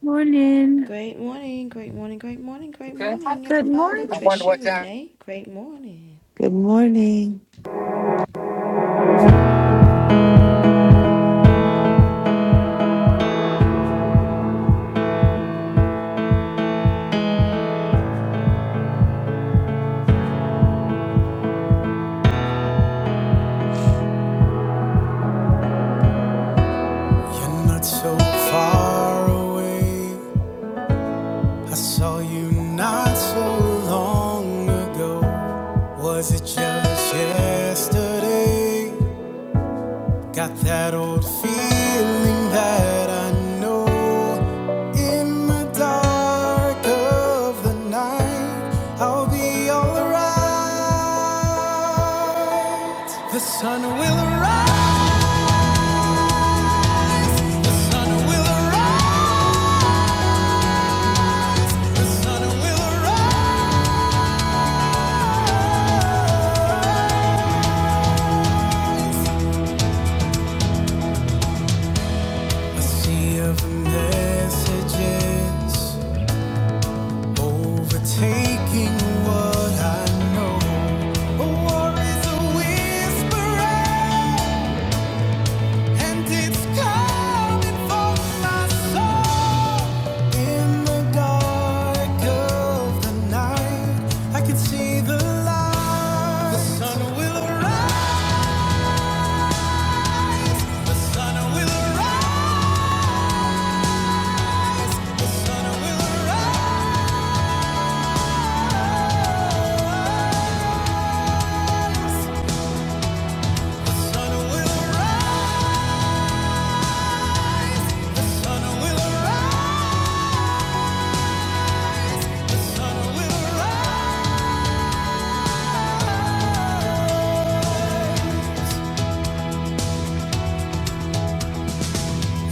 Morning. Great morning, great morning, great morning, great Good. morning, Good morning. I everybody. wonder Trisha, what time. Renee, great morning. Good morning. You're not so far away. I saw you not so long ago. Was it just yesterday? Got that old feeling that I know in the dark of the night I'll be alright. The sun will rise. A sea of messages overtaking what I know. A war is a whisper. And it's coming for my soul in the dark of the night. I can see the light. The sun will rise. The sun will rise. The sun will rise. The sun will rise. The sun will rise. The sun will rise.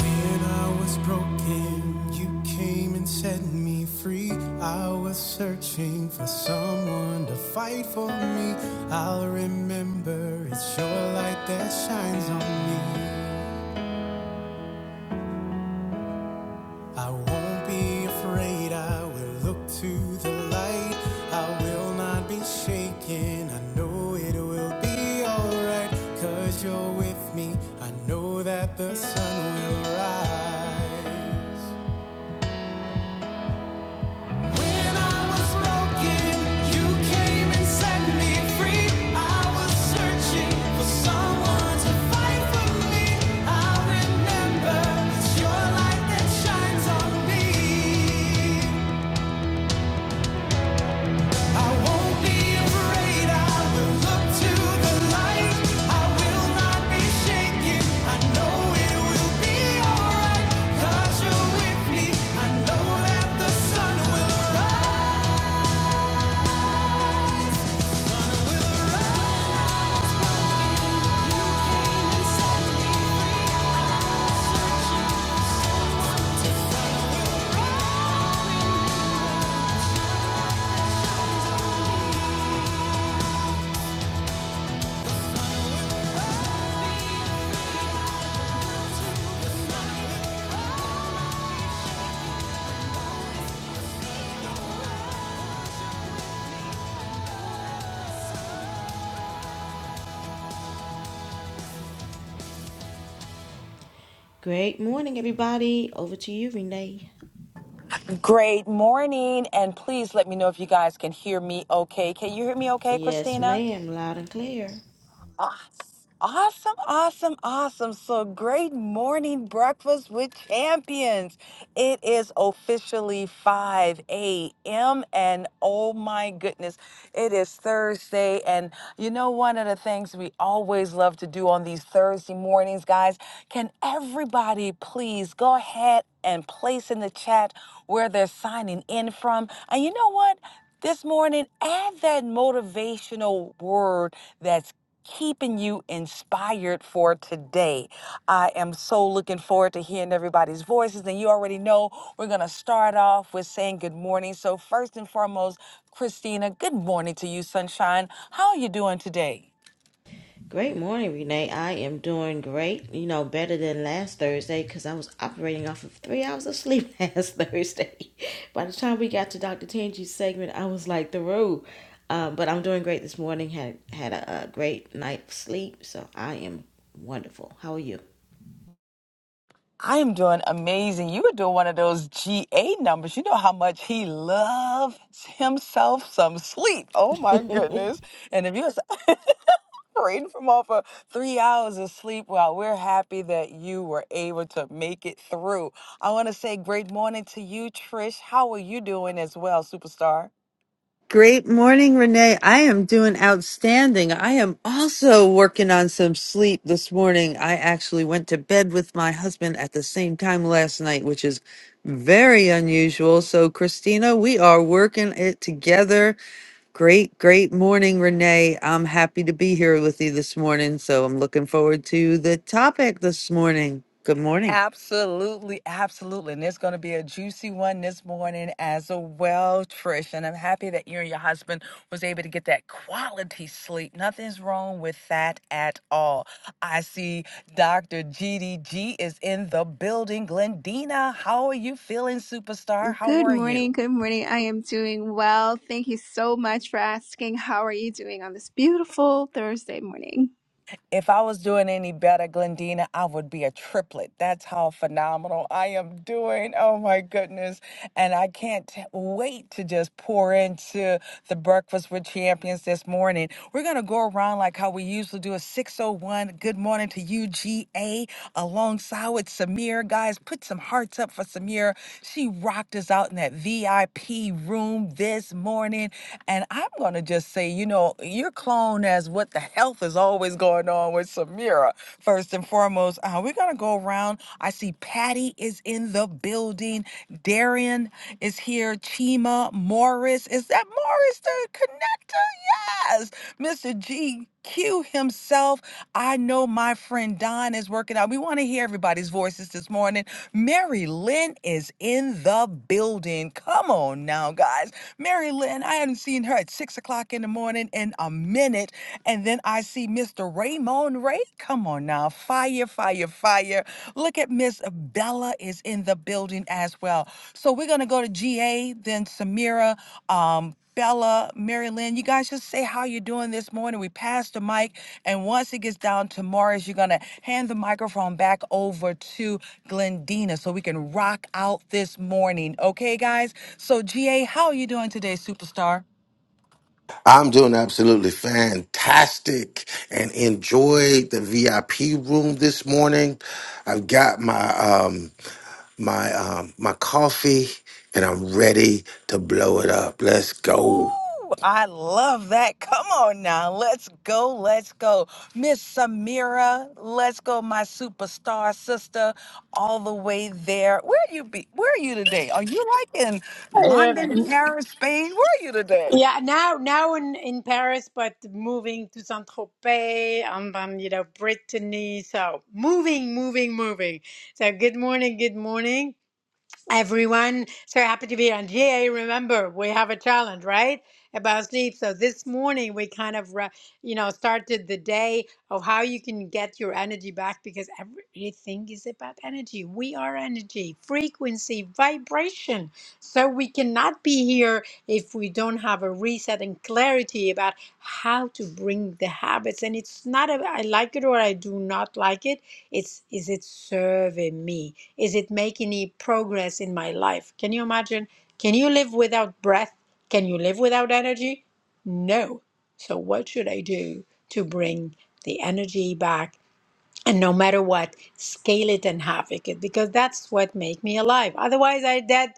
When I was broken, you came and set me free. I was searching for someone to fight for me. I'll remember it's your light that shines on me. I won't be afraid, I will look to the light. I will not be shaken, I know it will be alright. Cause you're with me, I know that the sun will rise. I know that the sun will rise. Great morning, everybody. Over to you, Renee. Great morning, and please let me know if you guys can hear me okay. Can you hear me okay, Yes, Christina? ma'am, loud and clear. Awesome, awesome. Great morning breakfast with. friends, it is officially 5 a.m. And oh my goodness, it is Thursday. And you know, one of the things we always love to do on these Thursday mornings, guys, can everybody please go ahead and place in the chat where they're signing in from? And you know what? This morning, add that motivational word that's keeping you inspired for today. I am so looking forward to hearing everybody's voices. And you already know we're going to start off with saying good morning. So, first and foremost, Christina, good morning to you, Sunshine. How are you doing today? Great morning, Renee. I am doing great. You know, better than last Thursday because I was operating off of three hours of sleep last Thursday. By the time we got to Dr. Tangi's segment, I was like through. Um, but I'm doing great this morning. Had had a, a great night's sleep, so I am wonderful. How are you? I am doing amazing. You were doing one of those GA numbers. You know how much he loves himself some sleep. Oh my goodness. And if you reading from off of three hours of sleep. Well, we're happy that you were able to make it through. I want to say great morning to you, Trish. How are you doing as well, superstar? Great morning, Renee. I am doing outstanding. I am also working on some sleep this morning. I actually went to bed with my husband at the same time last night, which is very unusual. So, Christina, we are working it together. Great, great morning, Renee. I'm happy to be here with you this morning. So, I'm looking forward to the topic this morning. Good morning. Absolutely, absolutely. And there's going to be a juicy one this morning as well, Trish. And I'm happy that you and your husband was able to get that quality sleep. Nothing's wrong with that at all. I see Dr. GDG is in the building. Glendina, how are you feeling, superstar? How Good are morning. you? Good morning. I am doing well. Thank you so much for asking. How are you doing on this beautiful Thursday morning? If I was doing any better, Glendina, I would be a triplet. That's how phenomenal I am doing. Oh my goodness. And I can't t- wait to just pour into the Breakfast with Champions this morning. We're going to go around like how we usually do a 601 good morning to UGA alongside with Samir. Guys, put some hearts up for Samir. She rocked us out in that in that VIP room this morning. And I'm going to just say, you know, your clone as what the health is always going on with Samira. First and foremost, uh, we're going to go around. I see Patty is in the building. Darian is here. Chima Morris. Is that Morris the connector? Yes. Mr. G. Q himself. I know my friend Don is working out. We want to hear everybody's voices this morning. Mary Lynn is in the building. Come on now, guys. Mary Lynn, I haven't seen her at six o'clock in the morning in a minute. And then I see Mr. Raymond Ray. Come on now. Fire, fire, fire. Look at Miss Bella is in the building as well. So we're going to go to GA, then Samira um, Bella, Mary Lynn, you guys just say how you're doing this morning. We pass the mic, and once it gets down to Morris, you're gonna hand the microphone back over to Glendina so we can rock out this morning. Okay, guys? So, GA, how are you doing today, superstar? I'm doing absolutely fantastic and enjoyed the VIP room this morning. I've got my um my um my coffee and I'm ready to blow it up. Let's go. Ooh, I love that. Come on now. Let's go. Let's go. Miss Samira, let's go, my superstar sister, all the way there. Where you be where are you today? Are you like in Uh, London, Paris, Spain? Where are you today? yeah, now now in, in Paris, but moving to Saint Tropez, um, um, you know, Brittany. So moving, moving, moving. So good morning, good morning. Everyone, so happy to be on GA. Remember, we have a challenge, right? About sleep. So this morning we kind of, ra- you know, started the day of how you can get your energy back because everything is about energy. We are energy, frequency, vibration. So we cannot be here if we don't have a reset and clarity about how to bring the habits. And it's not a I like it or I do not like it it's is it serving me? Is it making any progress in my life? Can you imagine? Can you live without breath? Can you live without energy? No. So what should I do to bring the energy back and no matter what scale it and havoc it because that's what make me alive otherwise i dead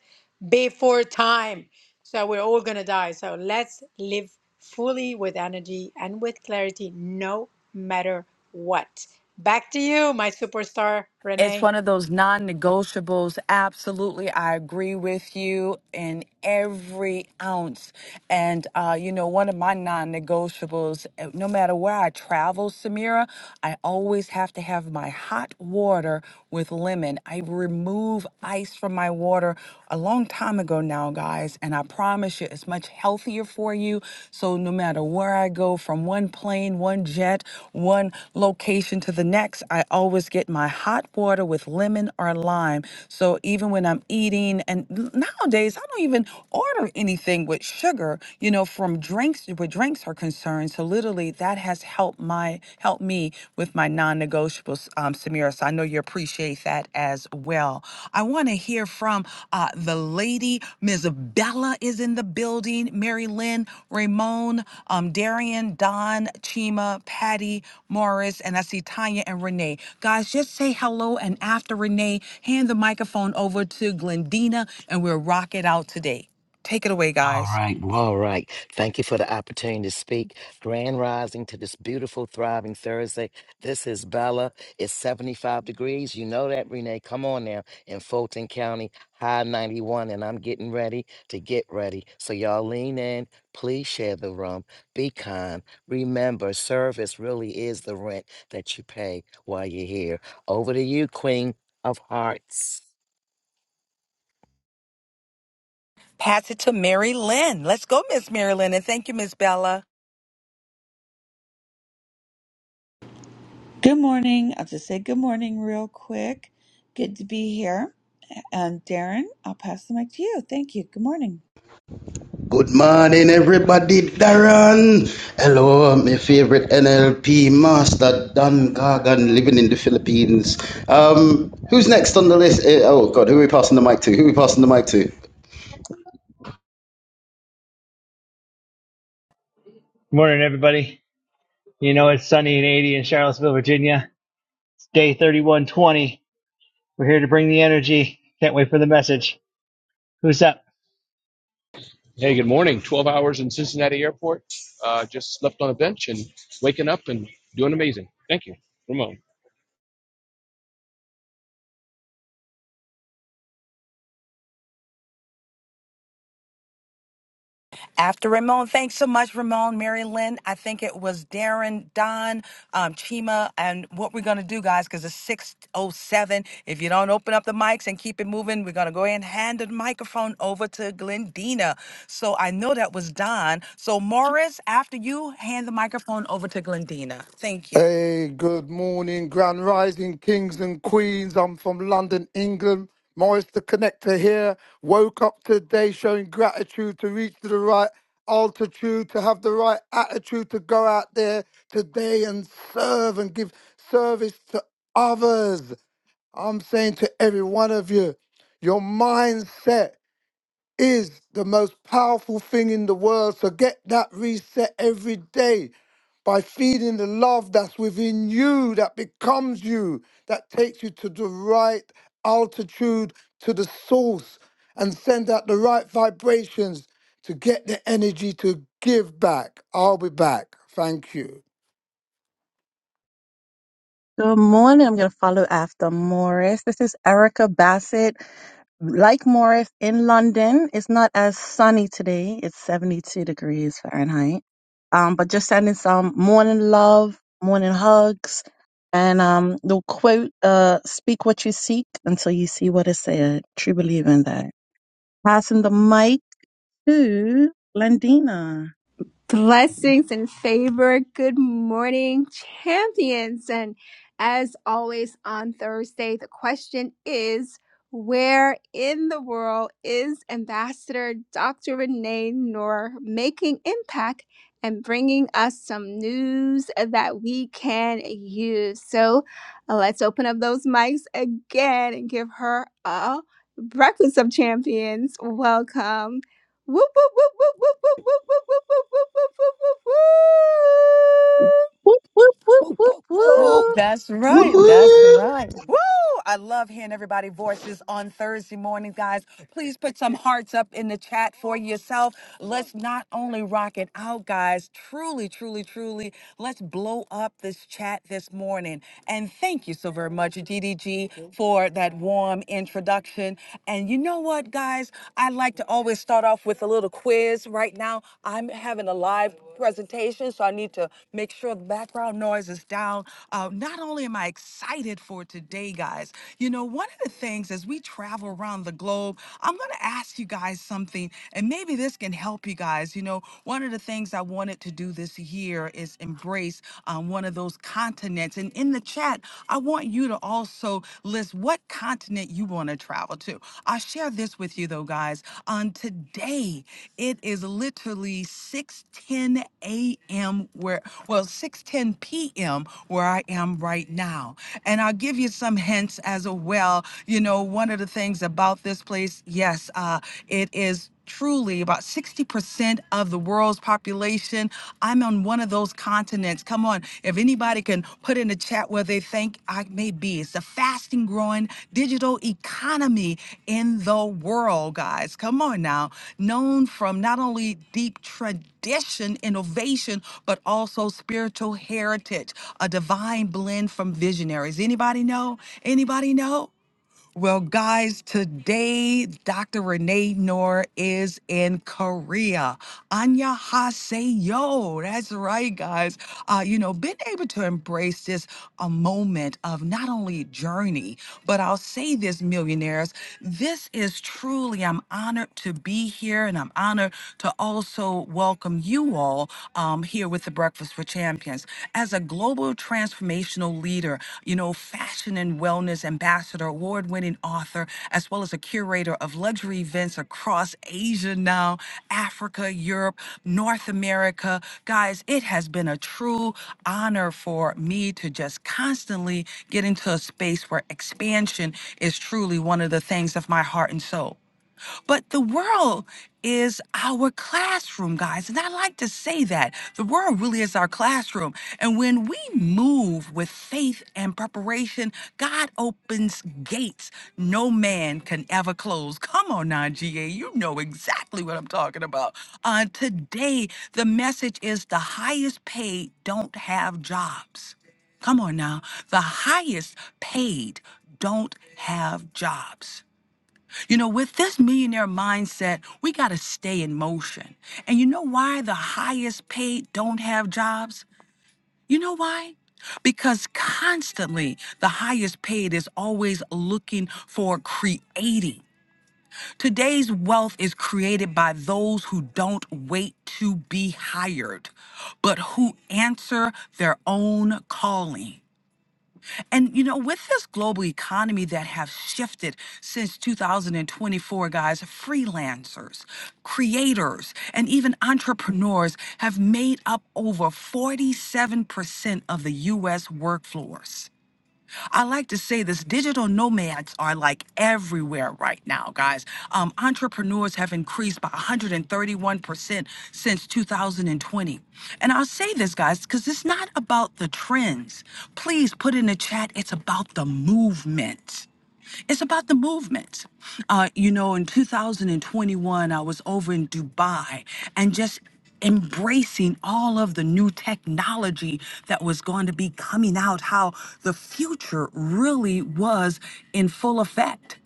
before time so we're all gonna die so let's live fully with energy and with clarity no matter what back to you my superstar it's renee one of those non-negotiables absolutely i agree with you in every ounce and uh, you know one of my non-negotiables uh, no matter where i travel samira i always have to have my hot water with lemon i remove ice from my water a long time ago now guys and i promise you it's much healthier for you. So no matter where I go, from one plane, one jet, one location to the next, I always get my hot water with lemon or lime. So even when I'm eating, and n- nowadays I don't even order anything with sugar, you know, from drinks where drinks are concerned. So literally that has helped my helped me with my non-negotiables well, s- um, Samira, so I know you appreciate that as well. I want to hear from uh, the lady. Miss Bella is in the building. Mary Lynn, Ramon, um, Darian, Don, Chima, Patty, Morris, and I see Tanya and Renee. Guys, just say hello. And after Renee, hand the microphone over to Glendina, and we'll rock it out today. Take it away, All guys. right. Well, all right. Thank you for the opportunity to speak. Grand rising to this beautiful, thriving Thursday. This is Bella. It's 75 degrees. You know that, Renee. Come on now. In Fulton County, high 91. And I'm getting ready to get ready. So y'all lean in. Please share the room. Be kind. Remember, service really is the rent that you pay while you're here. Over to you, Queen of Hearts. Pass it to Mary Lynn. Let's go, Miss Mary Lynn. And thank you, Miss Bella. Good morning. I'll just say good morning real quick. Good to be here. And Darren, I'll pass the mic to you. Thank you. Good morning. Good morning, everybody. Darren. Hello, my favorite NLP master, Don Gargan, living in the Philippines. Um, who's next on the list? Eh, Oh, God, who are we passing the mic to? Who are we passing the mic to? Morning, everybody. You know, it's sunny and 80 in Charlottesville, Virginia. It's day 3120. We're here to bring the energy. Can't wait for the message. Who's up? Hey, good morning. 12 hours in Cincinnati Airport. Uh, just slept on a bench and waking up and doing amazing. Thank you, Ramon. After Ramon, thanks so much, Ramon, Mary Lynn. I think it was Darren, Don, um, Chima, and what we're gonna do, guys, because it's six oh seven. If you don't open up the mics and keep it moving, we're gonna go ahead and hand the microphone over to Glendina. So I know that was Don. So Morris, after you, hand the microphone over to Glendina. Thank you. Hey, good morning, Grand Rising Kings and Queens. I'm from London, England. Morris the Connector here. Woke up today showing gratitude to reach to the right altitude, to have the right attitude to go out there today and serve and give service to others. I'm saying to every one of you, your mindset is the most powerful thing in the world. So get that reset every day by feeding the love that's within you, that becomes you, that takes you to the right altitude, to the source, and send out the right vibrations to get the energy to give back. I'll be back. Thank you. Good morning. I'm going to follow after Morris. This is Erica Bassett. Like Morris in London, it's not as sunny today. It's 72 degrees Fahrenheit. Um, but just sending some morning love, morning hugs, and um, the quote, uh, speak what you seek until you see what is said. True believer in that. Passing the mic to Glendina. Blessings and favor. Good morning, champions. And as always on Thursday, the question is where in the world is Ambassador Dr. Renee Noor making impact and bringing us some news that we can use? So uh, let's open up those mics again and give her a breakfast of champions. Welcome. Whoop, whoop, whoop, whoop, whoop, whoop, whoop, whoop, whoop, whoop, whoop, whoop, whoop, whoop. whoop. Whoop, whoop, whoop, Whoop, whoop, whoop, whoop. whoop. That's Whoop, right. whoop. Woo! I love hearing everybody's voices on Thursday morning, guys. Please put some hearts up in the chat for yourself. Let's not only rock it out, guys, truly, truly, truly, let's blow up this chat this morning. And thank you so very much, DDG, for that warm introduction. And you know what, guys? I like to always start off with a little quiz. Right now, I'm having a live presentation, so I need to make sure the background noise is down. Uh, not only am I excited for today, guys, you know, one of the things as we travel around the globe, I'm going to ask you guys something, and maybe this can help you guys. You know, one of the things I wanted to do this year is embrace um, one of those continents. And in the chat, I want you to also list what continent continent you want to travel to. I share this with you though, guys. On today, it is literally 6:10 a.m. where well 6:10 p.m. where I am right now. And I'll give you some hints as well. You know, one of the things about this place, yes, uh, it is truly about 60% of the world's population. I'm on one of those continents. Come on, if anybody can put in the chat where they think I may be. It's the fasting growing digital economy in the world, guys. Come on now. Known from not only deep tradition, innovation, but also spiritual heritage, a divine blend from visionaries. Anybody know? Anybody know? Well, guys, today Dr. Renee Noor is in Korea. Anya Haseyo. That's right, guys. Uh, you know, been able to embrace this a moment of not only journey, but I'll say this, millionaires, this is truly, I'm honored to be here and I'm honored to also welcome you all um, here with the Breakfast. Models for Champions. As a global transformational leader, you know, fashion and wellness ambassador, award winning author, as well as a curator of luxury events across Asia now, Africa, Europe, North America. Guys, it has been a true honor for me to just constantly get into a space where expansion is truly one of the things of my heart and soul. But the world is our classroom, guys. And I like to say that the world really is our classroom. And when we move with faith and preparation, God opens gates no man can ever close. Come on now, GA. You know exactly what I'm talking about. Uh, today, the message is the highest paid don't have jobs. Come on now. The highest paid don't have jobs. You know, with this millionaire mindset, we got to stay in motion. And you know why the highest paid don't have jobs? You know why? Because constantly the highest paid is always looking for creating. Today's wealth is created by those who don't wait to be hired, but who answer their own calling. And you know, with this global economy that have shifted since 2024, guys, freelancers, creators, and even entrepreneurs have made up over 47% of the US workforce. I like to say this digital nomads are like everywhere right now, guys. Um, entrepreneurs have increased by 131% since 2020. And I'll say this, guys, because it's not about the trends. Please put in the chat, it's about the movement. It's about the movement. Uh, you know, in 2021, I was over in Dubai and just embracing all of the new technology that was going to be coming out, how the future really was in full effect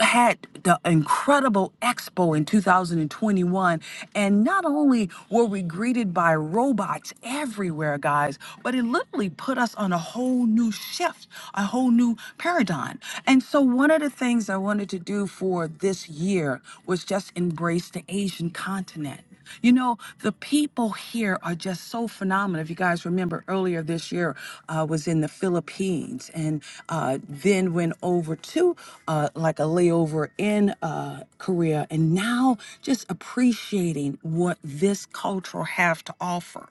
had the incredible expo in 2021 and not only were we greeted by robots everywhere guys but it literally put us on a whole new shift a whole new paradigm and so one of the things i wanted to do for this year was just embrace the asian continent you know, the people here are just so phenomenal. If you guys remember earlier this year, I was in the Philippines and uh, then went over to uh, like a layover in uh, Korea and now just appreciating what this culture have to offer.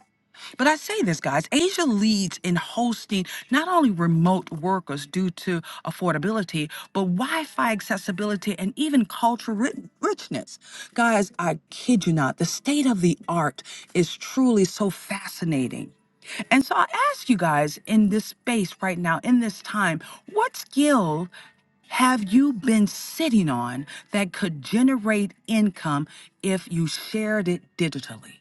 But I say this, guys Asia leads in hosting not only remote workers due to affordability, but Wi Fi accessibility and even cultural ri- richness. Guys, I kid you not, the state of the art is truly so fascinating. And so I ask you guys in this space right now, in this time, what skill have you been sitting on that could generate income if you shared it digitally?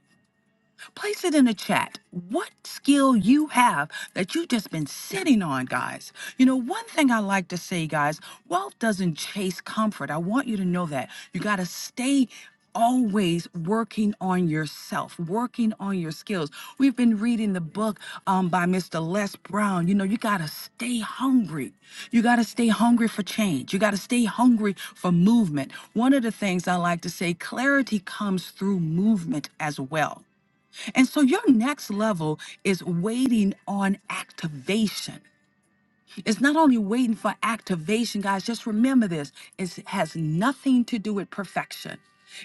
Place it in the chat. What skill you have that you've just been sitting on, guys. You know, one thing I like to say, guys, wealth doesn't chase comfort. I want you to know that. You got to stay always working on yourself, working on your skills. We've been reading the book um, by Mr. Les Brown. You know, you got to stay hungry. You got to stay hungry for change. You got to stay hungry for movement. One of the things I like to say clarity comes through movement as well. And so your next level is waiting on activation. It's not only waiting for activation, guys, just remember this it's- it has nothing to do with perfection.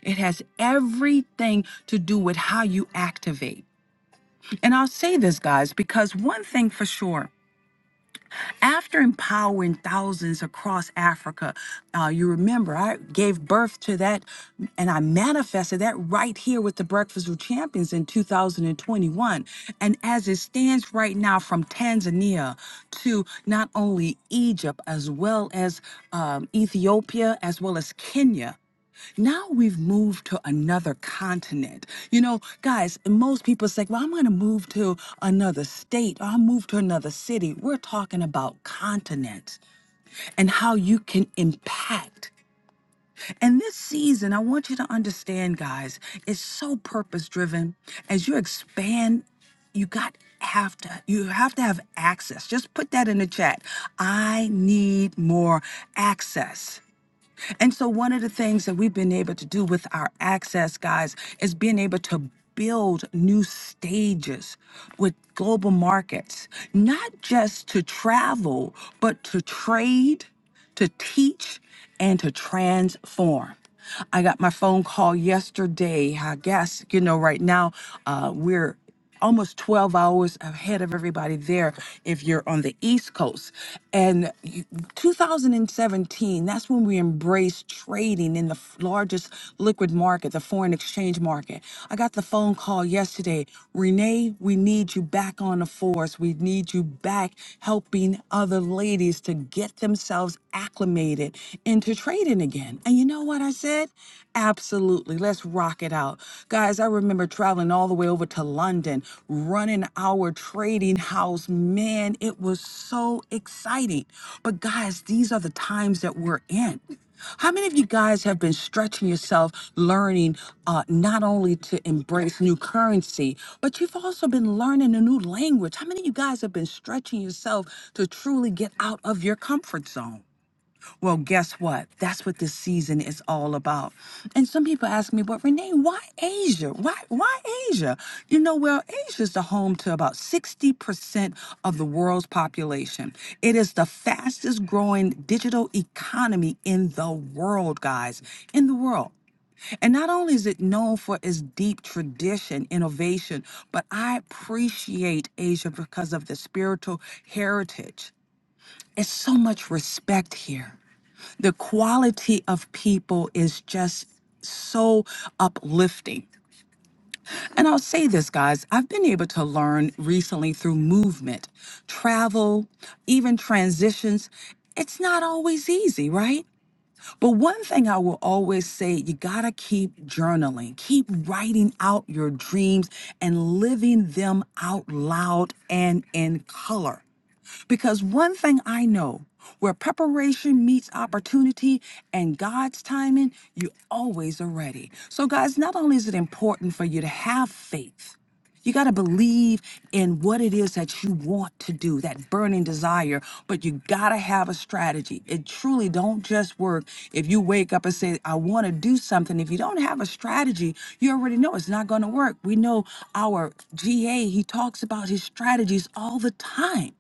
It has everything to do with how you activate. And I'll say this, guys, because one thing for sure after empowering thousands across Africa, uh, you remember I gave birth to that and I manifested that right here with the Breakfast with Champions in 2021. And as it stands right now, from Tanzania to not only Egypt, as well as um, Ethiopia, as well as Kenya now we've moved to another continent. You know, guys, most people say, well, I'm going to move to another state or I'll move to another city. We're talking about continents and how you can impact. And this season, I want you to understand, guys, it's so purpose driven. As you expand, you got have to you have to have access just put that in the chat i need more access and so, one of the things that we've been able to do with our access, guys, is being able to build new stages with global markets, not just to travel, but to trade, to teach, and to transform. I got my phone call yesterday. I guess, you know, right now uh, we're almost 12 hours ahead of everybody there if you're on the East Coast. And you- 2017, that's when we embraced trading in the f- largest liquid market, the foreign exchange market. I got the phone call yesterday Renee, we need you back on the force. We need you back helping other ladies to get themselves acclimated into trading again. And you know what I said? Absolutely. Let's rock it out. Guys, I remember traveling all the way over to London, running our trading house. Man, it was so exciting. But guys, these are the times that we're in. How many of you guys have been stretching yourself, learning uh, not only to embrace new currency, but you've also been learning a new language? How many of you guys have been stretching yourself to truly get out of your comfort zone? Well, guess what? That's what this season is all about. And some people ask me, but Renee, why Asia? Why why Asia? You know, well, Asia is the home to about 60% of the world's population. It is the fastest growing digital economy in the world, guys. In the world. And not only is it known for its deep tradition, innovation, but I appreciate Asia because of the spiritual heritage. It's so much respect here the quality of people is just so uplifting. And I'll say this, guys, I've been able to learn recently through movement, travel, even transitions. It's not always easy, right? But one thing I will always say you gotta keep journaling, keep writing out your dreams and living them out loud and in color. Because one thing I know where preparation meets opportunity and God's timing, you always are ready. So, guys, not only is it important for you to have faith, you got to believe in what it is that you want to do, that burning desire, but you got to have a strategy. It truly don't just work if you wake up and say, I want to do something. If you don't have a strategy, you already know it's not going to work. We know our GA, he talks about his strategies all the time.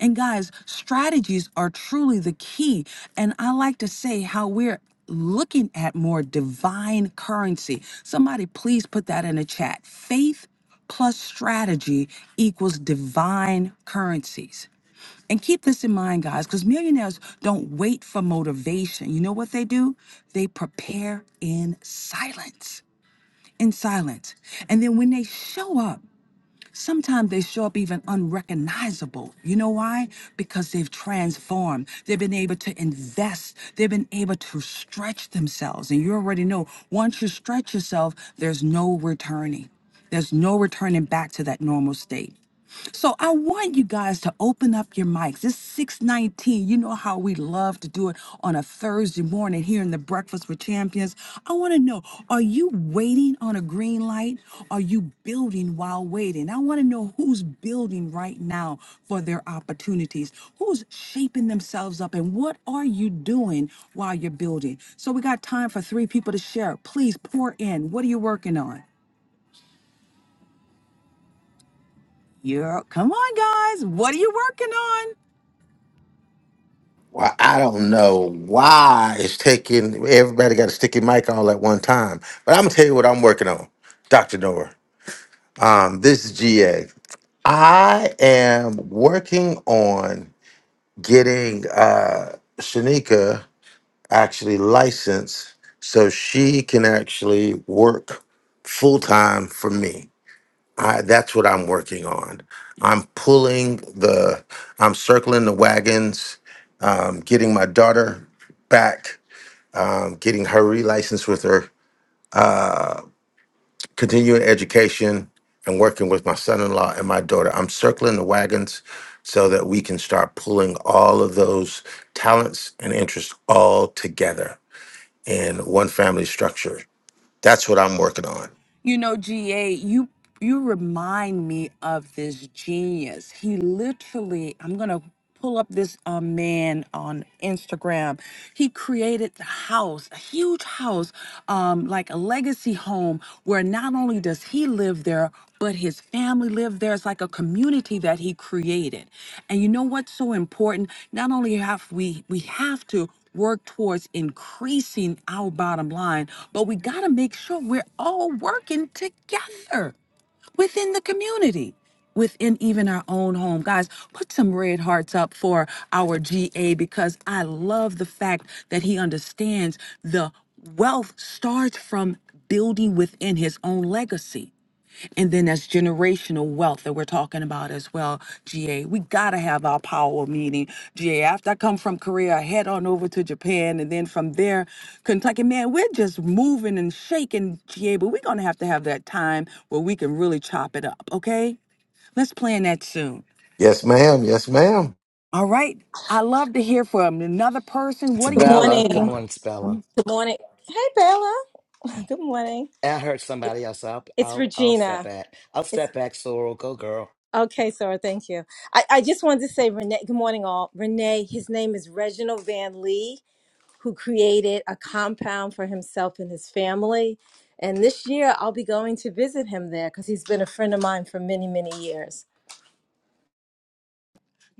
And guys, strategies are truly the key. And I like to say how we're looking at more divine currency. Somebody, please put that in the chat. Faith plus strategy equals divine currencies. And keep this in mind, guys, because millionaires don't wait for motivation. You know what they do? They prepare in silence. In silence. And then when they show up, Sometimes they show up even unrecognizable. You know why? Because they've transformed. They've been able to invest. They've been able to stretch themselves. And you already know once you stretch yourself, there's no returning. There's no returning back to that normal state. So I want you guys to open up your mics. It's 619. You know how we love to do it on a Thursday morning here in the Breakfast with Champions. I want to know, are you waiting on a green light? Are you building while waiting? I want to know who's building right now for their opportunities. Who's shaping themselves up and what are you doing while you're building? So we got time for three people to share. Please pour in. What are you working on? Yeah, come on, guys. What are you working on? Well, I don't know why it's taking everybody got a sticky mic all at one time. But I'm gonna tell you what I'm working on, Dr. Nora. Um, this is GA. I am working on getting uh Shanika. actually licensed so she can actually work full time for me. I, that's what I'm working on. I'm pulling the, I'm circling the wagons, um, getting my daughter back, um, getting her relicensed with her continuing education, and working with my son in law and my daughter. I'm circling the wagons so that we can start pulling all of those talents and interests all together in one family structure That's what I'm working on. You know, GA, you you remind me of this genius. He literally, I'm gonna pull up this uh, man on Instagram. He created the house, a huge house, um, like a legacy home where not only does he live there, but his family lived there. It's like a community that he created. And you know what's so important? Not only have we we have to work towards increasing our bottom line, but we got to make sure we're all working together within the community, within even our own home. Guys, put some red hearts up for our GA because I love the fact that he understands the wealth starts from building within his own legacy. And then that's generational wealth that we're talking about as well, GA. We got to have our power meeting, GA. After I come from Korea, I head on over to Japan and then from there, Kentucky. Man, we're just moving and shaking, GA, but we're going to have to have that time where we can really chop it up, okay? Let's plan that soon. Yes, ma'am. Yes, ma'am. All right. I love to hear from another person. It's What are Good you Bella. working Good morning. morning, it's Bella. on? Good morning. Hey, Bella. Good morning. I heard somebody else. I'll It's I'll I'll step Regina. back. I'll It's step back, Sorrel. Go girl. okay, Sarah. Thank you. I, I just wanted to say, Renee, good morning, all. Renee, his name is Reginald Van Lee, who created a compound for himself and his family. And this year, I'll be going to visit him there because he's been a friend of mine for many, many years.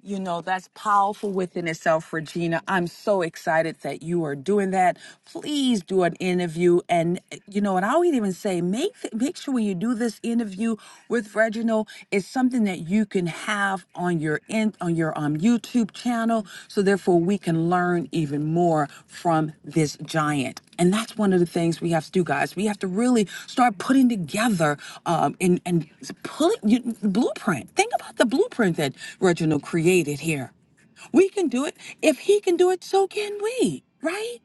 You know, that's powerful within itself, Regina. I'm so excited that you are doing that. Please do an interview. And, eh, you know, and I would even say make, make sure when you do this interview with Reginald, it's something that you can have on your in, on your um, YouTube channel. So therefore we can learn even more from this giant. And that's one of the things we have to do, guys. We have to really start putting together um, and and pulling you, the blueprint. Think about the blueprint that Reginald created here. We can do it. If he can do it, so can we, right?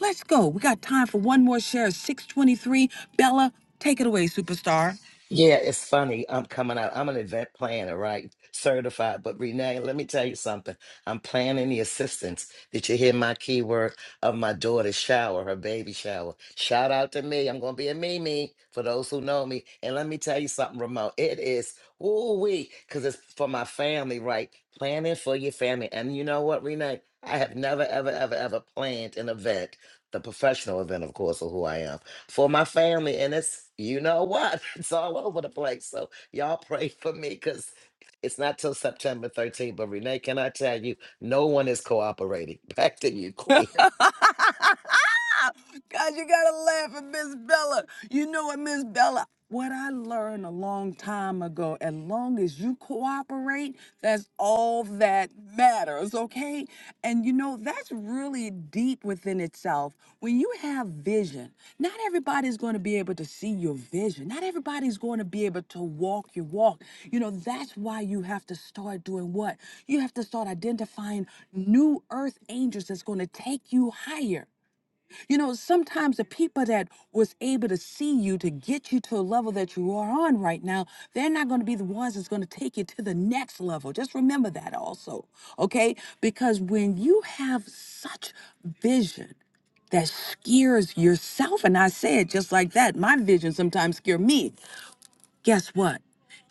Let's go. We got time for one more share. Six twenty-three. Bella, take it away, superstar. Yeah, it's funny. I'm coming out. I'm an event planner, right? Certified. But Renee, let me tell you something. I'm planning the assistance. Did you hear my keyword of my daughter's shower, her baby shower? Shout out to me. I'm gonna be a Mimi for those who know me. And let me tell you something, Ramon. It is ooh wee, because it's for my family, right? Planning for your family. And you know what, Renee? I have never, ever, ever, ever planned an event, the professional event, of course, of who I am for my family. And it's, you know what? It's all over the place. So y'all pray for me because it's not till September 13th. But Renee, can I tell you, no one is cooperating. Back to you, Queen. God, you gotta laugh at Miss Bella. You know what, Miss Bella? What I learned a long time ago, as long as you cooperate, that's all that matters, okay? And you know, that's really deep within itself. When you have vision, not everybody's going to be able to see your vision. Not everybody's going to be able to walk your walk. You know, that's why you have to start doing what? You have to start identifying new earth angels that's going to take you higher. You know, sometimes the people that was able to see you to get you to a level that you are on right now, they're not going to be the ones that's going to take you to the next level. Just remember that also, okay? Because when you have such vision, that scares yourself. And I say it just like that, my vision sometimes scare me guess what?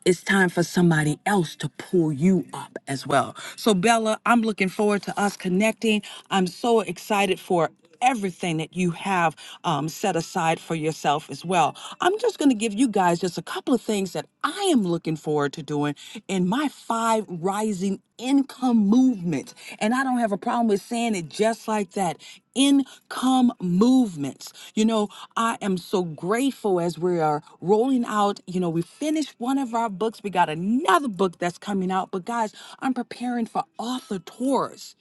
It's time for somebody else to pull you up as well. So, Bella, I'm looking forward to us connecting. I'm so excited for everything that you have um, set aside for yourself as well. I'm just going to give you guys just a couple of things that I am looking forward to doing in my five rising rising income movement. And I don't have a problem with saying it just like that. Income movements. You know, I am so grateful as we are rolling out. You know, we finished one of our books. We got another book that's coming out. But guys, I'm preparing for author tours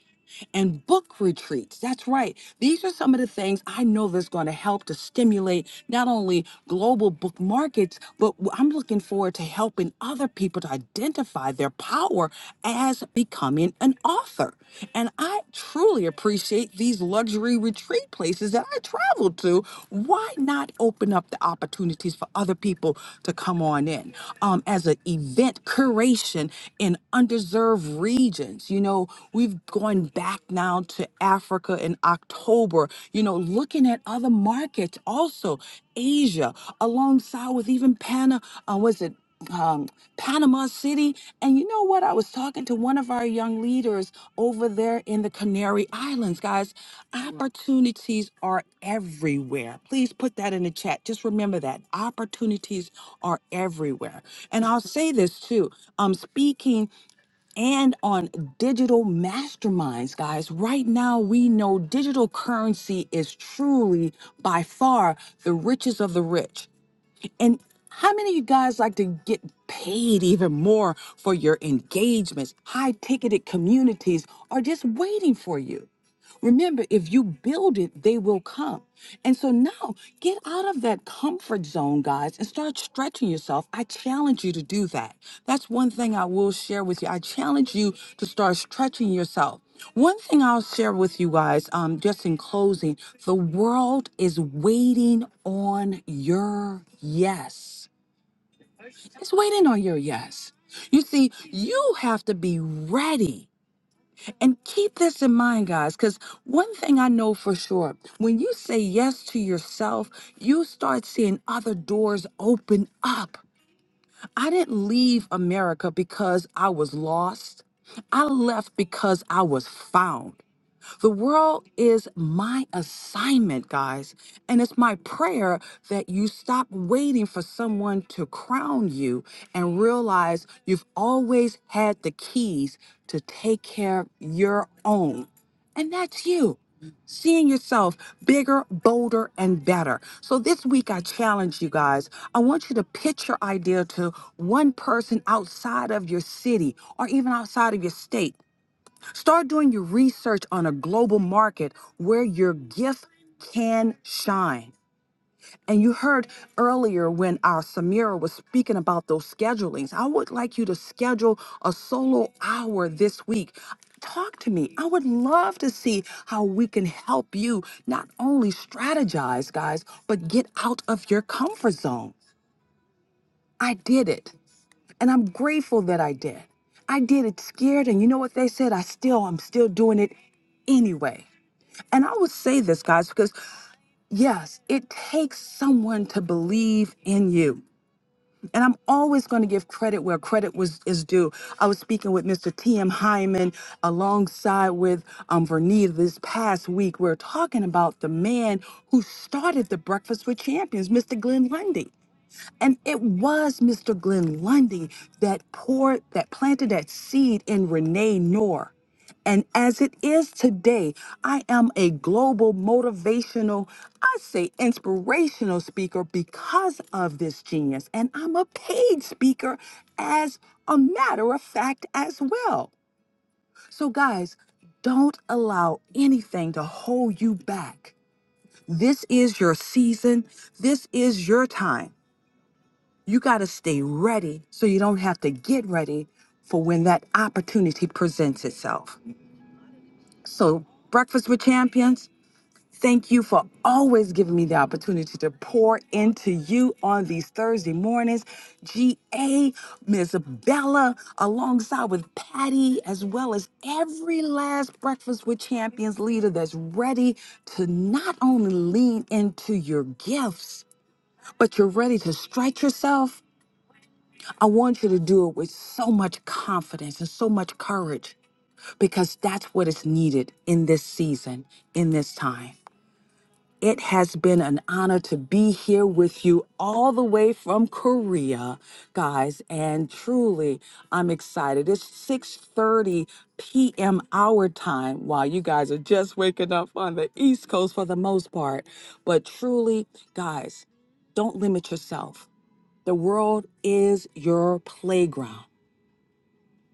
and book retreats. That's right. These are some of the things I know that's going to help to stimulate not only global book markets, but w- I'm looking forward to helping other people to identify their power as becoming an author. And I truly appreciate these luxury retreat places that I travel to. Why not open up the opportunities for other people to come on in um, as an event curation in underserved regions? States. You know, we've gone back now to Africa in October, you know, looking at other markets also, Asia, alongside with even Pana, uh, was it? Um, Panama City. And you know what? I was talking to one of our young leaders over there in the Canary Islands, guys. Opportunities are everywhere. Please put that in the chat. Just remember that opportunities are everywhere. And I'll say this too. Um, speaking and on digital masterminds, guys. Right now, we know digital currency is truly by far the richest of the rich. And how many of you guys like to get paid even more for your engagements, high ticketed communities are just waiting for you? Remember, if you build it, they will come. And so now get out of that comfort zone, guys, and start stretching yourself. I challenge you to do that. That's one thing I will share with you. I challenge you to start stretching yourself. One thing I'll share with you guys, um, just in closing, the world is waiting on your yes. It's waiting on your yes. You see, you have to be ready and keep this in mind, guys, because one thing I know for sure when you say yes to yourself, you start seeing other doors open up. I didn't leave America because I was lost, I left because I was found. The world is my assignment, guys. And it's my prayer that you stop waiting for someone to crown you and realize you've always had the keys to take care of your own. And that's you. Seeing yourself bigger, bolder, and better. So, this week I challenge you guys. I want you to pitch your idea to one person outside of your city or even outside of your state Start doing your research on a global market where your gift can shine. And you heard earlier when our Samira was speaking about those schedulings. I would like you to schedule a solo hour this week. Talk to me. I would love to see how we can help you not only strategize, guys, but get out of your comfort zone. I did it. And I'm grateful that I did. I did it scared, and you know what they said? I still, I'm still doing it anyway. And I would say this, guys, because yes, it takes someone to believe in you. And I'm always going to give credit where credit was is due. I was speaking with Mr. T.M. Hyman alongside with um, Vernita this past week. We are talking about the man who started the Breakfast with Champions, Mr. Glenn Lundy. And it was Mr. Glenn Lundy that poured, that planted that seed in Renee Noor. And as it is today, I am a global motivational, I say inspirational speaker because of this genius. And I'm a paid speaker as a matter of fact as well. So, guys, don't allow anything to hold you back. This is your season. This is your time. You got to stay ready so you don't have to get ready for when that opportunity presents itself. So, Breakfast with Champions, thank you for always giving me the opportunity to pour into you on these Thursday mornings. GA, Miss Bella, alongside with Patty, as well as every last Breakfast with Champions leader that's ready to not only lean into your gifts, but you're ready to stretch yourself I want you to do it with so much confidence and so much courage because that's what is needed in this season, in this time. It has been an honor to be here with you all the way from Korea, guys, and truly I'm excited. It's 6:30 p.m. our time while you guys are just waking up on the East Coast for the most part. But truly, guys, don't limit yourself. The world is your playground.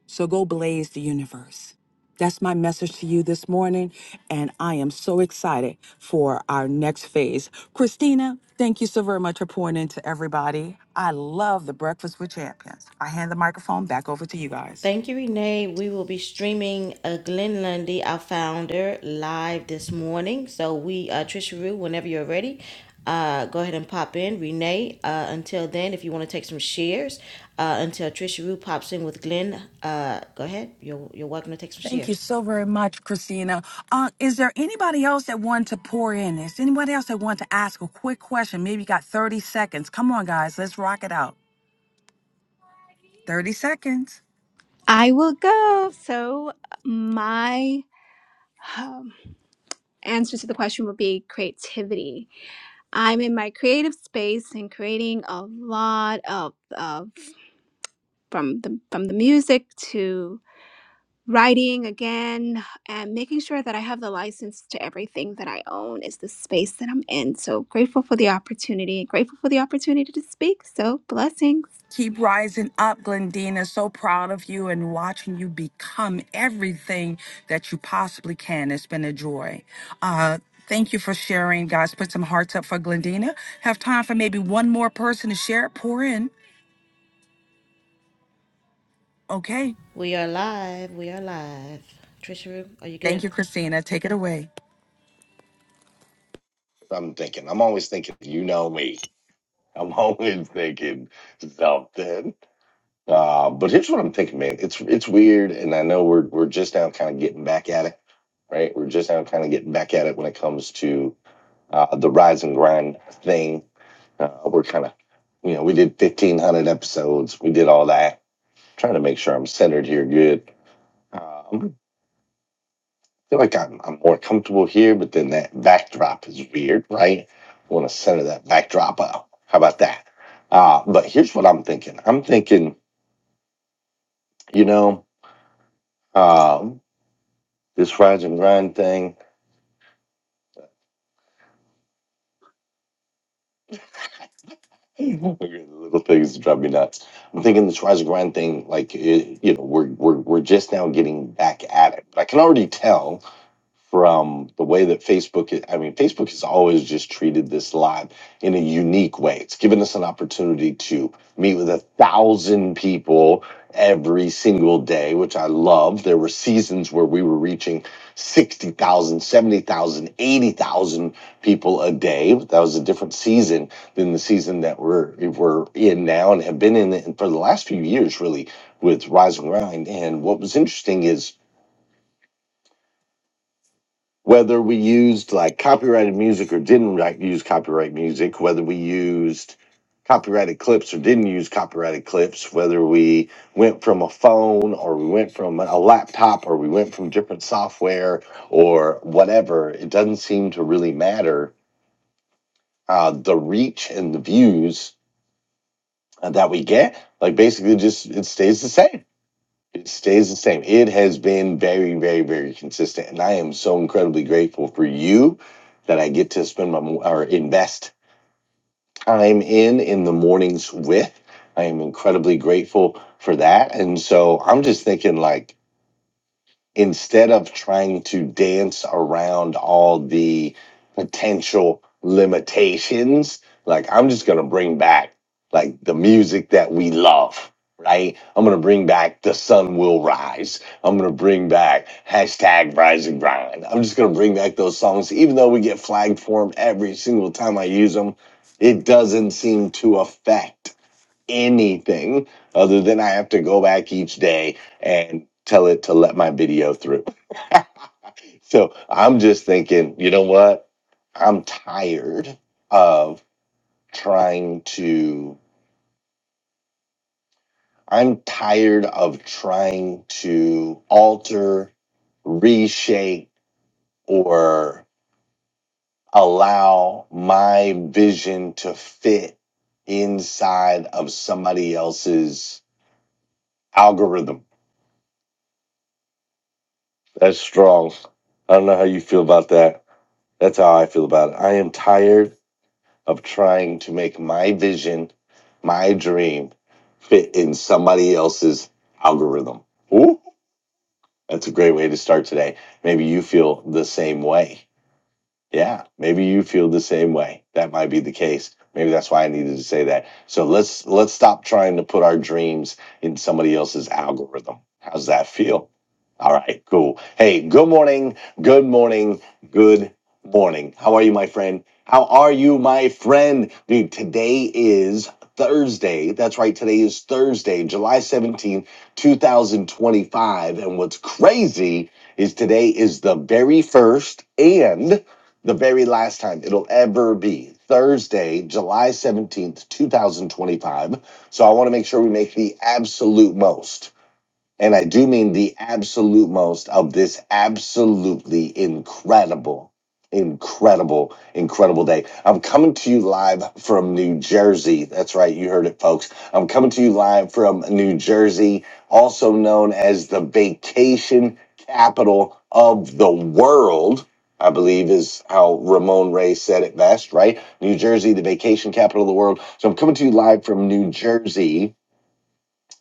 So go blaze the universe. That's my message to you this morning. And I am so excited for our next phase. Christina, thank you so very much for pouring into everybody. I love the Breakfast with Champions. I hand the microphone back over to you guys. Thank you, Renee. We will be streaming uh, Glenn Lundy, our founder, live this morning. So we, uh, Trisha Rue, whenever you're ready, uh, go ahead and pop in. Renee, uh, until then, if you want to take some shares, uh, until Trisha Rue pops in with Glenn, uh, go ahead. You're, you're welcome to take some Thank you shares. so very much, Christina. Uh, is there anybody else that wanted to pour in this? Anybody else that wanted to ask a quick question? Maybe you got 30 seconds. Come on, guys, let's rock it out. 30 seconds. I will go. So, my um, answer to the question would be creativity. I'm in my creative space and creating a lot of, of from the from the music to writing again and making sure that I have the license to everything that I own is the space that I'm in. So grateful for the opportunity, grateful for the opportunity to speak. So blessings. Keep rising up, Glendina. So proud of you and watching you become everything that you possibly can. It's been a joy. Uh, thank you for sharing, guys. Put some hearts up for Glendina. Have time for maybe one more person to share. Pour in. Okay. We are live. We are live. Trisha Rue, are you good? Thank you, Christina. Take it away. I'm thinking. I'm always thinking, you know me. I'm always thinking something. Uh, but here's what I'm thinking, man. It's it's weird, and I know we're we're just now kind of getting back at it, right? We're just now kind of getting back at it when it comes to uh, the rise and grind thing. Uh, we're kind of, you know, we did 1,500 episodes, we did all that. trying to make sure I'm centered here, good. Um, feel like I'm I'm more comfortable here, but then that backdrop is weird, right? I want to center that backdrop up. How about that? Uh, but here's what I'm thinking. I'm thinking, you know, um, this rise and grind thing. The little things that drive me nuts. I'm thinking this rise and grind thing, like it, you know, we're we're we're just now getting back at it. But I can already tell from the way that Facebook i- mean Facebook has always just treated this live in a unique way. It's given us an opportunity to meet with a thousand people every single day, which I love. There were seasons where we were reaching 60,000, 70,000, 80,000 people a day. That was a different season than the season that we're we're in now and have been in for the last few years really with Rise and Grind. And what was interesting is whether we used like copyrighted music or didn't like, use copyright music, whether we used copyrighted clips or didn't use copyrighted clips, whether we went from a phone or we went from a laptop or we went from different software or whatever, it doesn't seem to really matter. Uh, the reach and the views uh, that we get, like basically just it stays the same it stays the same. It has been very, very, very consistent, and I am so incredibly grateful for you that I get to spend my mo- or invest time in in the mornings with. I am incredibly grateful for that, and so I'm just thinking like instead of trying to dance around all the potential limitations, like I'm just gonna bring back like the music that we love, right? I'm gonna bring back the sun will rise. I'm gonna bring back hashtag rise and grind. I'm just gonna bring back those songs, even though we get flagged for them every single time I use them. It doesn't seem to affect anything other than I have to go back each day and tell it to let my video through. so I'm just thinking, you know what? I'm tired of trying to, I'm tired of trying to alter, reshape, or allow my vision to fit inside of somebody else's algorithm That's strong. I don't know how you feel about that. That's how I feel about it. I am tired of trying to make my vision, my dream, fit in somebody else's algorithm. Ooh, that's a great way to start today. Maybe you feel the same way. Yeah, maybe you feel the same way. That might be the case. Maybe that's why I needed to say that. So let's let's stop trying to put our dreams in somebody else's algorithm. How's that feel? All right, cool. Hey, good morning. Good morning. Good morning. How are you, my friend? How are you, my friend? Dude, today is Thursday. That's right. Today is Thursday, July 17th, 2025. And what's crazy is today is the very first and the very last time it'll ever be Thursday, July 17th, 2025. So I want to make sure we make the absolute most. And I do mean the absolute most of this absolutely incredible, incredible, incredible day. I'm coming to you live from New Jersey. That's right. You heard it, folks. I'm coming to you live from New Jersey, also known as the vacation capital of the world. I believe is how Ramon Ray said it best, right? New Jersey, the vacation capital of the world. So I'm coming to you live from New Jersey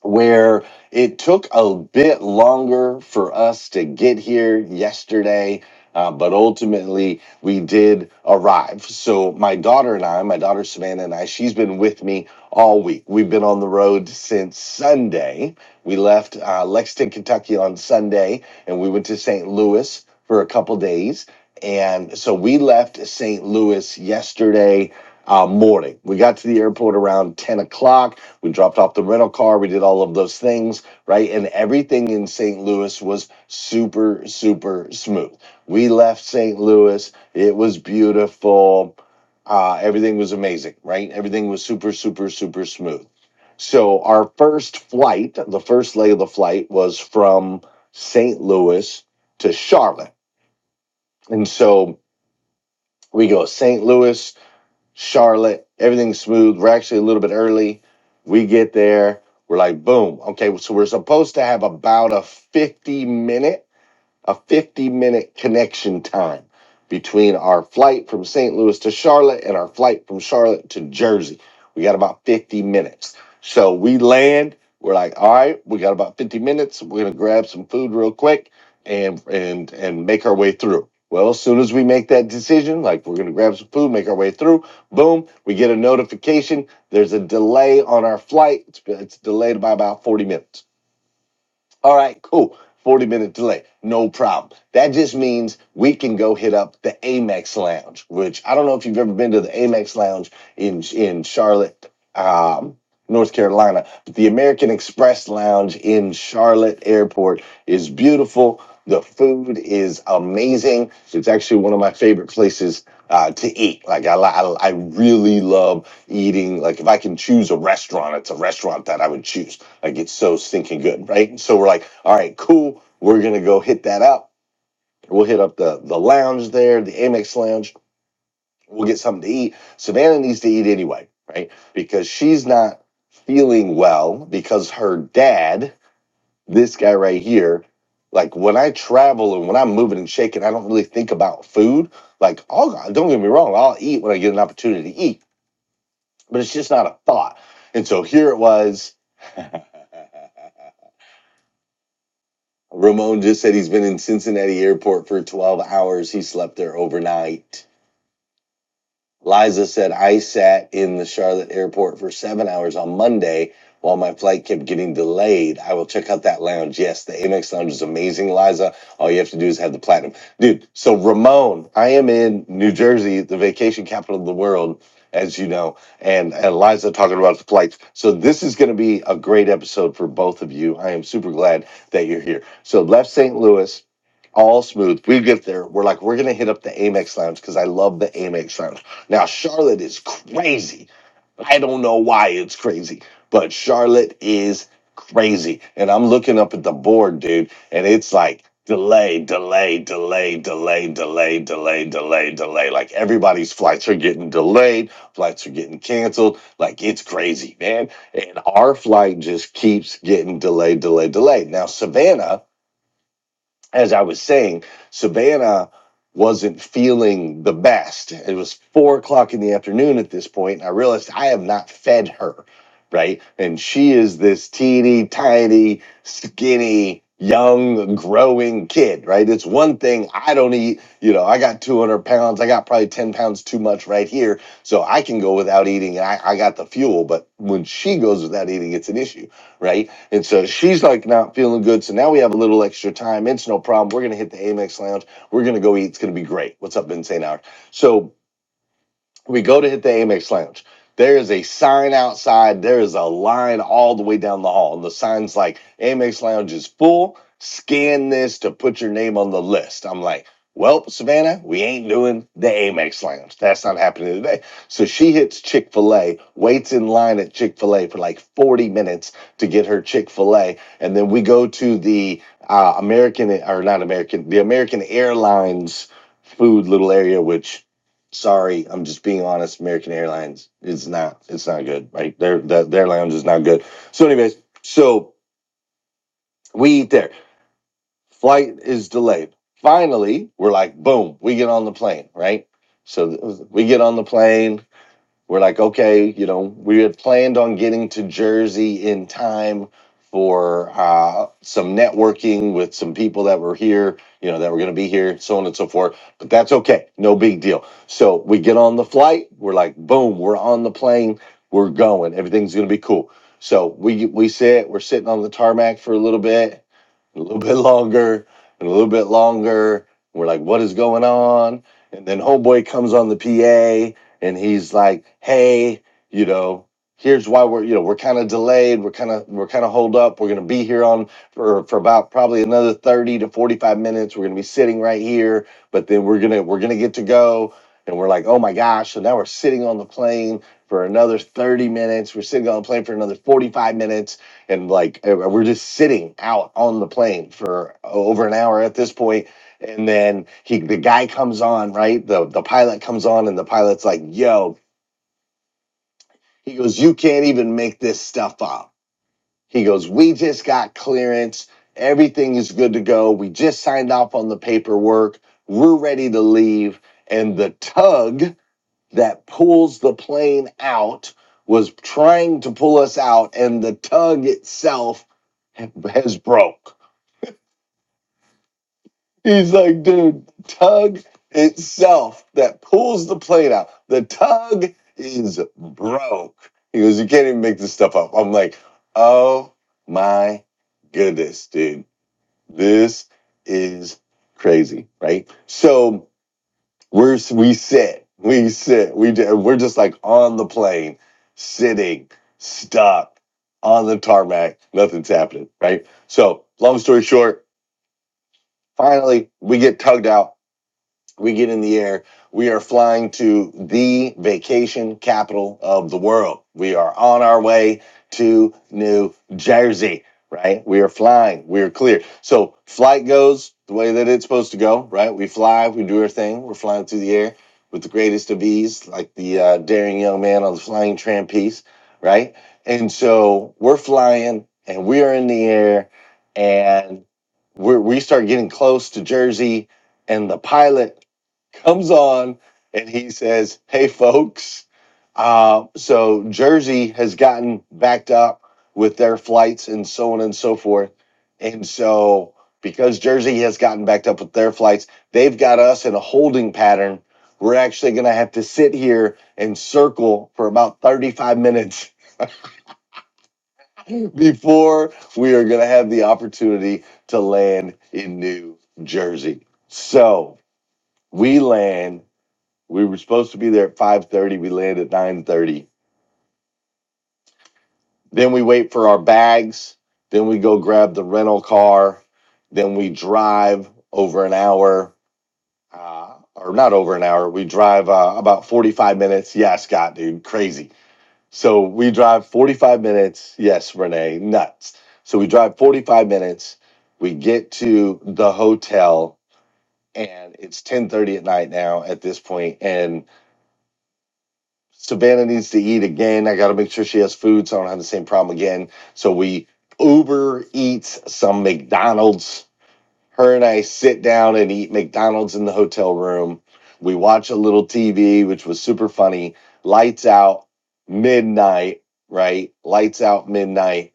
where it took a bit longer for us to get here yesterday, uh, but ultimately we did arrive. So, my daughter and I, my daughter Savannah and I, she's been with me all week. We've been on the road since Sunday. We left uh, Lexington, Kentucky on Sunday, and we went to St. Louis for a couple days. And so we left St. Louis yesterday uh, morning. We got to the airport around 10 o'clock we dropped off the rental car. We did all of those things, right? And everything in St. Louis was super, super smooth. We left St. Louis. It was beautiful. Uh, everything was amazing, right? Everything was super, super, super smooth. So our first flight, the first leg of the flight was from St. Louis to Charlotte. And so we go St. Louis Charlotte. Everything's smooth. We're actually a little bit early. We get there. We're like, boom. Okay, so we're supposed to have about a 50 minute a 50 minute connection time between our flight from St. Louis to Charlotte and our flight from Charlotte to Jersey. We got about 50 minutes. So we land, we're like, all right, we got about 50 minutes. We're gonna grab some food real quick and and and make our way through. Well, as soon as we make that decision, like we're gonna grab some food, make our way through, boom, we get a notification. There's a delay on our flight. It's, it's delayed by about 40 minutes. All right, cool. 40 minute delay, no problem. That just means we can go hit up the Amex Lounge, which I don't know if you've ever been to the Amex Lounge in in Charlotte, um, North Carolina, but the American Express Lounge in Charlotte Airport is beautiful. The food is amazing. It's actually one of my favorite places uh, to eat. Like I, li- I, I really love eating. Like if I can choose a restaurant, it's a restaurant that I would choose like it's so stinking good, right? So we're like, all right, cool. We're gonna go hit that up. We'll hit up the the lounge there, the Amex lounge. We'll get something to eat. Savannah needs to eat anyway, right? Because she's not feeling well because her dad, this guy right here, like when I travel and when I'm moving and shaking, I don't really think about food. Like, oh, don't get me wrong, I'll eat when I get an opportunity to eat, but it's just not a thought. And so here it was. Ramon just said he's been in Cincinnati airport for 12 hours. He slept there overnight. Liza said, I sat in the Charlotte airport for seven hours on Monday while my flight kept getting delayed. I will check out that lounge. Yes, the Amex lounge is amazing, Liza. All you have to do is have the platinum. Dude, so Ramon, I am in New Jersey, the vacation capital of the world, as you know, and, and Liza talking about the flights. So this is going to be a great episode for both of you. I am super glad that you're here. So left St. Louis all smooth. We get there. We're like, we're gonna hit up the Amex Lounge because I love the Amex Lounge. Now, Charlotte is crazy. I don't know why it's crazy, but Charlotte is crazy. And I'm looking up at the board, dude, and it's like delay, delay, delay, delay, delay, delay, delay, delay. Like everybody's flights are getting delayed, flights are getting canceled. Like it's crazy, man. And our flight just keeps getting delayed, delayed, delayed. Now, Savannah as I was saying, Savannah wasn't feeling the best. It was four o'clock in the afternoon at this point, and I realized I have not fed her, right? And she is this teeny tiny, skinny, young, growing kid, right? It's one thing I don't eat. You know, I got 200 pounds. I got probably 10 pounds too much right here. So I can go without eating and I, I got the fuel. But when she goes without eating, it's an issue, right? And so she's like not feeling good. So now we have a little extra time. It's no problem. We're gonna hit the Amex Lounge. We're gonna go eat. It's gonna be great. What's up in St. Hour? So we go to hit the Amex Lounge. There is a sign outside. There is a line all the way down the hall. And the sign's like, Amex Lounge is full. Scan this to put your name on the list. I'm like, well, Savannah, we ain't doing the Amex Lounge. That's not happening today. So she hits Chick fil A, waits in line at Chick fil A for like 40 minutes to get her Chick fil A. And then we go to the uh, American, or not American, the American Airlines food little area, which sorry, I'm just being honest. American Airlines is not it's not good. Right, their their, their lounge is not good. So, anyways, so we eat there. Flight is delayed. Finally, we're like, boom, we get on the plane. Right, so we get on the plane. We're like, okay, you know, we had planned on getting to Jersey in time for uh, some networking with some people that were here, you know, that were going to be here, so on and so forth. But that's okay, no big deal. So we get on the flight. We're like, boom, we're on the plane. We're going. Everything's going to be cool. So we we sit. We're sitting on the tarmac for a little bit and a little bit longer and a little bit longer. We're like, what is going on? And then homeboy comes on the PA and he's like, hey, you know, here's why we're, you know, we're kind of delayed. We're kind of, we're kind of holed up. We're going to be here on for, for about probably another 30 to 45 minutes. We're going to be sitting right here, but then we're going to, we're going to get to go. And we're like, oh my gosh. So now we're sitting on the plane for another 30 minutes. We're sitting on the plane for another 45 minutes and like eh, we're just sitting out on the plane for over an hour at this point and then he the guy comes on right the the pilot comes on and the pilot's like yo he goes you can't even make this stuff up he goes we just got clearance everything is good to go we just signed off on the paperwork we're ready to leave and the tug that pulls the plane out was trying to pull us out and the tug itself has broke He's like, dude, tug itself that pulls the plate out. The tug is broke. He goes, you can't even make this stuff up. I'm like, oh my goodness, dude, this is crazy, right? So we're we sit, we sit, we do, we're just like on the plane, sitting, stuck on the tarmac. Nothing's happening, right? So long story short, finally we get tugged out we get in the air. We are flying to the vacation capital of the world. We are on our way to New Jersey, right? We are flying. We are clear. So flight goes the way that it's supposed to go, right? We fly, we do our thing. We're flying through the air with the greatest of ease, like the uh, daring young man on the flying trapeze, right? And so we're flying and we are in the air and we're, we start getting close to Jersey and the pilot comes on and he says, Hey, folks. Uh, so Jersey has gotten backed up with their flights and so on and so forth. And so, because Jersey has gotten backed up with their flights, they've got us in a holding pattern. We're actually going to have to sit here and circle for about 35 minutes before we are going to have the opportunity to land in New Jersey. So we land we were supposed to be there at five thirty. We land at nine thirty. Then we wait for our bags. Then we go grab the rental car. Then we drive over an hour, uh, or not over an hour. We drive uh, about forty five minutes. Yeah, Scott, dude, crazy. So we drive forty five minutes. Yes, Renee, nuts. So we drive forty five minutes. We get to the hotel, and it's ten thirty at night now. At this point, and Savannah needs to eat again. I got to make sure she has food so I don't have the same problem again. So we Uber eats some McDonald's. Her and I sit down and eat McDonald's in the hotel room. We watch a little TV, which was super funny. Lights out, midnight, right? Lights out, midnight.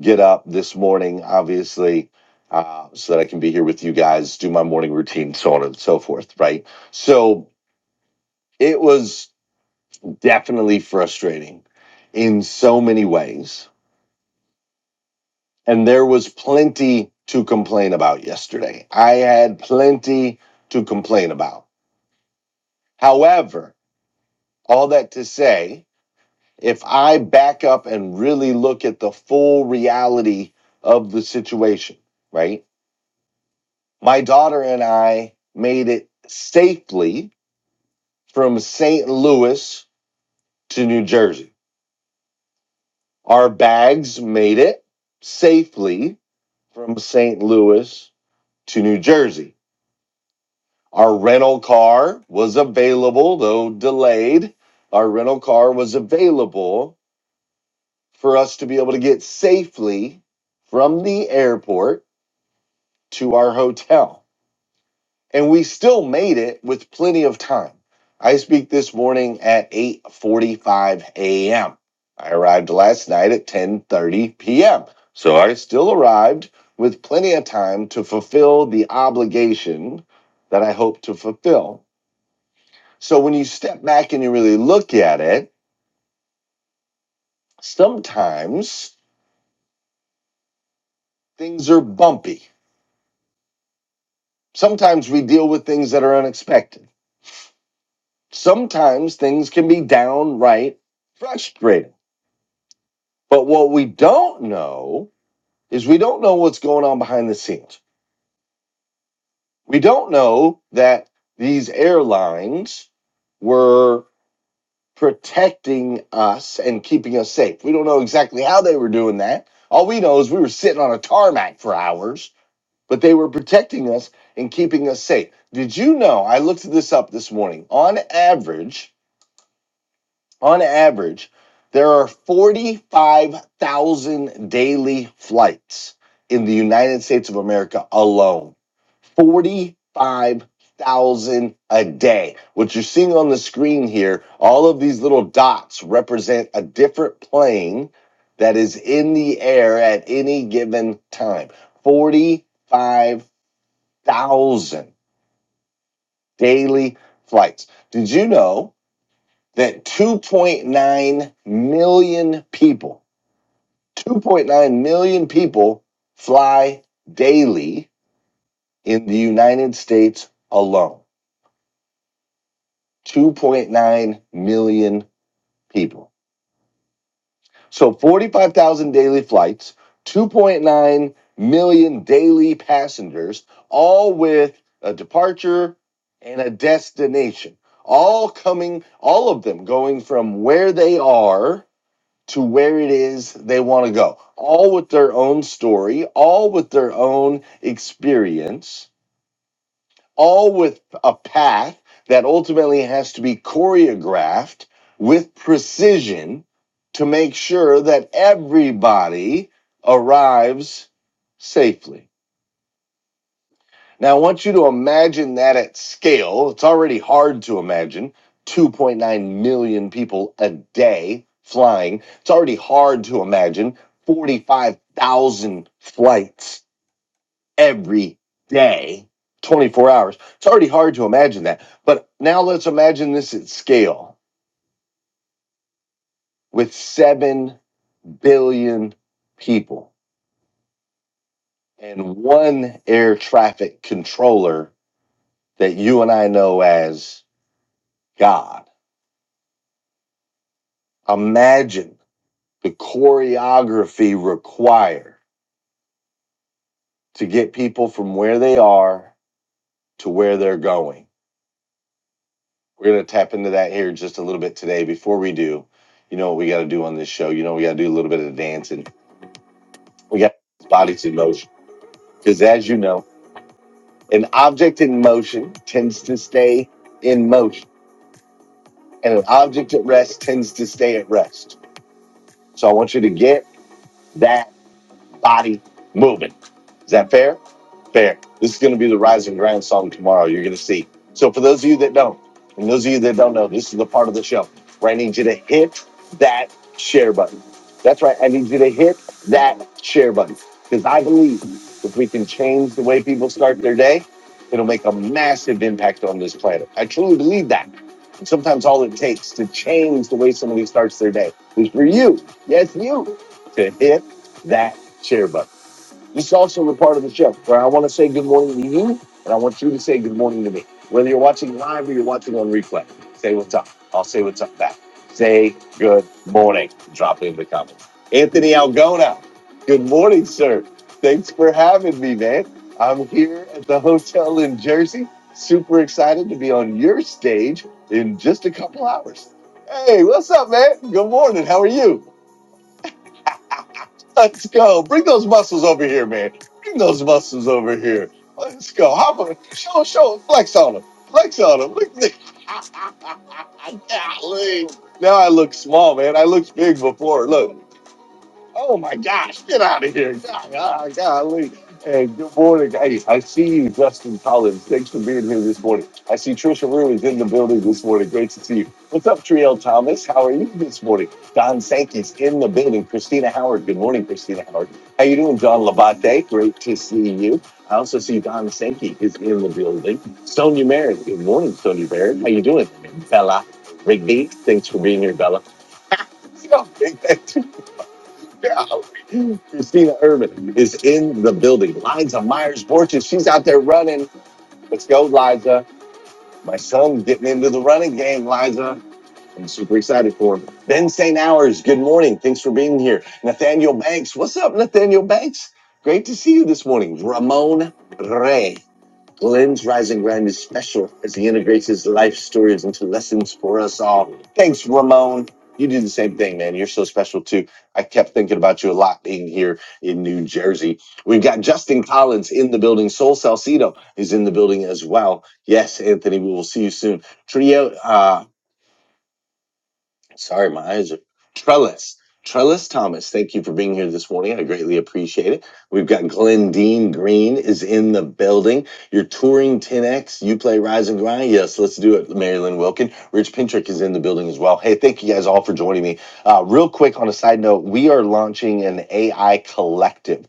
Get up this morning, obviously, uh, so that I can be here with you guys, do my morning routine, so on and so forth, right? So it was definitely frustrating in so many ways. And there was plenty to complain about yesterday. I had plenty to complain about. However, all that to say, if I back up and really look at the full reality of the situation, right? My daughter and I made it safely from St. Louis to New Jersey. Our bags made it safely from St. Louis to New Jersey. Our rental car was available, though delayed. Our rental car was available for us to be able to get safely from the airport to our hotel. and we still made it with plenty of time. I speak this morning at 8:45 a.m. I arrived last night at 10:30 p.m. So I still arrived with plenty of time to fulfill the obligation that I hope to fulfill. So when you step back and you really look at it, sometimes things are bumpy. Sometimes we deal with things that are unexpected. Sometimes things can be downright frustrating But what we don't know is we don't know what's going on behind the scenes. We don't know that these airlines were protecting us and keeping us safe. We don't know exactly how they were doing that. All we know is we were sitting on a tarmac for hours, but they were protecting us and keeping us safe. Did you know? I looked this up this morning. On average, on average, there are 45,000 daily flights in the United States of America alone. 45,000 a day. What you're seeing on the screen here, all of these little dots represent a different plane that is in the air at any given time. 45,000 daily flights. Did you know? that 2.9 million people, 2.9 million people fly daily in the United States alone. 2.9 million people. So 45,000 daily flights, 2.9 million daily passengers, all with a departure and a destination, all coming, all of them going from where they are to where it is they want to go, all with their own story, all with their own experience, all with a path that ultimately has to be choreographed with precision to make sure that everybody arrives safely. Now, I want you to imagine that at scale. It's already hard to imagine 2.9 million people a day flying. It's already hard to imagine 45,000 flights every day, 24 hours. It's already hard to imagine that. But now let's imagine this at scale with 7 billion people and one air traffic controller that you and I know as God Imagine the choreography required to get people from where they are to where they're going. We're going to tap into that here just a little bit today. Before we do, you know what we got to do on this show? You know, we got to do a little bit of dancing. We got bodies in motion. Because as you know, an object in motion tends to stay in motion, and an object at rest tends to stay at rest. So I want you to get that body moving. Is that fair? Fair. This is going to be the Rise and Grind song tomorrow. You're going to see. So, for those of you that don't, and those of you that don't know, this is the part of the show where I need you to hit that share button. That's right. I need you to hit that share button because I believe if we can change the way people start their day, it'll make a massive impact on this planet. I truly believe that. And sometimes all it takes to change the way somebody starts their day is for you, yes, you, to hit that share button. This is also a part of the show where I want to say good morning to you, and I want you to say good morning to me. Whether you're watching live or you're watching on replay, say what's up. I'll say what's up back. Say good morning. Drop it in the comments. Anthony Algona, good morning, sir. Thanks for having me, man. I'm here at the hotel in Jersey. Super excited to be on your stage in just a couple hours. Hey, what's up, man? Good morning. How are you? Let's go. Bring those muscles over here, man. Bring those muscles over here. Let's go. Hop on. Show, show. Flex on them. Flex on them. Look. look. Golly. Now I look small, man. I looked big before. Look. Oh my gosh, get out of here. God, God, golly. Hey, good morning. Hey, I see you, Justin Collins. Thanks for being here this morning. I see Trisha Rue is in the building this morning. Great to see you. What's up, Triel Thomas? How are you this morning? Don Sankey's in the building. Christina Howard. Good morning, Christina Howard. How you doing, John Labate? Great to see you. I also see Don Sankey is in the building. Sonia Merritt. Good morning, Sonia Merritt. How you doing? Bella Rigby. Thanks for being here, Bella. You know, yeah. Christina Irvin is in the building. Liza Myers Borchers, she's out there running. Let's go, Liza. My son's getting into the running game, Liza. I'm super excited for him. Ben St. Hours, good morning. Thanks for being here. Nathaniel Banks, what's up, Nathaniel Banks? Great to see you this morning. Ramon Ray. Glenn's Rising Grind is special as he integrates his life stories into lessons for us all. Thanks, Ramon. You do the same thing, man. You're so special too. I kept thinking about you a lot being here in New Jersey. We've got Justin Collins in the building. Sol Salcido is in the building as well. Yes, Anthony, we will see you soon. Trio, uh, Sorry, my eyes are. Trellis. Trellis Thomas, thank you for being here this morning. I greatly appreciate it. We've got Glendine Green is in the building. You're touring 10X. You play Rise and Grind. Yes, let's do it. Marilyn Wilkin. Rich Pintrick is in the building as well. Hey, thank you guys all for joining me. Uh, real quick on a side note, we are launching an AI collective.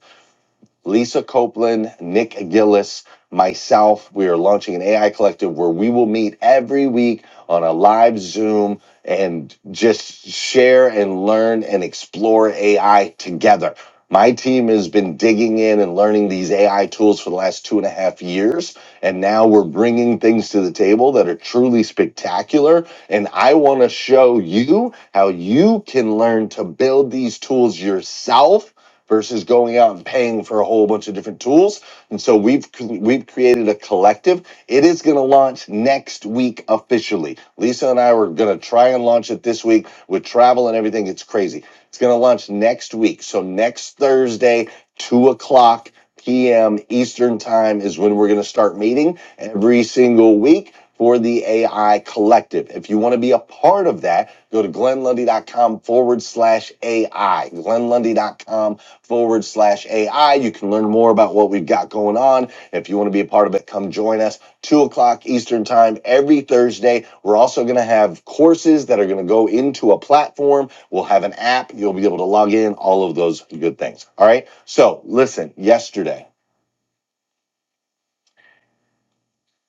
Lisa Copeland, Nick Gillis, myself. We are launching an AI collective where we will meet every week on a live Zoom and just share and learn and explore AI together. My team has been digging in and learning these AI tools for the last two and a half years. And now we're bringing things to the table that are truly spectacular. And I want to show you how you can learn to build these tools yourself versus going out and paying for a whole bunch of different tools. And so we've we've created a collective. It is going to launch next week officially. Lisa and I were going to try and launch it this week with travel and everything. It's crazy. It's going to launch next week. So next Thursday, two o'clock p.m. Eastern time is when we're going to start meeting every single week. For the AI collective. If you want to be a part of that, go to glenlundy.com forward slash AI. glenlundy.com forward slash AI. You can learn more about what we've got going on. If you want to be a part of it, come join us. Two o'clock Eastern time every Thursday. We're also going to have courses that are going to go into a platform. We'll have an app. You'll be able to log in, all of those good things. All right. So listen, yesterday,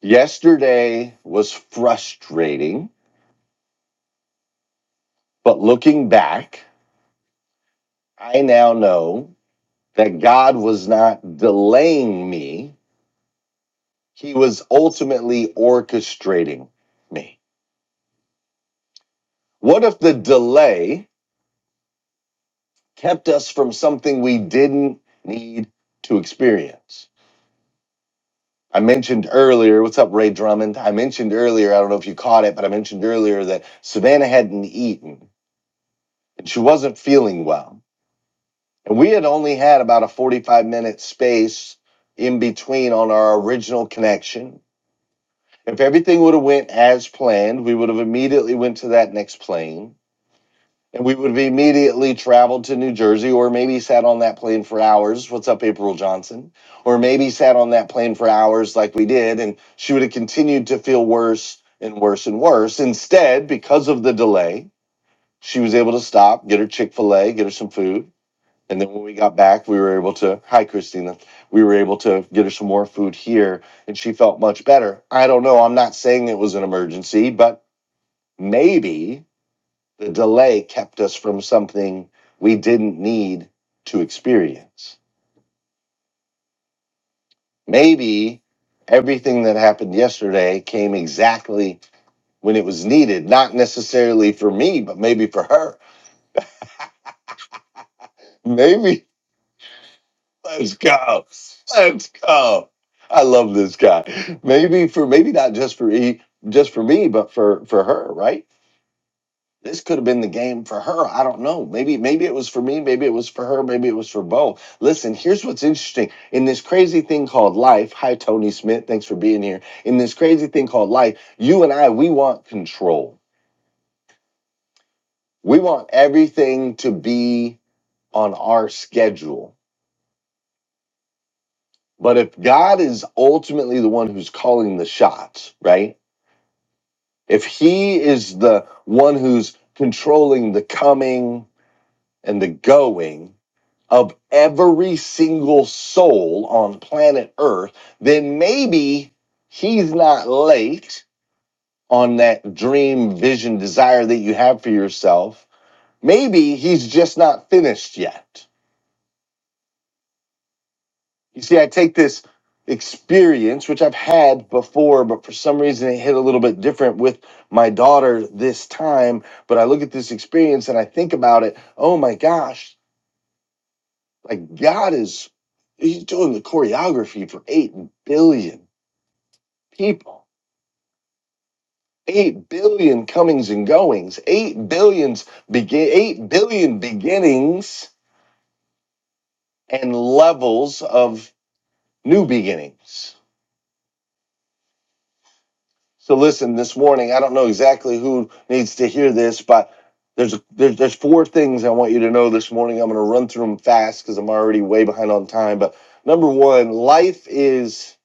yesterday was frustrating, but looking back, I now know that God was not delaying me. He was ultimately orchestrating me. What if the delay kept us from something we didn't need to experience? I mentioned earlier, what's up, Ray Drummond? I mentioned earlier, I don't know if you caught it, but I mentioned earlier that Savannah hadn't eaten and she wasn't feeling well. And we had only had about a 45 minute space in between on our original connection. If everything would have went as planned, we would have immediately went to that next plane And we would have immediately traveled to New Jersey or maybe sat on that plane for hours. What's up, April Johnson? Or maybe sat on that plane for hours like we did. And she would have continued to feel worse and worse and worse. Instead, because of the delay, she was able to stop, get her Chick fil A, get her some food. And then when we got back, we were able to, hi, Christina, we were able to get her some more food here. And she felt much better. I don't know. I'm not saying it was an emergency, but maybe the delay kept us from something we didn't need to experience. Maybe everything that happened yesterday came exactly when it was needed, not necessarily for me, but maybe for her. Maybe. Let's go. Let's go. I love this guy. Maybe for maybe not just for E, just for me, but for for her, right? this could have been the game for her. I don't know. Maybe maybe it was for me, maybe it was for her, maybe it was for both. Listen, here's what's interesting. In this crazy thing called life, hi Tony Smith, thanks for being here. In this crazy thing called life, you and I we want control. We want everything to be on our schedule. But if God is ultimately the one who's calling the shots, right? If he is the one who's controlling the coming and the going, of every single soul on planet Earth, then maybe he's not late on that dream, vision, desire that you have for yourself. Maybe he's just not finished yet. You see, I take this experience, which I've had before, but for some reason it hit a little bit different with my daughter this time. But I look at this experience and I think about it oh my gosh, Like God is, he's doing the choreography for 8 billion people. 8 billion comings and goings, 8 billions begin 8 billion beginnings and levels of new beginnings. So listen, this morning, I don't know exactly who needs to hear this, but there's there's, there's four things I want you to know this morning. I'm going to run through them fast cuz I'm already way behind on time, but number 1, life is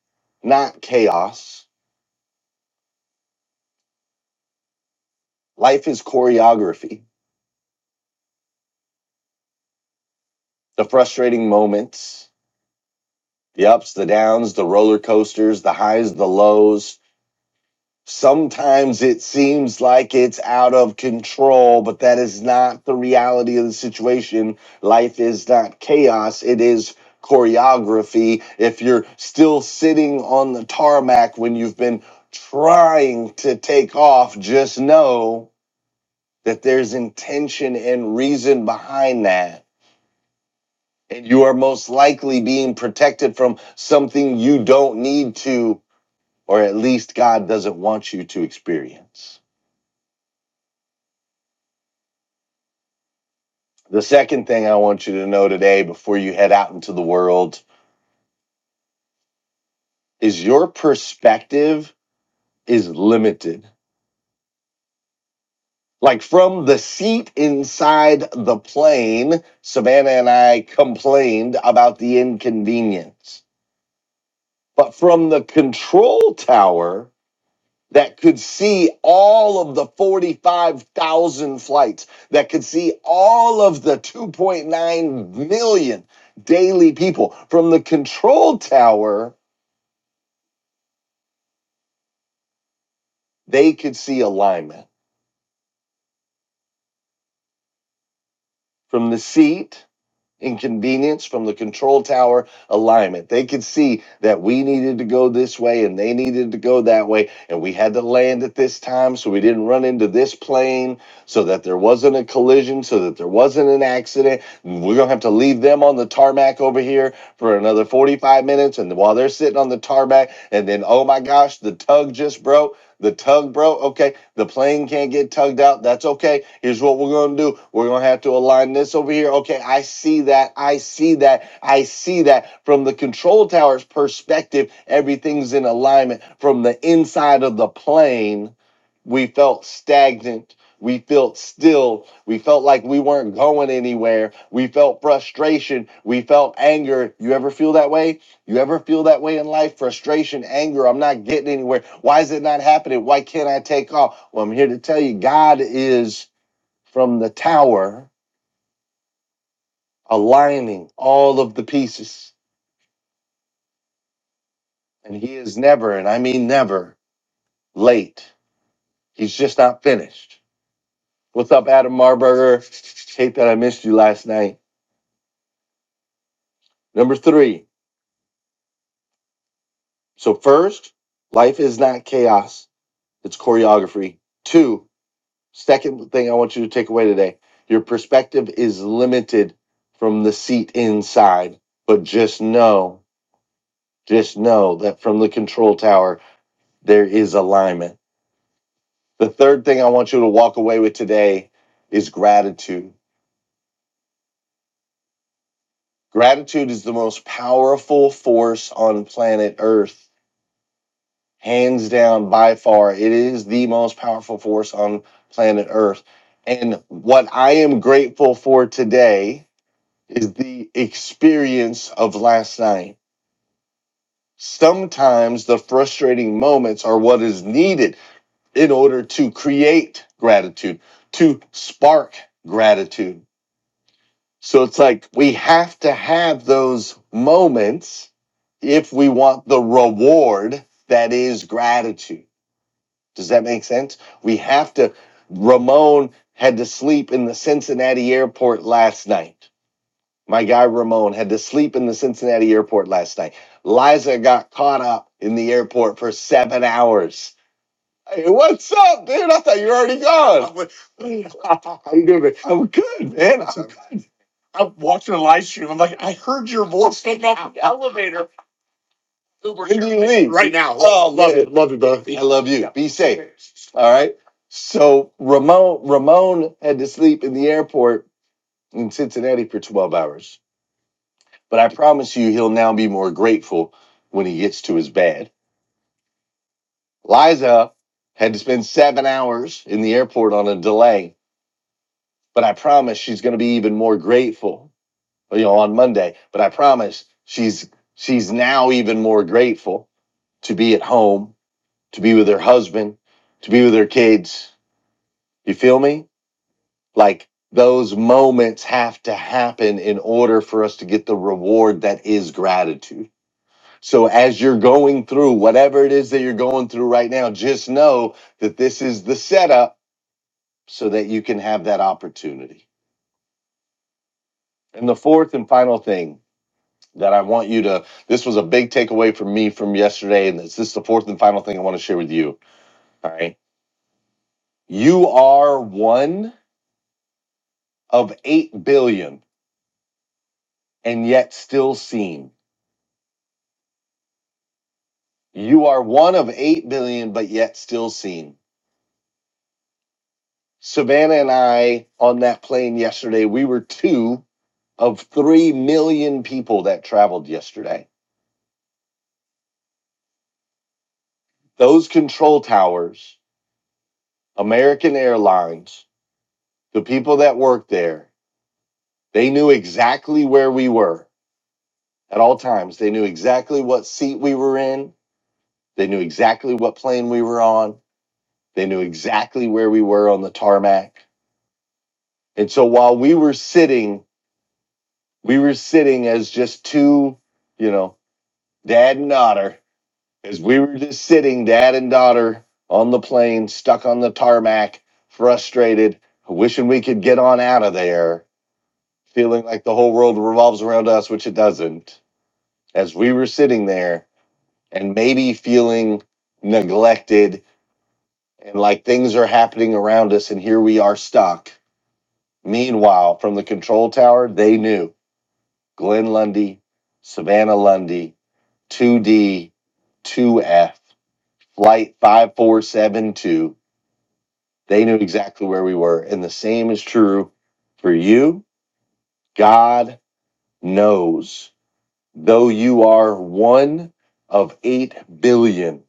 not chaos. Life is choreography. The frustrating moments, the ups, the downs, the roller coasters, the highs, the lows. Sometimes it seems like it's out of control, but that is not the reality of the situation. Life is not chaos, it is choreography. If you're still sitting on the tarmac when you've been trying to take off, just know that there's intention and reason behind that and you are most likely being protected from something you don't need to, or at least God doesn't want you to experience. The second thing I want you to know today before you head out into the world is your perspective is limited. Like from the seat inside the plane, Savannah and I complained about the inconvenience. But from the control tower, that could see all of the 45,000 flights, that could see all of the 2.9 million daily people. From the control tower, they could see alignment. From the seat, inconvenience from the control tower alignment. They could see that we needed to go this way and they needed to go that way, and we had to land at this time so we didn't run into this plane, so that there wasn't a collision, so that there wasn't an accident. We're gonna have to leave them on the tarmac over here for another 45 minutes, and while they're sitting on the tarmac, and then oh my gosh, the tug just broke. The tug, bro, okay. The plane can't get tugged out. That's okay. Here's what we're going to do. We're going to have to align this over here. Okay, I see that. I see that. I see that. From the control tower's perspective, everything's in alignment. From the inside of the plane, we felt stagnant. We felt still. We felt like we weren't going anywhere. We felt frustration. We felt anger. You ever feel that way? You ever feel that way in life? Frustration, anger. I'm not getting anywhere. Why is it not happening? Why can't I take off? Well, I'm here to tell you God is from the tower aligning all of the pieces. And He is never, and I mean never, late. He's just not finished. What's up, Adam Marburger? Hate that I missed you last night. Number three. So first, life is not chaos. It's choreography. Two, second thing I want you to take away today. Your perspective is limited from the seat inside, but just know, just know that from the control tower, there is alignment. The third thing I want you to walk away with today is gratitude. Gratitude is the most powerful force on planet Earth hands down by far it is the most powerful force on planet earth and what i am grateful for today is the experience of last night sometimes the frustrating moments are what is needed in order to create gratitude to spark gratitude so it's like we have to have those moments if we want the reward that is gratitude Does that make sense? We have to. Ramon had to sleep in the Cincinnati airport last night. My guy Ramon had to sleep in the Cincinnati airport last night. Liza got caught up in the airport for seven hours. Hey, what's up, dude? I thought you were already gone. I'm like, How you doing? man? I'm good, man. I'm good. I'm watching a live stream. I'm like, I heard your voice in the elevator. When do you leave? Right now. Oh, love man. it. Love it, bro. I love you. Yeah. Be safe. All right. So Ramon Ramon had to sleep in the airport in Cincinnati for 12 hours. But I promise you he'll now be more grateful when he gets to his bed. Liza had to spend seven hours in the airport on a delay, but I promise she's gonna be even more grateful, you know, on Monday. But I promise she's she's now even more grateful to be at home to be with their husband, to be with their kids. You feel me? Like those moments have to happen in order for us to get the reward that is gratitude. So as you're going through whatever it is that you're going through right now, just know that this is the setup so that you can have that opportunity. And the fourth and final thing that I want you to this was a big takeaway for me from yesterday and this this is the fourth and final thing I want to share with you. All right. You are one of 8 billion and yet still seen. You are one of 8 billion, but yet still seen. Savannah and I on that plane yesterday, we were two of 3 million people that traveled yesterday. Those control towers, American Airlines, the people that work there, they knew exactly where we were at all times. They knew exactly what seat we were in. They knew exactly what plane we were on. They knew exactly where we were on the tarmac And so while we were sitting, we were sitting as just two, you know, dad and daughter, as we were just sitting, dad and daughter on the plane, stuck on the tarmac, frustrated, wishing we could get on out of there, feeling like the whole world revolves around us, which it doesn't. As we were sitting there and maybe feeling neglected and like things are happening around us, and here we are stuck. Meanwhile, from the control tower, they knew Glenn Lundy, Savannah Lundy, 2D, 2F, Flight 5472. They knew exactly where we were. And the same is true for you. God knows, though you are one of 8 billion,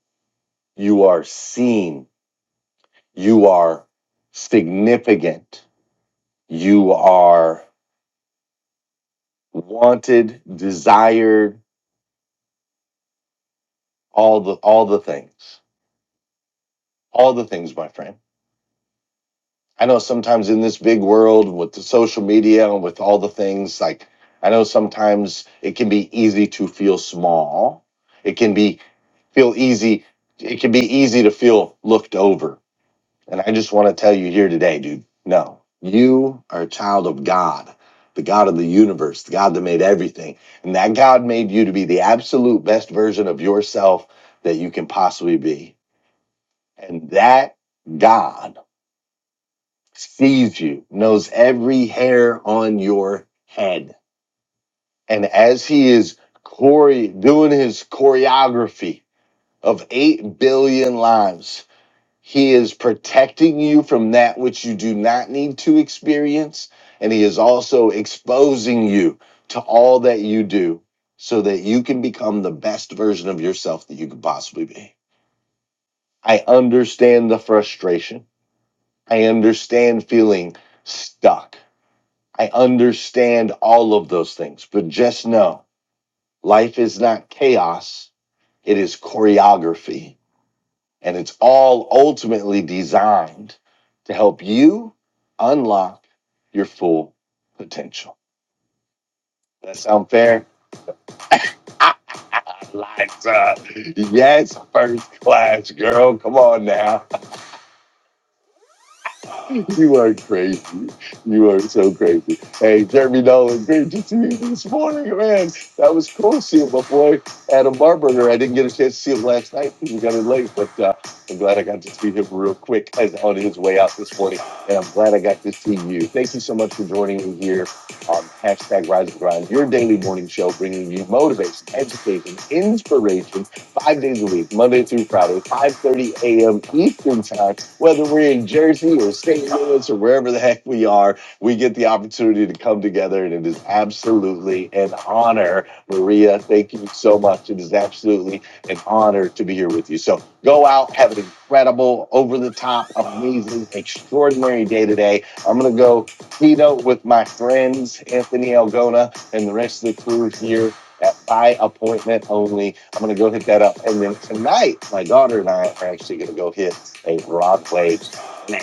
you are seen, you are significant, you are wanted, desired, all the all the things. All the things, my friend I know sometimes in this big world with the social media and with all the things, like I know sometimes it can be easy to feel small. It can be feel easy. It can be easy to feel looked over. And I just want to tell you here today, dude, no, you are a child of God, the God of the universe, the God that made everything. And that God made you to be the absolute best version of yourself that you can possibly be. And that God sees you, knows every hair on your head. And as he is chore- doing his choreography of 8 billion lives, he is protecting you from that which you do not need to experience. And he is also exposing you to all that you do so that you can become the best version of yourself that you could possibly be. I understand the frustration. I understand feeling stuck. I understand all of those things, but just know life is not chaos, it is choreography. And it's all ultimately designed to help you unlock your full potential. That sound fair? Liza, yes, first class girl. Come on now. You are crazy. You are so crazy. Hey, Jeremy Nolan, great to see you this morning, man. That was cool seeing my boy, Adam Barberger. I didn't get a chance to see him last night because we got in late, but uh, I'm glad I got to see him real quick as on his way out this morning. And I'm glad I got to see you. Thank you so much for joining me here on hashtag Rise and Grind, your daily morning show, bringing you motivation, education, inspiration, five days a week, Monday through Friday, 5.30 a.m. Eastern Time whether we're in Jersey or St. Louis or wherever the heck we are, we get the opportunity to come together. And it is absolutely an honor, Maria. Thank you so much. It is absolutely an honor to be here with you. So go out, have an incredible, over the top, amazing, extraordinary day today. I'm going to go keynote with my friends, Anthony Algona, and the rest of the crew here. At by appointment only. I'm gonna go hit that up. And then tonight, my daughter and I are actually gonna go hit a Broadway play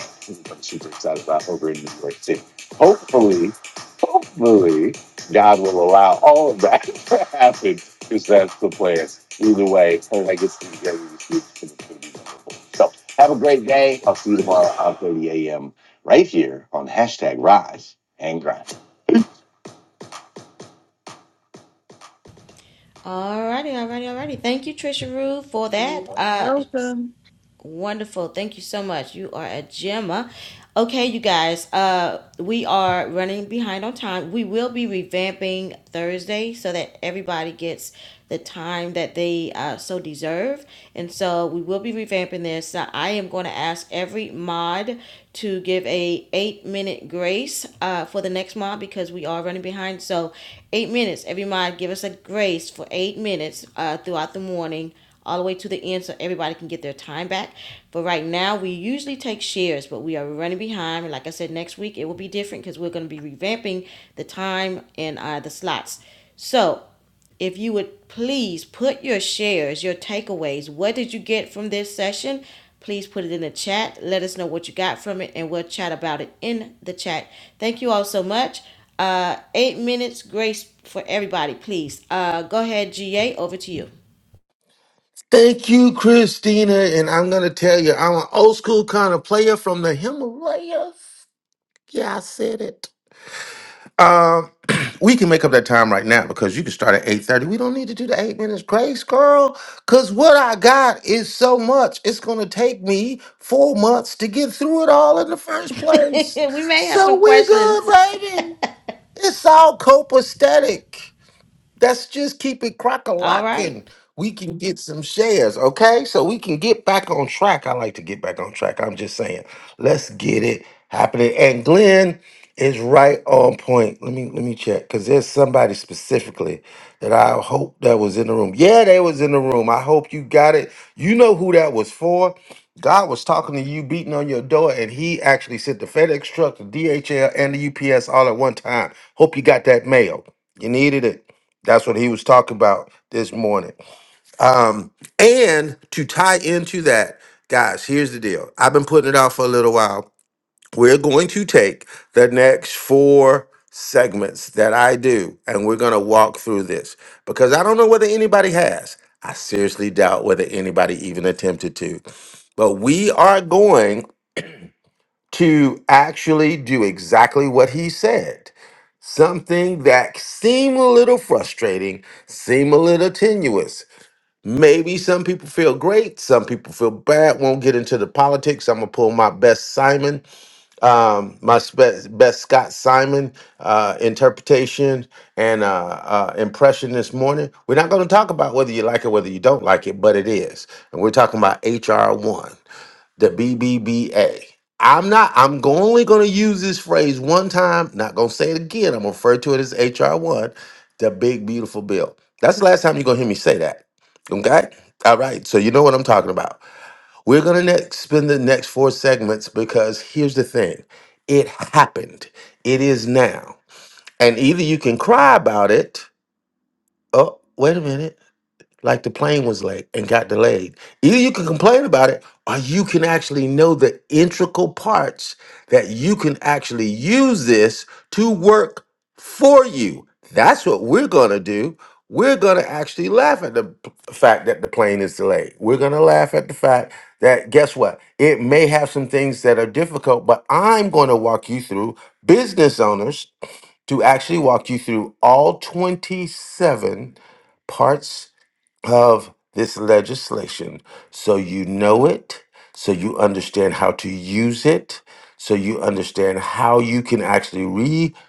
I'm super excited about over in New York City. Hopefully, hopefully, God will allow all of that to happen because that's the plan. Either way, I guess it's going to be wonderful. So have a great day. I'll see you tomorrow at five 30 a.m. right here on hashtag Rise and Grind. Alrighty, alrighty, alrighty. Thank you, Trisha Rue, for You're that. Uh, Welcome. Wonderful. Thank you so much. You are a gemma. Okay, you guys, uh, we are running behind on time. We will be revamping Thursday so that everybody gets the time that they uh, so deserve. And so we will be revamping this. Now, I am going to ask every mod to give a eight minute grace uh, for the next mod because we are running behind. So eight minutes. Every mod give us a grace for eight minutes uh, throughout the morning all the way to the end so everybody can get their time back. But right now, we usually take shares, but we are running behind. And like I said, next week it will be different because we're going to be revamping the time and uh, the slots. So if you would please put your shares, your takeaways, what did you get from this session? Please put it in the chat. Let us know what you got from it, and we'll chat about it in the chat. Thank you all so much. Uh, eight minutes grace for everybody, please. Uh, go ahead, GA, over to you. Thank you, Christina. And I'm going to tell you, I'm an old school kind of player from the Himalayas. Yeah, I said it. Um, we can make up that time right now because you can start at 8.30. We don't need to do the eight minutes grace, girl, because what I got is so much. It's going to take me four months to get through it all in the first place. we may have So some we're good, questions. baby. It's all copacetic. Let's just keep it All right. crock-a-locking. We can get some shares, okay? So we can get back on track. I like to get back on track. I'm just saying, let's get it happening. And Glenn is right on point. Let me let me check because there's somebody specifically that I hope that was in the room. Yeah, they was in the room. I hope you got it. You know who that was for. God was talking to you, beating on your door, and he actually sent the FedEx truck, the DHL, and the UPS all at one time. Hope you got that mail. You needed it. That's what he was talking about this morning. Um, and to tie into that, guys, here's the deal. I've been putting it out for a little while. We're going to take the next four segments that I do, and we're going to walk through this because I don't know whether anybody has. I seriously doubt whether anybody even attempted to. But we are going to actually do exactly what he said. Something that seemed a little frustrating, seemed a little tenuous, Maybe some people feel great, some people feel bad. Won't get into the politics. I'm gonna pull my best Simon, um, my spe- best Scott Simon uh, interpretation and uh, uh, impression this morning. We're not gonna talk about whether you like it, whether you don't like it, but it is, and we're talking about HR one the BBBA. I'm not, I'm go- only going to use this phrase one time, not going to say it again. I'm going to refer to it as HR1, the big, beautiful bill. That's the last time you're going to hear me say that. Okay? All right. So you know what I'm talking about. We're going to next spend the next four segments because here's the thing it happened, it is now. And either you can cry about it. Oh, wait a minute like the plane was late and got delayed. Either you can complain about it or you can actually know the integral parts that you can actually use this to work for you. That's what we're going to do. We're going to actually laugh at the p- fact that the plane is delayed. We're going to laugh at the fact that, guess what? It may have some things that are difficult, but I'm going to walk you through business owners to actually walk you through all 27 parts of this legislation so you know it, so you understand how to use it, so you understand how you can actually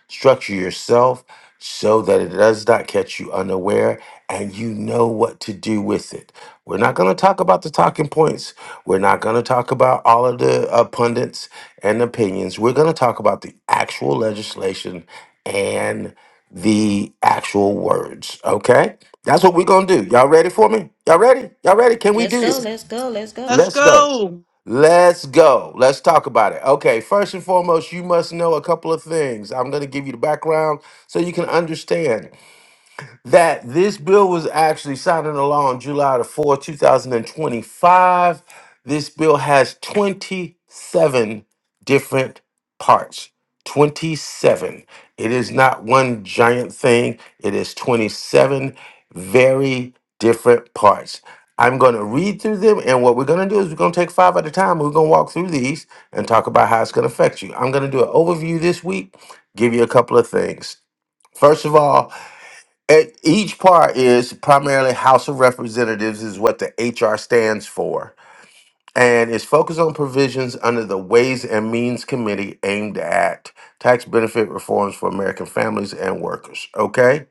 restructure yourself so that it does not catch you unaware and you know what to do with it. We're not going to talk about the talking points. We're not going to talk about all of the uh, pundits and opinions. We're going to talk about the actual legislation and the actual words, okay? That's what we're gonna do. Y'all ready for me? Y'all ready? Y'all ready? Can we Let's do go. this? Let's go. Let's go. Let's Let's go. go. Let's go. Let's talk about it. Okay, first and foremost, you must know a couple of things. I'm gonna give you the background so you can understand that this bill was actually signed into law on July the 4th, 2025. This bill has 27 different parts. 27. It is not one giant thing, it is 27 very different parts. I'm going to read through them, and what we're going to do is we're going to take five at a time. We're going to walk through these and talk about how it's going to affect you. I'm going to do an overview this week, give you a couple of things. First of all, at each part is primarily House of Representatives is what the HR stands for, and is focused on provisions under the Ways and Means Committee aimed at tax benefit reforms for American families and workers. Okay,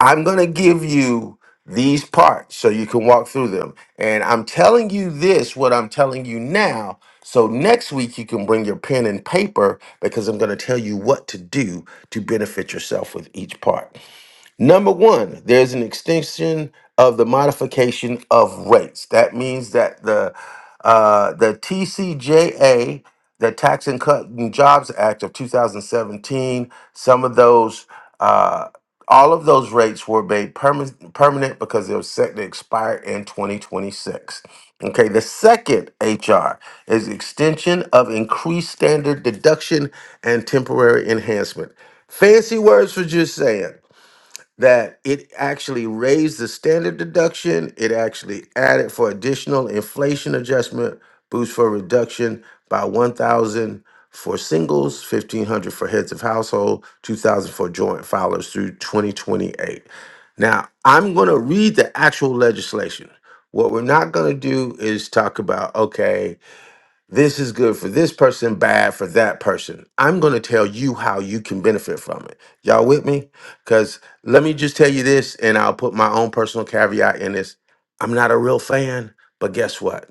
I'm gonna give you these parts so you can walk through them, and I'm telling you this what I'm telling you now. So next week you can bring your pen and paper because I'm going to tell you what to do to benefit yourself with each part. Number one, there's an extension of the modification of rates. That means that the uh, the TCJA, the Tax and Cut and Jobs Act of 2017, some of those, uh, all of those rates were made perma- permanent because they were set to expire in 2026. Okay, the second HR is extension of increased standard deduction and temporary enhancement. Fancy words for just saying that it actually raised the standard deduction. It actually added for additional inflation adjustment boost for reduction by 1,000 for singles, 1,500 for heads of household, 2,000 for joint filers through 2028. Now, I'm going to read the actual legislation. What we're not going to do is talk about, okay, this is good for this person, bad for that person. I'm going to tell you how you can benefit from it. Y'all with me? Because let me just tell you this, and I'll put my own personal caveat in this. I'm not a real fan, but guess what?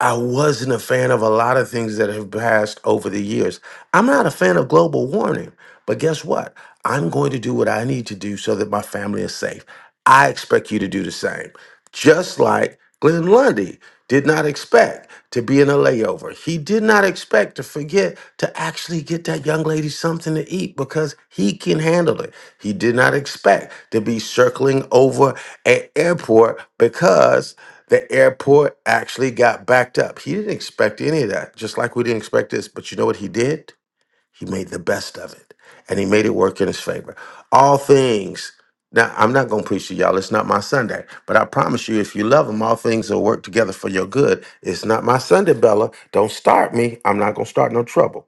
I wasn't a fan of a lot of things that have passed over the years. I'm not a fan of global warming, but guess what? I'm going to do what I need to do so that my family is safe. I expect you to do the same just like Glenn Lundy did not expect to be in a layover. He did not expect to forget to actually get that young lady something to eat because he can handle it. He did not expect to be circling over an airport because the airport actually got backed up. He didn't expect any of that, just like we didn't expect this. But you know what he did? He made the best of it, and he made it work in his favor. All things. Now, I'm not going to preach to y'all. It's not my Sunday. But I promise you, if you love him, all things will work together for your good. It's not my Sunday, Bella. Don't start me. I'm not going to start no trouble.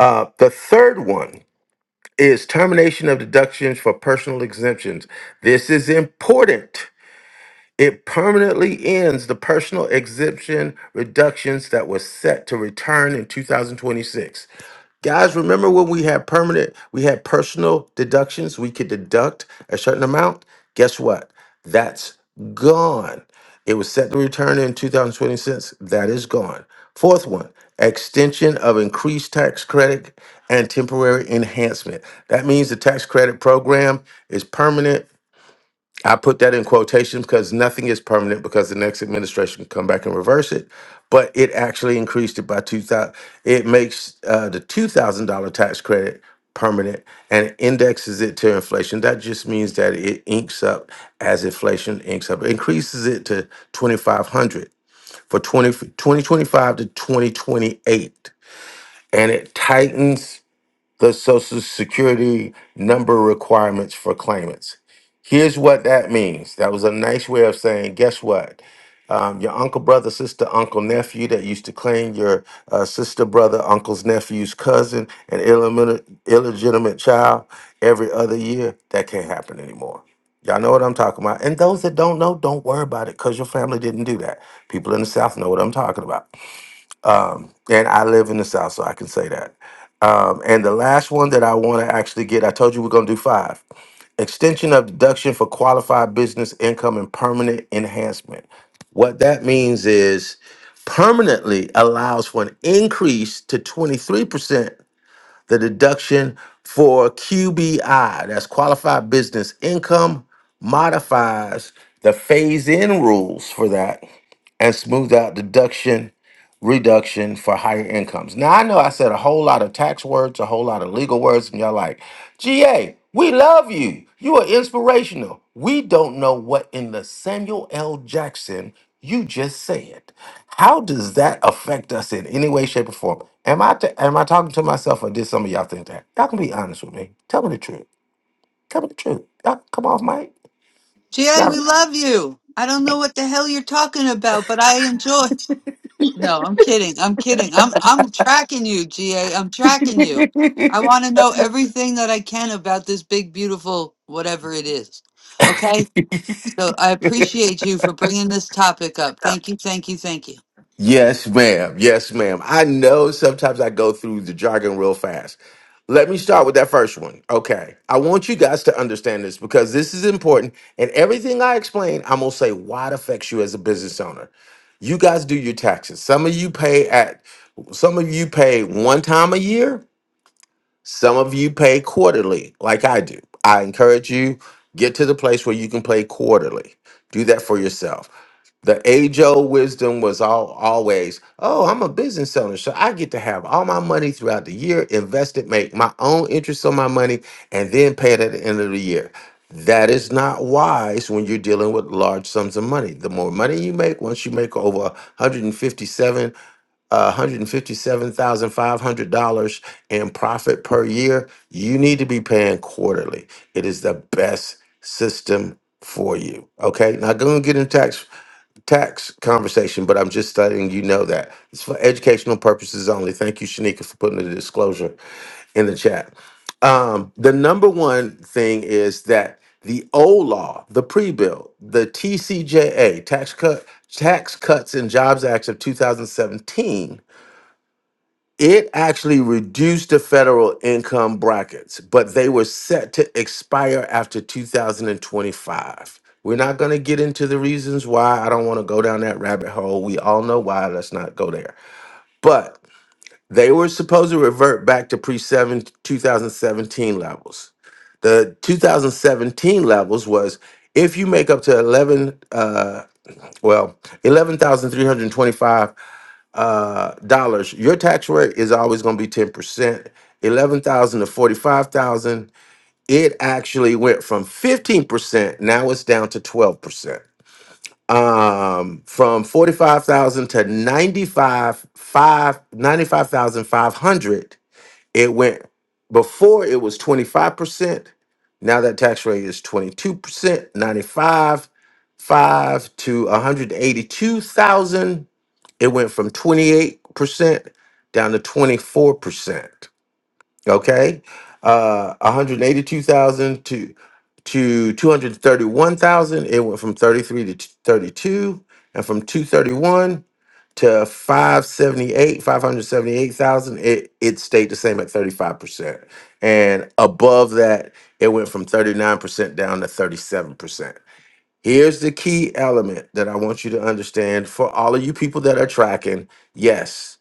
Uh, the third one is termination of deductions for personal exemptions. This is important. It permanently ends the personal exemption reductions that were set to return in 2026. Guys, remember when we had permanent, we had personal deductions, we could deduct a certain amount? Guess what? That's gone. It was set to return in 2026. That is gone. Fourth one, extension of increased tax credit and temporary enhancement. That means the tax credit program is permanent I put that in quotations because nothing is permanent because the next administration can come back and reverse it. But it actually increased it by two thousand. It makes uh, the two thousand dollar tax credit permanent and indexes it to inflation. That just means that it inks up as inflation inks up. It increases it to twenty five hundred for 20 2025 to twenty twenty eight, and it tightens the Social Security number requirements for claimants. Here's what that means. That was a nice way of saying, guess what? Um, your uncle, brother, sister, uncle, nephew that used to claim your uh, sister, brother, uncle's nephew's cousin, an illegitimate, illegitimate child every other year, that can't happen anymore. Y'all know what I'm talking about. And those that don't know, don't worry about it because your family didn't do that. People in the South know what I'm talking about. Um, and I live in the South, so I can say that. Um, and the last one that I want to actually get, I told you we're going to do five extension of deduction for qualified business income and permanent enhancement. What that means is permanently allows for an increase to 23% the deduction for QBI, that's qualified business income, modifies the phase in rules for that and smooth out deduction reduction for higher incomes. Now I know I said a whole lot of tax words, a whole lot of legal words, and y'all like, GA, we love you. You are inspirational. We don't know what in the Samuel L. Jackson you just said. How does that affect us in any way, shape, or form? Am I t- am I talking to myself or did some of y'all think that? Y'all can be honest with me. Tell me the truth. Tell me the truth. Y'all come off, Mike. GA, we love you. I don't know what the hell you're talking about, but I enjoy. No, I'm kidding. I'm kidding. I'm I'm tracking you, GA. I'm tracking you. I want to know everything that I can about this big beautiful whatever it is. Okay? So I appreciate you for bringing this topic up. Thank you, thank you, thank you. Yes, ma'am. Yes, ma'am. I know sometimes I go through the jargon real fast. Let me start with that first one. Okay. I want you guys to understand this because this is important. And everything I explain, I'm going to say why it affects you as a business owner. You guys do your taxes. Some of you pay at, some of you pay one time a year. Some of you pay quarterly, like I do. I encourage you, get to the place where you can pay quarterly. Do that for yourself. The age old wisdom was all always, oh, I'm a business owner, so I get to have all my money throughout the year, invest it, make my own interest on my money, and then pay it at the end of the year. That is not wise when you're dealing with large sums of money. The more money you make, once you make over 157, uh, $157,500 in profit per year, you need to be paying quarterly. It is the best system for you. Okay, now go and get in tax tax conversation, but I'm just letting you know that it's for educational purposes only. Thank you, Shanika, for putting the disclosure in the chat. Um, the number one thing is that the old law, the pre-bill, the TCJA, Tax Cut Tax Cuts and Jobs Act of 2017 it actually reduced the federal income brackets, but they were set to expire after 2025. We're not going to get into the reasons why. I don't want to go down that rabbit hole. We all know why. Let's not go there. But they were supposed to revert back to pre 2017 levels. The 2017 levels was if you make up to 11, uh, well, 11,325 uh, dollars, your tax rate is always going to be ten percent. Eleven thousand to forty-five thousand. It actually went from fifteen percent. Now it's down to twelve percent. Um, from forty-five thousand to ninety-five five ninety-five thousand five hundred. It went before it was twenty-five percent. Now that tax rate is twenty-two percent. Ninety-five five to one hundred eighty-two thousand it went from 28% down to 24%. Okay. Uh 182,000 to to 231,000. It went from 33 to t- 32 and from 231 to 578, 578,000, it it stayed the same at 35%. And above that, it went from 39% down to 37%. Here's the key element that I want you to understand for all of you people that are tracking. Yes,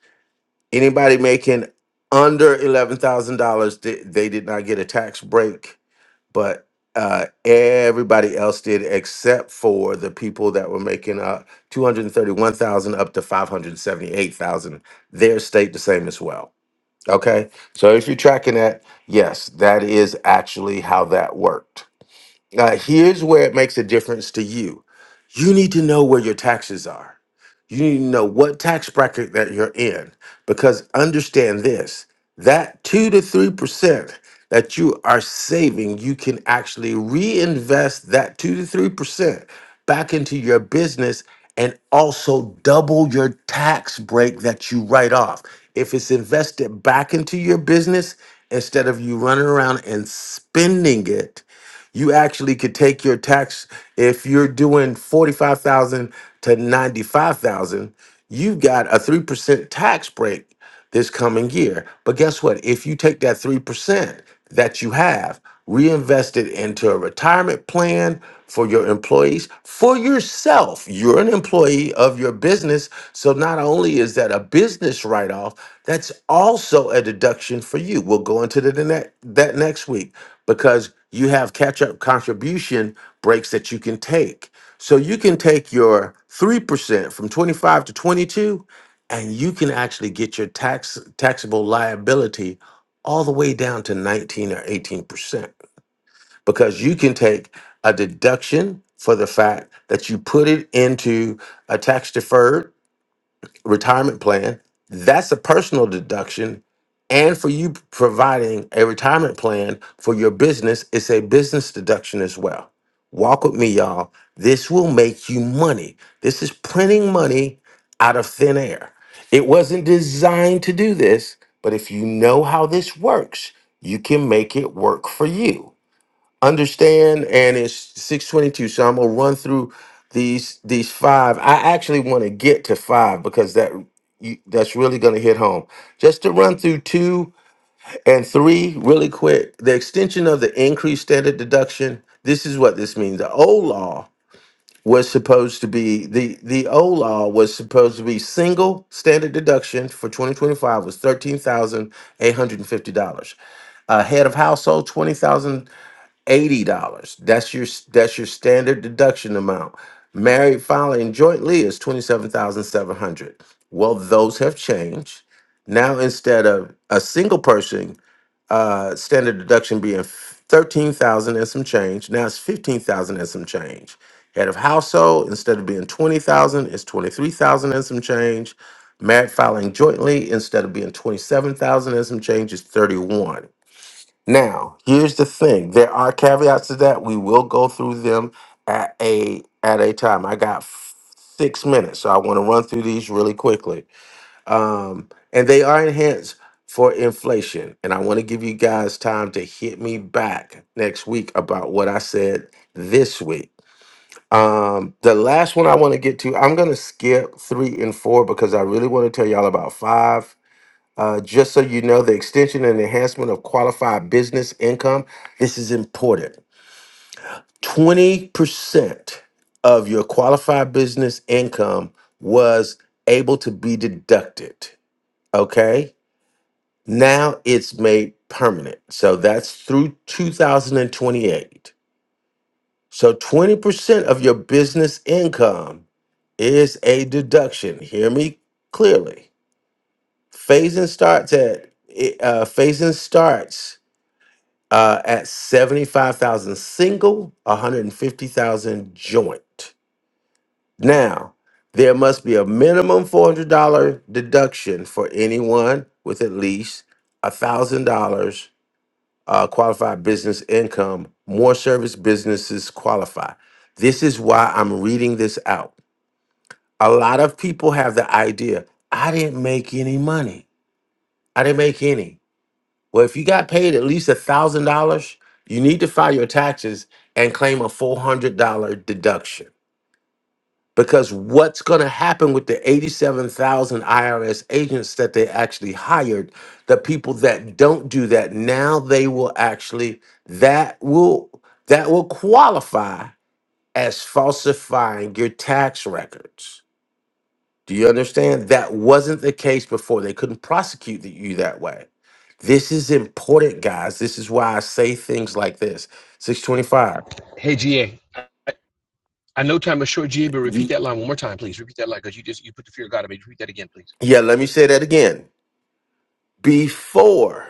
anybody making under $11,000, they, they did not get a tax break, but uh, everybody else did except for the people that were making uh, 231000 up to 578000 Their state the same as well. Okay. So if you're tracking that, yes, that is actually how that worked. Uh, here's where it makes a difference to you. You need to know where your taxes are. You need to know what tax bracket that you're in because understand this that 2 to 3% that you are saving, you can actually reinvest that 2 to 3% back into your business and also double your tax break that you write off. If it's invested back into your business instead of you running around and spending it you actually could take your tax if you're doing 45,000 to 95,000, you've got a 3% tax break this coming year. But guess what? If you take that 3% that you have, reinvest it into a retirement plan for your employees, for yourself. You're an employee of your business. So not only is that a business write off, that's also a deduction for you. We'll go into the, ne- that next week because you have catch up contribution breaks that you can take. So you can take your 3% from 25 to 22 and you can actually get your tax taxable liability all the way down to 19 or 18% because you can take a deduction for the fact that you put it into a tax deferred retirement plan, that's a personal deduction. And for you providing a retirement plan for your business, it's a business deduction as well. Walk with me, y'all. This will make you money. This is printing money out of thin air. It wasn't designed to do this, but if you know how this works, you can make it work for you understand and it's 622 so i'm gonna run through these these five i actually want to get to five because that you, that's really gonna hit home just to run through two and three really quick the extension of the increased standard deduction this is what this means the old law was supposed to be the the old law was supposed to be single standard deduction for 2025 was $13,850 a head of household 20000 eighty dollars. That's your that's your standard deduction amount. Married, filing jointly is twenty seven thousand seven hundred. Well, those have changed. Now instead of a single person uh, standard deduction being thirteen thousand and some change, now it's fifteen thousand and some change. Head of household instead of being twenty thousand, it's twenty three thousand and some change. Married filing jointly instead of being twenty seven thousand and some change is thirty one. Now, here's the thing. There are caveats to that. We will go through them at a at a time. I got f- six minutes, so I want to run through these really quickly. Um, and they are enhanced for inflation. And I want to give you guys time to hit me back next week about what I said this week. Um, the last one I want to get to, I'm gonna skip three and four because I really want to tell y'all about five uh, just so you know, the extension and enhancement of qualified business income, this is important. 20% of your qualified business income was able to be deducted. Okay. Now it's made permanent. So that's through 2028. So 20% of your business income is a deduction. Hear me clearly. Phasing starts at, uh, phasing starts uh, at 75,000 single, 150,000 joint. Now, there must be a minimum $400 deduction for anyone with at least $1,000 uh, qualified business income. More service businesses qualify. This is why I'm reading this out. A lot of people have the idea I didn't make any money. I didn't make any. Well, if you got paid at least a thousand dollars, you need to file your taxes and claim a four hundred dollar deduction. Because what's going to happen with the eighty-seven thousand IRS agents that they actually hired, the people that don't do that now, they will actually that will that will qualify as falsifying your tax records. Do you understand? That wasn't the case before. They couldn't prosecute the- you that way. This is important, guys. This is why I say things like this. 625. Hey, GA. I know time is short, GA, but repeat You, that line one more time, please. Repeat that line because you just you put the fear of God in me. Repeat that again, please. yeah, let me say that again. Before,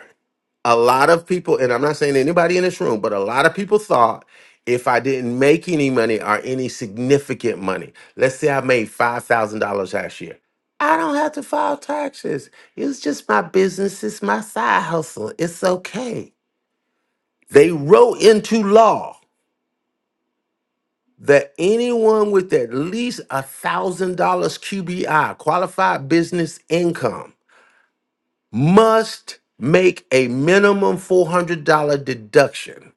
a lot of people, and I'm not saying anybody in this room, but a lot of people thought if I didn't make any money or any significant money, let's say I made $5,000 last year, I don't have to file taxes. It's just my business, it's my side hustle. It's okay. They wrote into law that anyone with at least a thousand dollars QBI, qualified business income, must make a minimum four hundred dollar deduction.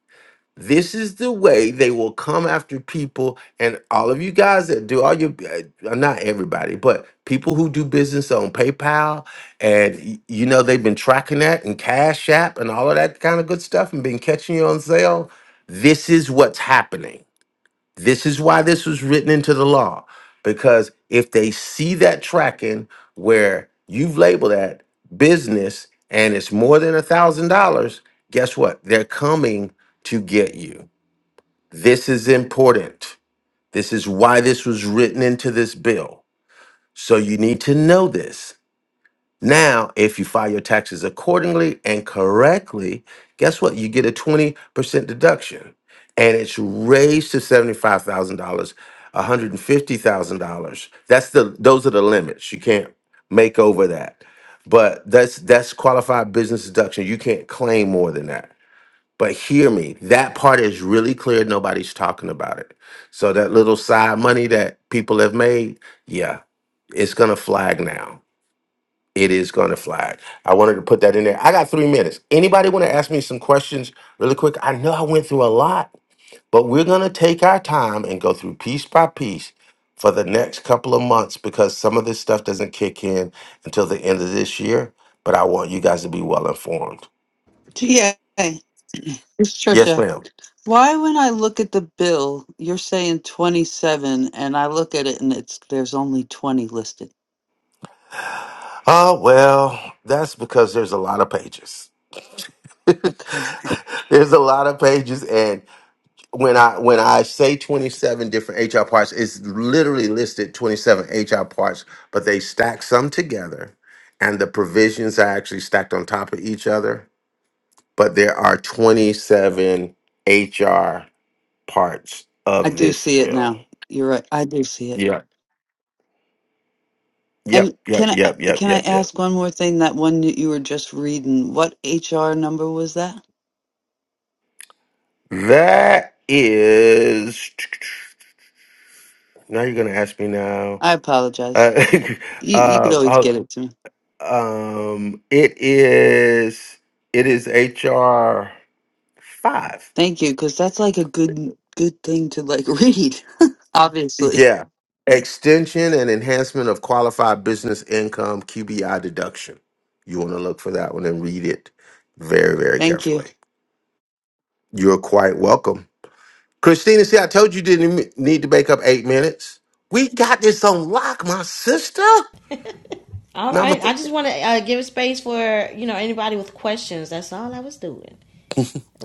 This is the way they will come after people, and all of you guys that do all your, uh, not everybody, but people who do business on PayPal, and y- you know they've been tracking that and Cash App and all of that kind of good stuff, and been catching you on sale. This is what's happening This is why this was written into the law. Because if they see that tracking where you've labeled that business and it's more than a thousand dollars, guess what? They're coming to get you. This is important. This is why this was written into this bill. So you need to know this. Now, if you file your taxes accordingly and correctly, guess what? You get a 20% deduction and it's raised to $75,000, $150,000. That's the those are the limits. You can't make over that. But that's that's qualified business deduction. You can't claim more than that. But hear me, that part is really clear. Nobody's talking about it. So that little side money that people have made, yeah, it's gonna flag now it is going to flag. I wanted to put that in there. I got three minutes. Anybody want to ask me some questions really quick? I know I went through a lot, but we're going to take our time and go through piece by piece for the next couple of months because some of this stuff doesn't kick in until the end of this year. But I want you guys to be well informed. GA. It's Yes, Trisha. ma'am. Why when I look at the bill, you're saying 27 and I look at it and it's there's only 20 listed. Oh, well, that's because there's a lot of pages. Okay. there's a lot of pages, and when I when I say 27 different HR parts, it's literally listed 27 HR parts, but they stack some together and the provisions are actually stacked on top of each other, but there are 27 HR parts I of do this see it bill. now. You're right. I do see it. Yeah. And Yep, yep, can I yep, yep, can I yep, yep. ask one more thing? That one that you were just reading, what HR number was that? That is now you're going to ask me now. I apologize. Uh, You you could uh, always Hold. get it to me. Um, it is it is HR five. Thank you, because that's like a good good thing to like read. Obviously, Yeah, extension and enhancement of qualified business income QBI deduction. You want to look for that one and read it very very thank you. carefully. You're quite welcome, Christina. See, I told you didn't m- need to make up eight minutes. We got this on lock, my sister. All Number right. I just want to uh, give space for, you know, anybody with questions. That's all I was doing.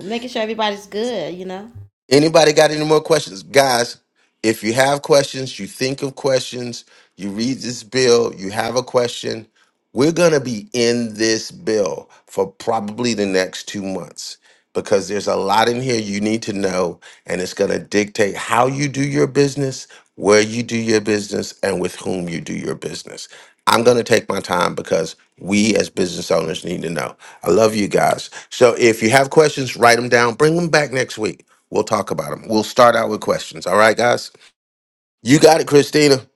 Making sure everybody's good, you know. Anybody got any more questions? Guys, if you have questions, you think of questions, you read this bill, you have a question, we're going to be in this bill for probably the next two months because there's a lot in here you need to know, and it's going to dictate how you do your business, where you do your business, and with whom you do your business. I'm going to take my time because we as business owners need to know. I love you guys. So if you have questions, write them down, bring them back next week We'll talk about them. We'll start out with questions. All right, guys? You got it, Christina.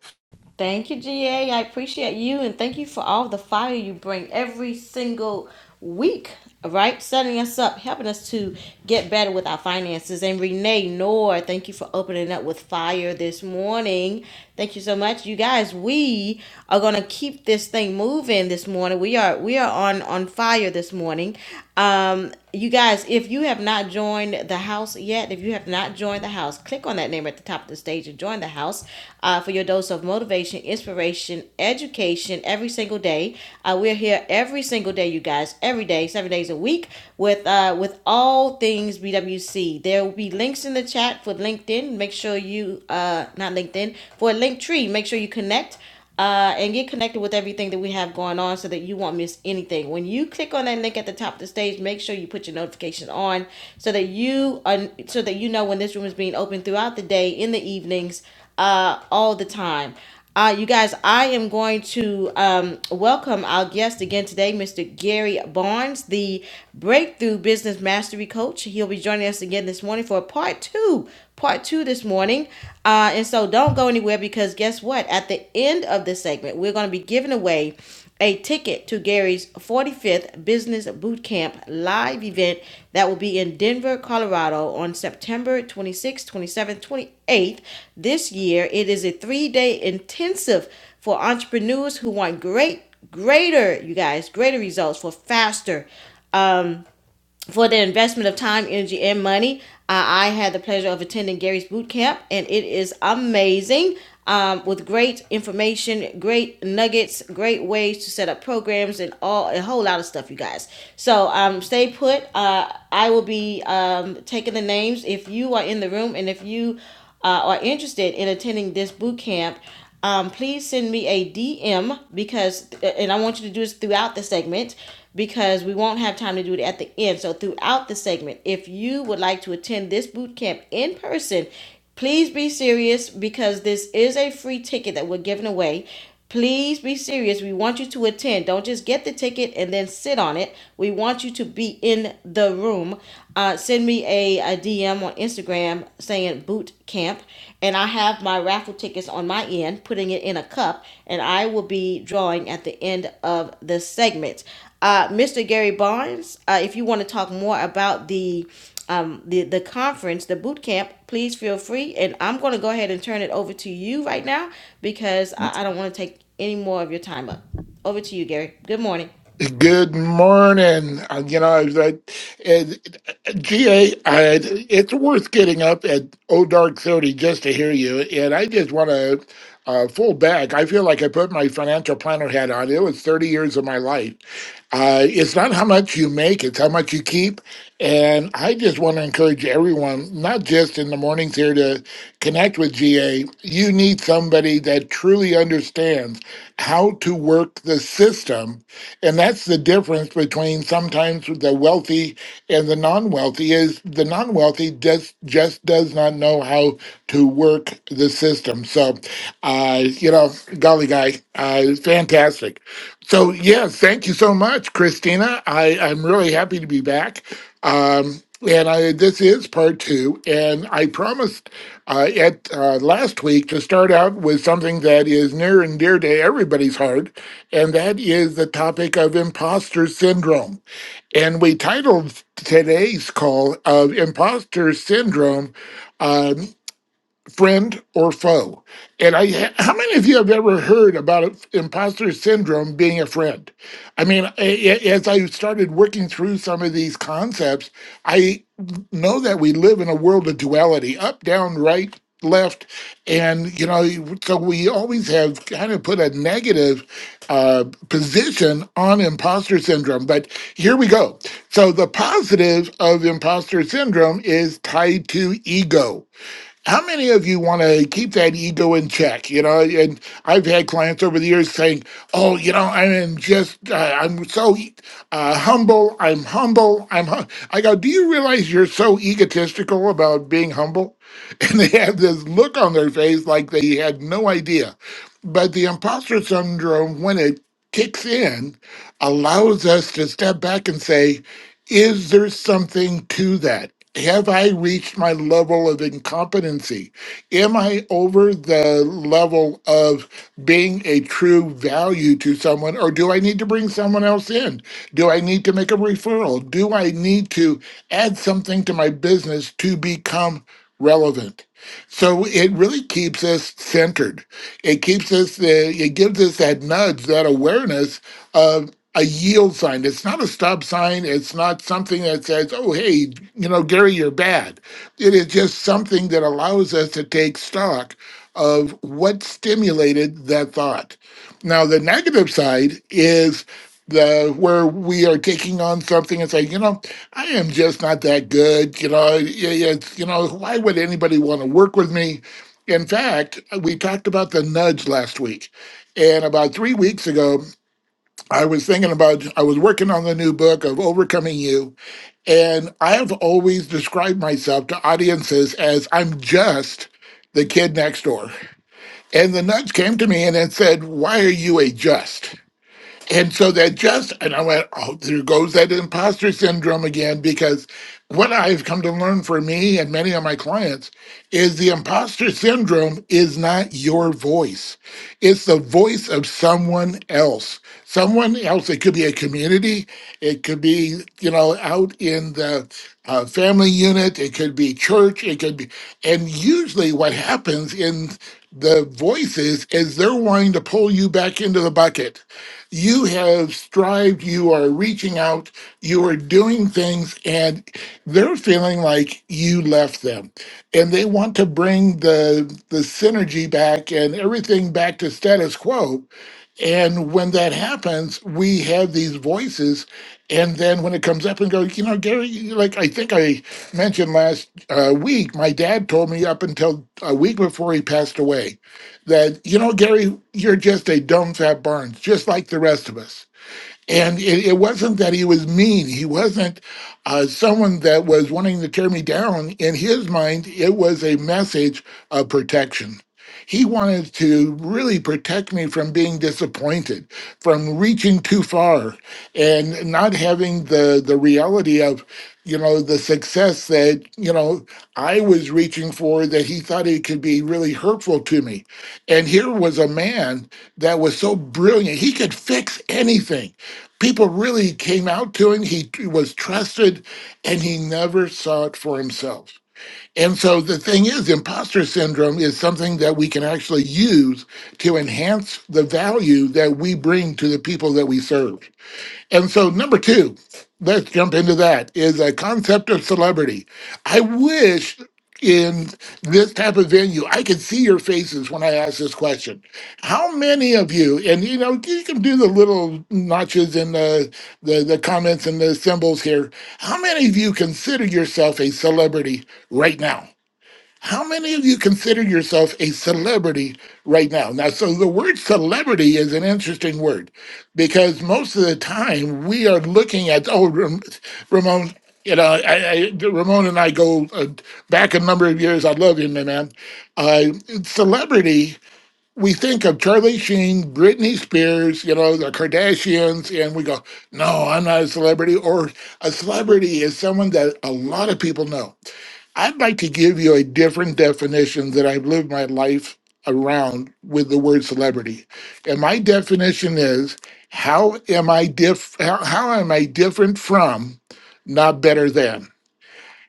Thank you, GA. I appreciate you and thank you for all the fire you bring every single week, all right? Setting us up, helping us to get better with our finances. And Renee Noor, thank you for opening up with fire this morning. Thank you so much. You guys, we are gonna keep this thing moving this morning. We are we are on on fire this morning. Um you guys, if you have not joined joined the house yet, if you have not joined the house, click on that name at the top of the stage and join the house uh, for your dose of motivation, inspiration, education every single day. Uh, we're here every single day, you guys, every day, seven days a week with uh, with all things BWC. There will be links in the chat for LinkedIn. Make sure you uh, not LinkedIn for Linktree. Make sure you connect uh, and get connected with everything that we have going on so that you won't miss anything. When you click on that link at the top of the stage, make sure you put your notifications on so that you are, so that you know when this room is being open throughout the day, in the evenings, uh, all the time. Uh, you guys, I am going to um, welcome our guest again today, Mr. Gary Barnes, the Breakthrough Business Mastery Coach. He'll be joining us again this morning for part two two, part two this morning. Uh, and so don't go anywhere because guess what? At the end of this segment, we're going to be giving away a ticket to Gary's 45th Business bootcamp live event that will be in Denver, Colorado on September 26th, 27th, 28th this year. It is a three day intensive for entrepreneurs who want great, greater, you guys, greater results for faster for the investment of time, energy, and money, uh, I had the pleasure of attending Gary's boot camp, and it is amazing. Um, with great information, great nuggets, great ways to set up programs, and all a whole lot of stuff, you guys. So um, stay put. Uh, I will be um, taking the names if you are in the room, and if you uh, are interested in attending this boot camp um, please send me a DM because, and I want you to do this throughout the segment because we won't have time to do it at the end. So, throughout the segment, if you would like to attend this boot camp in person, please be serious because this is a free ticket that we're giving away. Please be serious. We want you to attend. Don't just get the ticket and then sit on it. We want you to be in the room. Uh, send me a, a DM on Instagram saying boot camp. And I have my raffle tickets on my end, putting it in a cup, and I will be drawing at the end of the segment. Uh, Mr. Gary Barnes, uh, if you want to talk more about the um, the the conference, the boot camp, please feel free. And I'm going to go ahead and turn it over to you right now because I, I don't want to take any more of your time up. Over to you, Gary. Good morning. Good morning. Uh, You know, I, uh, GA, it's worth getting up at Oh Dark 30 just to hear you. And I just want to uh, full back. I feel like I put my financial planner hat on. It was 30 years of my life. Uh, it's not how much you make, it's how much you keep. And I just want to encourage everyone, not just in the mornings here to connect with GA, you need somebody that truly understands how to work the system. And that's the difference between sometimes the wealthy and the non-wealthy is the non-wealthy just just does not know how to work the system. So uh, you know, golly guy, uh, fantastic. So yeah, thank you so much, Christina. I, I'm really happy to be back. Um, and I, this is part two. And I promised uh, at uh, last week to start out with something that is near and dear to everybody's heart, and that is the topic of imposter syndrome. And we titled today's call of imposter syndrome. um, friend or foe. And I, how many of you have ever heard about imposter syndrome being a friend? I mean, a- a- as I started working through some of these concepts, I know that we live in a world of duality up, down, right, left. And, you know, so we always have kind of put a negative uh, position on imposter syndrome. But here we go. So the positive of imposter syndrome is tied to ego how many of you want to keep that ego in check? You know, and I've had clients over the years saying, "Oh, you know, I'm just, uh, I'm so e, uh, humble. I'm humble. I'm." Hum-. I go, "Do you realize you're so egotistical about being humble?" And they have this look on their face like they had no idea. But the imposter syndrome, when it kicks in, allows us to step back and say. Is there something to that? Have I reached my level of incompetency? Am I over the level of being a true value to someone, or do I need to bring someone else in? Do I need to make a referral? Do I need to add something to my business to become relevant? So it really keeps us centered. It keeps us, uh, it gives us that nudge, that awareness of a yield sign. It's not a stop sign. It's not something that says, oh, hey, you know, Gary, you're bad. It is just something that allows us to take stock of what stimulated that thought. Now, the negative side is the where we are taking on something and saying, you know, I am just not that good. You know, it- it's you know, why would anybody want to work with me? In fact, we talked about the nudge last week, and about three weeks ago, I was thinking about I was working on the new book of Overcoming You, and I have always described myself to audiences as I'm just the kid next door. And the nudge came to me and it said, Why are you a just? And so that just, and I went, oh, there goes that imposter syndrome again, because what I've come to learn for me and many of my clients is the imposter syndrome is not your voice. It's the voice of someone else. Someone else, it could be a community, it could be, you know, out in the uh, family unit, it could be church, it could be, and usually what happens in the voices is they're wanting to pull you back into the bucket you have strived, you are reaching out, you are doing things, and they're feeling like you left them. And they want to bring the the synergy back and everything back to status quo. And when that happens, we have these voices. And then when it comes up and goes, you know, Gary, you- like I think I mentioned last uh, week, my dad told me up until a week before he passed away that, you know, Gary, you're just a dumb fat Barnes, just like the rest of us. And it, it wasn't that he was mean. He wasn't uh, someone that was wanting to tear me down. In his mind, it was a message of protection. He wanted to really protect me from being disappointed, from reaching too far, and not having the the reality of, you know, the success that you know I was reaching for. That he thought it could be really hurtful to me. And here was a man that was so brilliant; he could fix anything people really came out to him. He was trusted and he never saw it for himself. And so the thing is, imposter syndrome is something that we can actually use to enhance the value that we bring to the people that we serve. And so, number two, let's jump into that is a concept of celebrity. I wish in this type of venue, I could see your faces when I ask this question. How many of you, and you know, you can do the little notches in the, the, the comments and the symbols here. How many of you consider yourself a celebrity right now? How many of you consider yourself a celebrity right now? Now, so the word celebrity is an interesting word because most of the time we are looking at, oh, Ram- Ramon, you know, I, I, Ramon and I go uh, back a number of years. I love you, my man. Uh, celebrity, we think of Charlie Sheen, Britney Spears, you know, the Kardashians, and we go, no, I'm not a celebrity. Or a celebrity is someone that a lot of people know. I'd like to give you a different definition that I've lived my life around with the word celebrity. And my definition is how am I diff how, how am I different from not better than?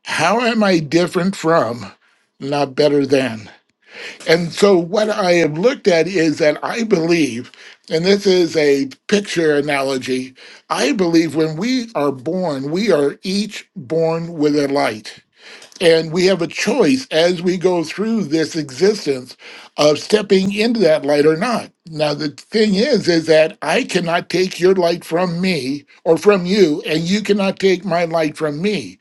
How am I different from not better than? And so what I have looked at is that I believe and this is a picture analogy. I believe when we are born, we are each born with a light and we have a choice as we go through this existence of stepping into that light or not. Now, the thing is, is that I cannot take your light from me or from you, and you cannot take my light from me.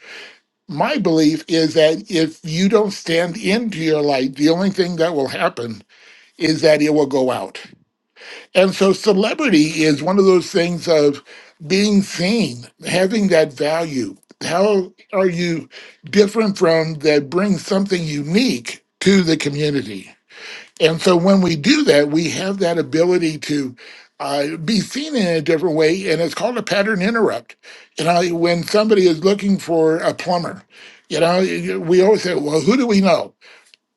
My belief is that if you don't stand into your light, the only thing that will happen is that it will go out. And so celebrity is one of those things of being seen, having that value. How are you different from that brings something unique to the community? And so when we do that, we have that ability to uh, be seen in a different way. And it's called a pattern interrupt. You know, when somebody is looking for a plumber, you know, we always say, well, who do we know?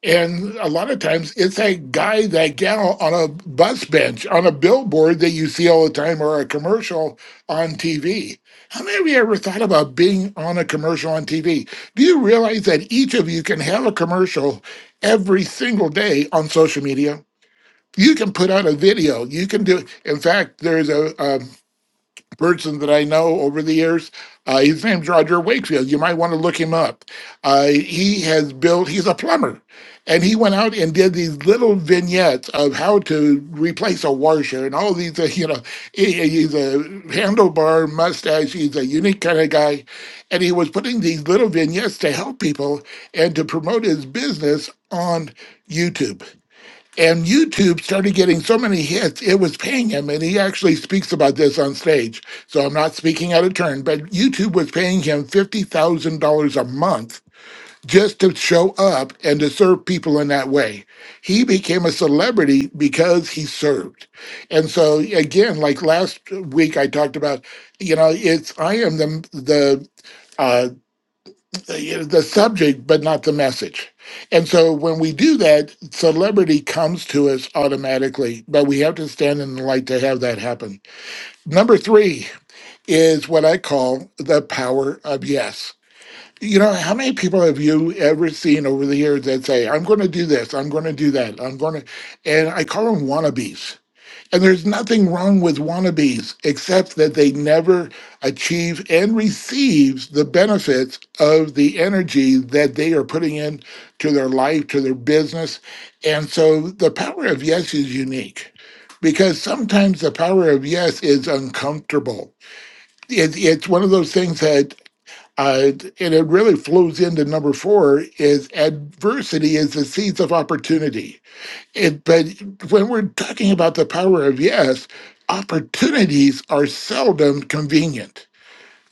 And a lot of times it's that guy, that gal on a bus bench, on a billboard that you see all the time or a commercial on TV. How many of you ever thought about being on a commercial on TV? Do you realize that each of you can have a commercial every single day on social media? You can put out a video. You can do. In fact, there's a, a person that I know over the years. Uh, his name's Roger Wakefield. You might want to look him up. Uh, he has built, he's a plumber, and he went out and did these little vignettes of how to replace a washer and all these, uh, you know, he- he's a handlebar mustache. He's a unique kind of guy. And he was putting these little vignettes to help people and to promote his business on YouTube and YouTube started getting so many hits, it was paying him. And he actually speaks about this on stage. So I'm not speaking out of turn, but YouTube was paying him $50,000 a month just to show up and to serve people in that way. He became a celebrity because he served. And so again, like last week I talked about, you know, it's I am the the uh the the subject but not the message and so when we do that celebrity comes to us automatically but we have to stand in the light to have that happen number three is what i call the power of yes you know how many people have you ever seen over the years that say i'm going to do this i'm going to do that i'm going to and i call them wannabes and there's nothing wrong with wannabes except that they never achieve and receive the benefits of the energy that they are putting in to their life, to their business. And so the power of yes is unique because sometimes the power of yes is uncomfortable. It, it's one of those things that, uh, and it really flows into number four is adversity is the seeds of opportunity it, but when we're talking about the power of yes, opportunities are seldom convenient.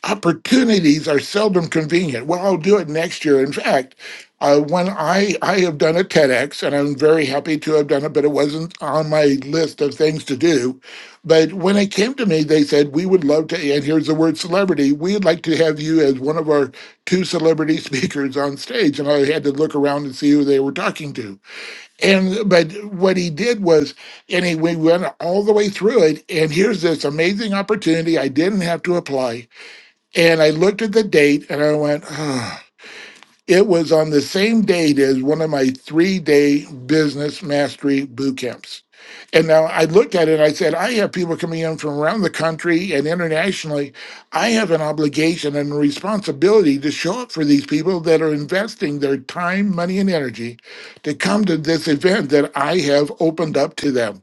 Opportunities are seldom convenient. Well, I'll do it next year. In fact, uh, when I I have done a TEDx, and I'm very happy to have done it, but it wasn't on my list of things to do. But when it came to me, they said we would love to. And here's the word celebrity. We'd like to have you as one of our two celebrity speakers on stage. And I had to look around and see who they were talking to and but what he did was, and he we went all the way through it. And here's this amazing opportunity I didn't have to apply. And I looked at the date, and I went, oh. It was on the same date as one of my three day business mastery boot camps. And now I looked at it and I said, I have people coming in from around the country and internationally. I have an obligation and a responsibility to show up for these people that are investing their time, money, and energy to come to this event that I have opened up to them.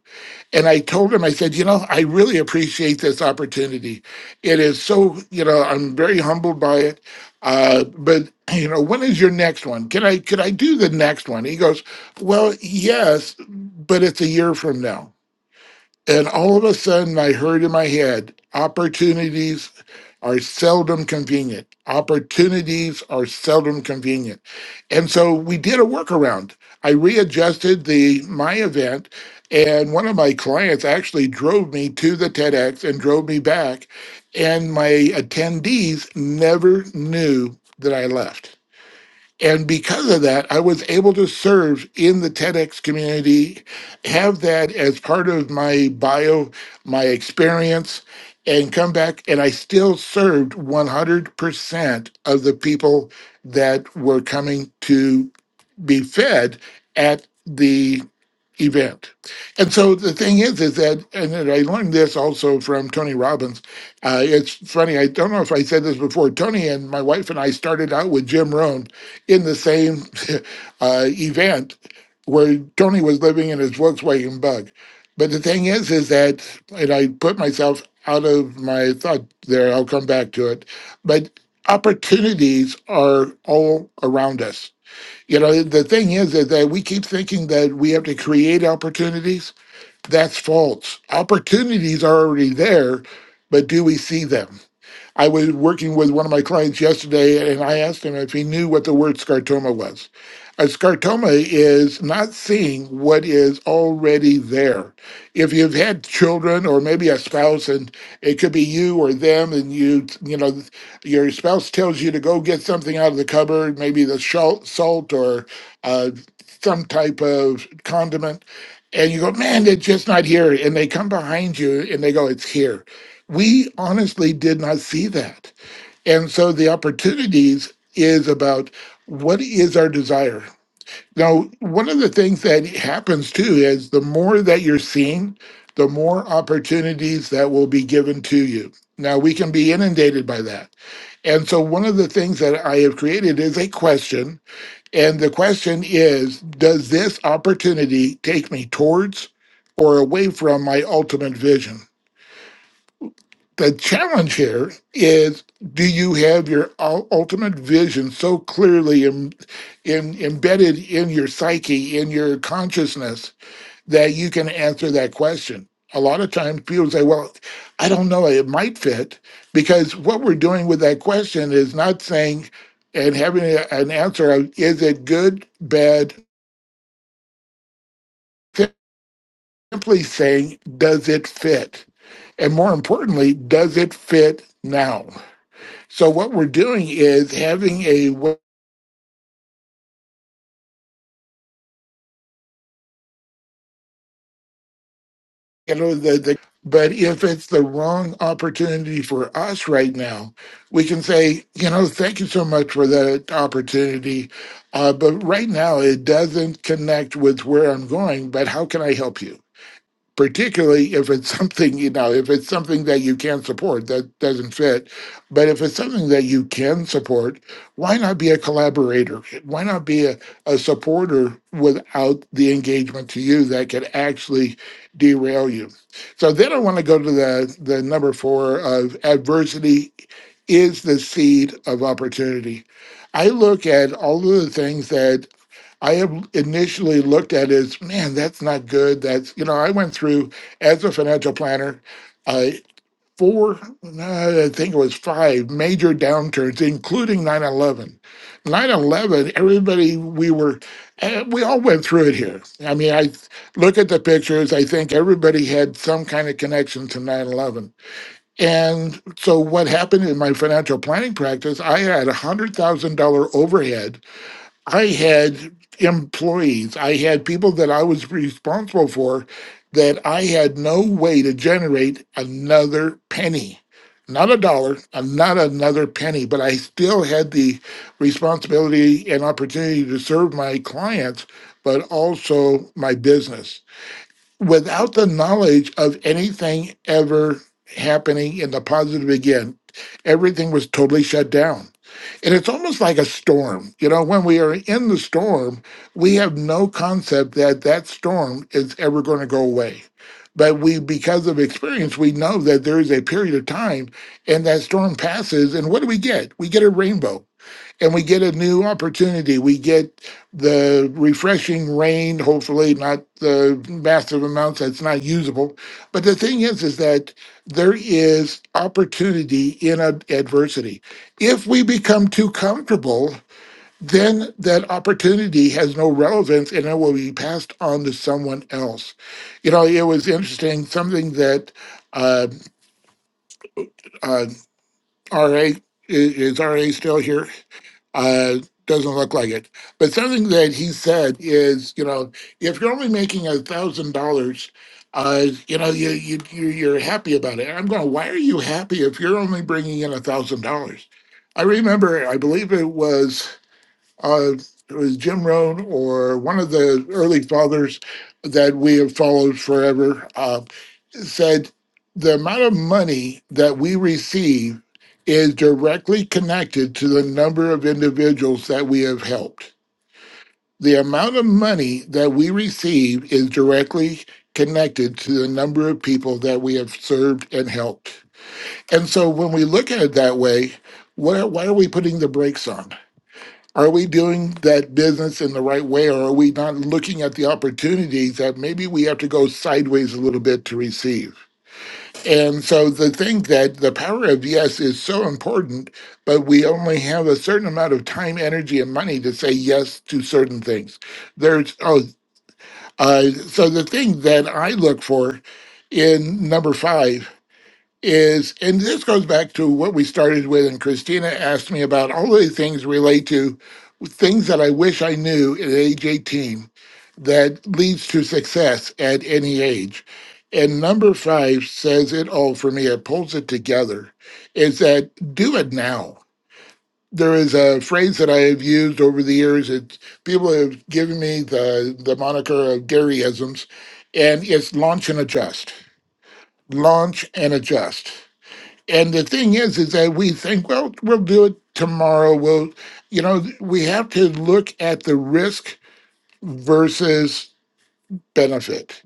And I told him, I said, you know, I really appreciate this opportunity. It is so, you know, I'm very humbled by it. Uh, but you know, when is your next one? Can I could I do the next one? He goes, Well, yes, but it's a year from now. And all of a sudden, I heard in my head, opportunities are seldom convenient. Opportunities are seldom convenient. And so we did a workaround. I readjusted the my event, and one of my clients actually drove me to the TEDx and drove me back. And my attendees never knew that I left. And because of that, I was able to serve in the TEDx community, have that as part of my bio, my experience, and come back. And I still served 100% of the people that were coming to be fed at the event. And so the thing is, is that, and then I learned this also from Tony Robbins. Uh, it's funny, I don't know if I said this before. Tony and my wife and I started out with Jim Rohn in the same uh, event where Tony was living in his Volkswagen bug. But the thing is, is that, and I put myself out of my thought there, I'll come back to it. But opportunities are all around us you know, the thing is, is that we keep thinking that we have to create opportunities. That's false. Opportunities are already there, but do we see them? I was working with one of my clients yesterday, and I asked him if he knew what the word scartoma was. A scartoma is not seeing what is already there. If you've had children or maybe a spouse, and it could be you or them, and you, you know, your spouse tells you to go get something out of the cupboard, maybe the shal- salt or uh, some type of condiment, and you go, man, it's just not here. And they come behind you and they go, it's here we honestly did not see that. And so the opportunities is about what is our desire. Now, one of the things that happens too is the more that you're seeing, the more opportunities that will be given to you. Now, we can be inundated by that. And so, one of the things that I have created is a question. And the question is Does this opportunity take me towards or away from my ultimate vision? the challenge here is do you have your ul- ultimate vision so clearly Im- in, embedded in your psyche in your consciousness that you can answer that question a lot of times people say well i don't know it might fit because what we're doing with that question is not saying and having a- an answer of is it good bad simply saying does it fit and more importantly does it fit now So what we're doing is having a, you know the, the but if it's the wrong opportunity for us right now, we can say you know thank you so much for that opportunity, uh, but right now it doesn't connect with where I'm going. But how can I help you? particularly if it's something you know if it's something that you can't support that doesn't fit but if it's something that you can support why not be a collaborator why not be a, a supporter without the engagement to you that could actually derail you so then i want to go to the the number four of adversity is the seed of opportunity i look at all of the things that I have initially looked at it as, man, that's not good. That's, you know, I went through as a financial planner, I four, uh, I think it was five major downturns, including 9 11. 9 11, everybody, we were, eh, we all went through it here. I mean, I look at the pictures, I think everybody had some kind of connection to 9 11. And so what happened in my financial planning practice, I had a $100,000 overhead I had employees, I had people that I was responsible for that I had no way to generate another penny. Not a dollar, uh, not another penny, but I still had the responsibility and opportunity to serve my clients, but also my business without the knowledge of anything ever happening in the positive again, everything was totally shut down. And it's almost like a storm. You know, when we are in the storm, we have no concept that that storm is ever going to go away. But we, because of experience, we know that there is a period of time and that storm passes. And what do we get? We get a rainbow and we get a new opportunity. We get the refreshing rain, hopefully not the massive amounts that's not usable. But the thing is, is that there is opportunity in ad- adversity. If we become too comfortable, then that opportunity has no relevance and it will be passed on to someone else. You know, it was interesting, something that uh, uh, RA, is RA still here? Uh, doesn't look like it. But something that he said is, you know, if you're only making a thousand dollars, uh, you know, you you you- you're happy about it. And I'm going, why are you happy if you're only bringing in a thousand dollars? I remember, I believe it was uh, it was Jim Rohn or one of the early fathers that we have followed forever. uh, said the amount of money that we receive is directly connected to the number of individuals that we have helped. The amount of money that we receive is directly connected to the number of people that we have served and helped. And so when we look at it that way, what are, why are we putting the brakes on? Are we doing that business in the right way, or are we not looking at the opportunities that maybe we have to go sideways a little bit to receive? And so to think that the power of yes is so important, but we only have a certain amount of time, energy, and money to say yes to certain things. There's oh, uh, so the thing that I look for in number five is, and this goes back to what we started with, and Christina asked me about all of these things relate to things that I wish I knew at age 18 that leads to success at any age. And number five says it all for me, it pulls it together, is that do it now. There is a phrase that I have used over the years. It's, people have given me the, the moniker of Garyisms, and it's launch and adjust. Launch and adjust and the thing is, is that we think, well, we'll do it tomorrow. We'll, you know, we have to look at the risk versus benefit.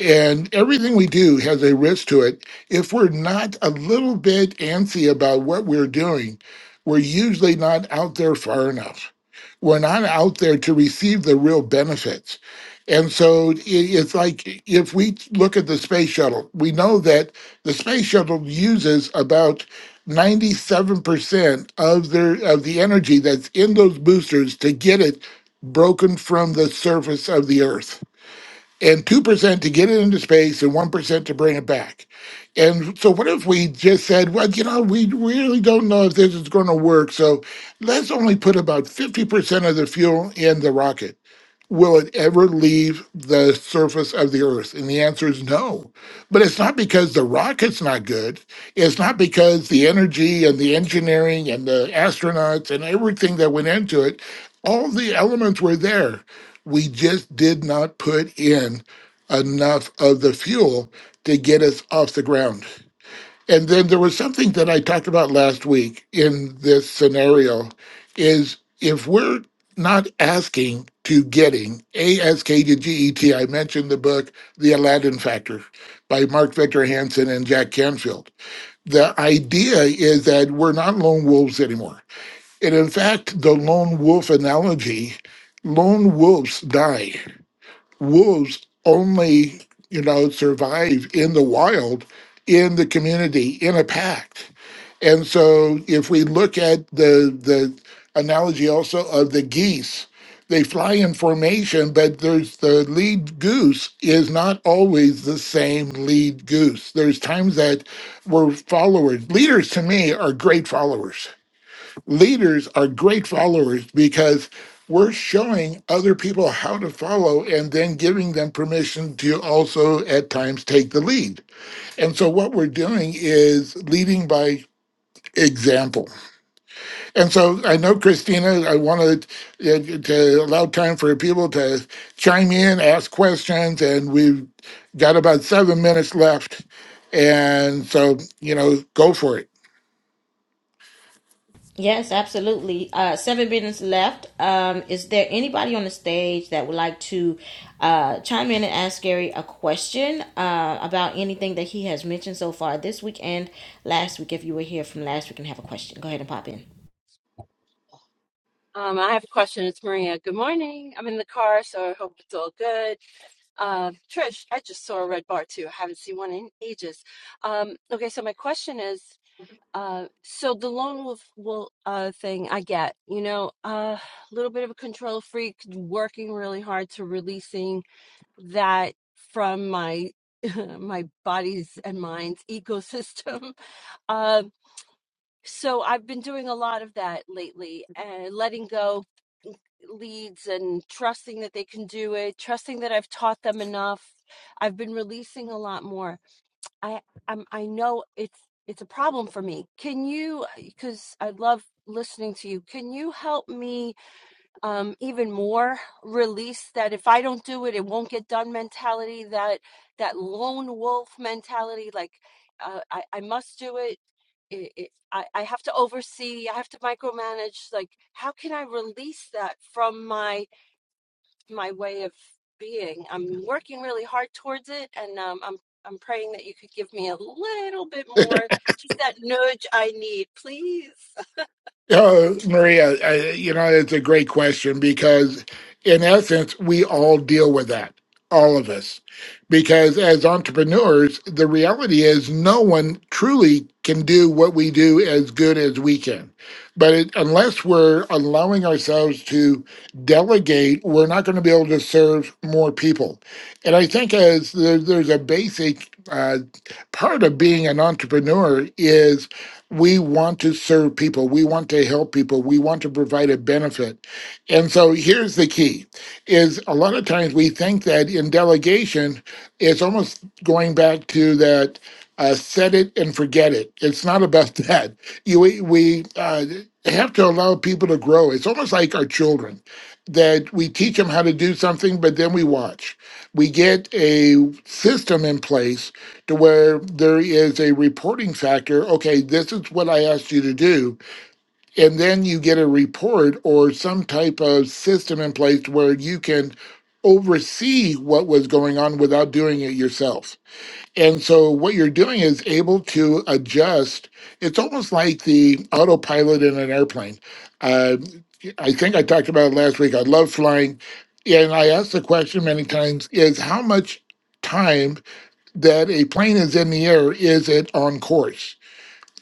And everything we do has a risk to it. If we're not a little bit antsy about what we're doing, we're usually not out there far enough. We're not out there to receive the real benefits. And so i- it's like if we look at the space shuttle, we know that the space shuttle uses about 97% of their of the energy that's in those boosters to get it broken from the surface of the earth and 2% to get it into space and 1% to bring it back. And so, what if we just said, well, you know, we really don't know if this is going to work. So, let's only put about 50% of the fuel in the rocket will it ever leave the surface of the earth? And the answer is no. But it's not because the rocket's not good. It's not because the energy and the engineering and the astronauts and everything that went into it, all the elements were there. We just did not put in enough of the fuel to get us off the ground. And then there was something that I talked about last week in this scenario is if we're not asking to getting ASK to GET, I mentioned the book The Aladdin Factor by Mark Victor Hansen and Jack Canfield. The idea is that we're not lone wolves anymore. And in fact, the lone wolf analogy, lone wolves die wolves only you know survive in the wild in the community in a pack and so if we look at the the analogy also of the geese they fly in formation but there's the lead goose is not always the same lead goose there's times that we're followers leaders to me are great followers leaders are great followers because we're showing other people how to follow and then giving them permission to also at times take the lead. And so what we're doing is leading by example. And so I know Christina, I wanted uh, to allow time for people to chime in, ask questions, and we've got about seven minutes left. And so, you know, go for it. Yes, absolutely. Uh, seven minutes left. Um, is there anybody on the stage that would like to uh, chime in and ask Gary a question uh, about anything that he has mentioned so far this week and last week? If you were here from last week and have a question, go ahead and pop in. Um, I have a question. It's Maria. Good morning. I'm in the car, so I hope it's all good. Uh, Trish, I just saw a red bar too. I haven't seen one in ages. Um, okay, so my question is, uh, so the lone wolf will uh thing I get, you know, a uh, little bit of a control freak, working really hard to releasing that from my my body's and mind's ecosystem. Um, so I've been doing a lot of that lately and letting go mm, leads and trusting that they can do it, trusting that I've taught them enough. I've been releasing a lot more. I I'm, I know it's it's a problem for me. Can you cuz I love listening to you. Can you help me um, even more release that if I don't do it, it won't get done mentality, that that lone wolf mentality, like uh, I, I must do it. It, it, I, I have to oversee. I have to micromanage. Like, how can I release that from my my way of being? I'm working really hard towards it, and um, I'm I'm praying that you could give me a little bit more, just that nudge I need, please. Uh, Maria, I, you know, it's a great question because, in essence, we all deal with that, all of us. Because as entrepreneurs, the reality is no one truly can do what we do as good as we can. But it, unless we're allowing ourselves to delegate, we're not going to be able to serve more people. And I think as there, there's a basic uh, part of being an entrepreneur is we want to serve people. We want to help people. We want to provide a benefit. And so here's the key is a lot of times we think that in delegation, it's almost going back to that uh, set it and forget it. It's not about that. You, we we uh, have to allow people to grow. It's almost like our children that we teach them how to do something, but then we watch. We get a system in place to where there is a reporting factor. Okay, this is what I asked you to do. And then you get a report or some type of system in place where you can oversee what was going on without doing it yourself. And so what you're doing is able to adjust. It's almost like the autopilot in an airplane. Uh, I think I talked about it last week. I love flying. And I asked the question many times is how much time that a plane is in the air, is it on course?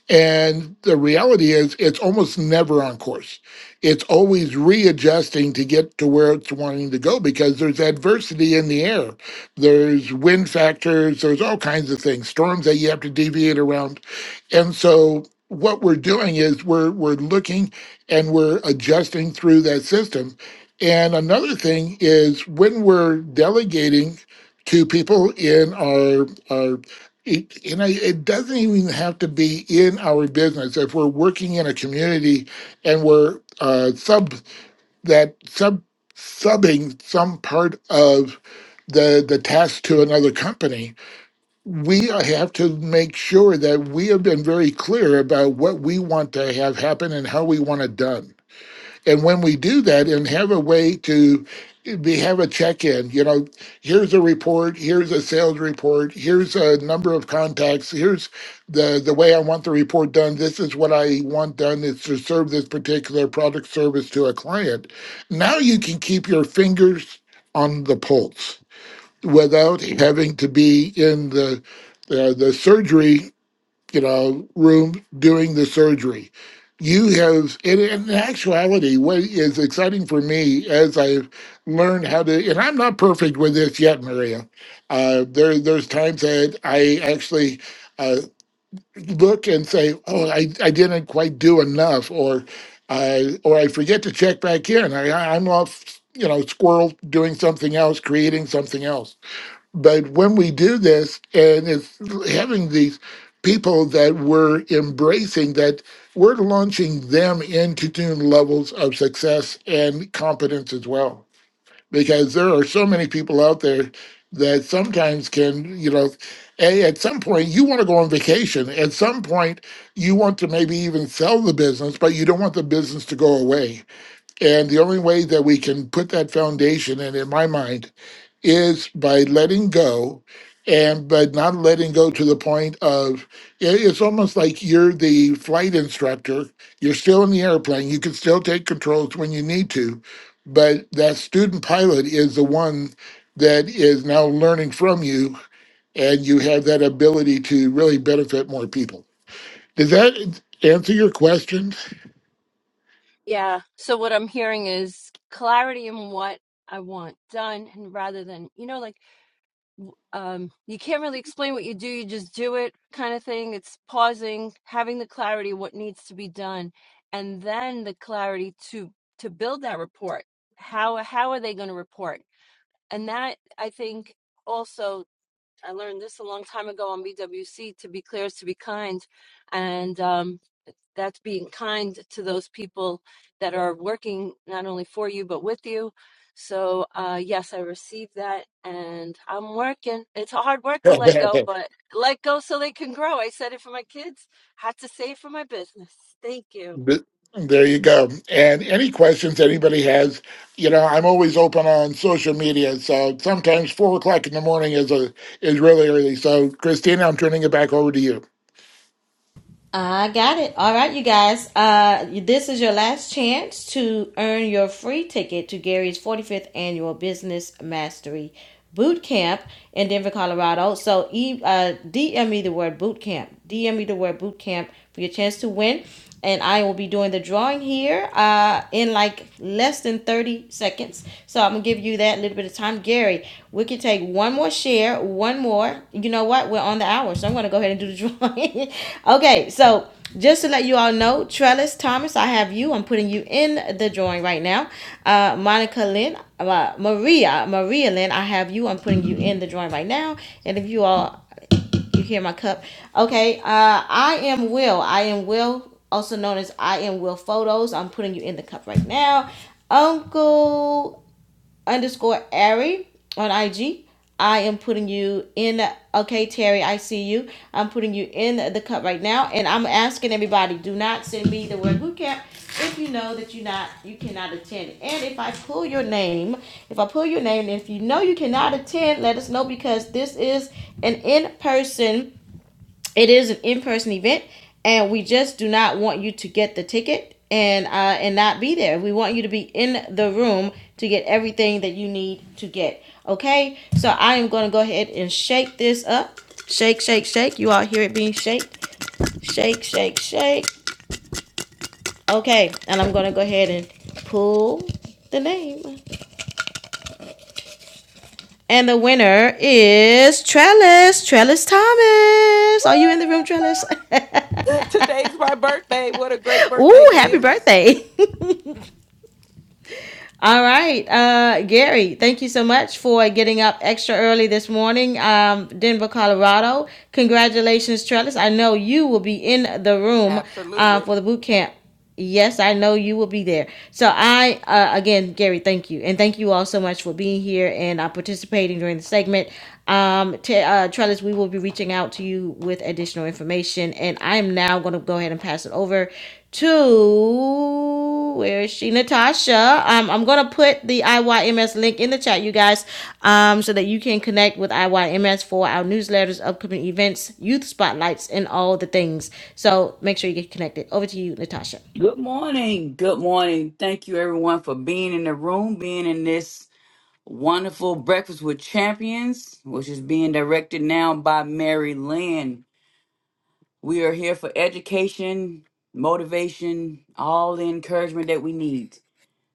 And the reality is, it's almost never on course. It's always readjusting to get to where it's wanting to go because there's adversity in the air. There's wind factors, there's all kinds of things, storms that you have to deviate around. And so, what we're doing is we're, we're looking and we're adjusting through that system. And another thing is when we're delegating to people in our our it, you know, it doesn't even have to be in our business. If we're working in a community and we're uh, sub that sub subbing some part of the the task to another company, we have to make sure that we have been very clear about what we want to have happen and how we want it done. And when we do that, and have a way to we have a check-in you know here's a report here's a sales report here's a number of contacts here's the the way i want the report done this is what i want done is to serve this particular product service to a client now you can keep your fingers on the pulse without having to be in the uh, the surgery you know, room doing the surgery. You have, and in actuality, what is exciting for me as I've learned how to, and I'm not perfect with this yet, Maria. Uh, there, there's times that I actually uh, look and say, "Oh, I, I didn't quite do enough," or, I or I forget to check back in. I, I'm off, you know, squirrel doing something else, creating something else but when we do this, and it's having these people that we're embracing, that we're launching them into new levels of success and competence as well. Because there are so many people out there that sometimes can, you know, a, at some point you want to go on vacation. At some point you want to maybe even sell the business, but you don't want the business to go away. And the only way that we can put that foundation, and in my mind, is by letting go and by not letting go to the point of it- it's almost like you're the flight instructor you're still in the airplane you can still take controls when you need to but that student pilot is the one that is now learning from you and you have that ability to really benefit more people does that answer your question Yeah. So what I'm hearing is clarity in what I want done, and rather than, you know, like w- um, you can't really explain what you do, you just do it kind of thing. It's pausing, having the clarity what needs to be done, and then the clarity to to build that report. How how are they going to report? And that I think also I learned this a long time ago on BWC. To be clear is to be kind, and um, that's being kind to those people that are working not only for you but with you. So uh, yes, I received that, and I'm working. It's hard work to let go, but let go so they can grow. I said it for my kids. Had to say it for my business. Thank you. Th- There you go. And any questions anybody has, you know, I'm always open on social media. So sometimes four o'clock in the morning is a is really early. So Christina, I'm turning it back over to you. I got it. All right, you guys. Uh, this is your last chance to earn your free ticket to Gary's 45th annual Business Mastery Boot Camp in Denver, Colorado. So e- uh, DM me the word boot camp. DM me the word boot camp for your chance to win and I will be doing the drawing here uh, in like less than 30 seconds. So I'm gonna give you that little bit of time. Gary, we can take one more share, one more. You know what? We're on the hour, so I'm gonna go ahead and do the drawing. okay, so just to let you all know, Trellis Thomas, I have you. I'm putting you in the drawing right now. Uh, Monica Lynn, uh, Maria, Maria Lynn, I have you. I'm putting you in the drawing right now. And if you all you hear my cup? Okay. Uh, I am Will. I am Will, also known as I am Will Photos. I'm putting you in the cup right now. Uncle underscore Ari on IG. I am putting you in. Okay, Terry, I see you. I'm putting you in the cup right now, and I'm asking everybody: do not send me the word boot camp if you know that you not you cannot attend. And if I pull your name, if I pull your name, and if you know you cannot attend, let us know because this is an in person it is an in-person event, and we just do not want you to get the ticket and uh, and not be there. We want you to be in the room to get everything that you need to get. Okay, so I am going to go ahead and shake this up. Shake, shake, shake. You all hear it being shake, shake, shake, shake. Okay, and I'm going to go ahead and pull the name. And the winner is Trellis, Trellis Thomas. Are you in the room, Trellis? Today's my birthday. What a great Ooh, birthday happy gift. birthday. All right, uh, Gary, thank you so much for getting up extra early this morning, um, Denver, Colorado. Congratulations, Trellis. I know you will be in the room uh, Absolutely. for the boot camp. Yes, I know you will be there. So I, uh, again, Gary, thank you, and thank you all so much for being here and uh, participating during the segment. Um, t- uh, Trellis, we will be reaching out to you with additional information, and I'm now going to go ahead and pass it over to where is she natasha um, i'm gonna put the iyms link in the chat you guys um, so that you can connect with iyms for our newsletters upcoming events youth spotlights and all the things so make sure you get connected over to you natasha Good morning. Good morning. Thank you, everyone, for being in the room, being in this wonderful Breakfast with Champions, which is being directed now by Mary Lynn. We are here for education, motivation, all the encouragement that we need.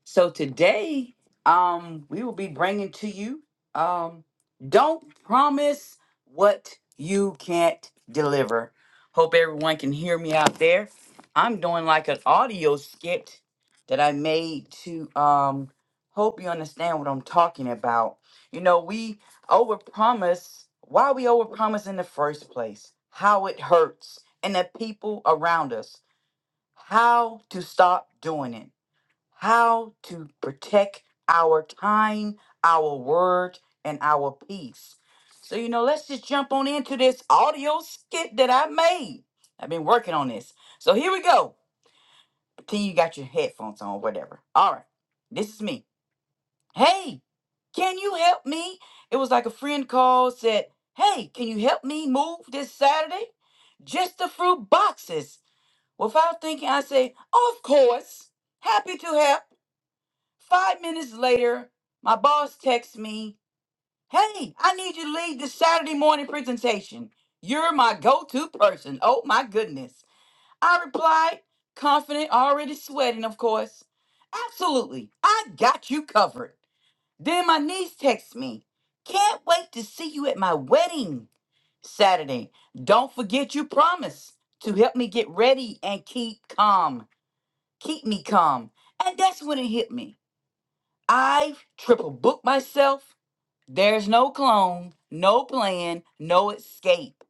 So today, um, we will be bringing to you, um, don't promise what you can't deliver. Hope everyone can hear me out there. I'm doing like an audio skit that I made to um hope you understand what I'm talking about. You know, we overpromise why we overpromise in the first place, how it hurts, and the people around us, how to stop doing it how to protect our time, our word, and our peace. So, you know, let's just jump on into this audio skit that I made. I've been working on this. So, here we go. Pretend you got your headphones on, whatever. All right, this is me. Hey, can you help me? It was like a friend called, said, Hey, can you help me move this Saturday? Just the fruit boxes. Without thinking, I say, Of course. Happy to help. Five minutes later, my boss texts me, Hey, I need you to lead the Saturday morning presentation. You're my go to person. Oh my goodness. I replied, confident, already sweating, of course. Absolutely. I got you covered. Then my niece texts me, Can't wait to see you at my wedding Saturday. Don't forget you promised to help me get ready and keep calm. Keep me calm. And that's when it hit me. I triple booked myself. There's no clone, no plan, no escape.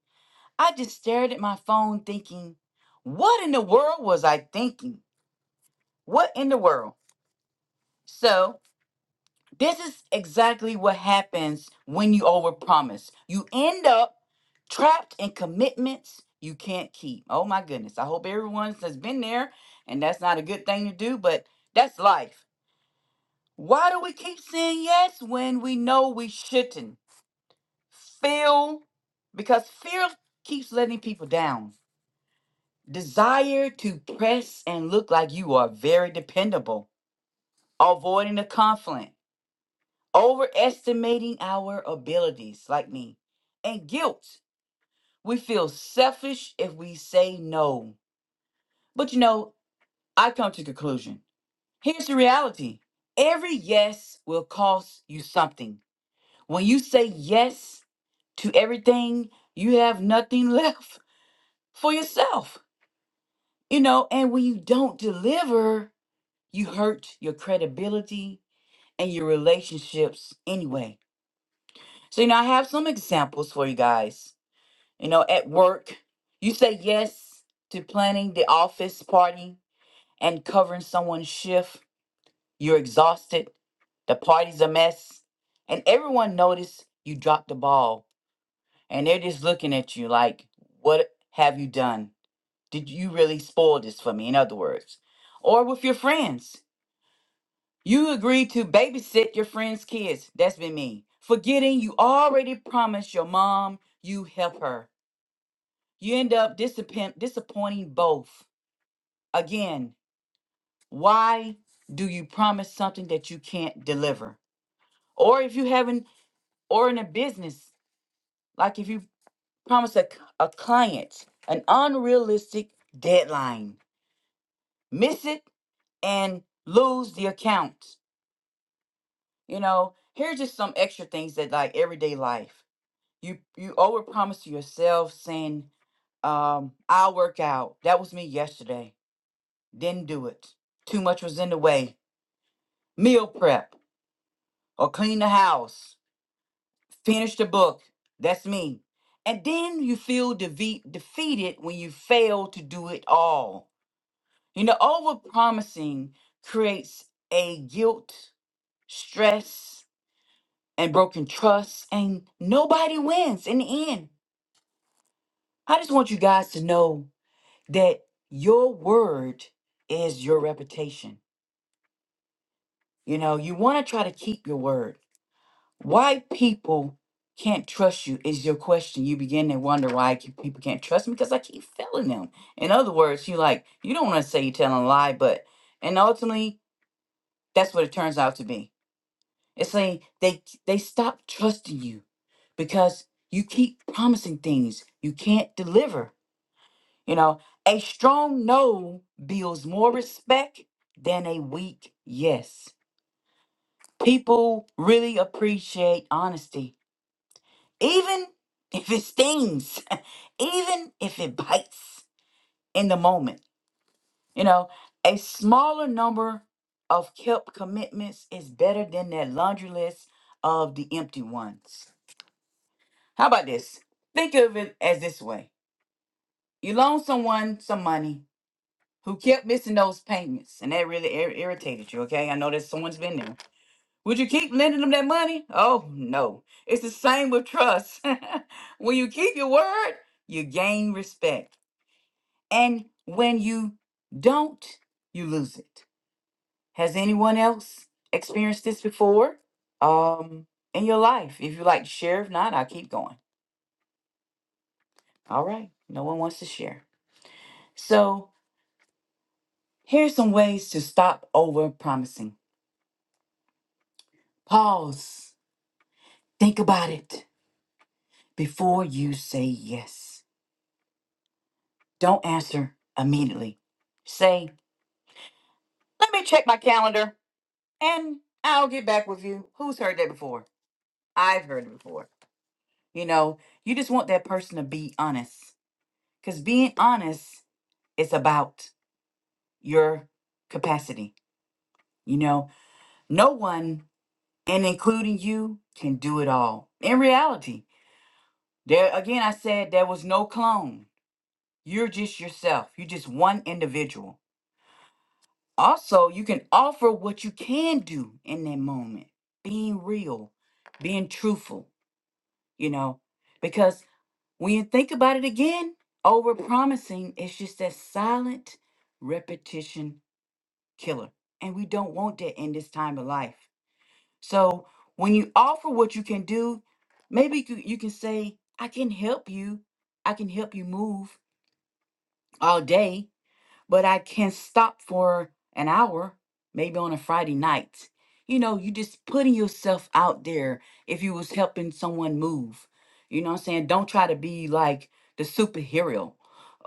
I just stared at my phone thinking, what in the world was I thinking? What in the world? So, this is exactly what happens when you overpromise. You end up trapped in commitments you can't keep. Oh my goodness. I hope everyone has been there, and that's not a good thing to do, but that's life. Why do we keep saying yes when we know we shouldn't? Feel, because fear keeps letting people down. Desire to press and look like you are very dependable. Avoiding the conflict. Overestimating our abilities, like me. And guilt. We feel selfish if we say no. But you know, I come to conclusion. Here's the reality. Every yes will cost you something. When you say yes to everything, you have nothing left for yourself. You know, and when you don't deliver, you hurt your credibility and your relationships anyway. So, you know, I have some examples for you guys. You know, at work, you say yes to planning the office party and covering someone's shift. You're exhausted, the party's a mess, and everyone noticed you dropped the ball and they're just looking at you like, what have you done? Did you really spoil this for me? In other words, or with your friends. You agreed to babysit your friend's kids. That's been me. Forgetting you already promised your mom you help her. You end up disappoint- disappointing both. Again, why do you promise something that you can't deliver? Or if you haven't, or in a business, like if you promise a, c- a client an unrealistic deadline, miss it and lose the account. You know, here's just some extra things that like everyday life. you you overpromise to yourself saying um i'll work out that was me yesterday didn't do it too much was in the way meal prep or clean the house finish the book that's me and then you feel defeat, defeated when you fail to do it all you know overpromising creates a guilt stress and broken trust and nobody wins in the end i just want you guys to know that your word is your reputation. You know, you want to try to keep your word. Why people can't trust you is your question. You begin to wonder why I people can't trust me because I keep failing them. In other words, you like you don't want to say you're telling a lie, but and ultimately that's what it turns out to be. It's saying they they stop trusting you because you keep promising things you can't deliver. You know, a strong no builds more respect than a weak yes. People really appreciate honesty, even if it stings, even if it bites in the moment. You know, a smaller number of kept commitments is better than that laundry list of the empty ones. How about this? Think of it as this way you loan someone some money who kept missing those payments, and that really ir- irritated you. Okay, I know that someone's been there. Would you keep lending them that money? Oh no, it's the same with trust. when you keep your word, you gain respect, and when you don't, you lose it. Has anyone else experienced this before? Um, in your life, if you like to share, if not, I'll keep going. All right, no one wants to share. So here's some ways to stop over promising. Pause Think about it before you say yes. Don't answer immediately. Say, let me check my calendar and I'll get back with you. Who's heard that before? I've heard it before. You know, you just want that person to be honest because being honest is about your capacity. You know, no one, and including you, can do it all. In reality, there again, I said there was no clone. You're just yourself, you're just one individual Also, you can offer what you can do in that moment, being real, being truthful, you know, because when you think about it again, over promising is just that silent repetition killer. And we don't want that in this time of life. So when you offer what you can do, maybe you can you can say, I can help you. I can help you move all day but I can stop for an hour, maybe on a Friday night. You know, you just putting yourself out there if you was helping someone move. You know what I'm saying? Don't try to be like the superhero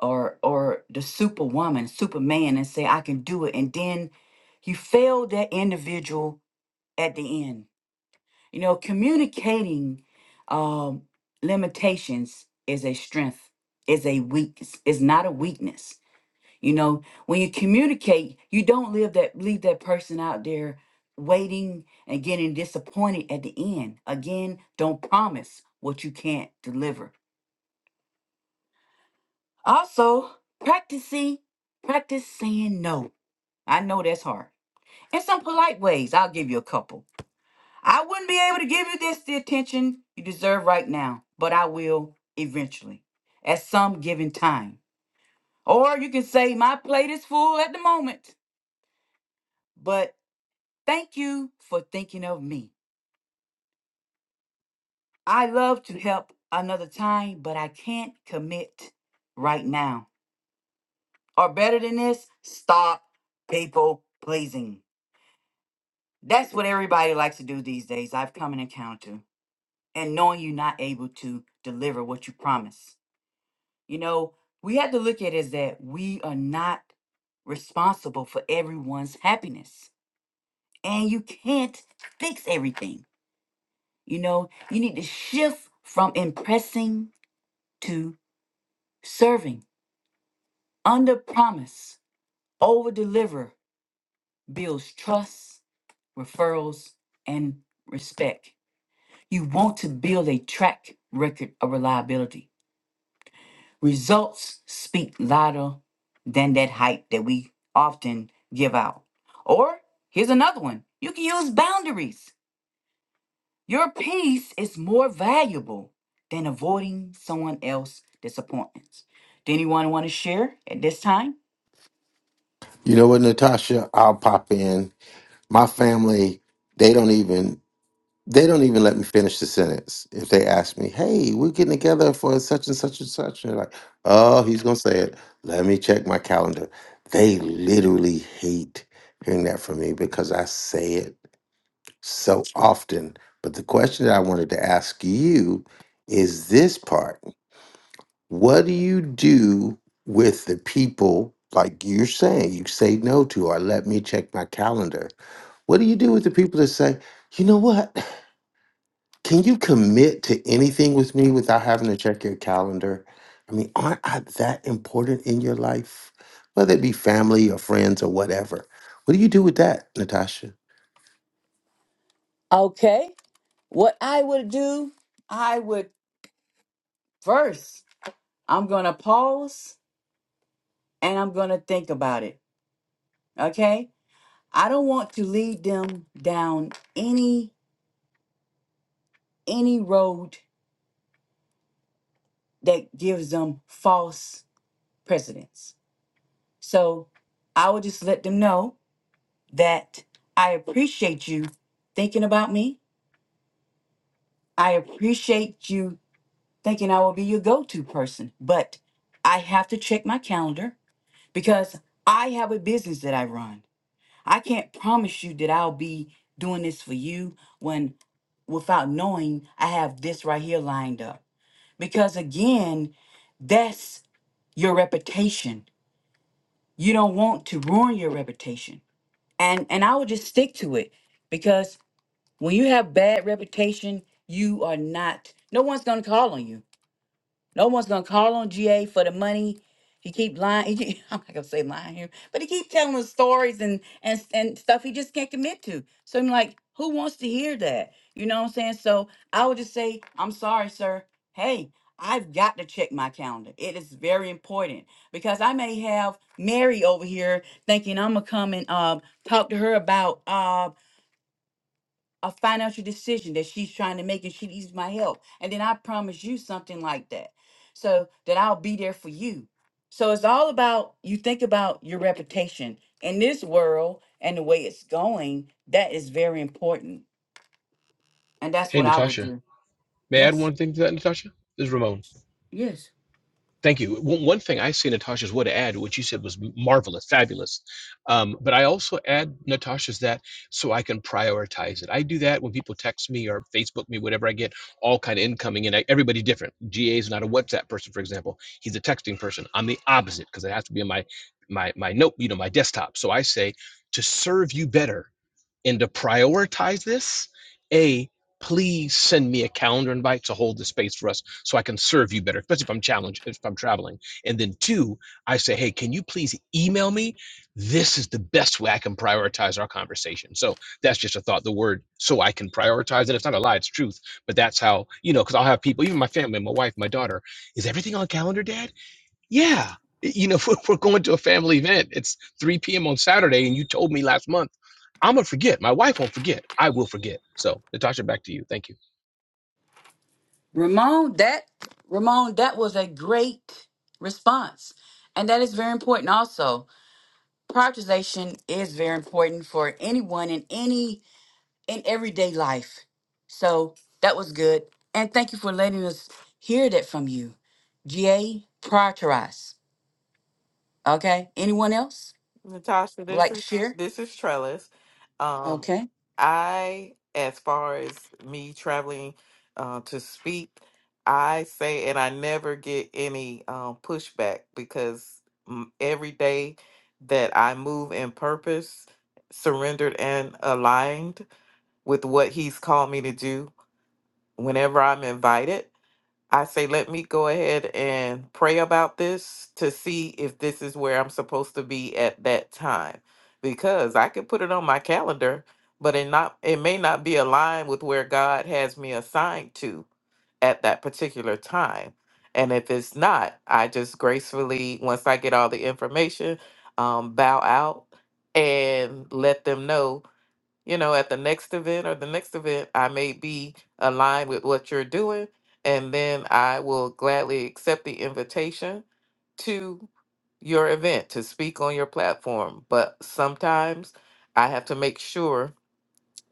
or or the superwoman, superman and say I can do it and then you fail that individual at the end. You know, communicating um limitations is a strength, is a weakness, is not a weakness you know, when you communicate, you don't leave that leave that person out there waiting and getting disappointed at the end. Again, don't promise what you can't deliver. Also, practicing practice saying no. I know that's hard. In some polite ways, I'll give you a couple. I wouldn't be able to give you this the attention you deserve right now, but I will eventually at some given time. Or you can say, My plate is full at the moment, but Thank you for thinking of me. I love to help another time, but I can't commit right now. Or better than this, stop people pleasing. That's what everybody likes to do these days. I've come and encountered. And knowing you're not able to deliver what you promise. You know, we have to look at is that we are not responsible for everyone's happiness. And you can't fix everything. You know, you need to shift from impressing to serving under promise, over deliver builds trust, referrals, and respect. You want to build a track record of reliability. Results speak louder than that hype that we often give out. Or here's another one you can use boundaries. Your peace is more valuable than avoiding someone else's disappointments. Do anyone want to share at this time? You know what, Natasha? I'll pop in. My family, they don't even they don't even let me finish the sentence if they ask me, "Hey, we're getting together for such and such and such." And they're like, "Oh, he's gonna say it. Let me check my calendar." They literally hate hearing that from me because I say it so often. But the question that I wanted to ask you is this part. What do you do with the people, like you're saying, you say no to, or let me check my calendar? What do you do with the people that say, you know what? Can you commit to anything with me without having to check your calendar? I mean, aren't I that important in your life? Whether it be family or friends or whatever. What do you do with that, Natasha? Okay. What I would do, I would first, I'm going to pause and I'm going to think about it. Okay? I don't want to lead them down any any road that gives them false precedence. So, I would just let them know that I appreciate you thinking about me. I appreciate you thinking I will be your go-to person, but I have to check my calendar because I have a business that I run. I can't promise you that I'll be doing this for you when without knowing I have this right here lined up. Because again, that's your reputation. You don't want to ruin your reputation. And and I would just stick to it because when you have bad reputation, you are not no one's going to call on you. No one's gonna call on GA for the money. He keep lying. He I'm not gonna say lying here, but he keep telling us stories and and and stuff he just can't commit to. So I'm like, who wants to hear that? You know what I'm saying? So I would just say, I'm sorry, sir. Hey, I've got to check my calendar. It is very important because I may have Mary over here thinking I'm gonna come and um talk to her about uh a financial decision that she's trying to make and she needs my help. And then I promise you something like that. So that I'll be there for you. So it's all about you think about your reputation in this world and the way it's going. That is very important. And that's Hey, what I would Natasha. do. May I add Yes. one thing to that, Natasha? This is Ramon. Yes. Thank you. One one thing I see Natasha's would add, which you said was marvelous, fabulous, um, but I also add Natasha's that so I can prioritize it. I do that when people text me or Facebook me, whatever. I get all kind of incoming, and I, everybody's different. GA is not a WhatsApp person, for example. He's a texting person. I'm the opposite because it has to be in my my my note, you know, my desktop. So I say to serve you better and to prioritize this, A, please send me a calendar invite to hold the space for us so I can serve you better, especially if I'm challenged, if I'm traveling. And then two, I say, hey, can you please email me? This is the best way I can prioritize our conversation. So that's just a thought, the word so I can prioritize. And it's not a lie, it's truth. But that's how, you know, because I'll have people, even my family, my wife, my daughter, is everything on calendar, Dad? Yeah. You know, we're we're going to a family event. It's 3 p.m. on Saturday, and you told me last month. I'm gonna forget. My wife won't forget. I will forget. So, Natasha, back to you. Thank you. Ramon, that Ramon, that was a great response. And that is very important also. Prioritization is very important for anyone in any in everyday life. So that was good. And thank you for letting us hear that from you. GA Prioritize. Okay. Anyone else Natasha, would this like to is share? this is Trellis. Um Okay. I as far as me traveling uh, to speak, I say and I never get any um pushback because mm, every day that I move in purpose, surrendered and aligned with what he's called me to do, whenever I'm invited I say, let me go ahead and pray about this to see if this is where I'm supposed to be at that time. Because I could put it on my calendar, but it not it may not be aligned with where God has me assigned to at that particular time. And if it's not, I just gracefully, once I get all the information, um, bow out and let them know you know, at the next event or the next event, I may be aligned with what you're doing. And then I will gladly accept the invitation to your event to speak on your platform. But sometimes I have to make sure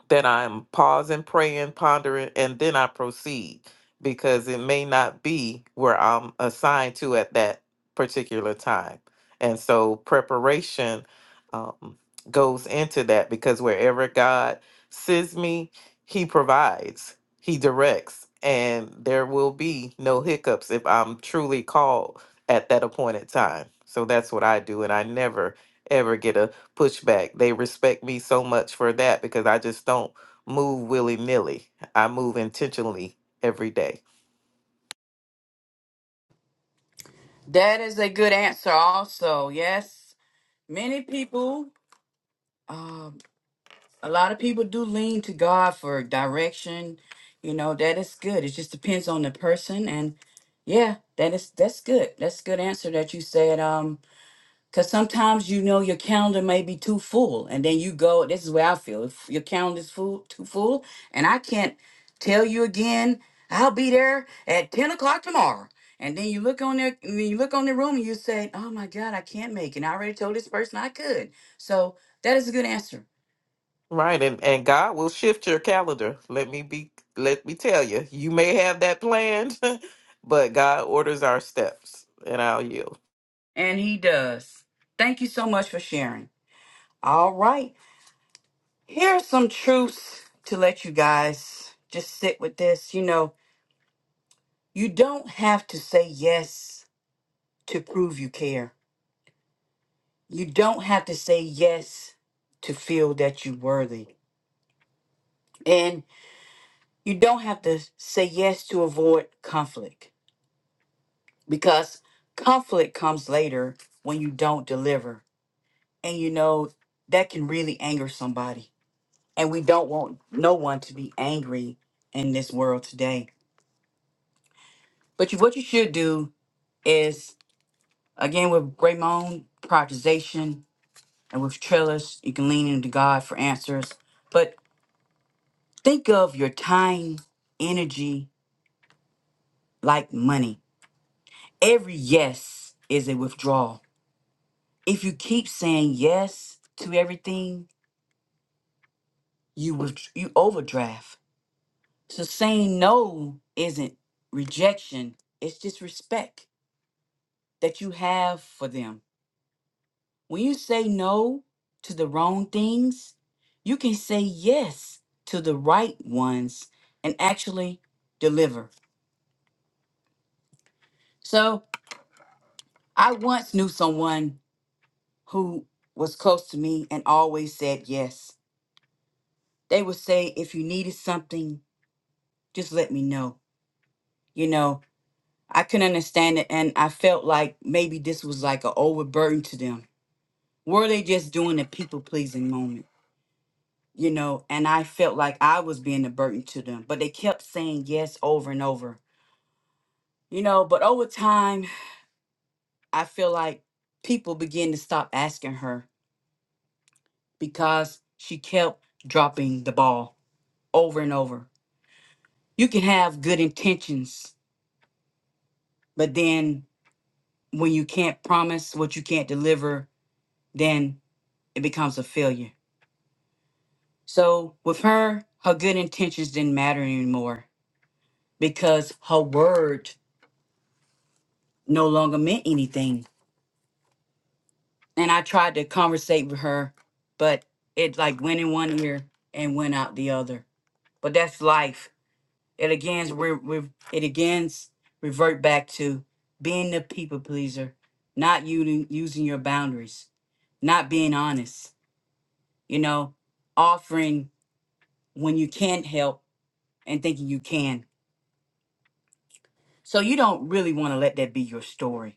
that I'm pausing, praying, pondering, and then I proceed because it may not be where I'm assigned to at that particular time. And so preparation um, goes into that because wherever God sends me, He provides, He directs, and there will be no hiccups if I'm truly called at that appointed time. So that's what I do. And I never, ever get a pushback. They respect me so much for that because I just don't move willy nilly. I move intentionally every day. That is a good answer, also. Yes. Many people, um, a lot of people do lean to God for direction. You know, that is good. It just depends on the person. And yeah, that is that's good. That's a good answer that you said. Um, Because sometimes you know your calendar may be too full, and then you go, this is where I feel. If your calendar's full, too full, and I can't tell you again, I'll be there at 10 o'clock tomorrow. And then you look on there, and then you look on the room and you say, Oh my God, I can't make it. I already told this person I could. So that is a good answer. Right, and and God will shift your calendar. Let me be. Let me tell you, you may have that planned, but God orders our steps, and I'll yield. And he does. Thank you so much for sharing. All right. Here's some truths to let you guys just sit with this. You know, you don't have to say yes to prove you care. You don't have to say yes to feel that you're worthy. And you don't have to say yes to avoid conflict because conflict comes later when you don't deliver. And you know, that can really anger somebody. And we don't want no one to be angry in this world today. But you, what you should do is, again, with Raymond, prioritization, and with Trellis, you can lean into God for answers. but. Think of your time, energy like money. Every yes is a withdrawal. If you keep saying yes to everything, you with- you overdraft. So saying no isn't rejection, it's just respect that you have for them. When you say no to the wrong things, you can say yes to the right ones and actually deliver. So I once knew someone who was close to me and always said yes. They would say, if you needed something, just let me know. You know, I couldn't understand it. And I felt like maybe this was like an overburden to them. Were they just doing a people pleasing moment? You know, and I felt like I was being a burden to them, but they kept saying yes over and over. You know, but over time, I feel like people began to stop asking her because she kept dropping the ball over and over you can have good intentions, but then when you can't promise what you can't deliver, then it becomes a failure. So with her, her good intentions didn't matter anymore because her word no longer meant anything. And I tried to conversate with her, but it like went in one ear and went out the other. But that's life it again re, re, it again revert back to being the people pleaser not using using your boundaries not being honest you know offering when you can't help and thinking you can so you don't really want to let that be your story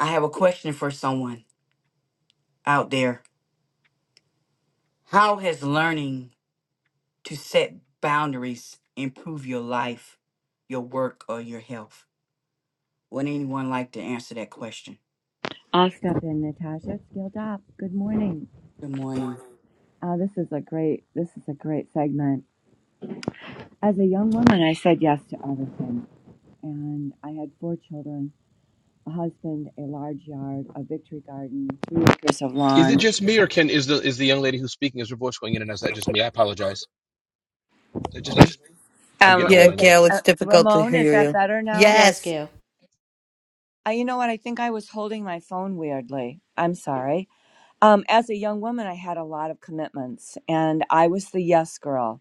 i have a question for someone out there how has learning to set boundaries improve your life your work or your health would anyone like to answer that question I'll step in, Natasha. Skilled up. Good morning. good morning Uh, this is a great. This is a great segment. As a young woman, I said yes to everything, and I had four children, a husband, a large yard, a victory garden, three acres of Is it lawn. just me, or can is the is the young lady who's speaking is her voice going in and out? Is that just me? I apologize. Is that just me? I'm Um, getting Yeah, old. is I know. it, Gail, it's uh, difficult to Ramon, is hear that you. better now? Yes, Yes. Gail. Uh, you know what? I think I was holding my phone weirdly. I'm sorry. Um, as a young woman, I had a lot of commitments, and I was the yes girl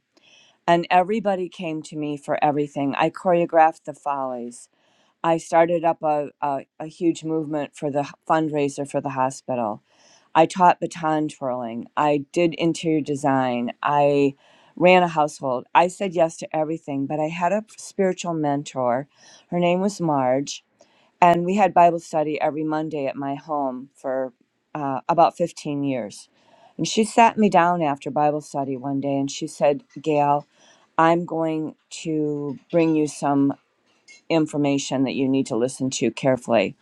and everybody came to me for everything. I choreographed the follies. I started up a, a, a huge movement for the h- fundraiser for the hospital. I taught baton twirling. I did interior design. I ran a household. I said yes to everything, but I had a spiritual mentor. Her name was Marge, and we had Bible study every Monday at my home for uh, about 15 years and she sat me down after Bible study one day and she said, Gail, I'm going to bring you some information that you need to listen to carefully.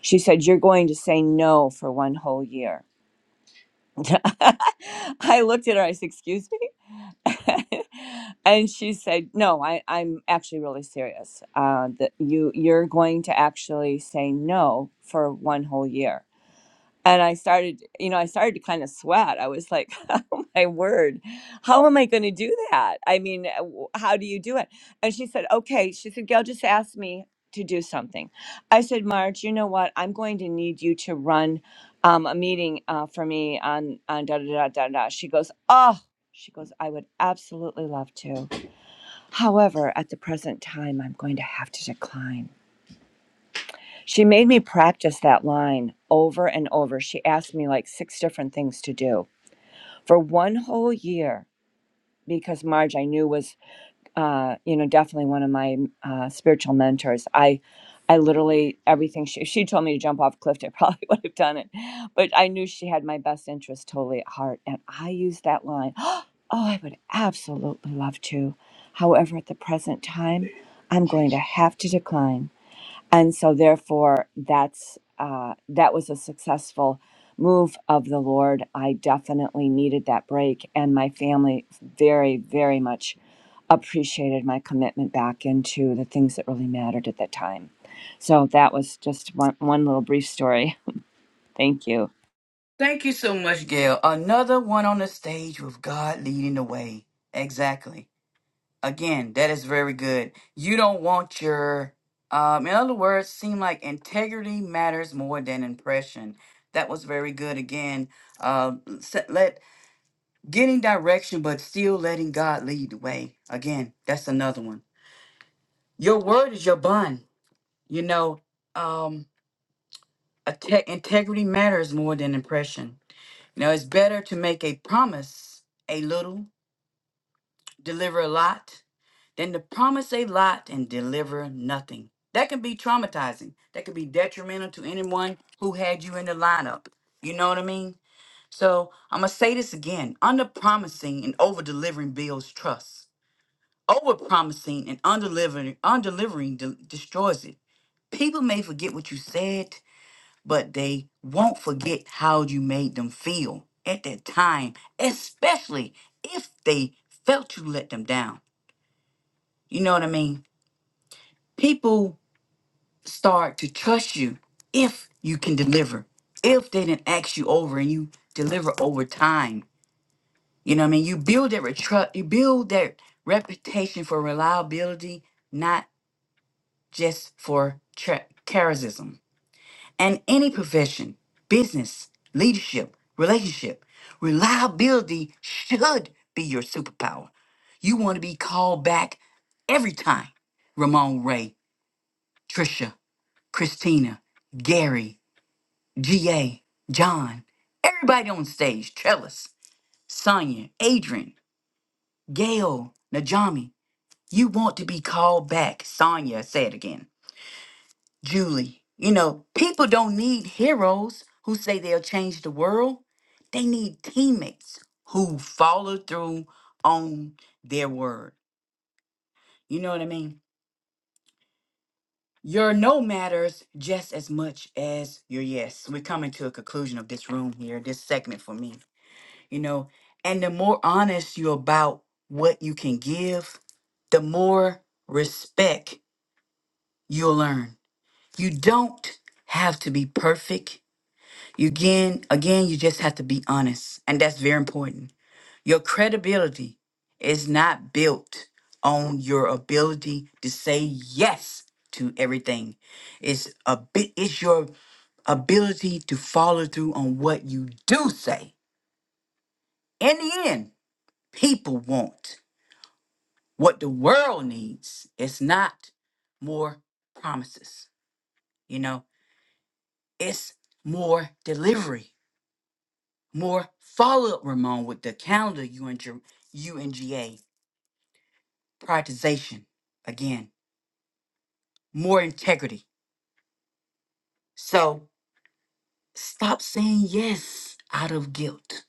She said, You're going to say no for one whole year. I looked at her, I said, Excuse me? and she said, No, I, I'm actually really serious. Uh, that you, you're going to actually say no for one whole year and I started, you know, I started to kind of sweat. I was like, oh my word, how am I going to do that? I mean, uh, w- how do you do it? And she said, okay. She said, Gail just asked me to do something. I said, Marge, you know what? I'm going to need you to run um, a meeting uh, for me on, on da da da da da. She goes, oh, she goes, I would absolutely love to. However, at the present time, I'm going to have to decline. She made me practice that line over and over. She asked me like six different things to do for one whole year because Marge, I knew was, uh, you know, definitely one of my uh, spiritual mentors. I, I literally everything she if she told me to jump off a cliff, I probably would have done it, but I knew she had my best interest totally at heart, and I used that line. Oh, I would absolutely love to. However, at the present time, I'm going to have to decline and so therefore that's uh, that was a successful move of the lord i definitely needed that break and my family very very much appreciated my commitment back into the things that really mattered at that time so that was just one, one little brief story thank you Thank you so much, Gail. Another one on the stage with God leading the way. Exactly. Again, that is very good. You don't want your, um, in other words, seem like integrity matters more than impression. That was very good. Again, uh, se- let getting direction, but still letting God lead the way. Again, that's another one. Your word is your bond. You know, um, a te- integrity matters more than impression Now it's better to make a promise a little, deliver a lot, than to promise a lot and deliver nothing. That can be traumatizing. That can be detrimental to anyone who had you in the lineup. You know what I mean? So I'm gonna say this again. Under promising and over delivering builds trust. Over promising and undelivering undelivering de- destroys it. People may forget what you said, but they won't forget how you made them feel at that time, especially if they felt you let them down. You know what I mean? People start to trust you if you can deliver, if they didn't ask you over and you deliver over time. You know what I mean? You build that retru- you build that reputation for reliability, not just for tra- charism. and any profession, business, leadership, relationship, reliability should be your superpower. You want to be called back every time. Ramon Ray, Trisha, Christina, Gary, GA, John, everybody on stage, Trellis, Sonia, Adrian, Gail, Najami. You want to be called back, Sonia say it again. Julie. You know, people don't need heroes who say they'll change the world. They need teammates who follow through on their word. You know what I mean? Your no matters just as much as your yes. We're coming to a conclusion of this room here, this segment for me. You know, and the more honest you're about what you can give, the more respect you'll earn. You don't have to be perfect You again, again, you just have to be honest, and that's very important. Your credibility is not built on your ability to say yes to everything. It's a bit. It's your ability to follow through on what you do say. In the end, people want what the world needs. It's not more promises. You know, it's more delivery. More follow up, Ramon, with the calendar UNG, UNGA prioritization. Again, more integrity. So stop saying yes out of guilt.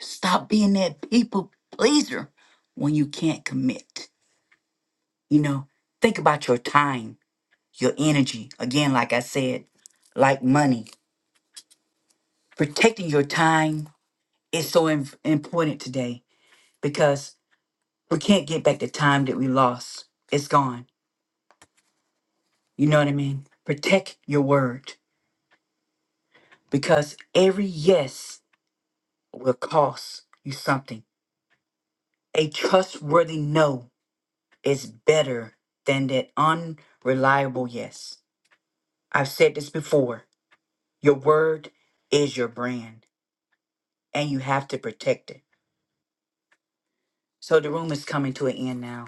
Stop being that people pleaser when you can't commit. You know, think about your time, your energy. Again, like I said, like money. Protecting your time is so im- important today because we can't get back the time that we lost. It's gone You know what I mean? Protect your word because every yes will cost you something. A trustworthy no is better than that unreliable yes. I've said this before. Your word is your brand and you have to protect it. So the room is coming to an end now.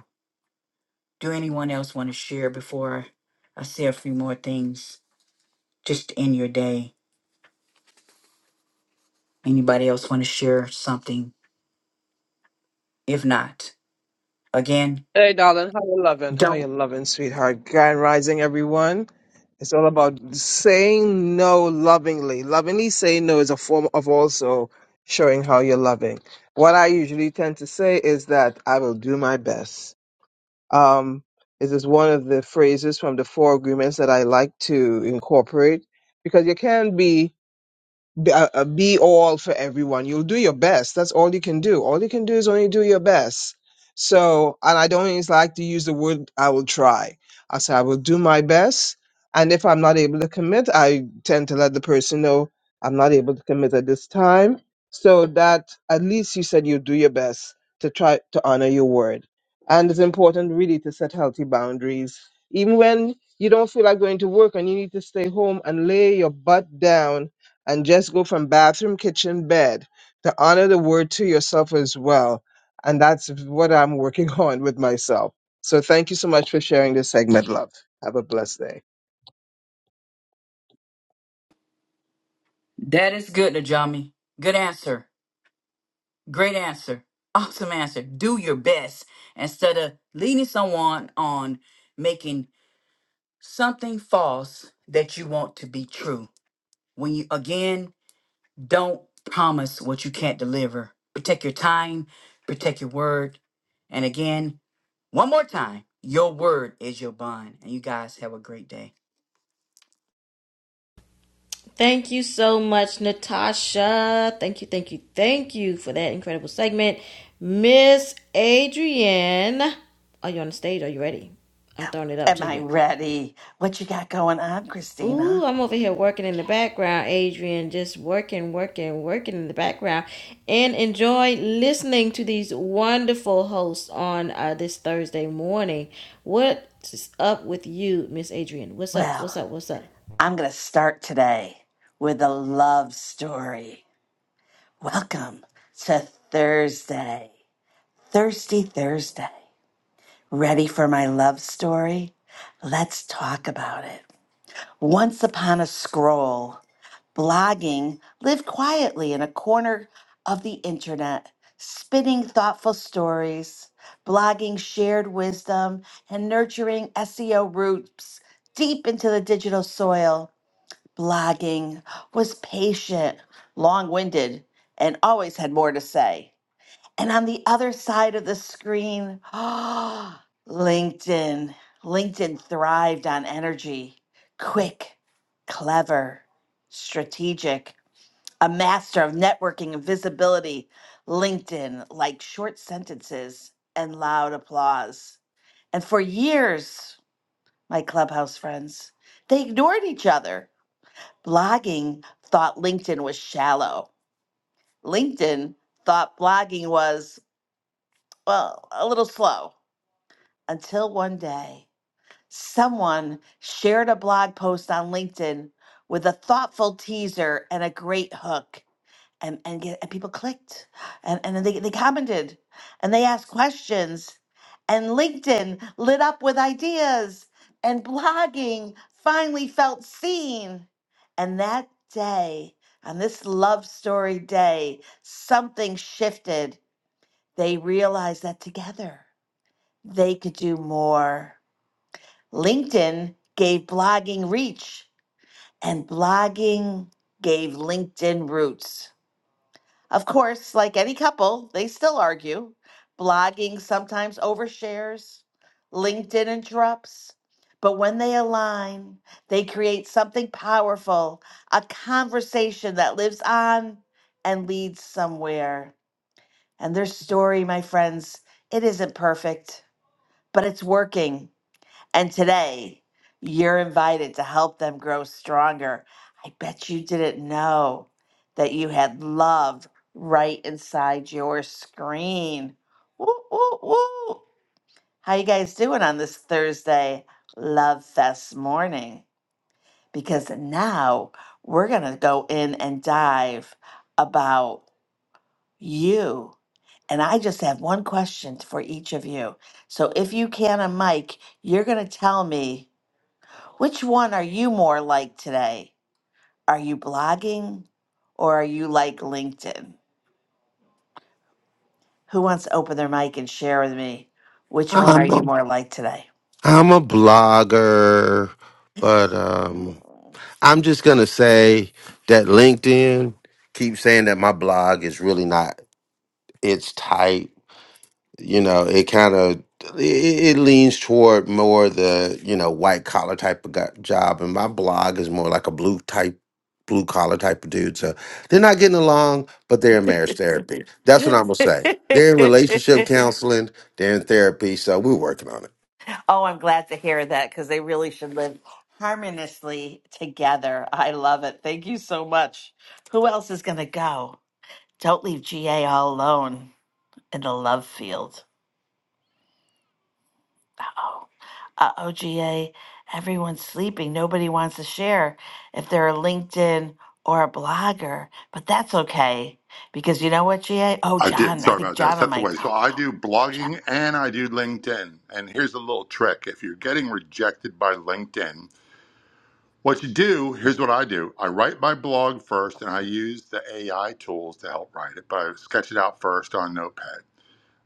Do anyone else want to share before I say a few more things just to end your day? Anybody else want to share something? If not, again, Hey, darling, how you loving? How don't. you loving, sweetheart? Grand rising, everyone. It's all about saying no lovingly. Lovingly saying no is a form of also showing how you're loving. What I usually tend to say is that I will do my best. Um, this is one of the phrases from the four agreements that I like to incorporate because you can be be, uh, uh, be all for everyone. You'll do your best. That's all you can do. All you can do is only do your best. So, and I don't always like to use the word I will try. I say I will do my best. And if I'm not able to commit, I tend to let the person know I'm not able to commit at this time. So that at least you said you do your best to try to honor your word. And it's important really to set healthy boundaries. Even when you don't feel like going to work and you need to stay home and lay your butt down and just go from bathroom, kitchen, bed to honor the word to yourself as well. And that's what I'm working on with myself. So thank you so much for sharing this segment, love. Have a blessed day. That is good, Najami. Good answer. Great answer. Awesome answer. Do your best instead of leading someone on making something false that you want to be true. When you, again, don't promise what you can't deliver. Protect your time, protect your word. And again, one more time, your word is your bond. And you guys have a great day. Thank you so much, Natasha. Thank you, thank you, thank you for that incredible segment. Miss Adrienne, are you on the stage? Are you ready? I'm throwing it up Am to I you. ready? What you got going on, Ooh, Christina? I'm over here working in the background, Adrian, just working, working, working in the background, and enjoy listening to these wonderful hosts on uh, this Thursday morning. What's up with you, Miss Adrian? What's up? What's Well, up? What's up? I'm going to start today with a love story. Welcome to Thursday, Thirsty Thursday. Ready for my love story? Let's talk about it. Once upon a scroll blogging lived quietly in a corner of the internet, spinning thoughtful stories, blogging shared wisdom, and nurturing SEO roots deep into the digital soil. Blogging was patient, long winded, and always had more to say. And on the other side of the screen, LinkedIn. LinkedIn thrived on energy, quick, clever, strategic, a master of networking and visibility, LinkedIn, like short sentences and loud applause. And for years, my clubhouse friends, they ignored each other. Blogging thought LinkedIn was shallow. LinkedIn thought blogging was, well, a little slow. Until one day, someone shared a blog post on LinkedIn with a thoughtful teaser and a great hook. and and get and people clicked and and then they they commented and they asked questions and LinkedIn lit up with ideas and blogging finally felt seen and that day on this love story day something shifted they realized that together they could do more LinkedIn gave blogging reach and blogging gave LinkedIn roots of course, like any couple, they still argue. Blogging sometimes overshares, LinkedIn interrupts. But when they align, they create something powerful, a conversation that lives on and leads somewhere. And their story, my friends, it isn't perfect, but it's working. And today, you're invited to help them grow stronger. I bet you didn't know that you had love right inside your screen. Woo, woo, woo. How you guys doing on this Thursday Love Fest morning? Because now we're going to go in and dive about you. And I just have one question for each of you. So if you can a mic, you're going to tell me which one are you more like today? Are you blogging or are you like LinkedIn? Who wants to open their mic and share with me which one are I'm you a, more like today? I'm a blogger, but um, oh, I'm just gonna say that LinkedIn keeps saying that my blog is really not. It's tight. You know, it kind of it, it leans toward more the you know white collar type of go- job, and my blog is more like a blue type blue collar type of dude. So they're not getting along, but they're in marriage therapy. That's what I'm gonna say. They're in relationship counseling. They're in therapy. So we're working on it. I'm glad to hear that because they really should live harmoniously together. I love it. Thank you so much. Who else is going to go? Don't leave GA all alone in the love field. Oh. uh, OGA, everyone's sleeping. Nobody wants to share if they're a LinkedIn or a blogger, but that's okay because you know what, GA? Oh, I did. John, I Sorry think about that. John, I'm That's the like, way. So I do blogging and I do LinkedIn. And here's a little trick. If you're getting rejected by LinkedIn, what you do, here's what I do. I write my blog first and I use the AI tools to help write it, but I sketch it out first on Notepad.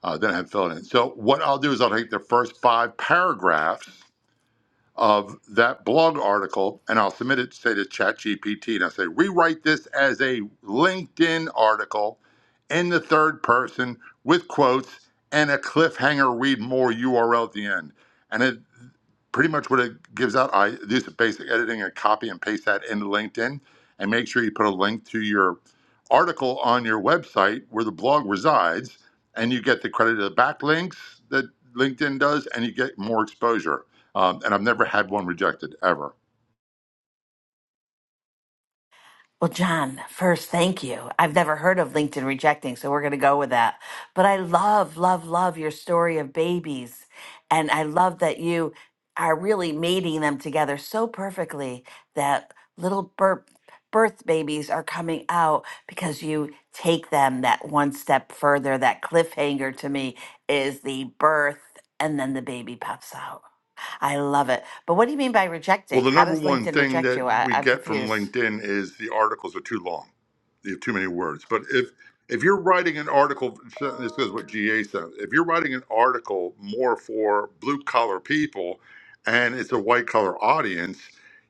Uh, then I have fill it in. So what I'll do is I'll take the first five paragraphs of that blog article and I'll submit it, say to ChatGPT, and I say, rewrite this as a LinkedIn article in the third person with quotes and a cliffhanger read more URL at the end. and it pretty much what it gives out. I do some basic editing and copy and paste that into LinkedIn and make sure you put a link to your article on your website where the blog resides and you get the credit of the backlinks that LinkedIn does and you get more exposure. Um, and I've never had one rejected ever. Well, John, first, thank you. I've never heard of LinkedIn rejecting, so we're going to go with that. But I love, love, love your story of babies. And I love that you are really mating them together so perfectly that little birth, birth babies are coming out because you take them that one step further. That cliffhanger to me is the birth and then the baby pops out. I love it. But what do you mean by Well, rejecting? the How number does one LinkedIn thing reject that you? I, we I'm get from confused. LinkedIn is the articles are too long you have too many words. But if if you're writing an article, this is what GA says. If you're writing an article more for blue collar people, and it's a white collar audience,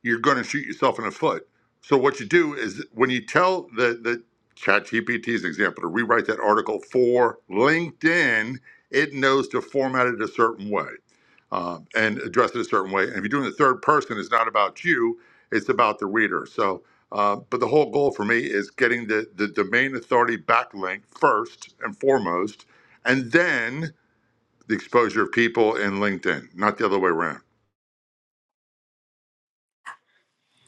you're going to shoot yourself in the foot. So what you do is when you tell the the Chat GPT's example to rewrite that article for LinkedIn, it knows to format it a certain way um, and address it a certain way. And if you're doing the third person, it's not about you; it's about the reader. So, uh, but the whole goal for me is getting the the domain authority backlink first and foremost, and then the exposure of people in LinkedIn, not the other way around.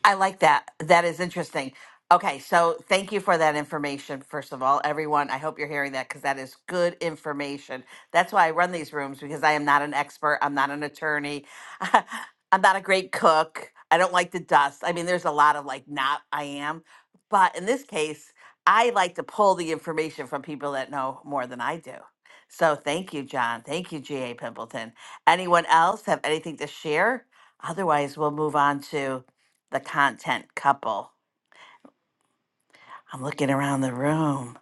I like that. That is interesting. Okay, so thank you for that information, first of all, everyone. I hope you're hearing that because that is good information. That's why I run these rooms because I am not an expert. I'm not an attorney. I'm not a great cook. I don't like the dust. I mean, there's a lot of like, not I am. But in this case, I like to pull the information from people that know more than I do. So thank you, John. Thank you, G.A. Pimpleton. Anyone else have anything to share? Otherwise, we'll move on to the content couple. I'm looking around the room.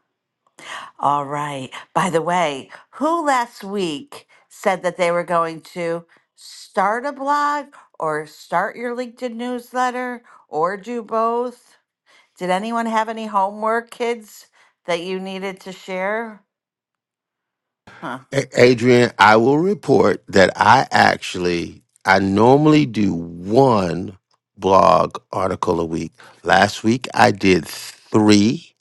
All right. By the way, who last week said that they were going to start a blog or start your LinkedIn newsletter or do both? Did anyone have any homework, kids, that you needed to share? Huh? A- Adrian, I will report that I actually I normally do one blog article a week. Last week I did 3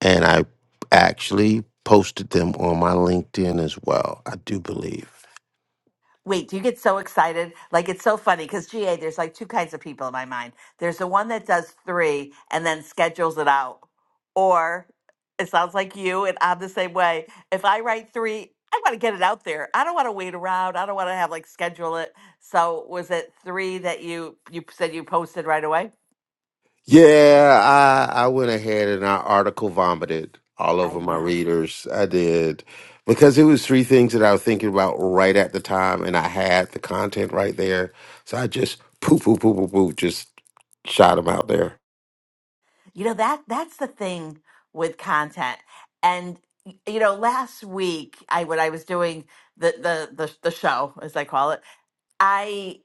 and I actually posted them on my LinkedIn as well. I do believe. Wait, do you get so excited? Like it's so funny because GA, there's like two kinds of people in my mind. There's the one that does three and then schedules it out. Or it sounds like you and I'm the same way. If I write three, I want to get it out there. I don't want to wait around. I don't want to have like schedule it. So was it three that you you said you posted right away? Yeah, I I went ahead and I article vomited all I over my know. readers. I did because it was three things that I was thinking about right at the time, and I had the content right there. So I just poo poo poo poo poo just shot them out there. You know that that's the thing with content. And y- you know, last week I when I was doing the the the, the show as I call it I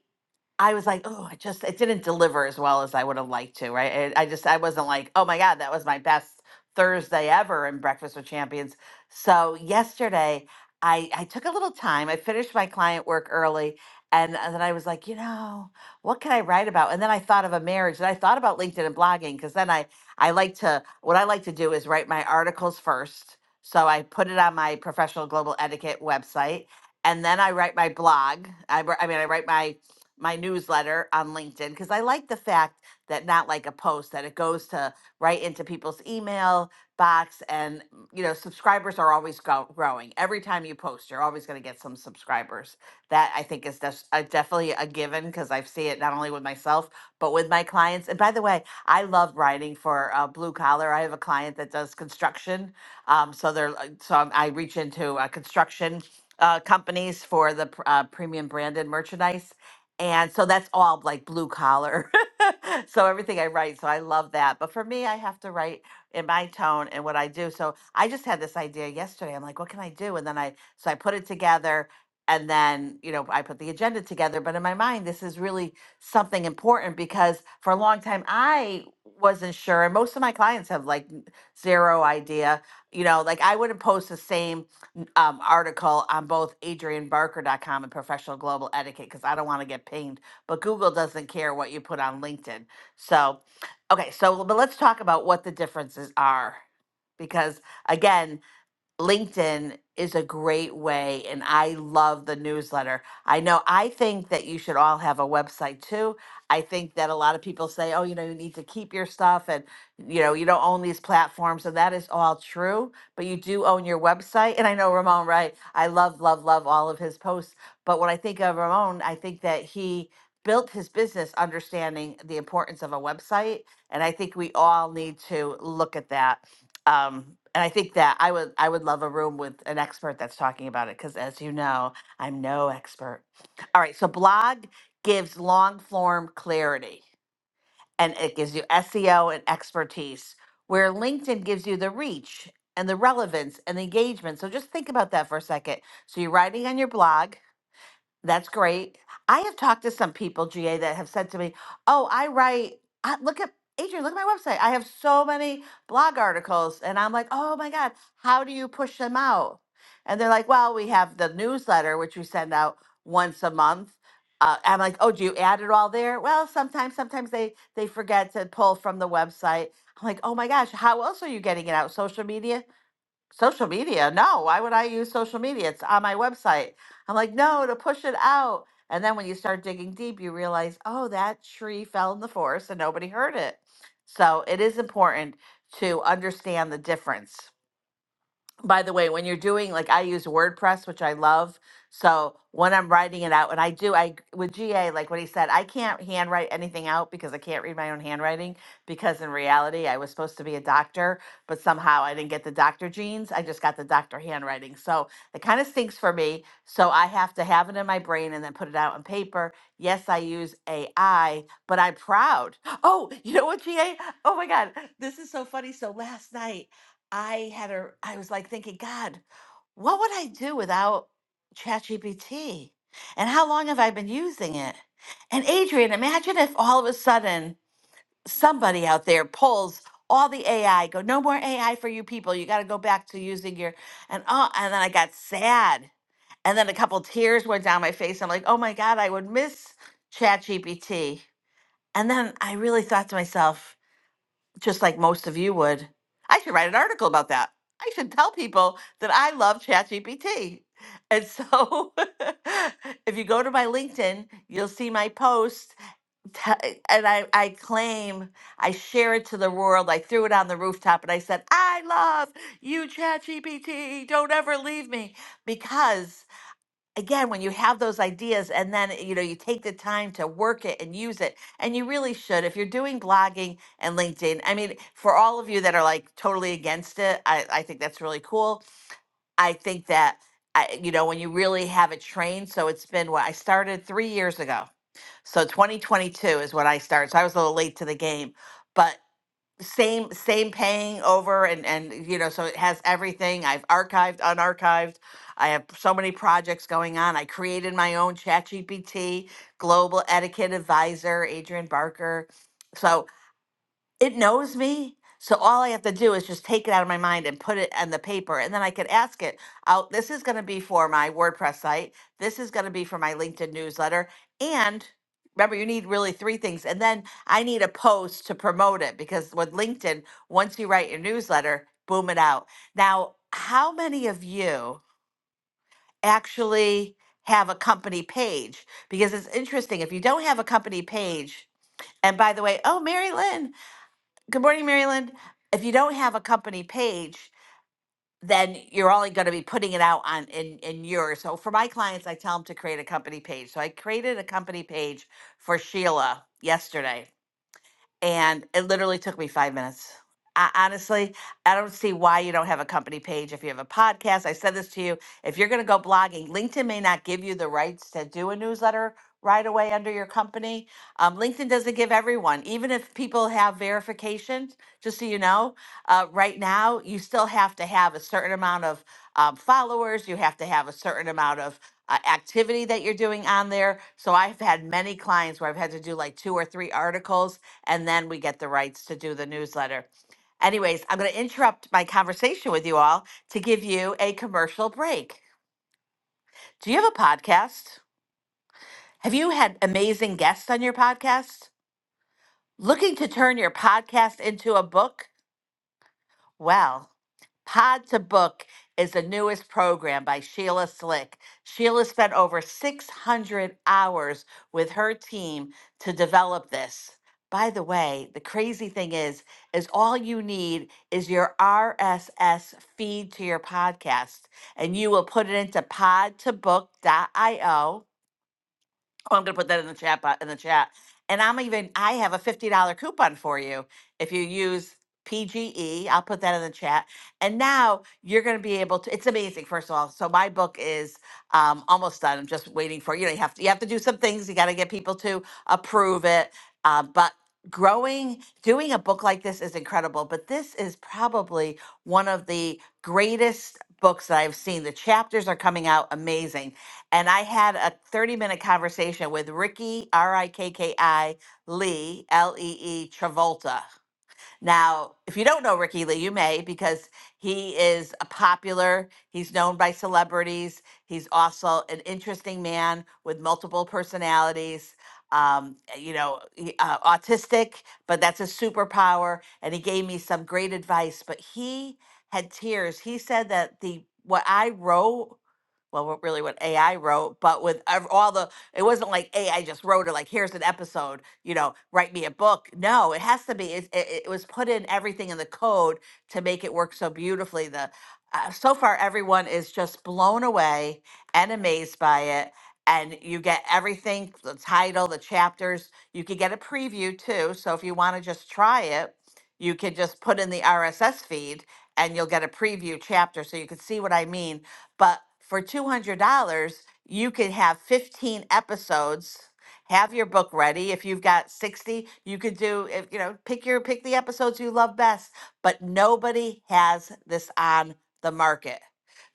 I was like, oh, I just it didn't deliver as well as I would have liked to, right? I, I just I wasn't like, oh my god, that was my best Thursday ever in Breakfast with Champions. So yesterday, I I took a little time. I finished my client work early, and, and then I was like, you know, what can I write about? And then I thought of a marriage, and I thought about LinkedIn and blogging because then I I like to what I like to do is write my articles first. So I put it on my professional global etiquette website, and then I write my blog. I, wr- I mean, I write my my newsletter on LinkedIn because I like the fact that not like a post that it goes to right into people's email box and mm, you know subscribers are always grow- growing. Every time you post, you're always going to get some subscribers. That I think is des- uh, definitely a given because I see it not only with myself but with my clients. And by the way, I love writing for uh, blue collar. I have a client that does construction, um, so they're uh, so I'm- I reach into uh, construction uh, companies for the pr- uh, premium branded merchandise and so that's all like blue collar so everything i write so i love that but for me i have to write in my tone and what i do so i just had this idea yesterday i'm like what can i do and then i so i put it together and then you know i put the agenda together but in my mind this is really something important because for a long time i wasn't sure and most of my clients have like n- zero idea you know like i wouldn't post the same um, article on both adrianbarker.com and professional global etiquette because I don't want to get pinged. But Google doesn't care what you put on LinkedIn. So, okay, so but let's talk about what the differences are. Because again, LinkedIn is a great way, and I love the newsletter. I know I think that you should all have a website too. I think that a lot of people say, oh, you know, you need to keep your stuff and, you know, you don't own these platforms. And that is all true, but you do own your website. And I know Ramon, right? I love, love, love all of his posts. But when I think of Ramon, I think that he built his business understanding the importance of a website. And I think we all need to look at that um and i think that i would i would love a room with an expert that's talking about it because as you know i'm no expert all right so blog gives long form clarity and it gives you seo and expertise where linkedin gives you the reach and the relevance and the engagement so just think about that for a second so you're writing on your blog that's great. I have talked to some people, GA, that have said to me, "Oh, I write. I, look at Adrian. Look at my website. I have so many blog articles." And I'm like, "Oh my god, how do you push them out?" And they're like, "Well, we have the newsletter, which we send out once a month." Uh, I'm like, "Oh, do you add it all there?" Well, sometimes, sometimes they they forget to pull from the website. I'm like, "Oh my gosh, how else are you getting it out? Social media?" social media. No, why would I use social media? It's on my website. I'm like, no, to push it out. And then when you start digging deep, you realize, oh, that tree fell in the forest and nobody heard it. So it is important to understand the difference by the way, when you're doing like I use WordPress, which I love. So when I'm writing it out, and I do, I with GA, like what he said, I can't handwrite anything out because I can't read my own handwriting. Because in reality, I was supposed to be a doctor, but somehow I didn't get the doctor genes. I just got the doctor handwriting. So it kind of stinks for me. So I have to have it in my brain and then put it out on paper. Yes, I use AI, but I'm proud. Oh, you know what, GA? Oh my God, this is so funny. So last night I had a I was like thinking, God, what would I do without ChatGPT? And how long have I been using it? And Adrian, imagine if all of a sudden somebody out there pulls all the AI, go, no more AI for you people. You gotta go back to using your and oh and then I got sad. And then a couple tears went down my face. I'm like, oh my God, I would miss ChatGPT. And then I really thought to myself, just like most of you would. I should write an article about that. I should tell people that I love ChatGPT. And so if you go to my LinkedIn, you'll see my post. t- And I, I claim, I share it to the world. I threw it on the rooftop and I said, I love you, ChatGPT. Don't ever leave me. Because again when you have those ideas and then eh, you know you take the time to work it and use it and you really should if you're doing blogging and linkedin i mean for all of you that are like totally against it i, I think that's really cool i think that I, you know when you really have it trained so it's been what i started three years ago so 2022 is when i started so i was a little late to the game but same same paying over and and you know so it has everything i've archived unarchived i have so many projects going on i created my own ChatGPT global etiquette advisor adrian barker So it knows me. So all I have to do is just take it out of my mind and put it on the paper. And then I could ask it out. This is going to be for my WordPress site. This is going to be for my LinkedIn newsletter. And remember, you need really three things. And then I need a post to promote it because with LinkedIn, once you write your newsletter, boom it out. Now, how many of you actually have a company page? Because it's interesting. If you don't have a company page, and by the way, oh, Mary Lynn, Good morning, Maryland. If you don't have a company page, then you're only going to be putting it out on in in yours. So for my clients, I tell them to create a company page. So I created a company page for Sheila yesterday and it literally took me five minutes. I, honestly, I don't see why you don't have a company page. If you have a podcast, I said this to you. If you're going to go blogging, LinkedIn may not give you the rights to do a newsletter right away under your company. Um, LinkedIn doesn't give everyone, even if people have verification, just so you know, uh, right now, you still have to have a certain amount of um, followers, you have to have a certain amount of uh, activity that you're doing on there. So I've had many clients where I've had to do like two or three articles and then we get the rights to do the newsletter. Anyways, I'm going to interrupt my conversation with you all to give you a commercial break. Do you have a podcast? Have you had amazing guests on your podcast? Looking to turn your podcast into a book? Well, Pod to Book is the newest program by Sheila Slick. Sheila spent over 600 hours with her team to develop this. By the way, the crazy thing is is all you need is your RSS feed to your podcast and you will put it into Pod to podtobook.io Oh, I'm gonna put that in the chat bo- in the chat. And I'm even I have a fifty dollar coupon for you if you use PGE. I'll put that in the chat. And now you're gonna be able to. It's amazing. First of all, so my book is um, almost done. I'm just waiting for you know you have to you have to do some things. You got to get people to approve it, uh, but. Growing, doing a book like this is incredible, but this is probably one of the greatest books that I've seen. The chapters are coming out amazing and I had a 30 minute conversation with Ricky, R I K K I, Lee, L E E, Travolta. Now, if you don't know Ricky Lee, you may because he is a popular, he's known by celebrities. He's also an interesting man with multiple personalities. Um, you know, he- uh, autistic, but that's a superpower. And he gave me some great advice, but he had tears. He said that the what I wrote well, what really what AI wrote, but with ev- all the, it wasn't like AI just wrote it, like, here's an episode, you know, write me a book. No, it has to be, it, it, it was put in everything in the code to make it work so beautifully. The, uh, so far, everyone is just blown away and amazed by it. And you get everything, the title, the chapters, you could get a preview too. So if you want to just try it, you could just put in the RSS feed and you'll get a preview chapter so you can see what I mean but for $200, you could have 15 episodes. Have your book ready. If you've got 60, you could do if you know, pick your pick the episodes you love best, but nobody has this on the market.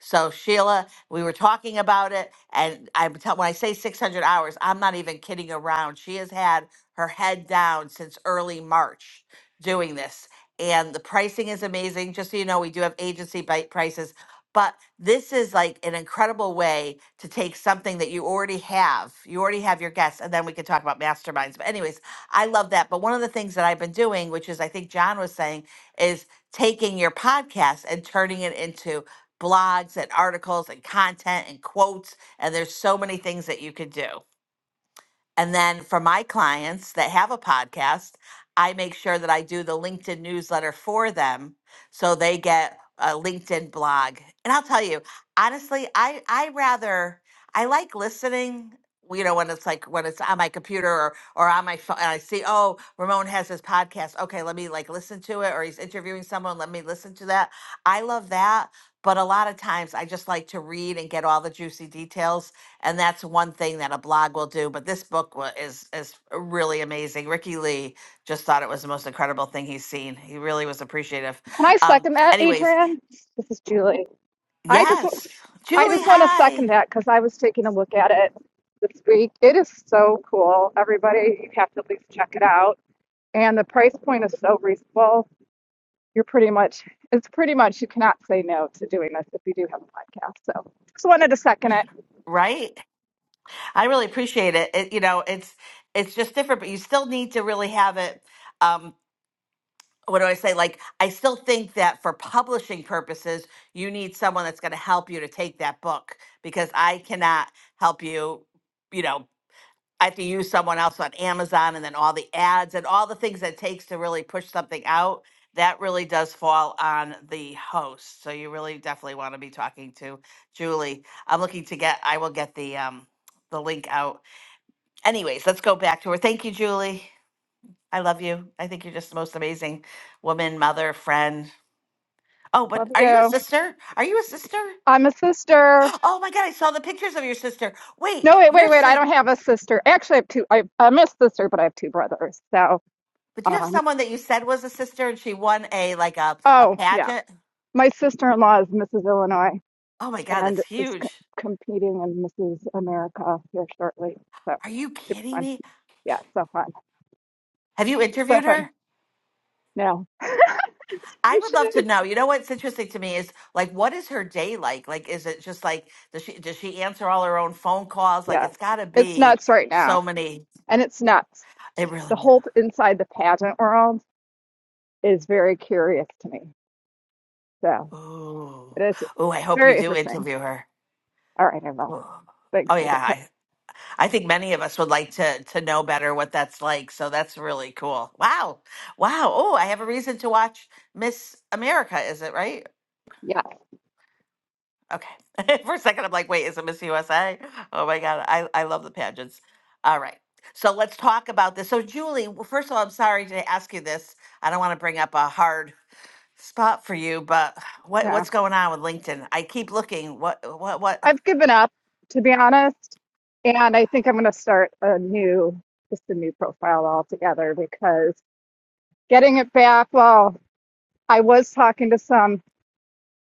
So Sheila, we were talking about it and I'm tell, when I say 600 hours, I'm not even kidding around. She has had her head down since early March doing this. And the pricing is amazing. Just so you know, we do have agency bite prices. But this is like an incredible way to take something that you already have. You already have your guests, and then we can talk about masterminds. But, anyways, I love that. But one of the things that I've been doing, which is I think John was saying, is taking your podcast and turning it into blogs and articles and content and quotes. And there's so many things that you could do. And then for my clients that have a podcast, I make sure that I do the LinkedIn newsletter for them so they get a LinkedIn blog. And I'll tell you, honestly, I I rather I like listening you know when it's like when it's on my computer or or on my phone and i see oh ramon has his podcast okay let me like listen to it or he's interviewing someone let me listen to that i love that but a lot of times i just like to read and get all the juicy details and that's one thing that a blog will do. But this book wa- is is really amazing. Ricky Lee just thought it was the most incredible thing he's seen. He really was appreciative. Can I Um, second that, anyways, Adrian? This is Julie. I just I yes, Julie, just want to hi. second that because I was taking a look at it this week. It is so cool. Everybody, you have to at least check it out. And the price point is so reasonable. You're pretty much it's pretty much you cannot say no to doing this if you do have a podcast. So just wanted to second it. Right, I really appreciate it. it. You know, it's it's just different, but you still need to really have it. Um, what do I say? Like, I still think that for publishing purposes, you need someone that's going to help you to take that book because I cannot help you. You know, I have to use someone else on Amazon and then all the ads and all the things that it takes to really push something out, that really does fall on the host. So you really definitely want to be talking to Julie. I'm looking to get I will get the um the link out. Anyways, let's go back to her. Thank you, Julie. I love you. I think you're just the most amazing woman, mother, friend. Oh, but Love are you a you. sister? Are you a sister? I'm a sister. Oh my god, I saw the pictures of your sister. Wait, No, wait, your wait, wait. sister I don't have a sister. Actually, I have two. I, I'm a sister, but I have two brothers. So, But do you have um, someone that you said was a sister and she won a like a, a oh yeah, pageant? my sister-in-law is Mrs. Illinois. Oh my god, and that's is c- huge. competing in Mrs. America here shortly. So Are you super kidding fun. me? Yeah, so fun. Have you So interviewed fun. her? No, I we would should. love to know. You know what's interesting to me is like what is her day like? Like is it just like does she does she answer all her own phone calls? Like Yeah, it's gotta it's be nuts right now. so many. And it's nuts. It The really whole inside the pageant world is very curious to me. So Ooh. it is Ooh, I it's hope you very do interesting. interview her. All right, Annabelle. Ooh. Thanks Oh for the tip. yeah. I think many of us would like to to know better what that's like. So that's really cool. Wow. Wow. Oh, I have a reason to watch Miss America, is it right? Yeah, Okay. For a second I'm like, wait, is it Miss USA? Oh my God. I, I love the pageants. All right. So let's talk about this. So Julie, well, first of all, I'm sorry to ask you this. I don't want to bring up a hard spot for you, but what yeah. what's going on with LinkedIn? I keep looking. What what what I've given up, to be honest. And I think I'm going to start a new, just a new profile altogether because getting it back, well, I was talking to some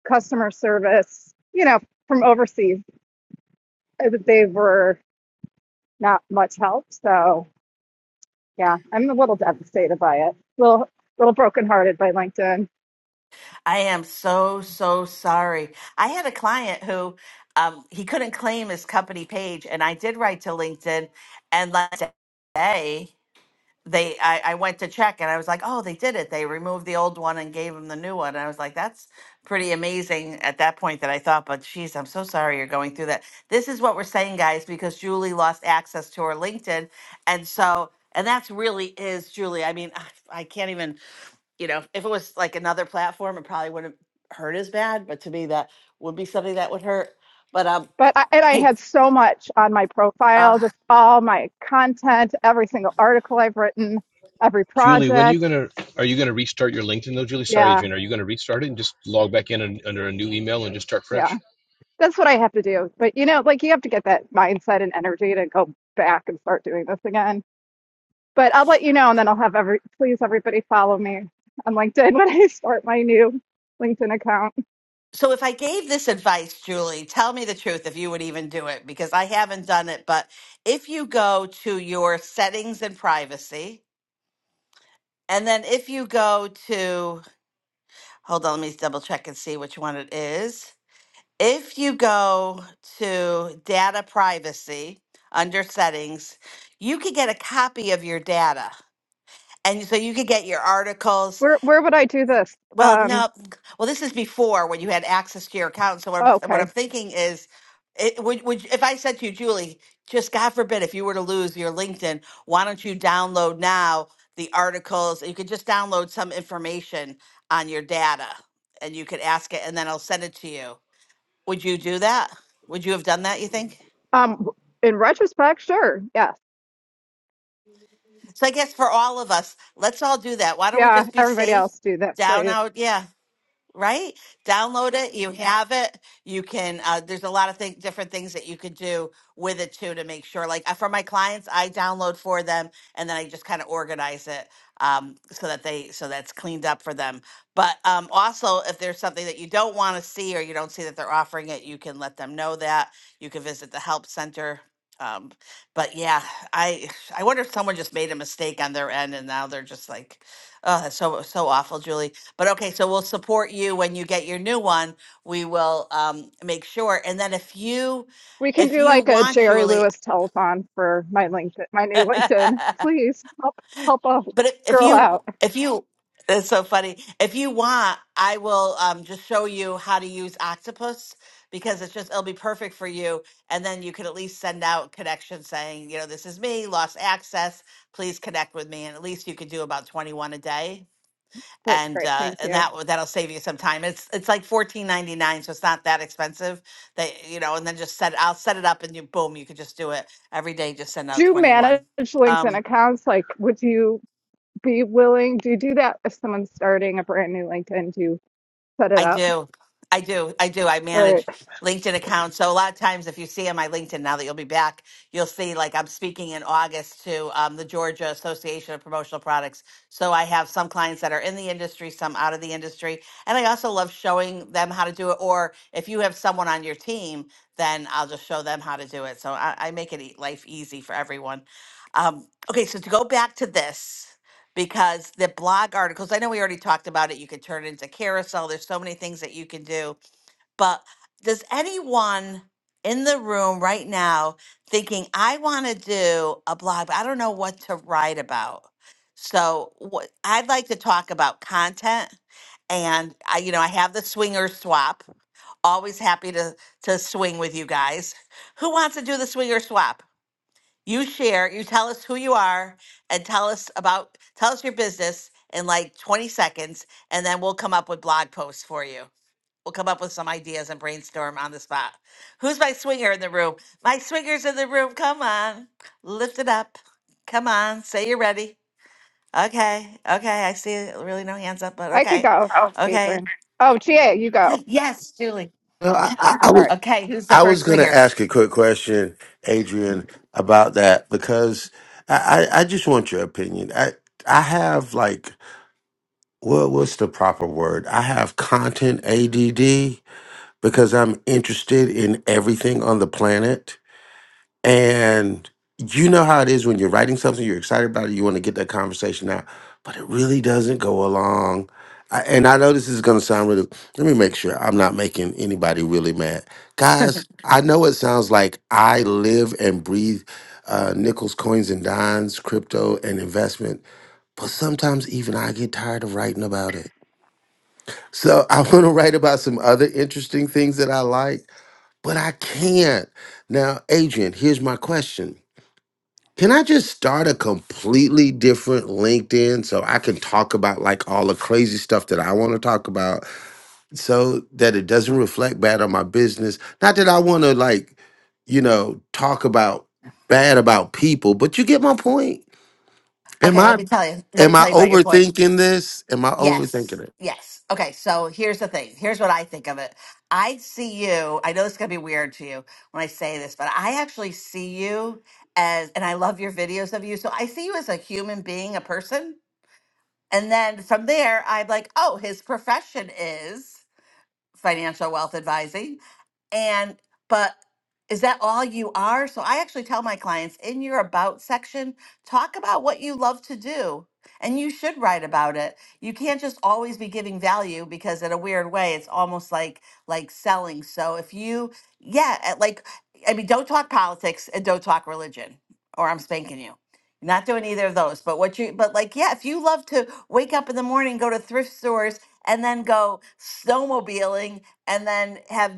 customer service, you know, from overseas. uh, They were not much help. So yeah, I'm a little devastated by it. Little little brokenhearted by LinkedIn. I am so, so sorry. I had a client who um, he couldn't claim his company page, and I did write to LinkedIn. And last day, they I, I went to check, and I was like, "Oh, they did it. They removed the old one and gave him the new one." And I was like, "That's pretty amazing." At that point, that I thought, "But geez, I'm so sorry you're going through that." This is what we're saying, guys, because Julie lost access to her LinkedIn, and so and that's really is Julie. I mean, I can't even you know, if it was like another platform, it probably wouldn't hurt as bad. But to me, that would be something that would hurt. But um, But I, and I I had so much on my uh, profile, just all my content, every single article I've written, every Julie, when are you project. gonna are you gonna restart your LinkedIn though? Julie, sorry, Yeah, Adrian, are you gonna restart it and just log back in and, under a new email and just start yeah. fresh? That's what I have to do. But you know, like you have to get that mindset and energy to go back and start doing this again But I'll let you know, and then I'll have every please everybody follow me on LinkedIn when I start my new LinkedIn account. so if I gave this advice, Julie, tell me the truth if you would even do it because I haven't done it. But if you go to your settings and privacy, and then if you go to hold on, let me double check and see which one it is. If you go to data privacy under settings, you could get a copy of your data. And so you could get your articles. Where where would I do this? Well, Um, no. Well, this is before when you had access to your account. So what oh, I'm, what I'm okay. thinking is, it, would, would if I said to you, Julie, just God forbid, if you were to lose your LinkedIn, why don't you download now the articles? You could just download some information on your data, and you could ask it, and then I'll send it to you. Would you do that? Would you have done that? You think? Um, in retrospect, sure, yes, So I guess for all of us, let's all do that. Why don't we yeah. just be Everybody safe? else do that, Down please. out, yeah. right? Download it. You Yeah. have it. You can. Uh, there's a lot of thing, different things that you could do with it too to make sure. Like uh, for my clients, I download for them, and then I just kind of organize it um, so that they so that's cleaned up for them. But um, also, if there's something that you don't want to see or you don't see that they're offering it, you can let them know that. You can visit the help center. Um, but yeah, I I wonder if someone just made a mistake on their end and now they're just like, oh, that's so so awful, Julie. But okay, so we'll support you when you get your new one. We will um, make sure. And then if you, We can if do you like a want, Jerry Julie, Lewis telethon for my LinkedIn, my new but LinkedIn. Please help help a if, if girl out. you, if you, that's so funny. If you want, I will um, just show you how to use Octopus because it's just it'll be perfect for you. And then you can at least send out connections saying, you know, this is me, lost access. Please connect with me, and at least you could do about twenty one a day That's and great. uh, Thank and you. that will- that'll save you some time. It's it's like fourteen ninety nine, so it's not that expensive. That you know, and then just set I'll set it up and you boom, you could just do it every day. Just send Do out you twenty manage one. LinkedIn Um, accounts? Like, would you be willing? Do you do that if someone's starting a brand new LinkedIn? Do you set it I up? do. I do. I do. I All right. manage LinkedIn accounts. So a lot of times if you see on my LinkedIn now that you'll be back, you'll see like I'm speaking in August to um, the Georgia Association of Promotional Products. So I have some clients that are in the industry, some out of the industry. And I also love showing them how to do it. Or if you have someone on your team, then I'll just show them how to do it. So I, I make it e- life easy for everyone. Um, okay. So to go back to this because the blog articles, I know we already talked about it, you can turn it into carousel. There's so many things that you can do. But does anyone in the room right now thinking, I want to do a blog, but I don't know what to write about? So, what I'd like to talk about content. And I, you know, I have the swinger swap. Always happy to to swing with you guys. Who wants to do the swinger swap? you share, you tell us who you are and tell us about tell us your business in like 20 seconds and then we'll come up with blog posts for you. We'll come up with some ideas and brainstorm on the spot. Who's my swinger in the room? My swinger's in the room. Come on. Lift it up. Come on. Say you're ready. Okay. Okay. I see really no hands up, but I could okay. go, Oh, Okay. Adrian. Oh, GA, you go. Yes, Julie. No, I, I, I All right. was Okay, who's the I was first gonna swinger? ask a quick question, Adrian, about that because I, I, I just want your opinion. I I have like what what's the proper word? I have content ADD because I'm interested in everything on the planet. And you know how it is when you're writing something, you're excited about it, you want to get that conversation out, but it really doesn't go along. I, and I know this is going to sound really, let me make sure I'm not making anybody really mad. Guys, I know it sounds like I live and breathe uh, nickels, coins, and dimes, crypto, and investment, but sometimes even I get tired of writing about it. So I want to write about some other interesting things that I like but I can't. Now, Adrian, here's my question. Can I just start a completely different LinkedIn so I can talk about like all the crazy stuff that I want to talk about so that it doesn't reflect bad on my business? Not that I want to like, you know, talk about bad about people, but you get my point. Am Okay, I let me tell you. Let am me I tell you about your point. overthinking this? Am I overthinking Yes. it? Yes. Okay. So here's the thing. Here's what I think of it. I see you. I know this is going to be weird to you when I say this, but I actually see you as, and I love your videos of you. So I see you as a human being, a person. And then from there, I'm like, oh, his profession is financial wealth advising. And, but is that all you are? So I actually tell my clients in your about section, talk about what you love to do. And you should write about it. You can't just always be giving value because in a weird way, it's almost like like selling. So if you, yeah, at- like I mean, don't talk politics and don't talk religion, or I'm spanking you. You're not doing either of those. But what you, but like, yeah, if you love to wake up in the morning, go to thrift stores, and then go snowmobiling and then have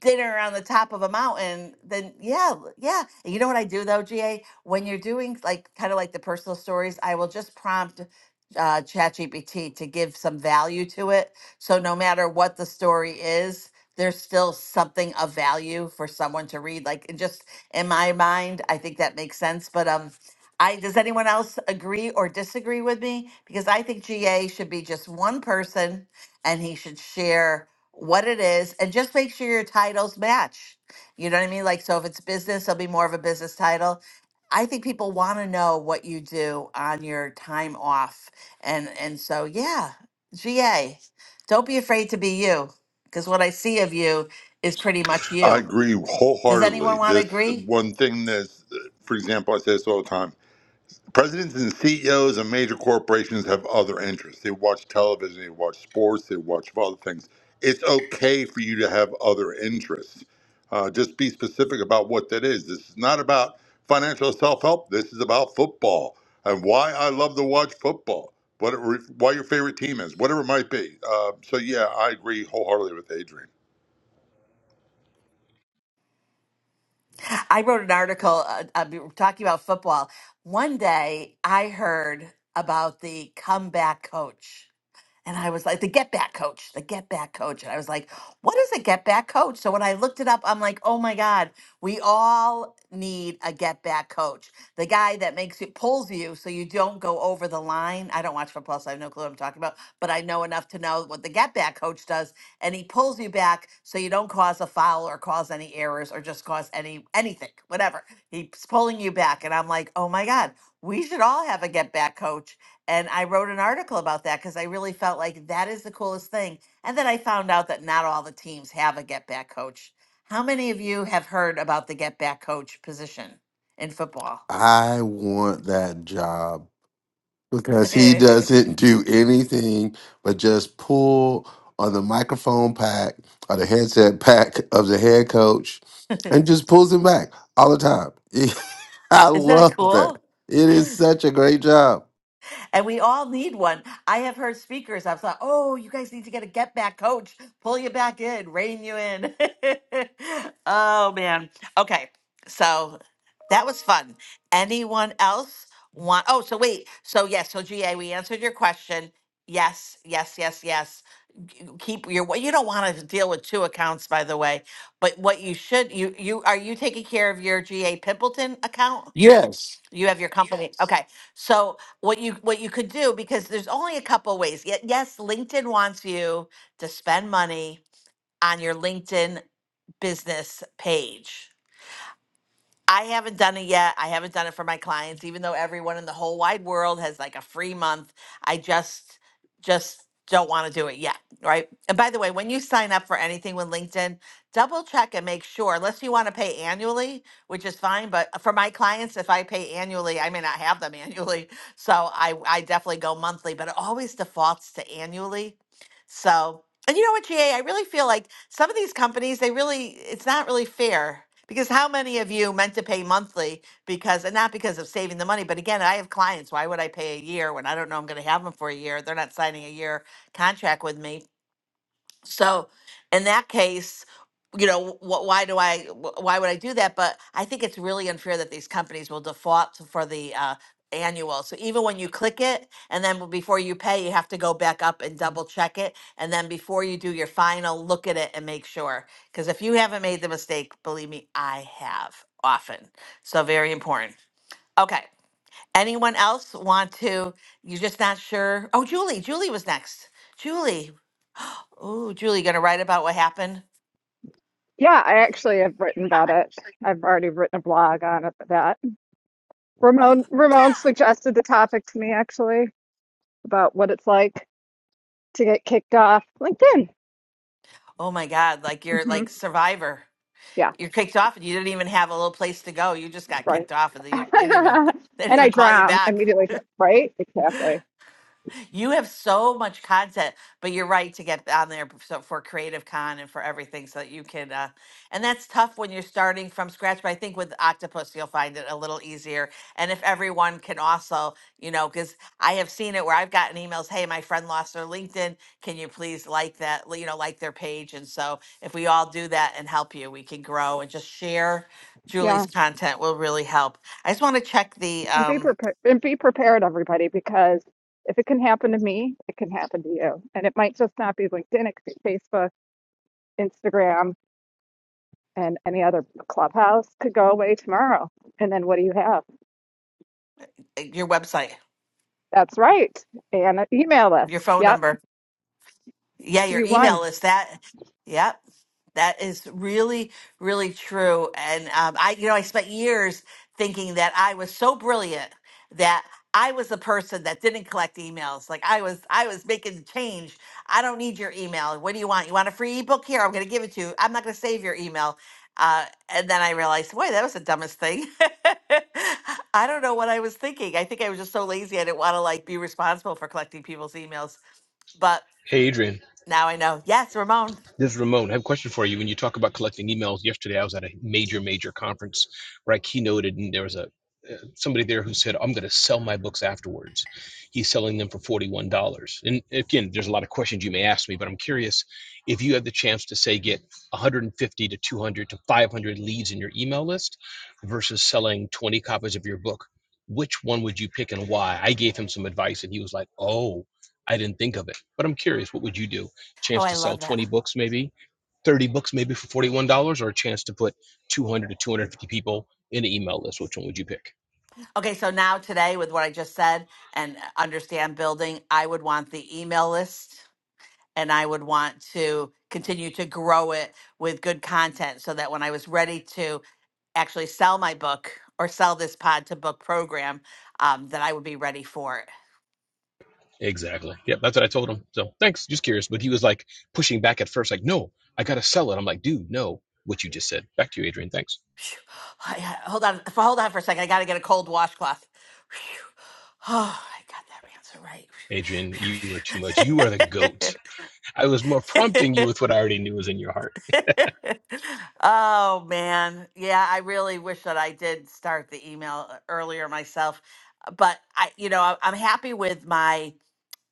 dinner on the top of a mountain, then yeah, l- yeah. And you know what I do though, GA? When you're doing like kind of like the personal stories, I will just prompt uh, ChatGPT to give some value to it. So no matter what the story is, there's still something of value for someone to read. Like and just in my mind, I think that makes sense. But um, I does anyone else agree or disagree with me? Because I think GA should be just one person, and he should share what it is and just make sure your titles match. You know what I mean? Like, so if it's business, it'll be more of a business title. I think people want to know what you do on your time off. And and so yeah, GA, don't be afraid to be you because what I see of you is pretty much I you. agree Does anyone wholeheartedly. want to This agree? one thing that's, for example, I say this all the time Presidents and CEOs of major corporations have other interests. They watch television, they watch sports, they watch other things. It's okay for you to have other interests. Uh, just be specific about what that is. This is not about financial self help. This is about football and why I love to watch football, what it re- why your favorite team is, whatever it might be. Uh, so, yeah, I agree wholeheartedly with Adrian. I wrote an article uh, uh, we were talking about football. One day I heard about the comeback coach. And I was like, the get back coach, the get back coach. And I was like, what is a get back coach? So when I looked it up, I'm like, oh my God, we all need a get back coach. The guy that makes it pulls you so you don't go over the line. I don't watch for plus, I have no clue what I'm talking about, but I know enough to know what the get back coach does. And he pulls you back so you don't cause a foul or cause any errors or just cause any anything, whatever. He's pulling you back. And I'm like, oh my God, we should all have a get back coach and I wrote an article about that because I really felt like that is the coolest thing. And then I found out that not all the teams have a get back coach. How many of you have heard about the get back coach position in football? I want that job. because he is doesn't do anything but just pull on the microphone pack or the headset pack of the head coach and just pulls him back all the time. I that love that. cool? It is such a great job. and we all need one. I have heard speakers. I've thought, oh, you guys need to get a get back coach, pull you back in, rein you in. oh man. Okay, so that was fun. Anyone else want? Oh, so wait. So yes. So GA, we answered your question. Yes, yes, yes, yes. G- Keep your. what You don't want to deal with two accounts, by the way. But what you should you you are you taking care of your GA Pimpleton account? Yes. You have your company. Yes. Okay. So what you what you could do because there's only a couple ways. Yet yes, LinkedIn wants you to spend money on your LinkedIn business page. I haven't done it yet. I haven't done it for my clients, even though everyone in the whole wide world has like a free month. I just, just don't want to do it yet. Right. And by the way, when you sign up for anything with LinkedIn, double check and make sure, unless you want to pay annually, which is fine. But for my clients, if I pay annually, I may not have them annually. So I, I definitely go monthly, but it always defaults to annually. So and you know what, GA, I really feel like some of these companies, they really, it's not really fair because how many of you meant to pay monthly because, and not because of saving the money, but again, I have clients. Why would I pay a year when I don't know I'm going to have them for a year? They're not signing a year contract with me. So in that case, you know, wh- why do I, wh- why would I do that? But I think it's really unfair that these companies will default to- for the uh, annual. So even when you click it and then before you pay, you have to go back up and double check it. And then before you do your final, look at it and make sure. Because if you haven't made the mistake, believe me, I have often. So very important. Okay. Anyone else want to, you're just not sure? Oh, Julie, Julie was next. Julie. Oh, Julie, gonna write about what happened? Yeah, I actually have written about it. I've already written a blog on it for that. Ramon Ramon suggested the topic to me actually about what it's like to get kicked off LinkedIn. Oh my God, like you're hmm like Survivor. Yeah, You're kicked off and you didn't even have a little place to go. You just got right. kicked off and they, they didn't even they didn't and I even call you drown back. immediately, right? Exactly. You have so much content, but you're right to get on there b- so for Creative Con and for everything so that you can. Uh, and that's tough when you're starting from scratch, but I think with Octopus, you'll find it a little easier. And if everyone can also, you know, because I have seen it where I've gotten emails, hey, my friend lost their LinkedIn. Can you please like that, l- you know, like their page? And so if we all do that and help you, we can grow and just share Yeah. Julie's content will really help. I just want to check the And be um, prepared and be prepared everybody because if it can happen to me, it can happen to you. And it might just not be LinkedIn, it could be Facebook, Instagram, and any other clubhouse could go away tomorrow. And then what do you have? eh, your website, That's right. And an email your list. phone Yep, number. Yeah, your you won. email list. That, yep, that is really, really true. And um, I, you know, I spent years thinking that I was so brilliant that I was the person that didn't collect emails. Like I was, I was making the change. I don't need your email. What do you want? You want a free ebook? Here, I'm going to give it to you. I'm not going to save your email. Uh, and then I realized, boy, that was the dumbest thing. I don't know what I was thinking. I think I was just so lazy. I didn't want to like be responsible for collecting people's emails, but. Hey, Adrian. Now I know. Yes, Ramon. This is Ramon. I have a question for you. When you talk about collecting emails, yesterday I was at a major, major conference where I keynoted, and there was a uh, somebody there who said, "I'm going to sell my books afterwards." He's selling them for forty-one dollars. And again, there's a lot of questions you may ask me, but I'm curious if you have the chance to say get 150 to 200 to 500 leads in your email list versus selling 20 copies of your book. Which one would you pick and why? I gave him some advice, and he was like, "Oh, I didn't think of it." But I'm curious, what would you do? Oh, chance I to sell love that. 20 books maybe 30 books maybe for $41 or a chance to put 200 to 250 people in an email list which one would you pick Okay, so now today, with what I just said and understand building, I would want the email list and I would want to continue to grow it with good content so that when I was ready to actually sell my book or sell this pod to book program, um, that I would be ready for it. exactly yep that's what i told him so thanks just curious but he was like pushing back at first like no i gotta sell it i'm like dude no what you just said back to you adrian thanks Phew. I- I- Hold on, f- hold on for a second. I got to get a cold washcloth. Phew. Oh, I got that answer adrian you are too much you are the right. Phew. goat i was more Phew, phew. prompting you with what i already knew was in your heart oh man. Yeah, I really wish that I did start the email uh, earlier myself. uh, But I, you know, I- I'm happy with my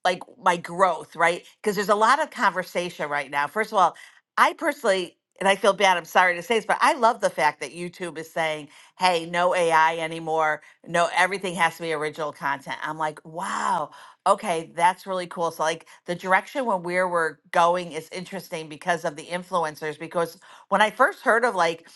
like my growth, right? Because there's a lot of conversation right now. First of all, I personally, and I feel bad, I'm sorry to say this, but I love the fact that YouTube is saying, hey, no AI anymore. No, everything has to be original content. I'm like, wow, okay, that's really cool. So, like, the direction when where we're going is interesting because of the influencers. Because when I first heard of like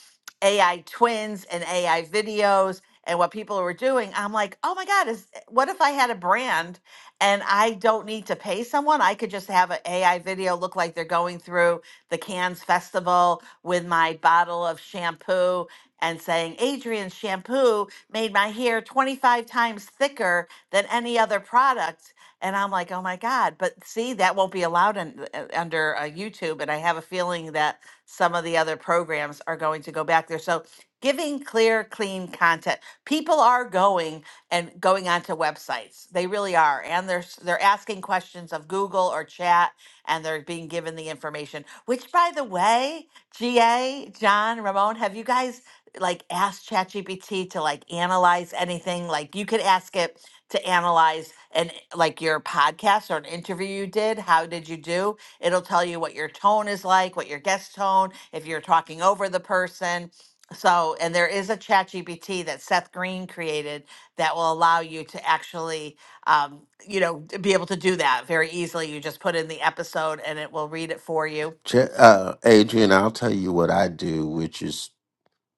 AI twins and AI videos, and what people were doing, I'm like, oh my God, is what if I had a brand and I don't need to pay someone. I could just have an AI video look like they're going through the Cannes Festival with my bottle of shampoo and saying, Adrian's shampoo made my hair 25 times thicker than any other product. And I'm like, oh my God. But see, that won't be allowed in, uh, under uh, YouTube. And I have a feeling that some of the other programs are going to go back there. So giving clear, clean content. People are going and going onto websites. They really are, and they're s- they're asking questions of Google or Chat, and they're being given the information. Which, by the way, GA John Ramon, have you guys like asked ChatGPT to like analyze anything? Like you could ask it to analyze an like your podcast or an interview you did. How did you do? It'll tell you what your tone is like, what your guest tone, if you're talking over the person. So, and there is a chat GPT that Seth Green created that will allow you to actually, um, you know, d- be able to do that very easily. You just put in the episode and it will read it for you. Ch- Uh, Adrian, I'll tell you what I do, which is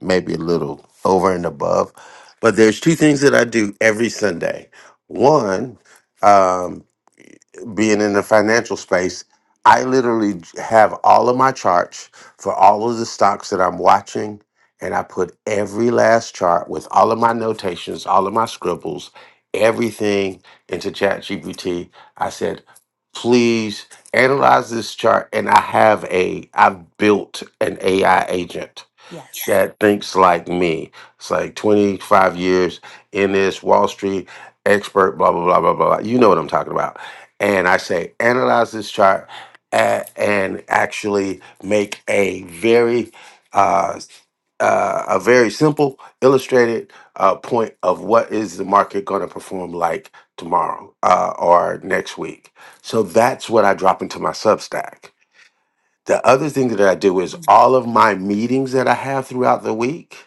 maybe a little over and above, but there's two things that I do every Sunday. One, um, being in the financial space, I literally j- have all of my charts for all of the stocks that I'm watching, and I put every last chart with all of my notations, all of my scribbles, everything into ChatGPT. I said, please analyze this chart, and I have a, I've built an AI agent Yes. that thinks like me. It's like 25 years in this Wall Street expert, blah, blah, blah, blah, blah. You know what I'm talking about. And I say, analyze this chart a- and actually make a very uh, uh, a very simple illustrated uh, point of what is the market going to perform like tomorrow uh, or next week. So that's what I drop into my Substack. The other thing that I do is Mhm. all of my meetings that I have throughout the week.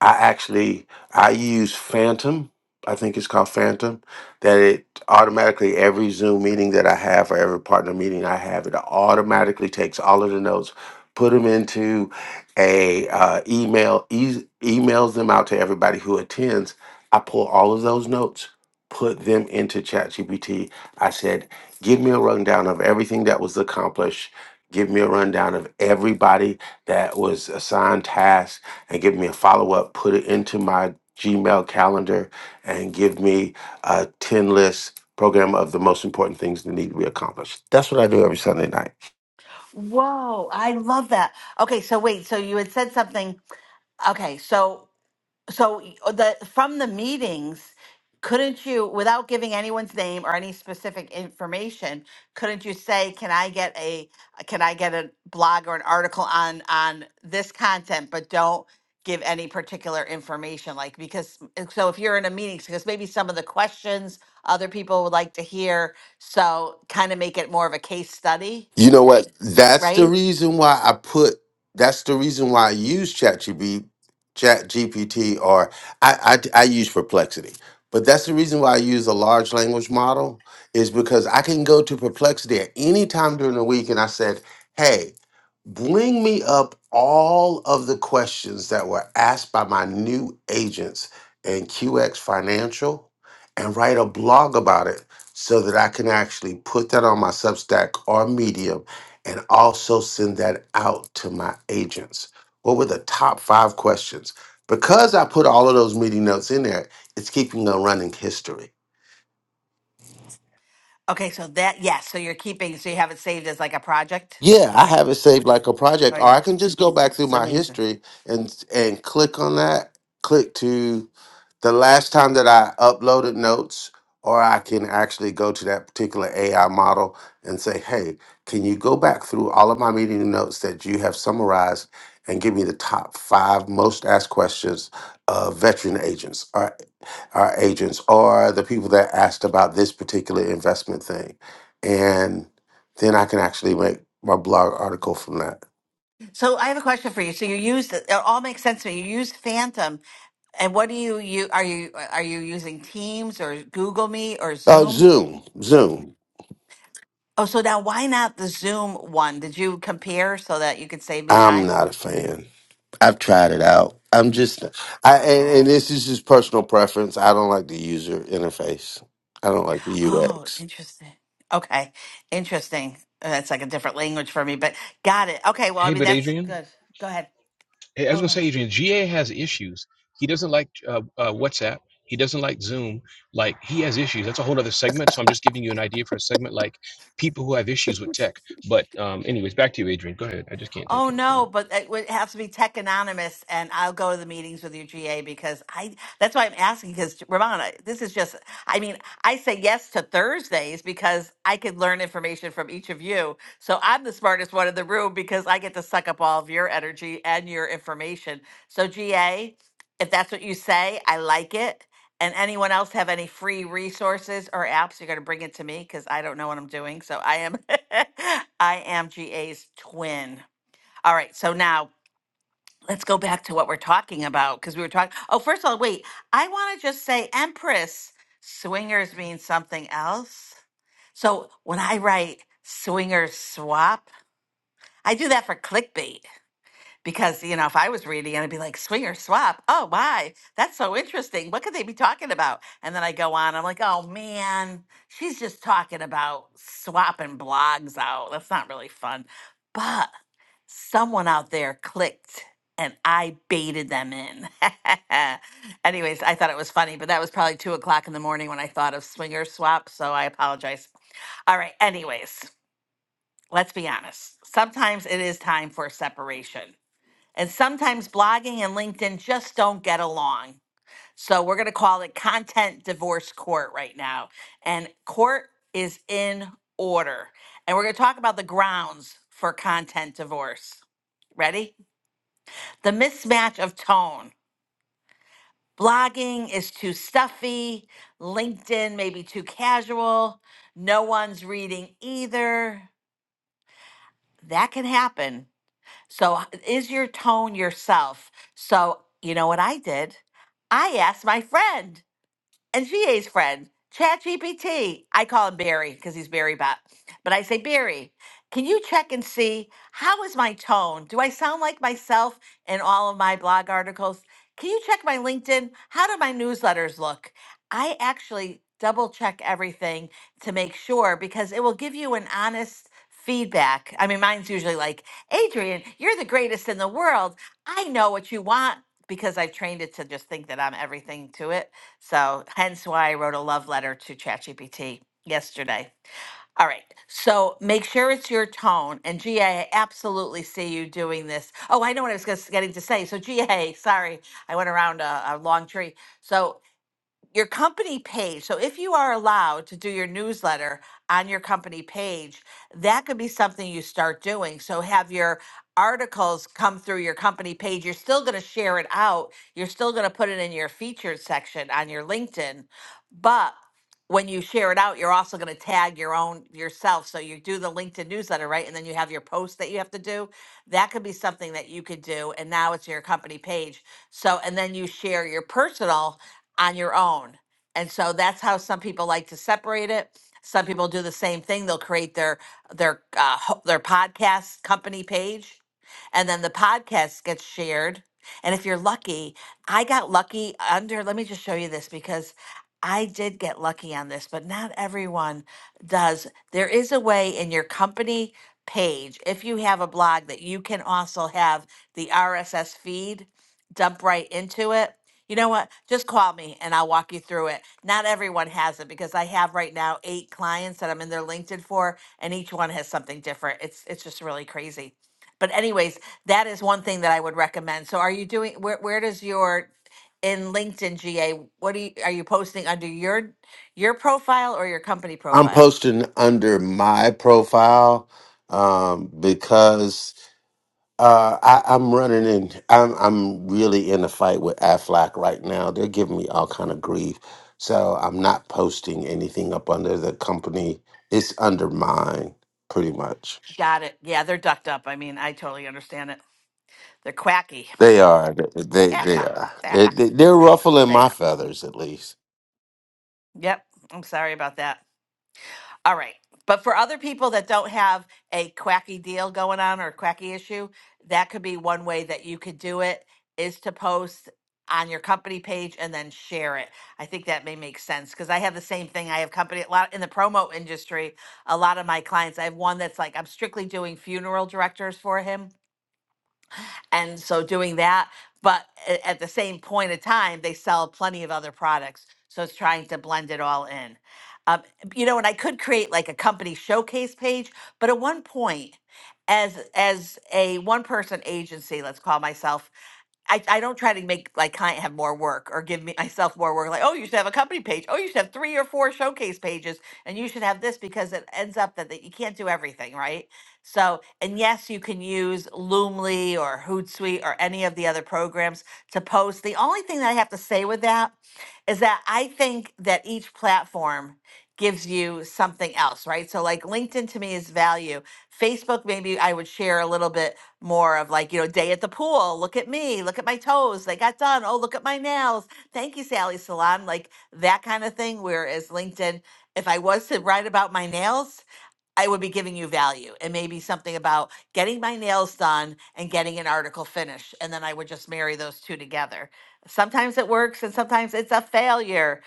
I actually I use Phantom. I think it's called Phantom. That it automatically every Zoom meeting that I have or every partner meeting I have, it automatically takes all of the notes, put them into a uh, email, e- emails them out to everybody who attends. I pull all of those notes, put them into ChatGPT. I said, give me a rundown of everything that was accomplished. Give me a rundown of everybody that was assigned tasks and give me a follow up, put it into my Gmail calendar, and give me a 10 list program of the most important things that need to be accomplished. That's what I do every Sunday night. Whoa, I love that. Okay, so wait, so you had said something. Okay, so So y- uh, the from the meetings, couldn't you, without giving anyone's name or any specific information, couldn't you say, "Can I get a uh, can I get a blog or an article on on this content?" But don't give any particular information, like because uh, so if you're in a meeting, because maybe some of the questions other people would like to hear, so kind of make it more of a case study, You know what? That's the right? reason why I put. That's the reason why I use ChatGPT, Chat GPT, or I, I I use Perplexity. But that's the reason why I use a large language model is because I can go to Perplexity at any time during the week, and I said, "Hey, bring me up all of the questions that were asked by my new agents in QX Financial, and write a blog about it." so that I can actually put that on my Substack or Medium and also send that out to my agents? What were the top five questions? Because I put all of those meeting notes in there, it's keeping a running history. Okay, so that yes, so you're keeping, so you have it saved as like a project. Yeah, I have it saved like a Oh project, or yeah, I can just go back through it's my amazing. history and and click on that. Click to the last time that I uploaded notes, or I can actually go to that particular AI model and say, "Hey, can you go back through all of my meeting notes that you have summarized and give me the top five most asked questions of veteran agents or our agents or the people that asked about this particular investment thing?" and then I can actually make my blog article from that. So I have a question for you. So you used it all makes sense to me. You used Phantom, and what do you you are you are you using Teams or Google Meet or Uh, Zoom? Zoom, Zoom. Oh, so now why not the Zoom one? Did you compare so that you could save me I'm time? not a fan. I've tried it out. I'm just, I and, and Oh, this is just personal preference. I don't like the user interface. I don't like the oh, UX. interesting. Okay, interesting. Uh, That's like a different language for me, but got it. Okay, well, I hey mean but that's adrian good. Go ahead. Hey, I was going to Over. say, Adrian, GA has issues. He doesn't like uh, uh, WhatsApp. He doesn't like Zoom. Like, he has issues. That's a whole other segment. So I'm just giving you an idea for a segment like people who have issues with tech. But, um, anyways, back to you, Adrian. Go ahead. I just can't take Oh it. Go ahead. no, but it would have to be tech anonymous, and I'll go to the meetings with your GA because I. That's why I'm asking because Ramona, this is just. I mean, I say yes to Thursdays because I could learn information from each of you. So I'm the smartest one in the room because I get to suck up all of your energy and your information. So GA, if that's what you say, I like it. And anyone else have any free resources or apps? You're going to bring it to me because I don't know what I'm doing. So I am, I am GA's twin. All right, so now let's go back to what we're talking about because we were talking. Oh, first of all, wait, I want to just say Empress swingers means something else. So when I write swingers swap, I do that for clickbait because you know if i was reading i'd be like "Swinger swap oh why that's so interesting what could they be talking about and then i go on i'm like oh man she's just talking about swapping blogs out that's not really fun but someone out there clicked and i baited them in anyways i thought it was funny but that was probably two o'clock in the morning when i thought of swinger swap so i apologize all right anyways let's be honest sometimes it is time for separation and sometimes blogging and LinkedIn just don't get along. So we're going to call it content divorce court right now. And court is in order. And we're going to talk about the grounds for content divorce. Ready? The mismatch of tone. Blogging is too stuffy, LinkedIn maybe too casual, no one's reading either. That can happen So, h- is your tone yourself? So, you know what I did? I asked my friend and GA's friend, ChatGPT. I call him Barry because he's Barry Bot. But I say, Barry, can you check and see how is my tone? Do I sound like myself in all of my blog articles? Can you check my LinkedIn? How do my newsletters look? I actually double check everything to make sure because it will give you an honest feedback. I mean, mine's usually like, Adrian, you're the greatest in the world. I know what you want because I've trained it to just think that I'm everything to it so hence why I wrote a love letter to ChatGPT yesterday. All right. So make sure it's your tone. And GA, absolutely see you doing this. Oh, I know what I was gus- getting to say. So GA, sorry, I went around a, a long tree. So your company page. So if you are allowed to do your newsletter on your company page, that could be something you start doing. So have your articles come through your company page. You're still going to share it out. You're still going to put it in your featured section on your LinkedIn. But when you share it out, you're also going to tag your own yourself. So you do the LinkedIn newsletter, right? And then you have your post that you have to do. That could be something that you could do. And now it's your company page. So, and then you share your personal on your own. And so that's how some people like to separate it. Some people do the same thing. They'll create their their uh, ho- their podcast company page, and then the podcast gets shared. And if you're lucky, I got lucky under. Let me just show you this because I did get lucky on this, but not everyone does. There is a way in your company page, if you have a blog, that you can also have the RSS feed dump right into it you know what? Just call me and I'll walk you through it. Not everyone has it because I have right now eight clients that I'm in their LinkedIn for, and each one has something different. It's it's just really crazy. But anyways, that is one thing that I would recommend. So are you doing where where does your in LinkedIn GA, what do you are you posting under your your profile or your company I'm profile? posting under my profile um, because Uh, I, I'm running in. I'm I'm really in a fight with Aflac right now. They're giving me all kind of grief, so I'm not posting anything up under the company. It's under mine, pretty much. Got it. Yeah, they're ducked up. I mean, I totally understand it. They're quacky. They are. They Yeah, they fine. are. Yeah, They, fine. they- they're ruffling they my are. feathers, at least. Yep. I'm sorry about that. All right. But for other people that don't have a quacky deal going on or a quacky issue, that could be one way that you could do it is to post on your company page and then share it. I think that may make sense because I have the same thing. I have company a lot in the promo industry. A lot of my clients, I have one that's like I'm strictly doing funeral directors for him and so doing that, but a- at the same point of time, they sell plenty of other products. So it's trying to blend it all in. Um, you know, and I could create like a company showcase page, but at one point, as as a one person agency, let's call myself, I, I don't try to make like client have more work or give me myself more work. Like, oh, you should have a company page. Oh, you should have three or four showcase pages, and you should have this because it ends up that, that you can't do everything, right? So, and yes, you can use Loomly or Hootsuite or any of the other programs to post. The only thing that I have to say with that is that I think that each platform gives you something else, right? So, like LinkedIn to me is value. Facebook, maybe I would share a little bit more of like, you know, day at the pool. Look at me. Look at my toes. They got done. Oh, look at my nails. Thank you, Sally Salon. Like that kind of thing. Whereas LinkedIn, if I was to write about my nails, I would be giving you value and maybe something about getting my nails done and getting an article finished. And then I would just marry those two together. Sometimes it works and sometimes it's a failure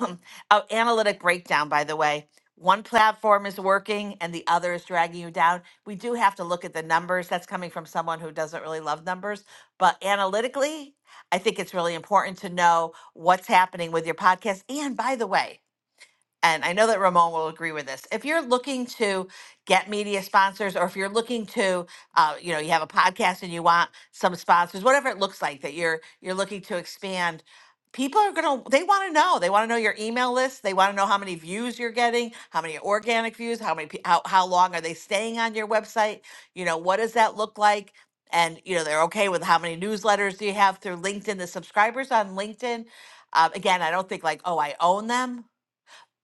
Oh, analytic breakdown, by the way. One platform is working and the other is dragging you down. We do have to look at the numbers. That's coming from someone who doesn't really love numbers. But analytically, I think it's really important to know what's happening with your podcast. And by the way, and I know that Ramon will agree with this. If you're looking to get media sponsors, or if you're looking to, uh, you know, you have a podcast and you want some sponsors, whatever it looks like that you're you're looking to expand, people are gonna they want to know. They want to know your email list. They want to know how many views you're getting, how many organic views, how many pe- how how long are they staying on your website? You know, what does that look like? And you know, they're okay with how many newsletters do you have through LinkedIn? The subscribers on LinkedIn. Um, again, I don't think like, oh, I own them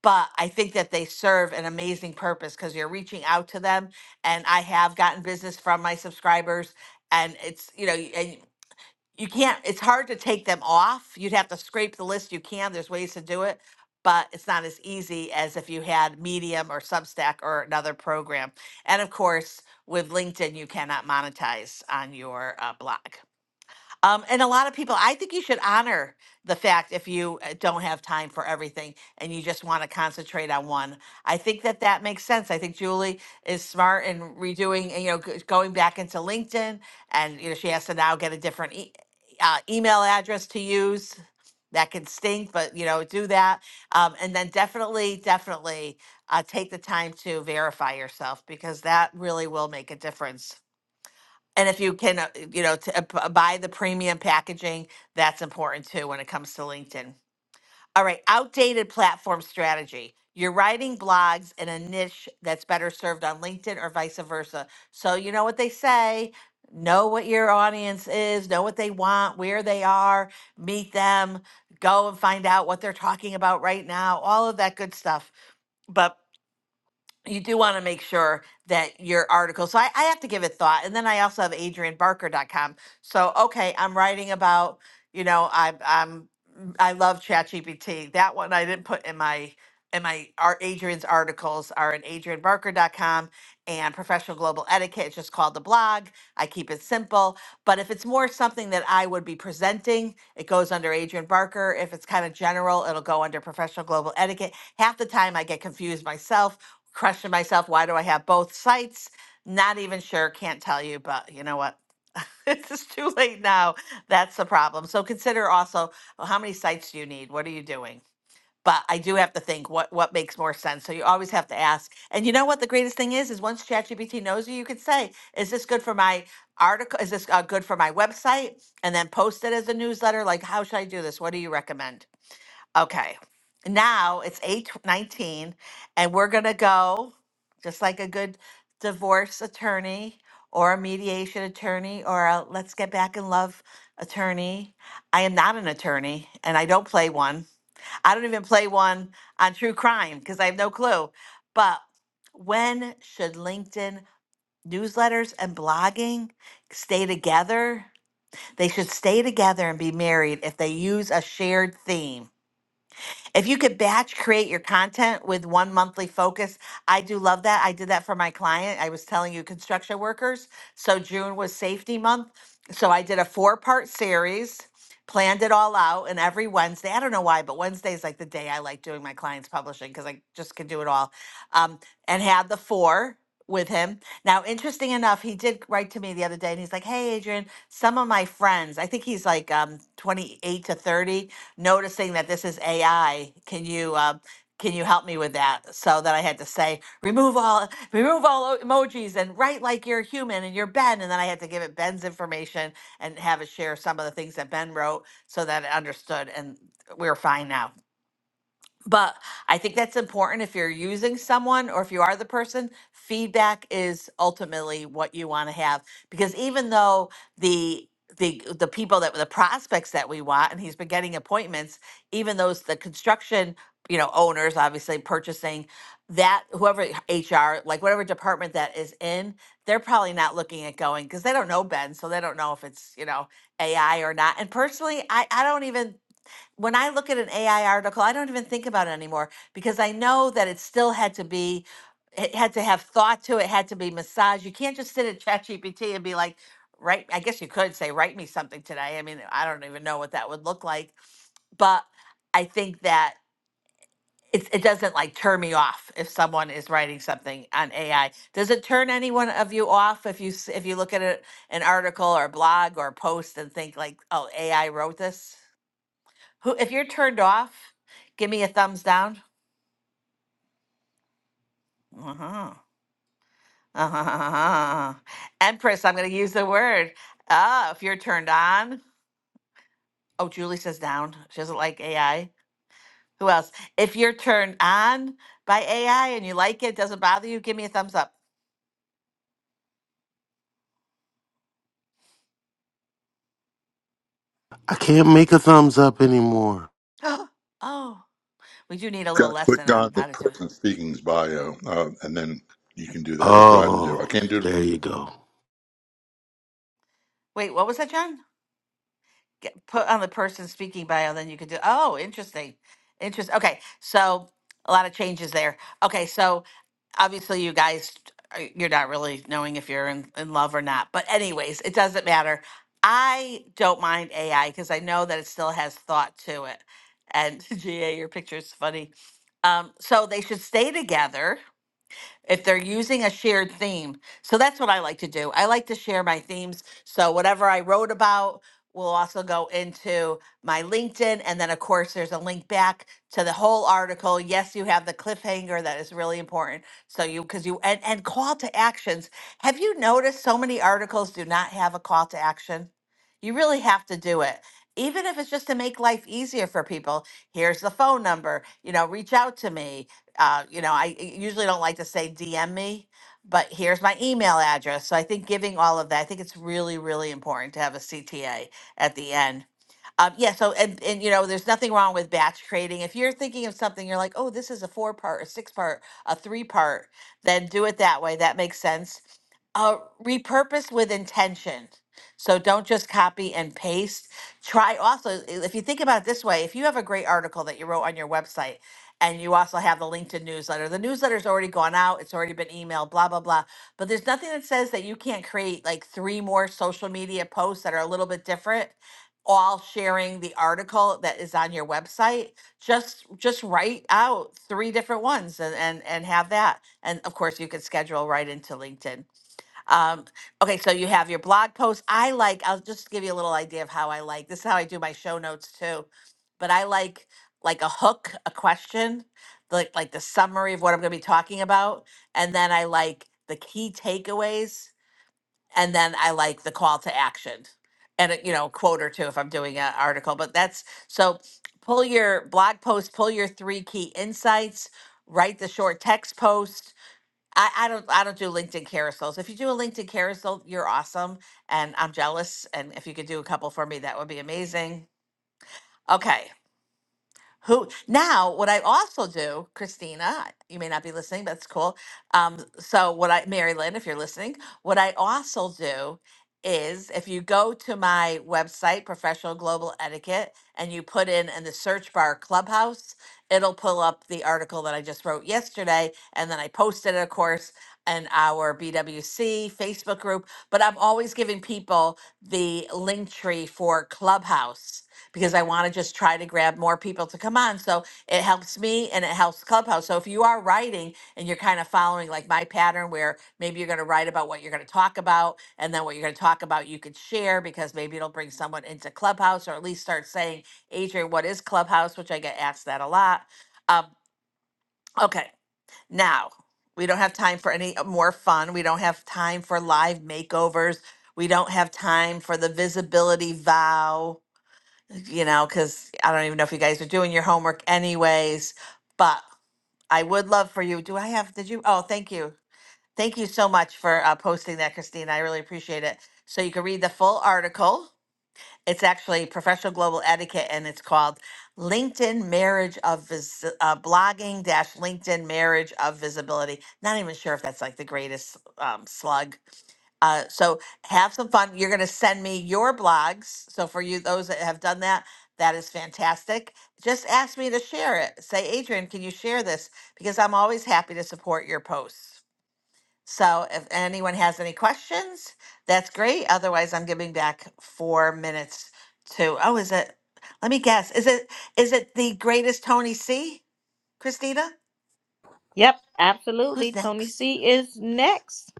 but I think that they serve an amazing purpose because you're reaching out to them. And I have gotten business from my subscribers, and it's you know, y- and you can't. It's hard to take them off. You'd have to scrape the list. You can. There's ways to do it, but it's not as easy as if you had Medium or Substack or another program. And of course, with LinkedIn, you cannot monetize on your uh, blog. Um, and a lot of people, I think you should honor the fact if you uh, don't have time for everything and you just want to concentrate on one. I think that that makes sense. I think Julie is smart in redoing, and, you know, g- going back into LinkedIn, and you know, she has to now get a different e- uh, email address to use. That can stink, but you know, do that, um, and then definitely, definitely uh, take the time to verify yourself because that really will make a difference and if you can, uh, you know, to, uh, p- uh, buy the premium packaging, that's important too when it comes to LinkedIn. All right, outdated platform strategy. You're writing blogs in a niche that's better served on LinkedIn or vice versa. So you know what they say. Know what your audience is, know what they want, where they are, meet them, go and find out what they're talking about right now, all of that good stuff. But you do want to make sure that your article. So I, I have to give it thought. And then I also have adrianbarker.com. So, okay, I'm writing about, you know, I, I'm, mm, I love ChatGPT. That one I didn't put in my, in my, our Adrian's articles are in adrianbarker.com and professional global etiquette. It's just called the blog. I keep it simple. But if it's more something that I would be presenting, it goes under Adrian Barker. If it's kind of general, it'll go under professional global etiquette. Half the time I get confused myself Question: myself. Why do I have both sites? Not even sure. Can't tell you, but you know what? It's just too late now. That's the problem. So consider also well, how many sites do you need? What are you doing? But I do have to think what what makes more sense. So you always have to ask. And you know what the greatest thing is is once ChatGPT knows you, you could say, "Is this good for my article? Is this uh, good for my website?" And then post it as a newsletter. Like, how should I do this? What do you recommend? Okay. Now it's 8:19 and we're going to go just like a good divorce attorney or a mediation attorney or a let's get back in love attorney. I am not an attorney and I don't play one. I don't even play one on true crime because I have no clue. But when should LinkedIn newsletters and blogging stay together? They should stay together and be married if they use a shared theme if you could batch create your content with one monthly focus, I do love that. I did that for my client. I was telling you, construction workers. So June was safety month. So I did a four part series, planned it all out. And every Wednesday, I don't know why, but Wednesday is like the day I like doing my clients' publishing because I just can do it all. Um, and had the four with him. Now, interesting enough, he did write to me the other day and he's like, Hey, Adrian, some of my friends, I think he's like um, 28 to 30 noticing that this is AI. Can you uh, can you help me with that? So that I had to say remove all remove all o- emojis and write like you're human and you're Ben. And then I had to give it Ben's information and have it share some of the things that Ben wrote so that it understood. And we're fine now. But I think that's important if you're using someone or if you are the person, feedback is ultimately what you want to have because even though the the the people that the prospects that we want and he's been getting appointments, even those the construction, you know, owners obviously purchasing that whoever HR, like whatever department that is in, they're probably not looking at going because they don't know Ben, so they don't know if it's, you know, AI or not. And personally, I I don't even when I look at an AI article, I don't even think about it anymore because I know that it still had to be, it had to have thought to it, had to be massaged. You can't just sit at ChatGPT and be like, write, I guess you could say, write me something today. I mean, I don't even know what that would look like. But I think that it's, it doesn't like turn me off if someone is writing something on AI. Does it turn anyone of you off if you s- if you look at a, an article or blog or post and think like, oh, AI wrote this? Who, if you're turned off, give me a thumbs down. Uh-huh. Uh-huh. Empress, I'm going to use the word. Ah, if you're turned on. Oh, Julie says down. She doesn't like AI. Who else? If you're turned on by AI and you like it, doesn't bother you, give me a thumbs up. I can't make a thumbs up anymore. oh, we do need a Got little to lesson click on on the how to do it. person speaking's bio, uh, and then you can do that. That's what I had to do. I Oh, can't do it. there you go. Wait, what was that, John? Get, put on the person speaking bio, then you could do. Oh, interesting. Interest. Okay, so a lot of changes there. Okay, so obviously you guys uh, you're not really knowing if you're in, in love or not but anyways it doesn't matter i don't mind ai because i know that it still has thought to it and ga your picture is funny um, so they should stay together if they're using a shared theme. So that's what I like to do. I like to share my themes. So whatever I wrote about will also go into my LinkedIn. And then, of course, there's a link back to the whole article. Yes, you have the cliffhanger that is really important. So you, because you, and, and call to actions. Have you noticed so many articles do not have a call to action? You really have to do it. Even if it's just to make life easier for people, here's the phone number, you know, reach out to me uh, you know, I usually don't like to say DM me, but here's my email address. So I think giving all of that, I think it's really, really important to have a CTA at the end. Um, yeah. So and and you know, there's nothing wrong with batch trading. If you're thinking of something, you're like, oh, this is a four part, a six part, a three part, then do it that way. That makes sense. Uh, repurpose with intention. So don't just copy and paste. Try also, i- if you think about it this way, if you have a great article that you wrote on your website and you also have the LinkedIn newsletter. The newsletter's already gone out, it's already been emailed, blah, blah, blah. But there's nothing that says that you can't create like three more social media posts that are a little bit different all sharing the article that is on your website just just write out three different ones and and, and have that and of course you could schedule right into linkedin um, okay, so you have your blog post. I like, I'll just give you a little idea of how I like this is how I do my show notes too. But I like like a hook, a question, like like the summary of what I'm gonna be talking about. And then I like the key takeaways, and then I like the call to action. And a, you know, quote or two if I'm doing an article. But that's so pull your blog post, pull your three key insights, write the short text post I, I don't I don't do LinkedIn carousels. If you do a LinkedIn carousel, you're awesome. And I'm jealous. And if you could do a couple for me, that would be amazing. Okay. Who now? What I also do, Christina, you may not be listening, but it's cool. Um, so what I, Mary Lynn, if you're listening, what I also do is if you go to my website, Professional Global Etiquette, and you put in in the search bar Clubhouse, it'll pull up the article that I just wrote yesterday, and then I posted it, of course, in our BWC Facebook group. But I'm always giving people the link tree for Clubhouse because I want to just try to grab more people to come on. So it helps me and it helps Clubhouse. So if you are writing and you're kind of following like my pattern where maybe you're going to write about what you're going to talk about and then what you're going to talk about you could share because maybe it'll bring someone into Clubhouse or at least start saying, "Adrian, what is Clubhouse?" which I get asked that a lot. Um okay. Now, we don't have time for any more fun. We don't have time for live makeovers. We don't have time for the visibility vow you know, because I don't even know if you guys are doing your homework anyways, but I would love for you. Do I have, did you? Oh, thank you. Thank you so much for uh, posting that, Christine. I really appreciate it. So you can read the full article it's actually professional global etiquette, and it's called LinkedIn Marriage of Vis- uh, Blogging Dash LinkedIn Marriage of Visibility. Not even sure if that's like the greatest um, slug. Uh, so have some fun. You're going to send me your blogs. So for you, those that have done that, that is fantastic. Just ask me to share it. Say, Adrian, can you share this? Because I'm always happy to support your posts. So if anyone has any questions, that's great. Otherwise, I'm giving back four minutes to, oh, is it, let me guess, is it, is it the greatest Tony C, Christina? Yep, absolutely. Who's Tony next? C is next.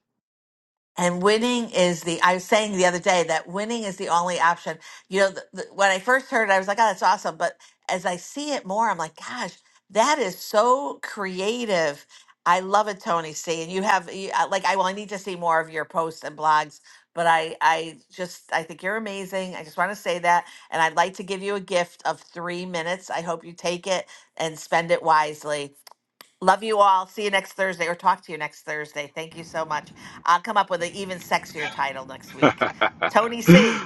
And winning is the, I was saying the other day that winning is the only option. You know, the, the, when I first heard it, I was like, oh, that's awesome. But as I see it more, I'm like, gosh, that is so creative. I love it, Tony C. And you have, you, uh, like, I, well, I need to see more of your posts and blogs, but I, I just, I think you're amazing. I just want to say that. And I'd like to give you a gift of three minutes. I hope you take it and spend it wisely. Love you all. See you next Thursday or talk to you next Thursday. Thank you so much. I'll come up with an even sexier title next week. Tony C.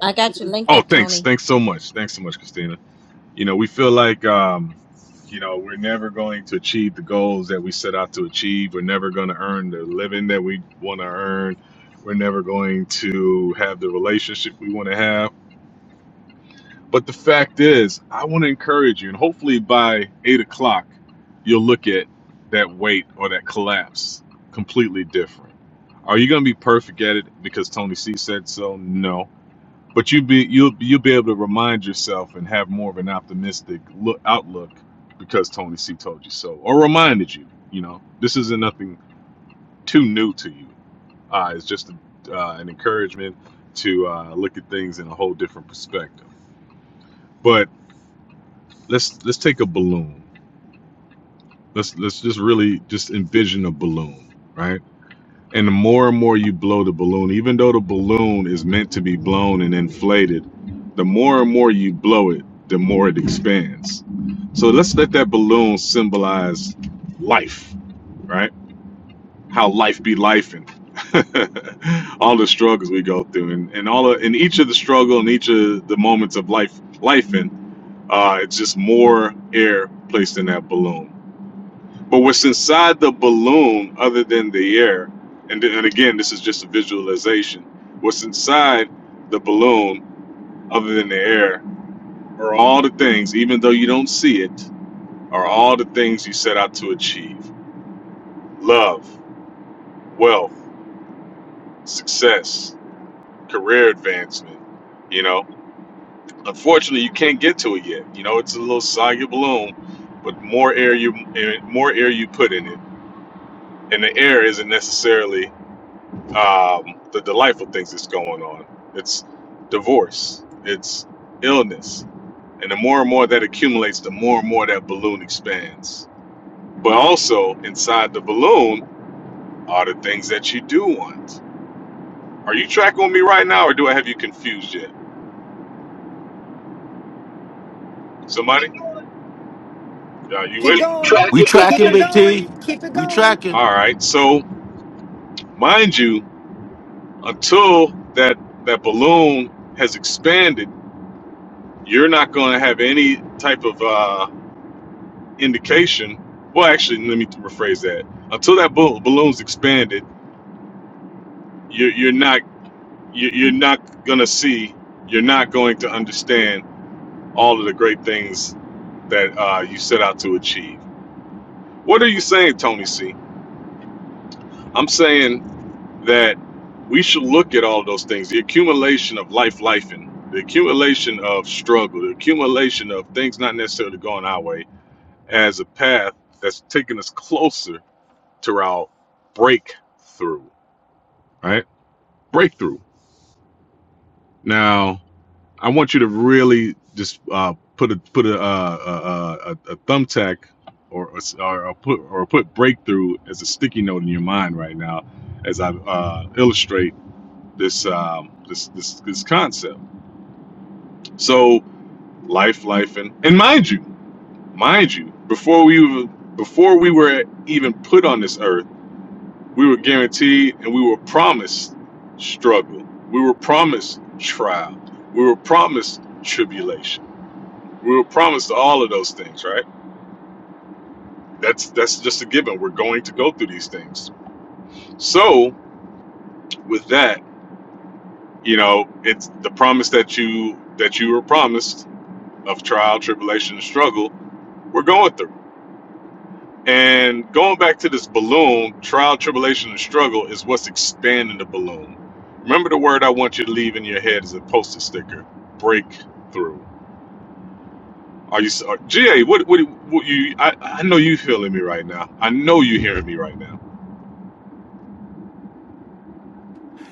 I got you linked up, Tony. Keep going. We Keep tracking, it Big T. going. Keep it We going. tracking.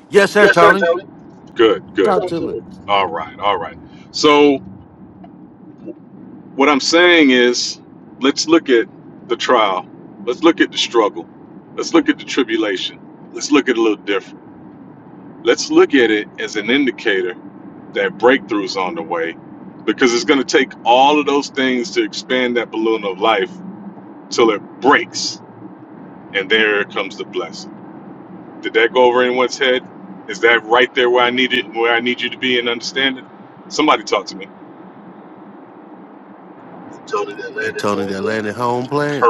Yes, sir, Tony. Talk to me. Uh, Tony, they landed home plant.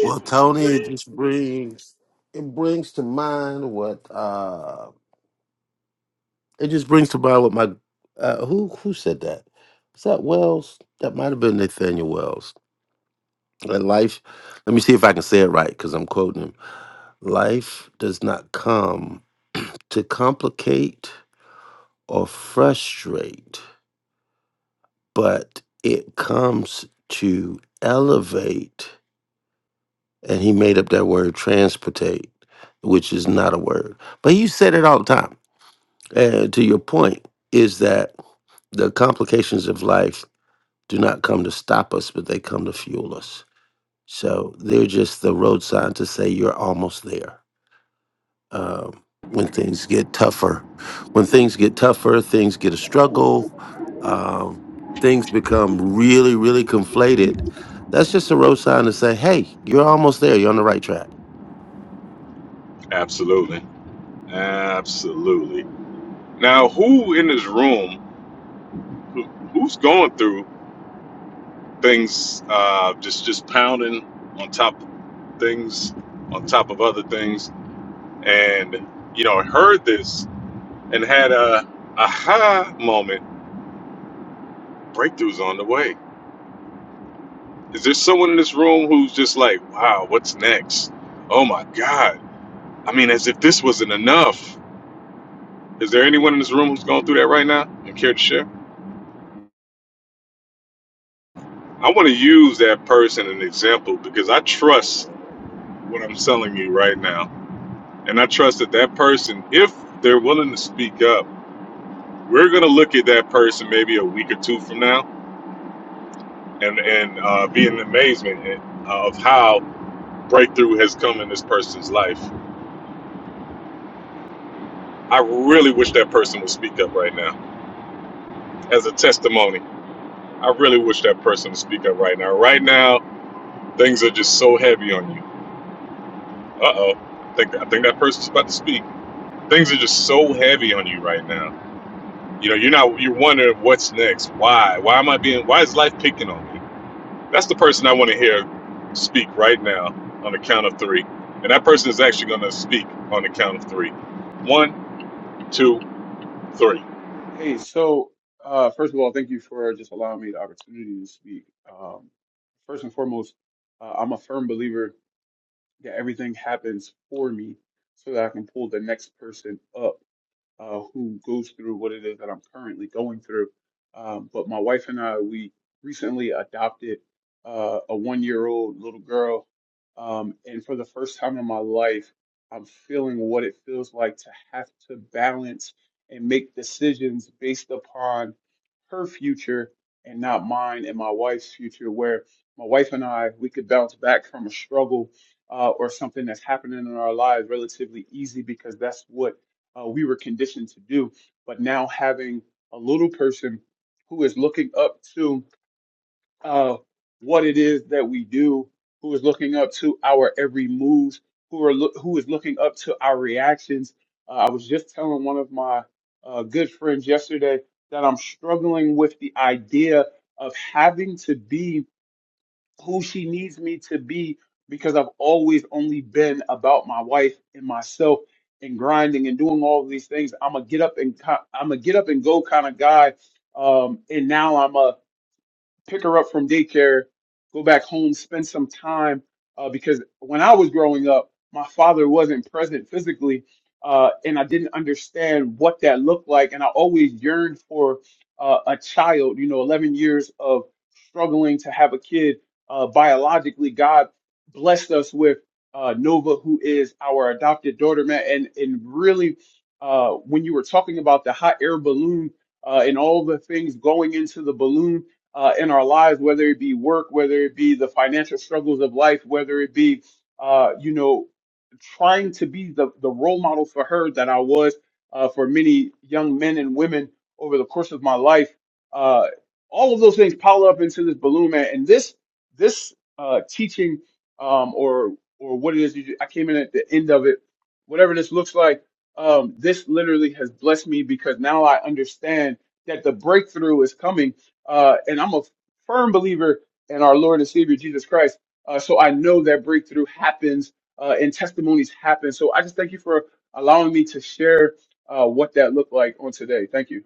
Well, Tony, it just brings it brings to mind what uh it just brings to mind what my uh who who said that? Was that Wells? That might have been Nathaniel Wells. That life let me see if I can say it right because I'm quoting him. Life does not come to complicate or frustrate, but it comes to elevate and he made up that word transportate, which is not a word. But you said it all the time Uh, to your point, is that the complications of life do not come to stop us, but they come to fuel us. So they're just the road sign to say you're almost there. Um, when things get tougher, when things get tougher, things get a struggle, um, things become really, really conflated. That's just a road sign to say, hey, you're almost there. You're on the right track. Hey, so uh, first of all, thank you for just allowing me the opportunity to speak. Um, first and foremost, uh, I'm a firm believer that everything happens for me so that I can pull the next person up uh, who goes through what it is that I'm currently going through. Um, but my wife and I, we recently adopted uh, a one year old little girl. Um, and for the first time in my life, I'm feeling what it feels like to have to balance and make decisions based upon her future and not mine and my wife's future, where my wife and I, we could bounce back from a struggle uh, or something that's happening in our lives relatively easy because that's what uh, we were conditioned to do. But now having a little person who is looking up to uh, what it is that we do, who is looking up to our every move, who are loo- who is looking up to our reactions. Uh, I was just telling one of my uh, good friends yesterday that I'm struggling with the idea of having to be who she needs me to be because I've always only been about my wife and myself and grinding and doing all of these things. I'm a get up and co- I'm a get up and go kind of guy. Um, and now I'm a pick her up from daycare, go back home, spend some time. Uh, because when I was growing up, my father wasn't present physically, uh, and I didn't understand what that looked like. And I always yearned for uh, a child, you know, 11 years of struggling to have a kid. Uh, biologically, God blessed us with uh, Nova, who is our adopted daughter, man. And, and really, uh, when you were talking about the hot air balloon uh, and all the things going into the balloon, uh, in our lives, whether it be work, whether it be the financial struggles of life, whether it be, uh, you know, trying to be the, the role model for her that I was uh, for many young men and women over the course of my life. Uh, all of those things pile up into this balloon, man. And this this uh, teaching um, or or what it is you do, I came in at the end of it, whatever this looks like. Um, this literally has blessed me because now I understand that the breakthrough is coming uh, and I'm a firm believer in our Lord and Savior Jesus Christ. Uh, so I know that breakthrough happens uh, and testimonies happen. So I just thank you for allowing me to share uh, what that looked like on today. Thank you.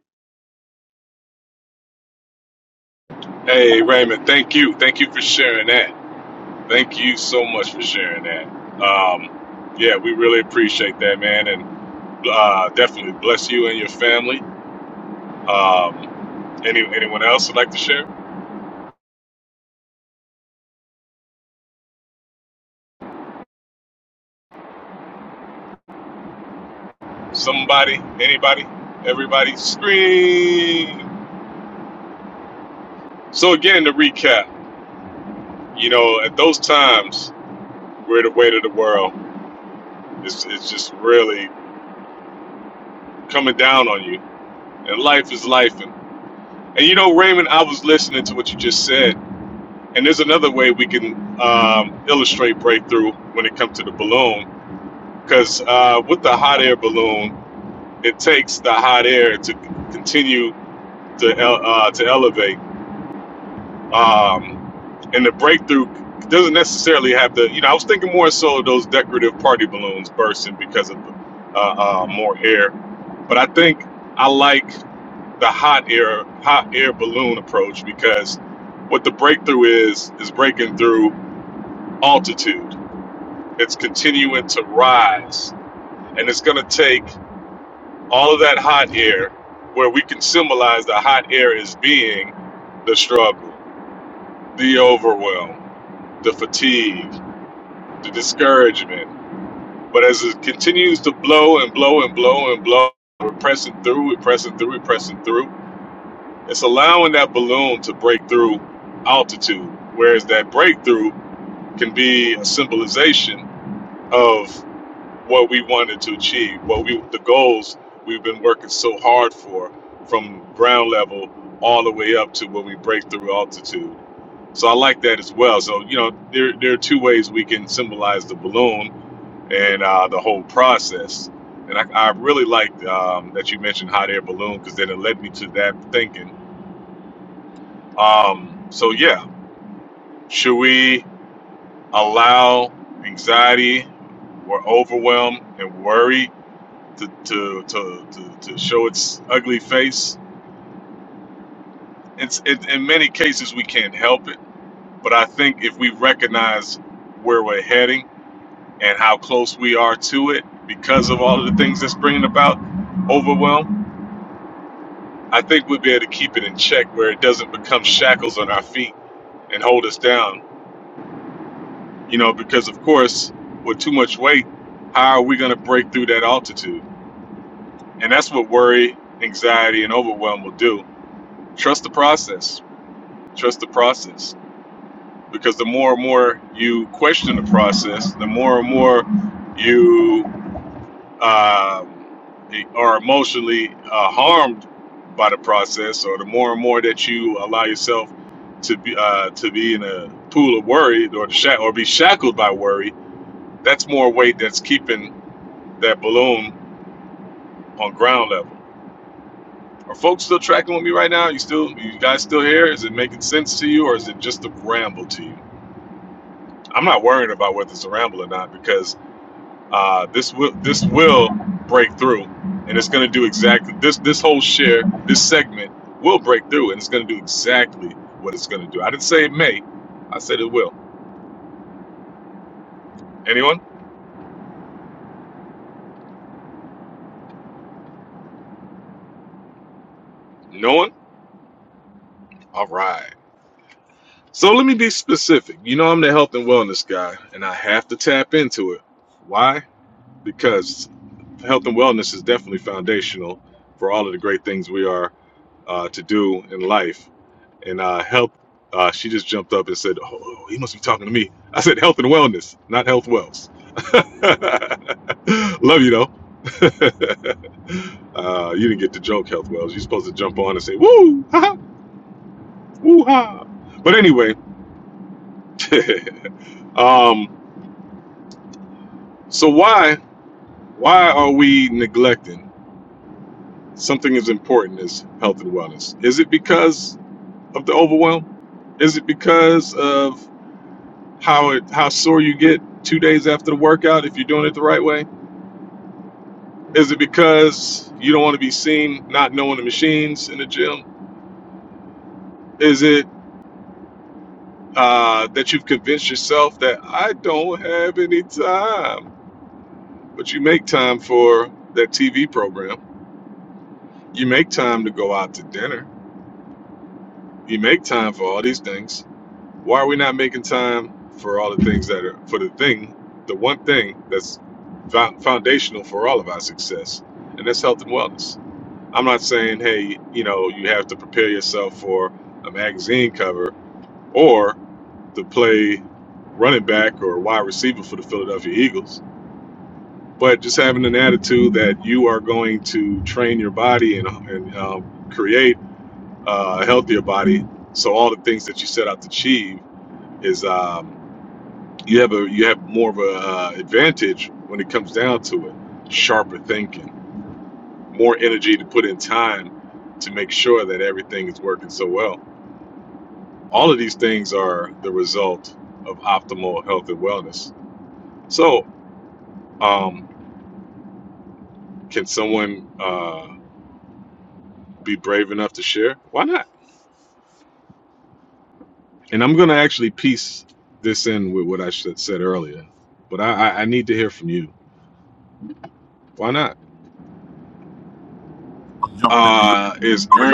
I'll jump in really quick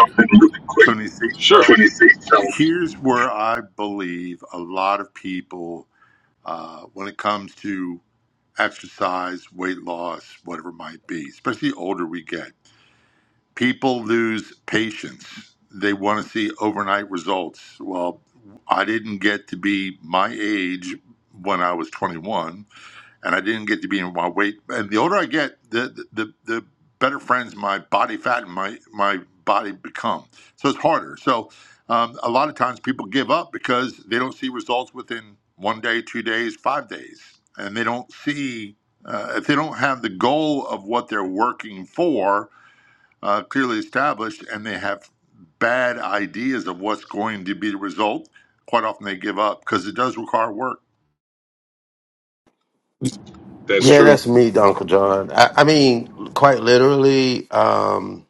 26. So here's where I believe a lot of people, uh, when it comes to exercise, weight loss, whatever it might be, especially the older we get, people lose patience. They want to see overnight results. Well, I didn't get to be my age when I was 21 and I didn't get to be in my weight. And the older I get, the the the better friends my body fat and my my body become. So it's harder. So um, a lot of times people give up because they don't see results within one day, two days, five days, and they don't see uh, if they don't have the goal of what they're working for uh, clearly established, and they have bad ideas of what's going to be the result. Quite often they give up because it does require work. Yeah, that's me, Uncle John. I, I mean, quite literally, um,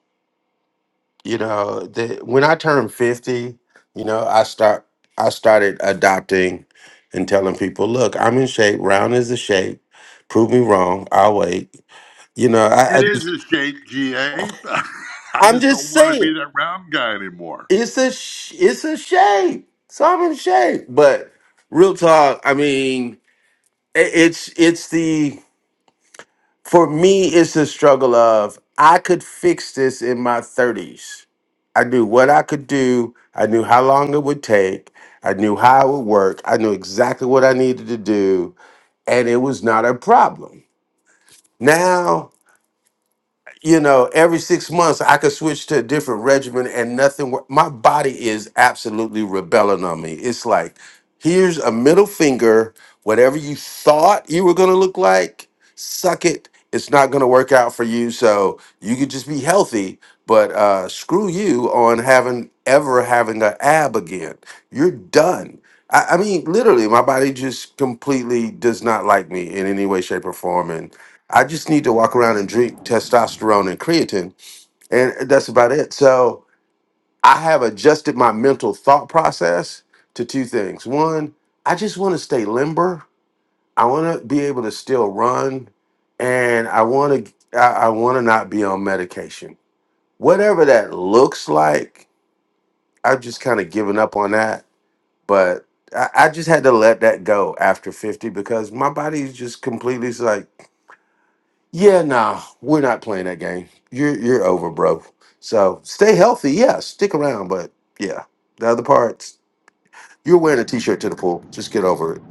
you know, the, when I turned 50, you know, I start I started adopting and telling people, look, I'm in shape, round is the shape, prove me wrong, I'll wait. You know, I, It I is just a shame, GA. I I'm just just don't want to saying. be that round guy anymore. it's a sh- it's a shame. Simon Shay. But real talk, I mean, i- it's it's the for me, it's the struggle of I could fix this in my thirties. I knew what I could do. I knew how long it would take. I knew how it would work. I knew exactly what I needed to do, and it was not a problem. Now you know, every six months I could switch to a different regimen and nothing. wor- My body is absolutely rebelling on me. It's like, here's a middle finger. Whatever you thought you were going to look like, suck it. It's not going to work out for you. So you could just be healthy, but uh, screw you on having ever having an ab again. You're done. I, I mean, literally, my body just completely does not like me in any way, shape, or form. I just need to walk around and drink testosterone and creatine, and that's about it. So I have adjusted my mental thought process to two things. One, I just want to stay limber. I want to be able to still run, and I want to I, I want to not be on medication. Whatever that looks like, I've just kind of given up on that. But I, I just had to let that go after fifty because my body's just completely like. Yeah, nah, we're not playing that game. You're you're over, bro. So stay healthy. Yeah, stick around, but yeah, the other parts. You're wearing a t-shirt to the pool. Just get over it.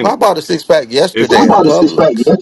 Well, I bought a six pack yesterday at Publix.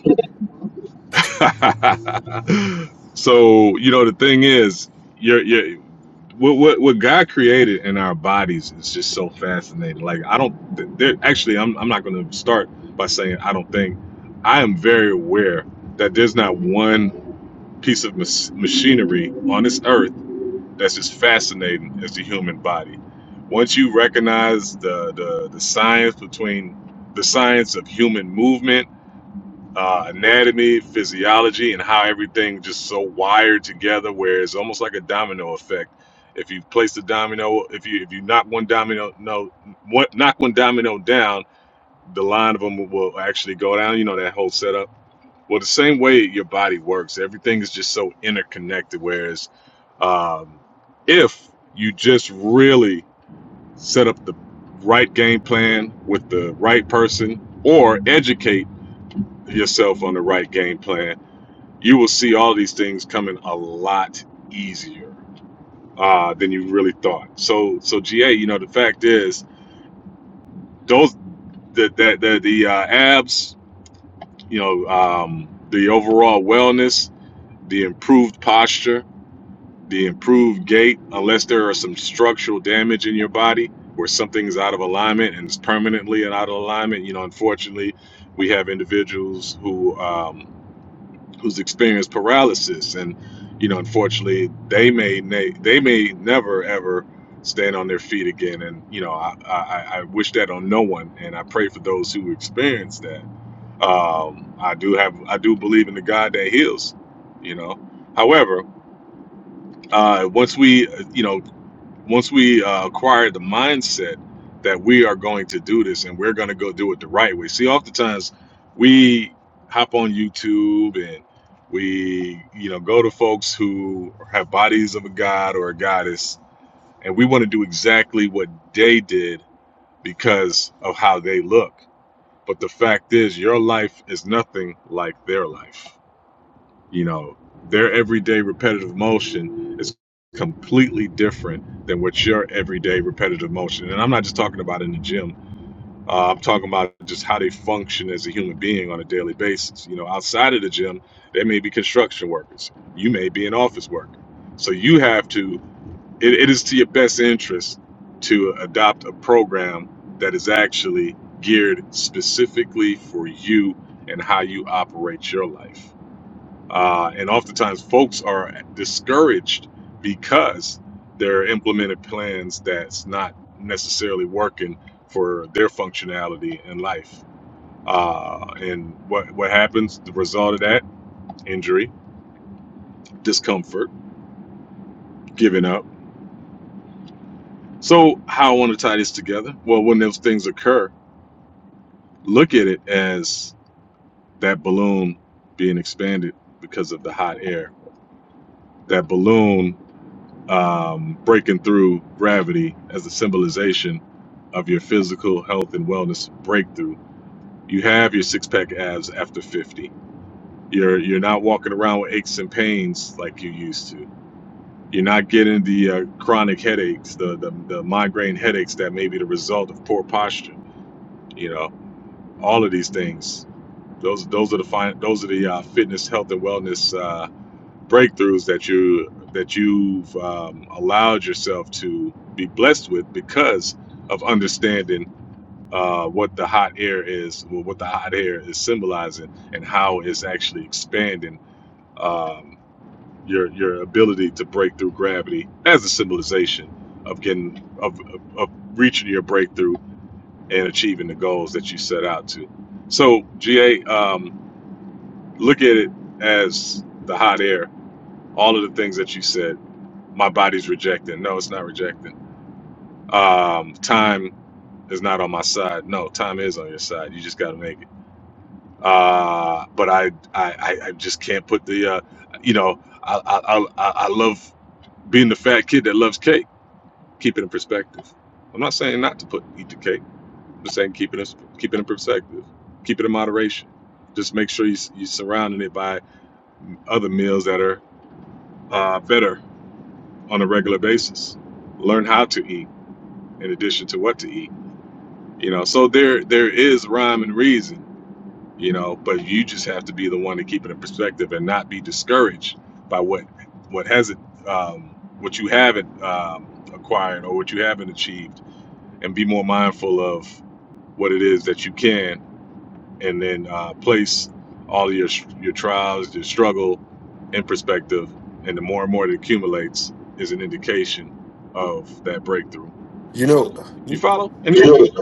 You know, you,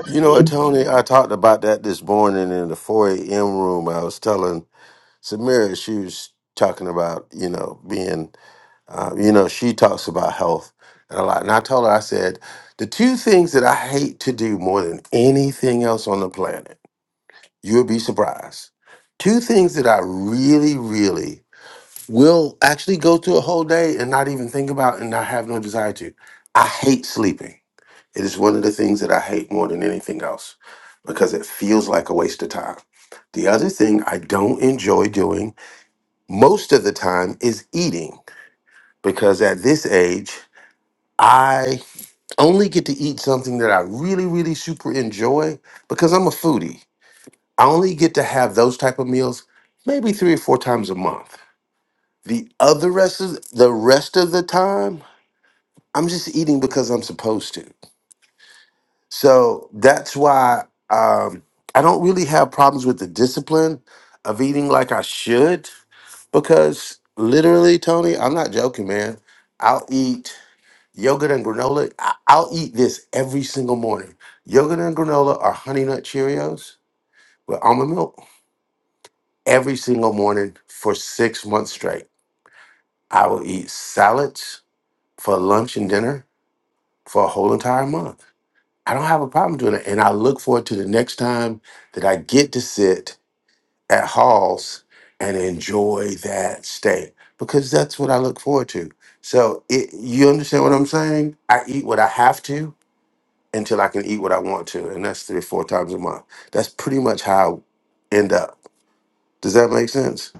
you know what, Tony? I talked about that this morning in the 4 a.m. room. I was telling Samira she was talking about you know being Um, you know, she talks about health and a lot. And I told her, I said, the two things that I hate to do more than anything else on the planet, you'll be surprised. Two things that I really, really will actually go through a whole day and not even think about and not have no desire to. I hate sleeping. It is one of the things that I hate more than anything else because it feels like a waste of time. The other thing I don't enjoy doing most of the time is eating because at this age, I only get to eat something that I really, really super enjoy because I'm a foodie. I only get to have those type of meals maybe three or four times a month. The other rest of the rest of the time, I'm just eating because I'm supposed to. So that's why um, I don't really have problems with the discipline of eating like I should because literally, Tony, I'm not joking, man. I'll eat. Yogurt and granola, I- I'll eat this every single morning. Yogurt and granola are honey nut Cheerios with almond milk every single morning for six months straight. I will eat salads for lunch and dinner for a whole entire month. I don't have a problem doing it. And I look forward to the next time that I get to sit at Hall's and enjoy that steak because that's what I look forward to. So it, you understand what I'm saying? I eat what I have to until I can eat what I want to, and that's three or four times a month. That's pretty much how I end up. Does that make sense?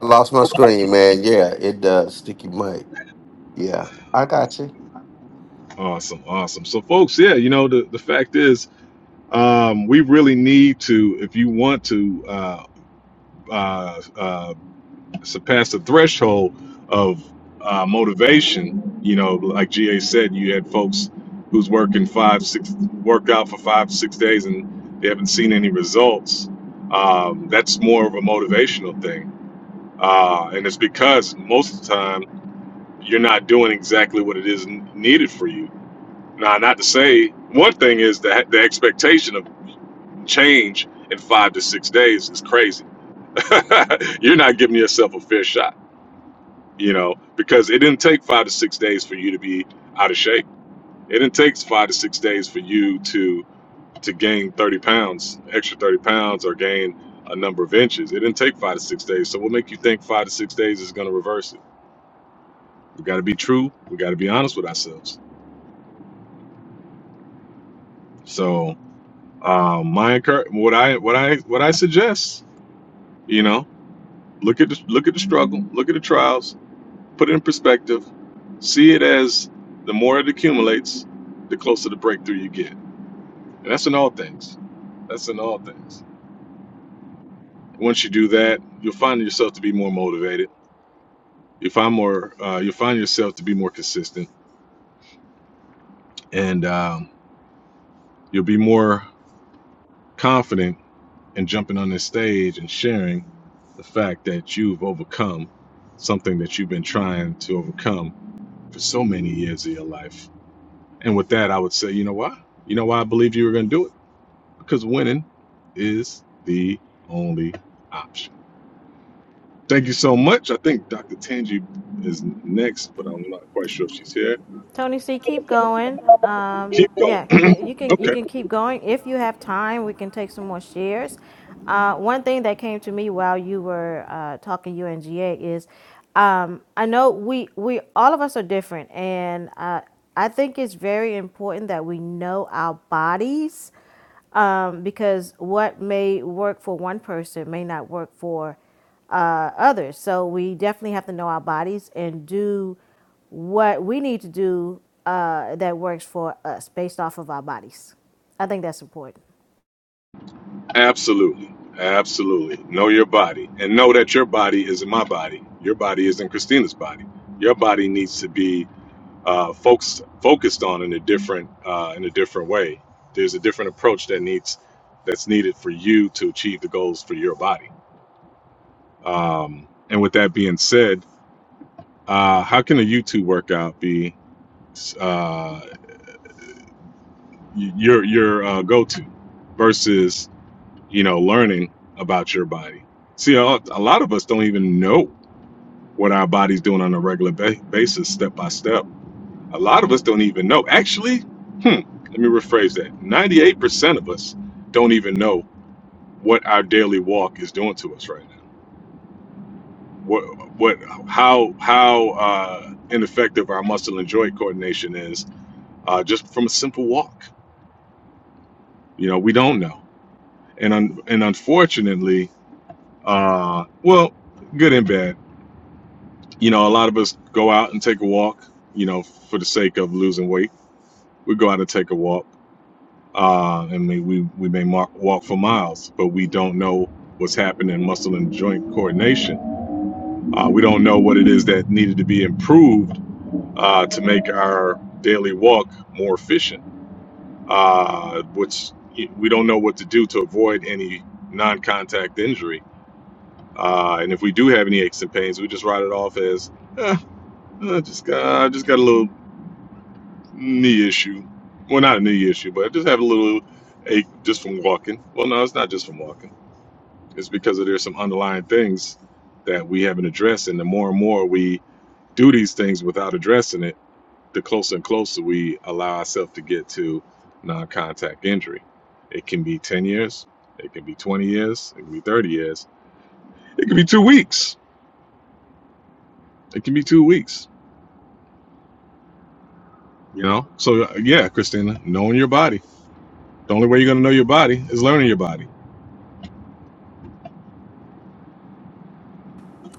I lost my screen, man. Yeah, it does. Sticky mic. Yeah, I got you. Tony C, keep going. Um, yeah, it, you can you can keep going if you have time. We can take some more shares. Uh, one thing that came to me while you were uh, talking UNGA is, um, I know we we all of us are different, and uh, I think it's very important that we know our bodies um, because what may work for one person may not work for uh, others. So we definitely have to know our bodies and do what we need to do uh, that works for us based off of our bodies. I think that's important.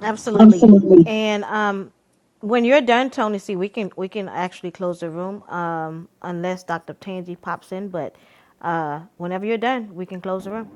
Absolutely. And um, when you're done, Tony, see, we can we can actually close the room um, unless Dr. Tangi pops in. But uh, whenever you're done, we can close the room.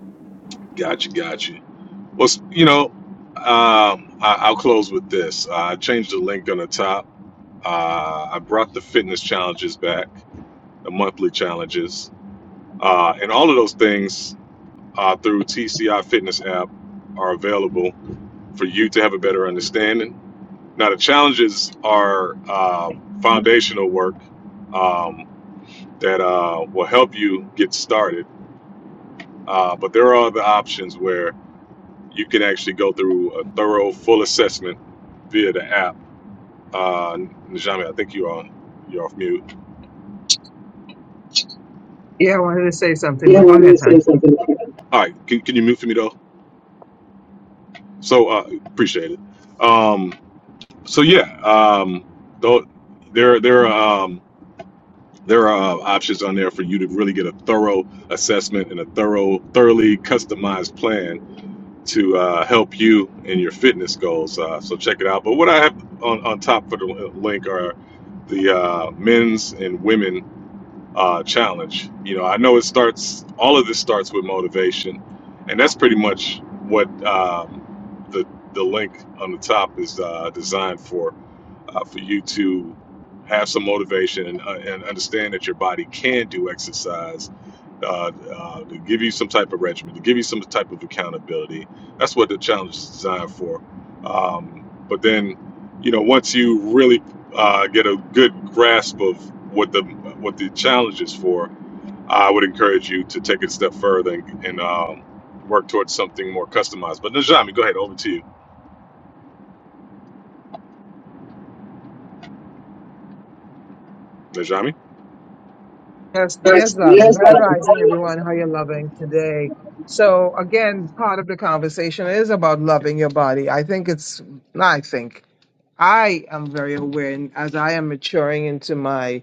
Yeah, I wanted to say something, You but don't go want to ahead, say hon. something like that. Yes, yes, That's real darling. Grand stuff. rising, everyone. How you loving today? So again, part of the conversation is about loving your body. I think it's. I think I am very aware, and as I am maturing into my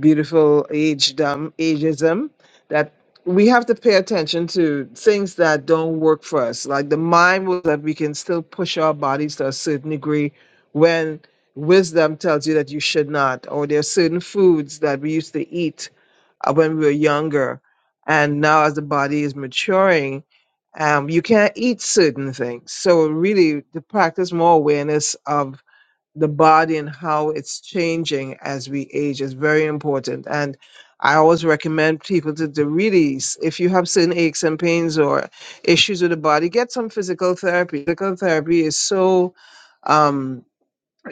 beautiful agedom, ageism, that we have to pay attention to things that don't work for us. Like the mind will that we can still push our bodies to a certain degree when wisdom tells you that you should not, or there are certain foods that we used to eat uh, when we were younger. And now as the body is maturing, um, you can't eat certain things. So really to practice more awareness of the body and how it's changing as we age is very important. And I always recommend people to, to really, s- if you have certain aches and pains or issues with the body, get some physical therapy. Physical therapy is so um,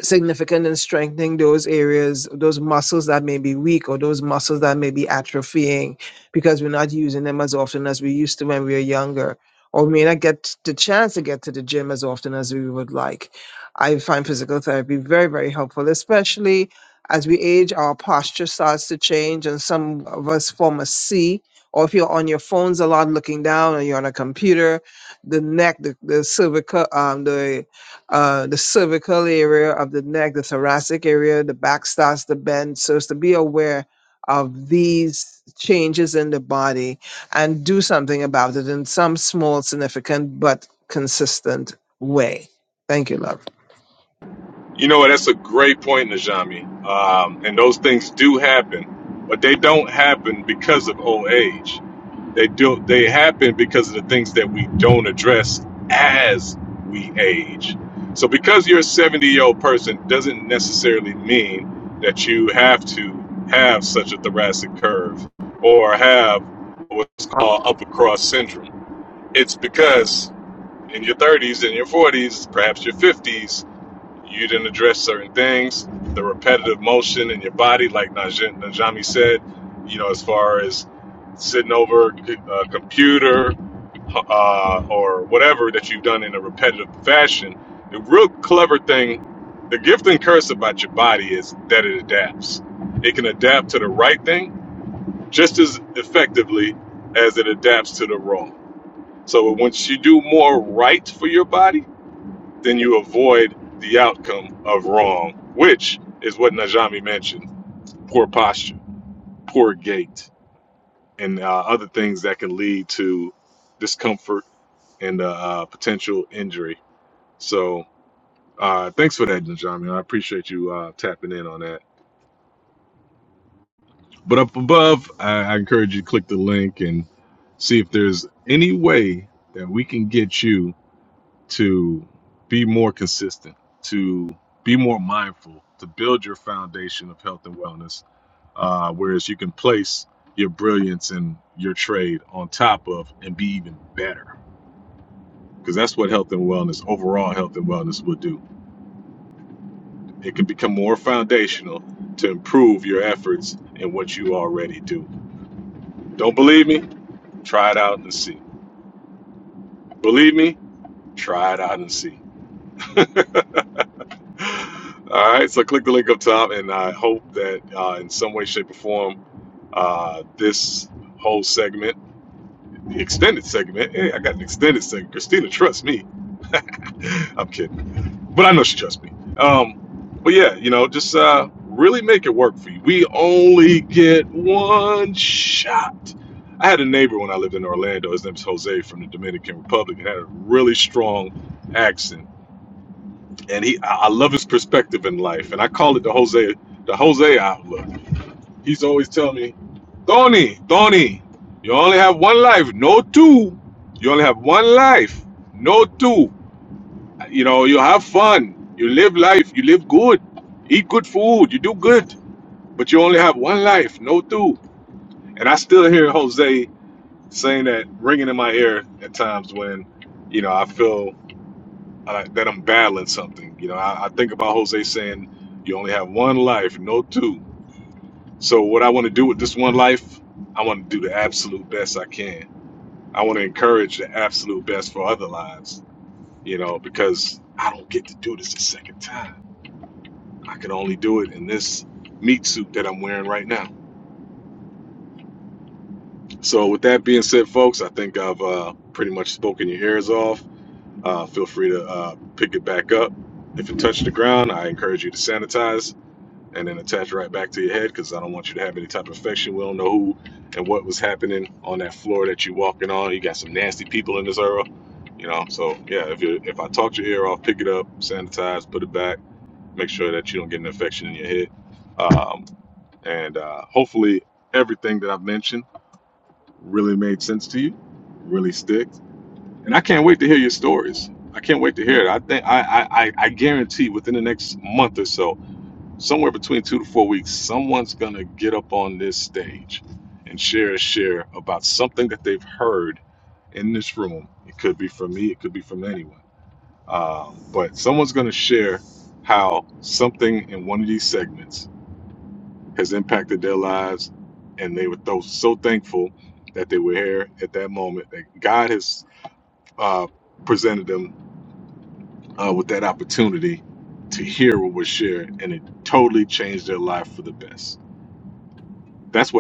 significant in strengthening those areas, those muscles that may be weak or those muscles that may be atrophying because we're not using them as often as we used to when we were younger, or may not get the chance to get to the gym as often as we would like. I find physical therapy very, very helpful, especially as we age, our posture starts to change, and some of us form a C. Or if you're on your phones a lot, looking down, or you're on a computer, the neck, the, the cervical, um, the uh, the cervical area of the neck, the thoracic area, the back starts to bend. So it's to be aware of these changes in the body and do something about it in some small, significant, but consistent way. Thank you, love.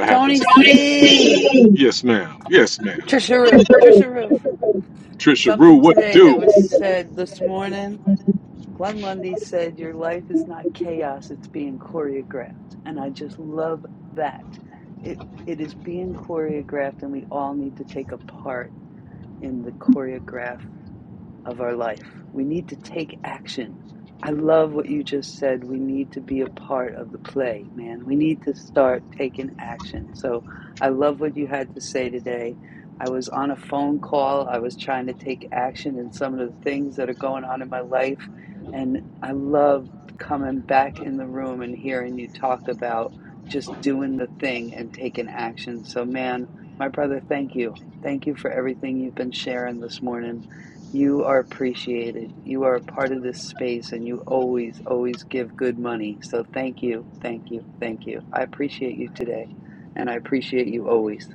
Tony C. Trisha Roo. Trisha Roo. Something today that was do? said this morning Glenn Lundy said, Your life is not chaos, it's being choreographed. And I just love that. It it is being choreographed and we all need to take a part in the choreograph of our life. We need to take action. I love what you just said. We need to be a part of the play, man. We need to start taking action. So I love what you had to say today. I was on a phone call. I was trying to take action in some of the things that are going on in my life. And I love coming back in the room and hearing you talk about just doing the thing and taking action. So, man, my brother, thank you. Thank you for everything you've been sharing this morning you are appreciated. You are a part of this space and you always, always give good money. So thank you, thank you, thank you. I appreciate you today and I appreciate you always.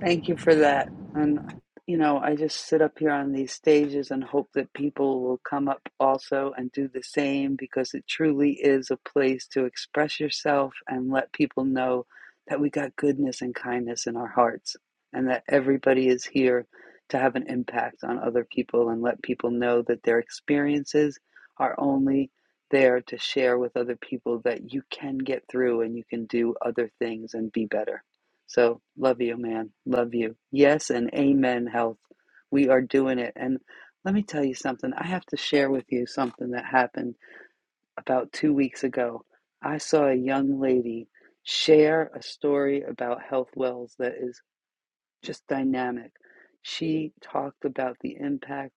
Thank you for that. And, you know, I just sit up here on these stages and hope that people will come up also and do the same because it truly is a place to express yourself and let people know that we got goodness and kindness in our hearts and that everybody is here to have an impact on other people and let people know that their experiences are only there to share with other people that you can get through and you can do other things and be better. So love you, man. Love you. Yes, and amen, health. We are doing it. And let me tell you something. I have to share with you something that happened about two weeks ago. I saw a young lady share a story about health wells that is just dynamic. She talked about the impact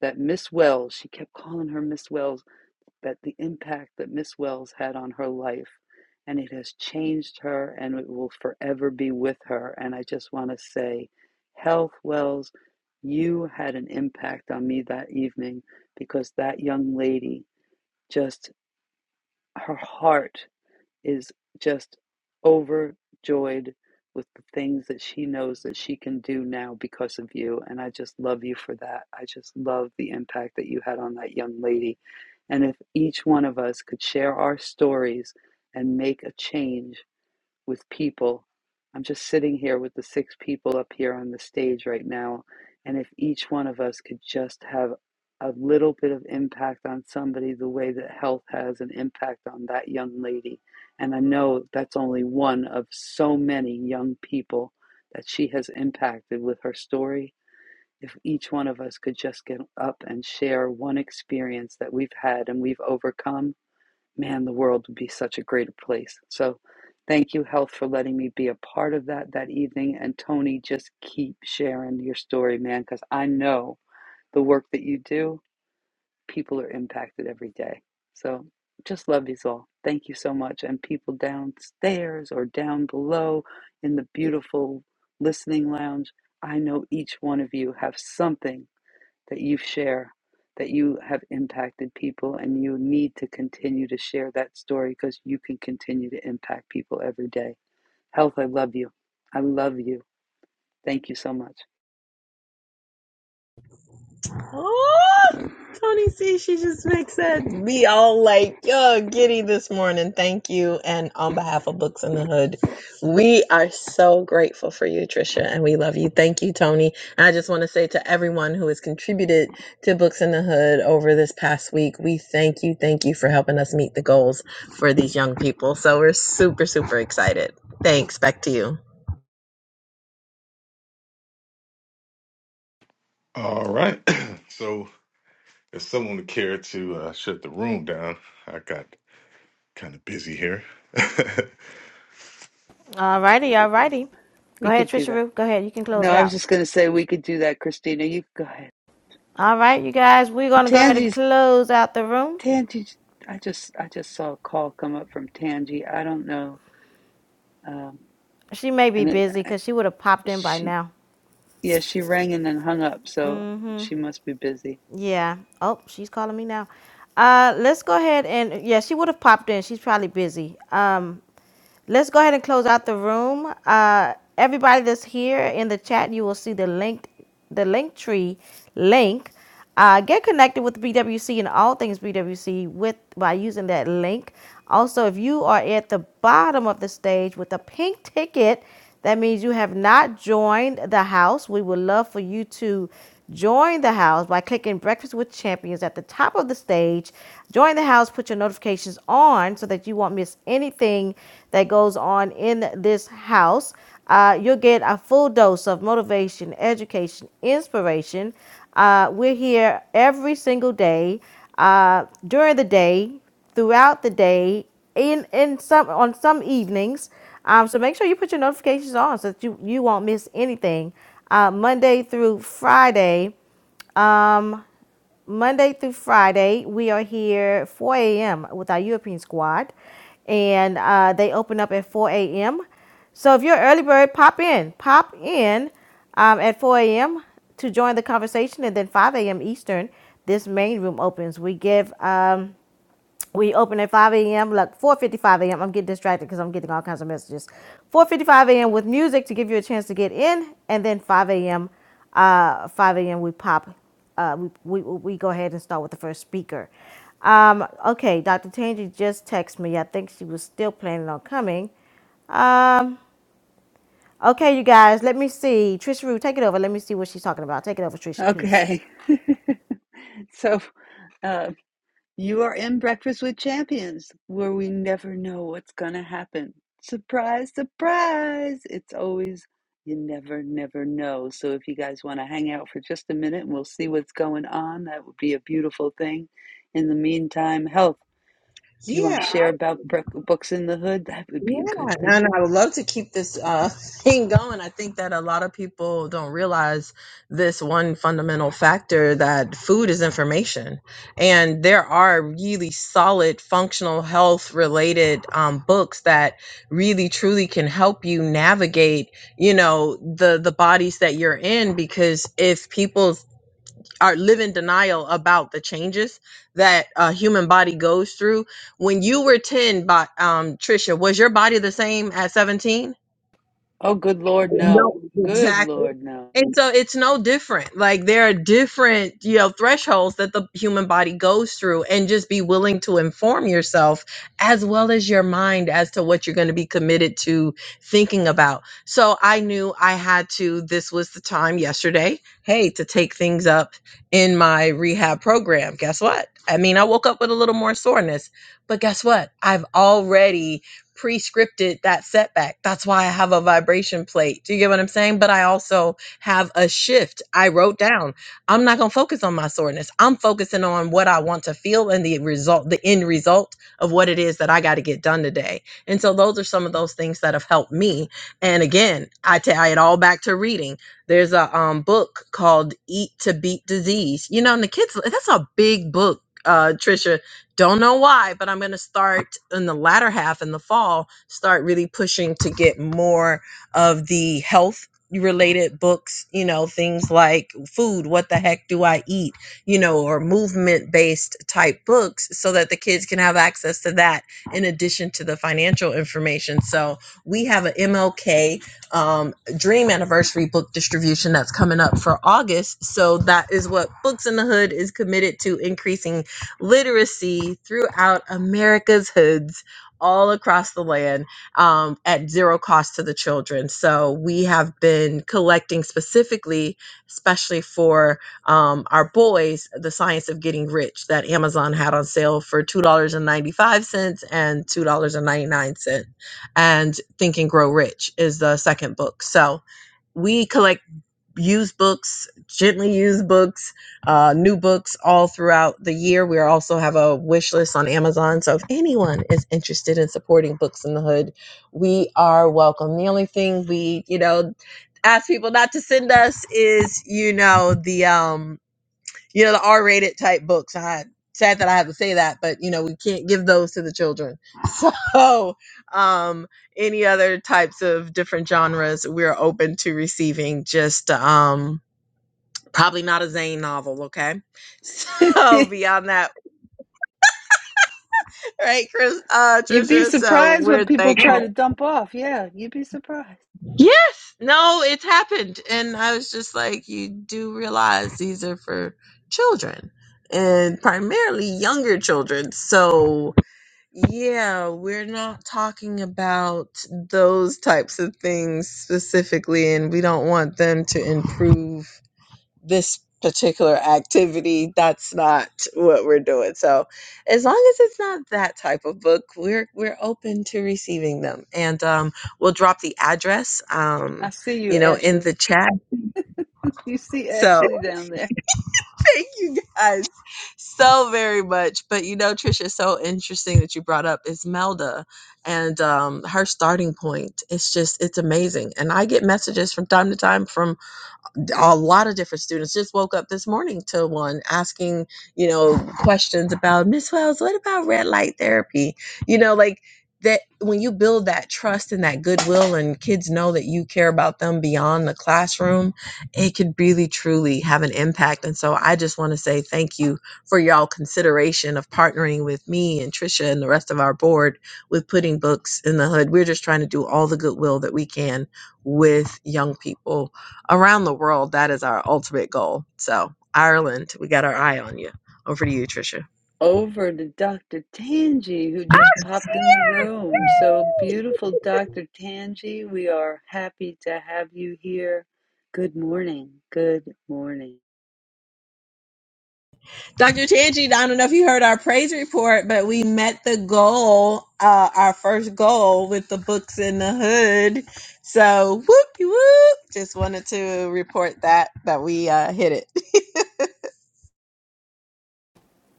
that Miss Wells, she kept calling her Miss Wells but the impact that Miss Wells had on her life. And it has changed her and it will forever be with her. And I just want to say, Health Wells, you had an impact on me that evening because that young lady just, her heart is just overjoyed with the things that she knows that she can do now because of you. And I just love you for that. I just love the impact that you had on that young lady. And if each one of us could share our stories and make a change with people. I'm just sitting here with the six people up here on the stage right now. And if each one of us could just have a little bit of impact on somebody, the way that health has an impact on that young lady. And I know that's only one of so many young people that she has impacted with her story. If each one of us could just get up and share one experience that we've had and we've overcome, man, the world would be such a greater place. So thank you, Health, for letting me be a part of that that evening. And Tony, just keep sharing your story, man, because I know the work that you do, people are impacted every day. So just love you all. Thank you so much. And people downstairs or down below in the beautiful listening lounge, I know each one of you have something that you share, that you have impacted people, and you need to continue to share that story because you can continue to impact people every day. Health, I love you. I love you. Thank you so much. Oh, Tony C, she just makes that be all like, yo, giddy this morning. Thank you. And on behalf of Books in the Hood, we are so grateful for you, Trisha, and we love you. Thank you, Tony. And I just want to say to everyone who has contributed to Books in the Hood over this past week, we thank you. Thank you for helping us meet the goals for these young people. So we're super, super excited. Thanks. Back to you. All righty, all righty. Go We ahead, could do Trisha that. Roo. Go ahead. You can close No, it I was out. just going to say we could do that, Christina. You go ahead. All right, you guys. We're gonna go ahead and Tangi's close out the room. Tangi. I just I just saw a call come up from Tangi. I don't know, um, She may be and it busy because she would have popped in by she now. yeah she rang and then hung up, so she must be busy. Yeah. Oh, she's calling me now. Uh, let's go ahead and yeah, she would have popped in. She's probably busy. Um, let's go ahead and close out the room. Uh, everybody that's here in the chat, you will see the link, the link tree link. Uh, get connected with BWC and all things BWC with by using that link. Also, if you are at the bottom of the stage with a pink ticket, that means you have not joined the house. We would love for you to join the house by clicking Breakfast with Champions at the top of the stage. Join the house, put your notifications on so that you won't miss anything that goes on in this house. Uh, you'll get a full dose of motivation, education, inspiration. Uh, we're here every single day uh, during the day throughout the day in in some on some evenings um, so make sure you put your notifications on so that you you won't miss anything uh, monday through friday um, monday through friday we are here 4 a.m with our european squad and uh, they open up at 4 a.m so if you're an early bird pop in pop in um, at 4 a.m to join the conversation and then 5 a.m eastern this main room opens we give um, we open at 5 a.m. Look, 4:55 a.m. I'm getting distracted because I'm getting all kinds of messages. 4:55 a.m. with music to give you a chance to get in, and then 5 a.m. Uh, 5 a.m. we pop. Uh, we, we we go ahead and start with the first speaker. Um, okay, Dr. Tangi just texted me. I think she was still planning on coming. Okay, you guys, let me see. Trisha Rue, take it over. Let me see what she's talking about. Take it over, Trisha, please. Okay, so. uh, You are in Breakfast with Champions, where we never know what's going to happen. Surprise, surprise! It's always you never, never know. So if you guys want to hang out for just a minute and we'll see what's going on, that would be a beautiful thing. In the meantime, health. Do you want Yeah, to share about books in the hood? That would be a good Yeah, thing. and I would love to keep this uh, thing going. I think that a lot of people don't realize this one fundamental factor that food is information. And there are really solid functional health related um, books that really truly can help you navigate, you know, the the bodies that you're in because if people or live in denial about the changes that a human body goes through. When you were 10, by um Trisha, was your body the same at 17? Oh, good Lord, No, no. Good exactly. Lord, no. And so it's no different. Like there are different, you know, thresholds that the human body goes through and just be willing to inform yourself as well as your mind as to what you're going to be committed to thinking about. So I knew I had to this was the time yesterday, hey, to take things up in my rehab program. Guess what? I mean, I woke up with a little more soreness, but guess what? I've already pre-scripted that setback. That's why I have a vibration plate. Do you get what I'm saying? But I also have a shift. I wrote down, I'm not going to focus on my soreness. I'm focusing on what I want to feel and the result, the end result of what it is that I got to get done today. And so those are some of those things that have helped me. And again, I tie it all back to reading. There's a um, book called Eat to Beat Disease. You know, and the kids, that's a big book. Uh, Trisha, don't know why, but I'm going to start in the latter half in the fall, start really pushing to get more of the health related books, you know, things like food, what the heck do I eat, you know, or movement based type books so that the kids can have access to that in addition to the financial information. So we have an MLK um, Dream Anniversary book distribution that's coming up for August. So that is what Books in the Hood is committed to increasing literacy throughout America's hoods all across the land um, at zero cost to the children. So we have been collecting specifically, especially for um, our boys, the science of getting rich that Amazon had on sale for $2.95 and $2.99. And two dollars and ninety-nine cents. And Think and Grow Rich is the second book. So we collect used books, gently used books, uh, new books all throughout the year. We also have a wish list on Amazon. So if anyone is interested in supporting Books in the Hood, we are welcome. The only thing we, you know, ask people not to send us is, you know, the um you know the r-rated type books i sad that i have to say that but you know we can't give those to the children so um any other types of different genres we're open to receiving just um probably not a zane novel okay so beyond that right chris uh You'd be trisha so surprised we're what people try to thankful dump off. Yeah, you'd be surprised. yes no it's happened and i was just like you do realize these are for children and primarily younger children so Yeah, we're not talking about those types of things specifically, and we don't want them to improve this particular activity. That's not what we're doing. So, as long as it's not that type of book, we're we're open to receiving them, and um, we'll drop the address, um, I see you, you know, in Ashley. the chat. you see So. Ashley down there. Thank you guys so very much. But you know, Trisha, it's so interesting that you brought up Ismelda and um, her starting point. It's just, it's amazing. And I get messages from time to time from d- a lot of different students just woke up this morning to one asking you know questions about miss wells what about red light therapy you know like that when you build that trust and that goodwill and kids know that you care about them beyond the classroom it could really truly have an impact and so i just want to say thank you for y'all consideration of partnering with me and trisha and the rest of our board with putting books in the hood we're just trying to do all the goodwill that we can with young people around the world, that is our ultimate goal. So, Ireland, we got our eye on you. Over to you, Trisha. Over to Dr. Tangi, who Ah, just she's popped in the here! room. So beautiful, Dr. Tangi. We are happy to have you here. Good morning. Good morning. Dr. Tanji, I don't know if you heard our praise report, but we met the goal, uh, our first goal with the books in the hood. So whoop whoop. Just wanted to report that that we uh, hit it.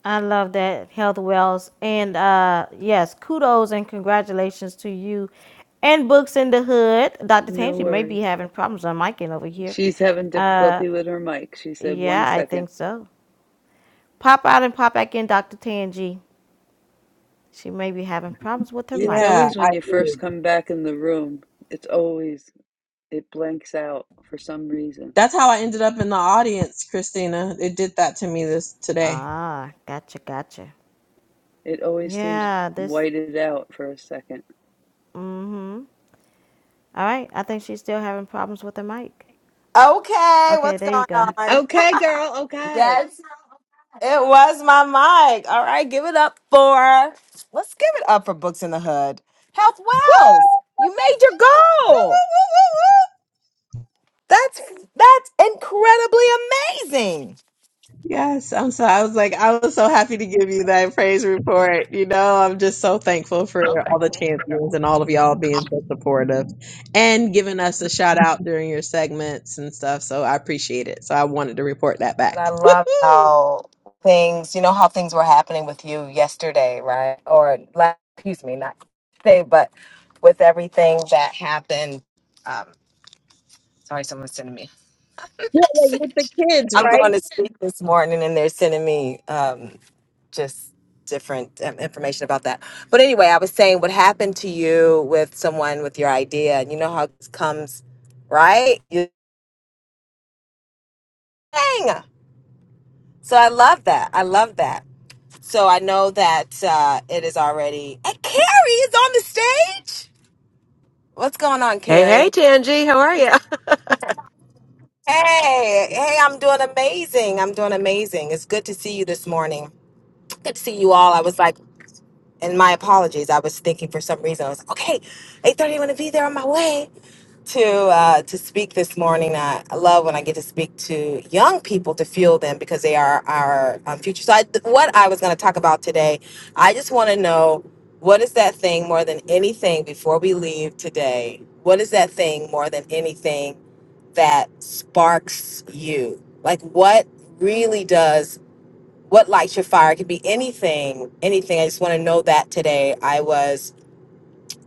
I love that health wells and uh yes, kudos and congratulations to you and Books in the Hood. Dr. No Tange, you may worries. be having problems on my end over here. She's having Uh difficulty with her mic. She said, one yeah, I second. think so. Pop out and pop back in, Dr. Tangi. She may be having problems with her It's yeah, always mic. I when you did. first come back in the room, it's always, it blanks out for some reason. That's how I ended up in the audience, Christina. It did that to me this today. Ah, gotcha, gotcha. It always seems Yeah, this whited out for a second. mm-hmm. All right. I think she's still having problems with her mic. Okay, Okay, what's there you going go. on? Okay, girl. Okay. Yes, it was my mic. All right, give it up for let's give it up for Books in the Hood. Health Wells, you made your goal. That's that's incredibly amazing. Yes, I'm so I was like I was so happy to give you that praise report. You know, I'm just so thankful for all the champions and all of y'all being so supportive and giving us a shout out during your segments and stuff. So I appreciate it. So I wanted to report that But back. I love Woo-hoo! how things, you know, how things were happening with you yesterday, right? Or la- excuse me, not today, but with everything that happened. Um, sorry, someone's sending me. Yeah, yeah, with the kids, I'm right? going to speak this morning, and they're sending me um, just different um, information about that. But anyway, I was saying what happened to you with someone with your idea, and you know how it comes, right? You dang. So I love that. I love that. So I know that uh, it is already. And Carrie is on the stage. What's going on, Hey, hey, Carrie? Tanji, how are you? Hey, hey, I'm doing amazing. I'm doing amazing. It's good to see you this morning. Good to see you all. I was like. and my apologies. I was thinking for some reason I was like, okay. Eight thirty, I'm gonna be there on my way to uh, to speak this morning. I, I love when I get to speak to young people to fuel them because they are our um, future. So I, what I was gonna talk about today, I just want to know what is that thing more than anything before we leave today. What is that thing more than anything that sparks you? Like what really does what lights your fire it could be anything anything i just want to know that today i was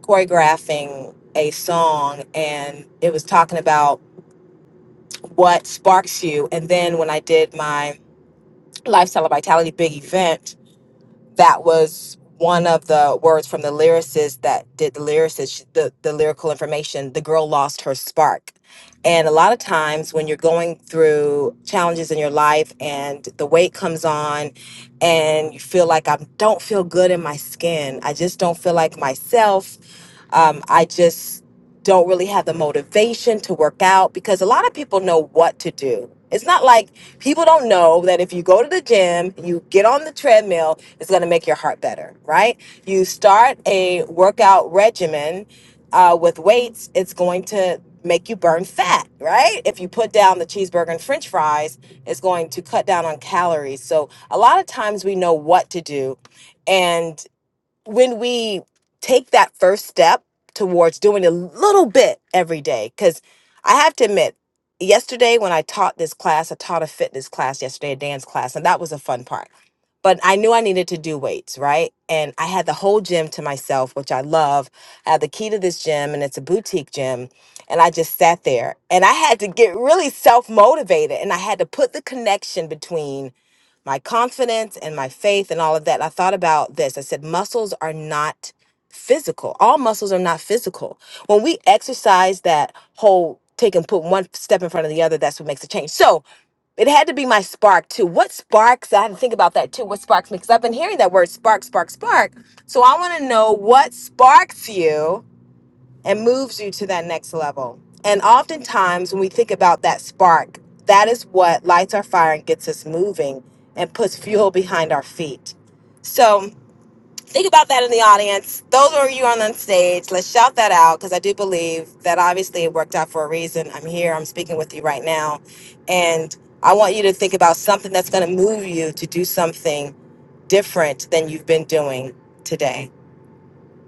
choreographing a song and it was talking about what sparks you and then when i did my lifestyle of vitality big event that was one of the words from the lyricist that did the lyricist she- the, the lyrical information the girl lost her spark and a lot of times when you're going through challenges in your life and the weight comes on and you feel like i don't feel good in my skin i just don't feel like myself um, I just don't really have the motivation to work out because a lot of people know what to do. It's not like people don't know that if you go to the gym, you get on the treadmill, it's going to make your heart better, right? You start a workout regimen uh, with weights, it's going to make you burn fat, right? If you put down the cheeseburger and french fries, it's going to cut down on calories. So a lot of times we know what to do and when we take that first step towards doing a little bit every day, because I have to admit, yesterday when I taught this class, I taught a fitness class yesterday, a dance class, and that was a fun part. But I knew I needed to do weights, right? And I had the whole gym to myself, which I love. I had the key to this gym, and it's a boutique gym. And I just sat there and I had to get really self motivated. And I had to put the connection between my confidence and my faith and all of that. And I thought about this. I said, muscles are not physical. All muscles are not physical. When we exercise that whole take and put one step in front of the other, that's what makes a change. So it had to be my spark too. What sparks? I had to think about that too. What sparks me? Because I've been hearing that word spark, spark, spark. So I want to know what sparks you and moves you to that next level. And oftentimes, when we think about that spark, that is what lights our fire and gets us moving and puts fuel behind our feet. So, think about that in the audience. Those of you on the stage, let's shout that out because I do believe that obviously it worked out for a reason. I'm here, I'm speaking with you right now. And I want you to think about something that's going to move you to do something different than you've been doing today.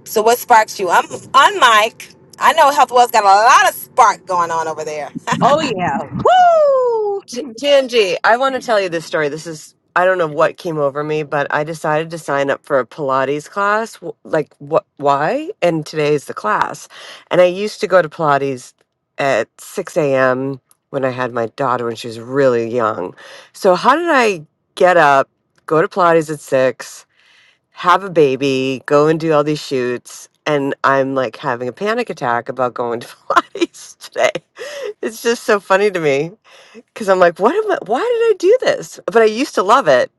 So what sparks you? I'm on mic. I know Health Wells got a lot of spark going on over there. Oh yeah. Woo! T- Tanji, I want to tell you this story. This is, I don't know what came over me, but I decided to sign up for a Pilates class. W- Like, what, why? And today's the class. And I used to go to Pilates at 6 a.m. when I had my daughter when she was really young. So, how did I get up, go to Pilates at 6? have a baby, go and do all these shoots, and I'm like having a panic attack about going to Pilates today. It's just so funny to me because I'm like, what am I? Why did I do this? But I used to love it,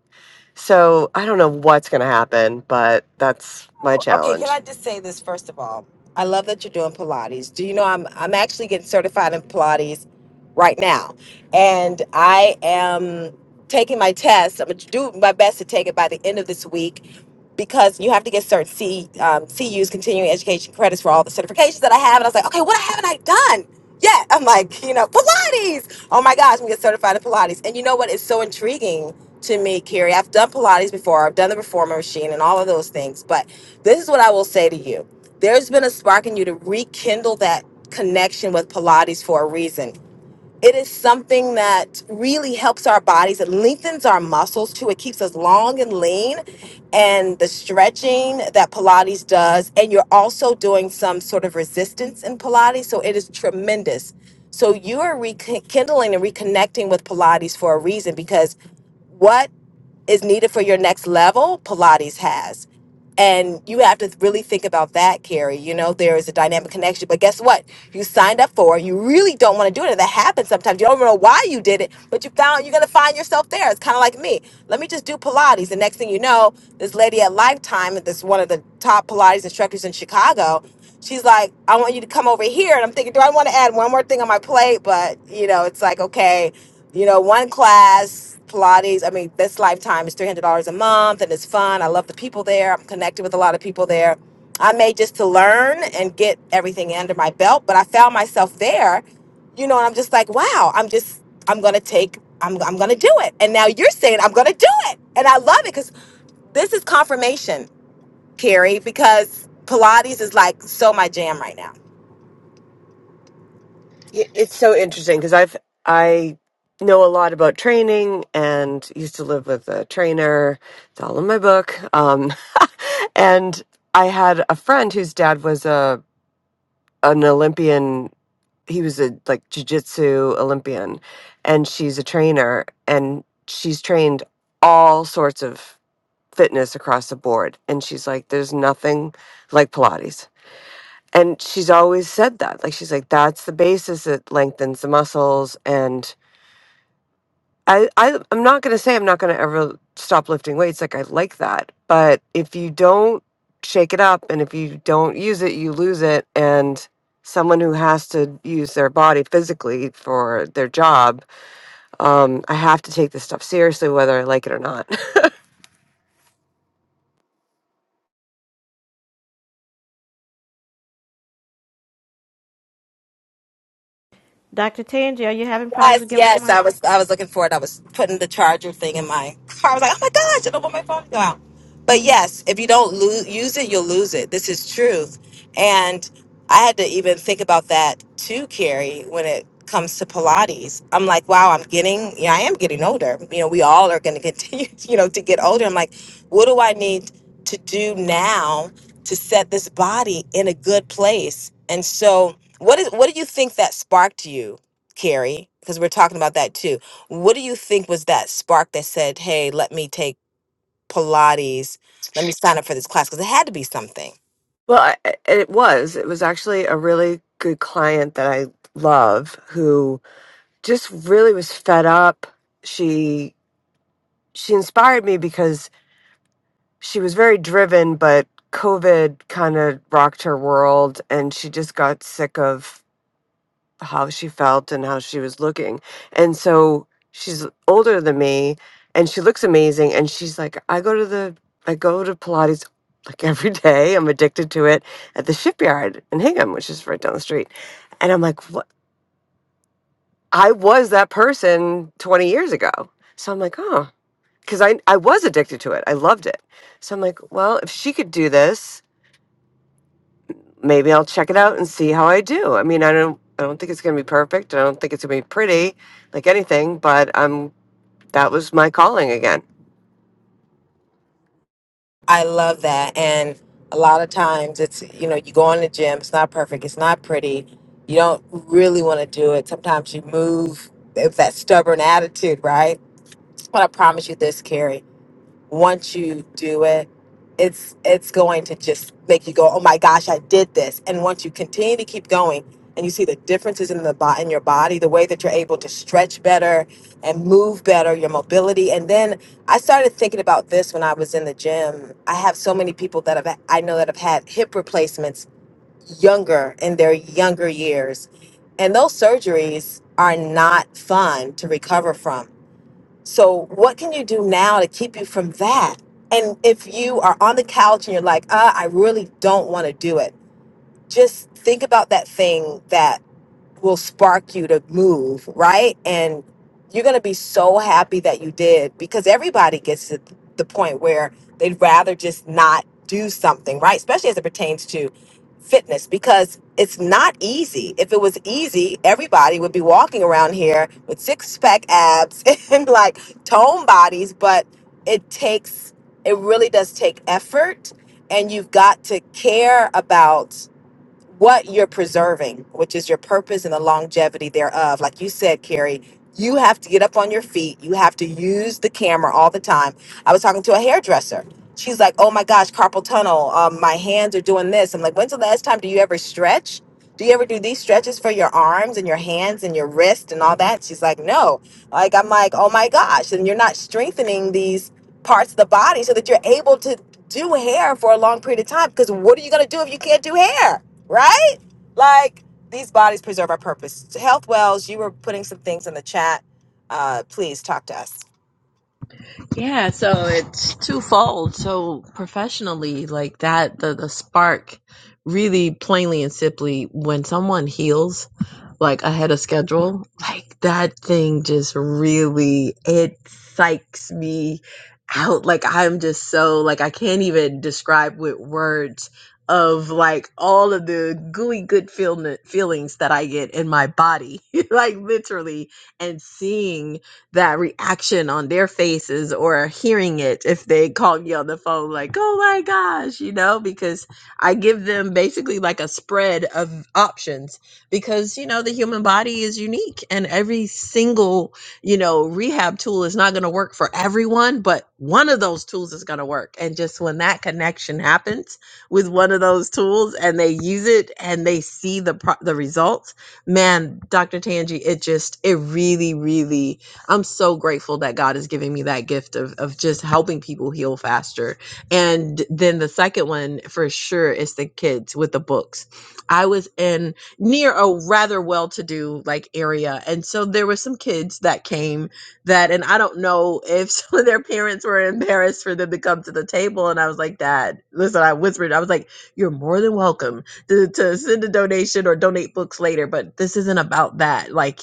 so I don't know what's gonna happen, but that's my okay, can challenge. I just say this first of all? I love that you're doing Pilates. Do you know I'm I'm actually getting certified in Pilates right now, and I am taking my test. I'm gonna do my best to take it by the end of this week because you have to get certain C um, CU's continuing education credits for all the certifications that I have. And I was like, okay, what haven't I done? yet? I'm like, you know, Pilates. Oh my gosh, I'm gonna get certified in Pilates. And you know what? It's so intriguing to me, Carrie. I've done Pilates before. I've done the reformer machine and all of those things, but this is what I will say to you. There's been a spark in you to rekindle that connection with Pilates for a reason. It is something that really helps our bodies. It lengthens our muscles too. It keeps us long and lean. And the stretching that Pilates does, and you're also doing some sort of resistance in Pilates. So it is tremendous. So you are rekindling and reconnecting with Pilates for a reason because what is needed for your next level, Pilates has. And you have to really think about that, Carrie. You know, there is a dynamic connection. But guess what? You signed up for it. You really don't want to do it. And that happens sometimes. You don't even know why you did it, but you found you're going to find yourself there. It's kind of like me. Let me just do Pilates. The next thing you know, this lady at Lifetime, that's one of the top Pilates instructors in Chicago, she's like, I want you to come over here. And I'm thinking, do I want to add one more thing on my plate? But, you know, it's like, okay, you know, one class. Pilates. I mean, this lifetime is three hundred dollars a month, and it's fun. I love the people there. I'm connected with a lot of people there. I made just to learn and get everything under my belt, but I found myself there, you know, and I'm just like, wow, I'm just, I'm gonna take, I'm, I'm gonna do it. And now you're saying I'm gonna do it, and I love it because this is confirmation, Carrie, because Pilates is like so my jam right now. Yeah, It's so interesting because I've I know a lot about training and used to live with a trainer. It's all in my book. Um, and I had a friend whose dad was a an Olympian. He was a like jujitsu Olympian, and she's a trainer, and she's trained all sorts of fitness across the board. And she's like, "There's nothing like Pilates." And she's always said that. Like she's like, that's the basis. It lengthens the muscles and I, I I'm not gonna say I'm not gonna ever stop lifting weights. Like I like that, but if you don't shake it up and if you don't use it, you lose it. And someone who has to use their body physically for their job, um, I have to take this stuff seriously, whether I like it or not. Dr. Tangi, are you having problems Yes, again with your yes. I mic? was I was looking for it. I was putting the charger thing in my car. I was like, oh my gosh, I don't want my phone to go out. But yes, if you don't lose, use it, you'll lose it. This is truth. And I had to even think about that too, Carrie, when it comes to Pilates. I'm like, wow, I'm getting, yeah, I am getting older. You know, we all are going to continue, you know, to get older. I'm like, what do I need to do now to set this body in a good place? And so, what is what do you think that sparked you? Carrie, because we're talking about that too. What do you think was that spark that said, hey, let me take Pilates, let me sign up for this class? Because it had to be something. Well, I, I- it was. It was actually a really good client that I love who just really was fed up. She she inspired me because she was very driven, but COVID kind of rocked her world and she just got sick of how she felt and how she was looking. And so she's older than me and she looks amazing. And she's like, I go to the, I go to Pilates like every day. I'm addicted to it at the shipyard in Hingham, which is right down the street. And I'm like, what? I was that person 20 years ago. So I'm like, oh, because I, I was addicted to it. I loved it. So I'm like, well, if she could do this, maybe I'll check it out and see how I do. I mean, I don't I don't think it's going to be perfect. I don't think it's going to be pretty like anything, but um that was my calling again. I love that. And a lot of times it's, you know, you go in the gym, it's not perfect, it's not pretty. You don't really want to do it. Sometimes you move with that stubborn attitude, right? But I promise you this, Carrie once you do it it's it's going to just make you go oh my gosh i did this and once you continue to keep going and you see the differences in the bo- in your body the way that you're able to stretch better and move better your mobility and then i started thinking about this when i was in the gym i have so many people that have i know that have had hip replacements younger in their younger years and those surgeries are not fun to recover from so, what can you do now to keep you from that? And if you are on the couch and you're like, uh, I really don't want to do it, just think about that thing that will spark you to move, right? And you're going to be so happy that you did because everybody gets to the point where they'd rather just not do something, right? Especially as it pertains to fitness because it's not easy. If it was easy, everybody would be walking around here with six pack abs and like tone bodies, but it takes, it really does take effort. And you've got to care about what you're preserving, which is your purpose and the longevity thereof. Like you said, Carrie, you have to get up on your feet. You have to use the camera all the time. I was talking to a hairdresser. She's like, "Oh my gosh, carpal tunnel. Um, my hands are doing this." I'm like, "When's the last time do you ever stretch?" do you ever do these stretches for your arms and your hands and your wrist and all that? She's like, no. Like, I'm like, oh my gosh. And you're not strengthening these parts of the body so that you're able to do hair for a long period of time. Because what are you going to do if you can't do hair? Right? Like, these bodies preserve our purpose. Health Wells, you were putting some things in the chat. Uh, please talk to us. Yeah, so it's twofold. So professionally, like that, the the spark really plainly and simply when someone heals like ahead of schedule, like that thing just really it psychs me out. Like I'm just so like I can't even describe with words of like all of the gooey good feel- feelings that I get in my body, like literally, and seeing that reaction on their faces or hearing it if they call me on the phone like oh my gosh you know because i give them basically like a spread of options because you know the human body is unique and every single you know rehab tool is not going to work for everyone but one of those tools is going to work and just when that connection happens with one of those tools and they use it and they see the pro- the results man dr Tanji it just it really really I'm so grateful that God is giving me that gift of of just helping people heal faster. And then the second one for sure is the kids with the books. I was in near a rather well-to-do like area, and so there were some kids that came that, and I don't know if some of their parents were embarrassed for them to come to the table. And I was like, Dad, listen, I whispered, I was like, you're more than welcome to, to send a donation or donate books later, but this isn't about that. Like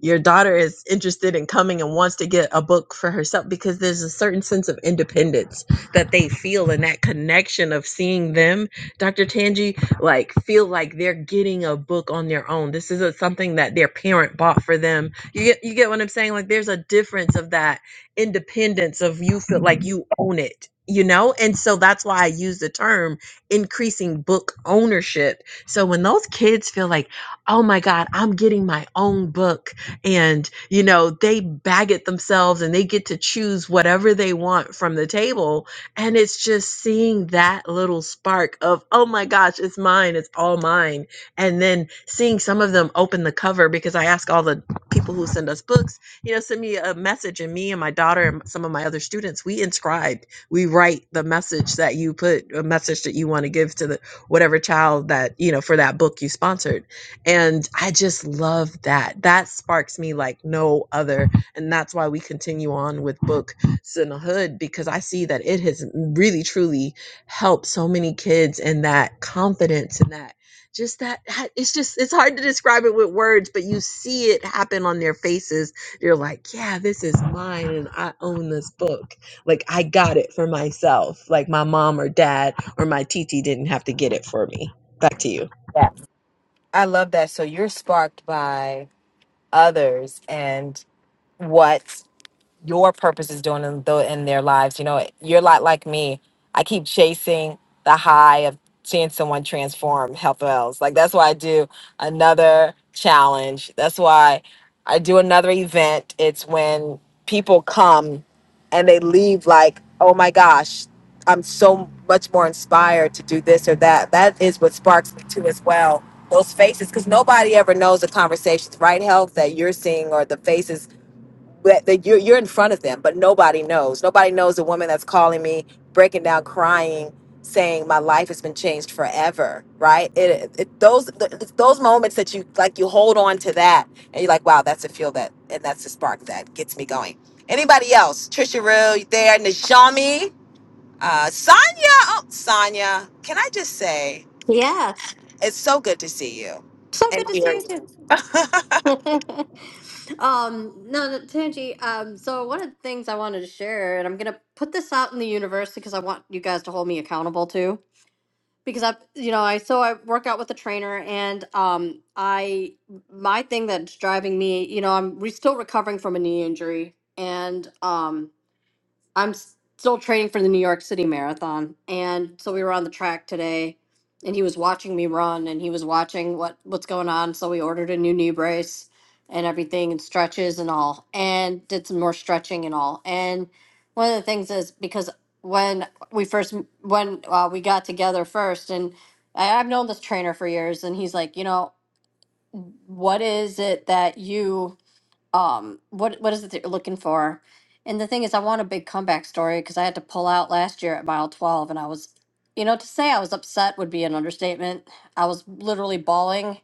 your daughter is interested in coming and wants to get a book for herself because there's a certain sense of independence that they feel and that connection of seeing them dr Tanji, like feel like they're getting a book on their own this isn't something that their parent bought for them you get you get what i'm saying like there's a difference of that independence of you feel like you own it you know and so that's why i use the term increasing book ownership so when those kids feel like oh my god i'm getting my own book and you know they bag it themselves and they get to choose whatever they want from the table and it's just seeing that little spark of oh my gosh it's mine it's all mine and then seeing some of them open the cover because i ask all the people who send us books you know send me a message and me and my daughter and some of my other students we inscribe we write the message that you put a message that you want to give to the whatever child that you know for that book you sponsored and I just love that. That sparks me like no other. And that's why we continue on with Book Sinnerhood because I see that it has really, truly helped so many kids and that confidence and that just that that- it's just it's hard to describe it with words but you see it happen on their faces you're like yeah this is mine and i own this book like i got it for myself like my mom or dad or my tt didn't have to get it for me Back to you. Yeah. I love that. So you're sparked by others and what? your purpose is doing in, tho- in their lives. You know, you're a lot like me. I keep chasing the high of seeing someone transform health wells. Like that's why I do another challenge. That's why I do another event. It's when people come and they leave like, oh my gosh, I'm so much more inspired to do this or that. That is what sparks me too as well. Those faces, because nobody ever knows the conversations, right? Health that you're seeing or the faces that, that you're, you're in front of them, but nobody knows. Nobody knows the woman that's calling me, breaking down, crying, saying my life has been changed forever. Right? It, it those th- it's those moments that you like, you hold on to that, and you're like, wow, that's a feel that, and that's the spark that gets me going. Anybody else? Trisha Rue, you there? Najami, uh, Sonia. Oh, Sonia, can I just say Yes. it's so good to see you So and good to hear see you. you too. um, no, no, Tanji, um, so one of the things I wanted to share, and I'm gonna put this out in the universe because I want you guys to hold me accountable too. Because I, you know, I so I work out with a trainer, and um, I my thing that's driving me, you know, I'm re- still recovering from a knee injury, and um, I'm s- still training for the New York City Marathon, and so we were on the track today, and he was watching me run, and he was watching what what's going on. So we ordered a new knee brace and everything, and stretches and all, and did some more stretching and all. And one of the things is because when we first m- when uh, we got together first, and I, I've known this trainer for years, and he's like, you know, what is it that you um what what is it that you're looking for and the thing is i want a big comeback story because i had to pull out last year at mile 12 and i was you know to say i was upset would be an understatement i was literally bawling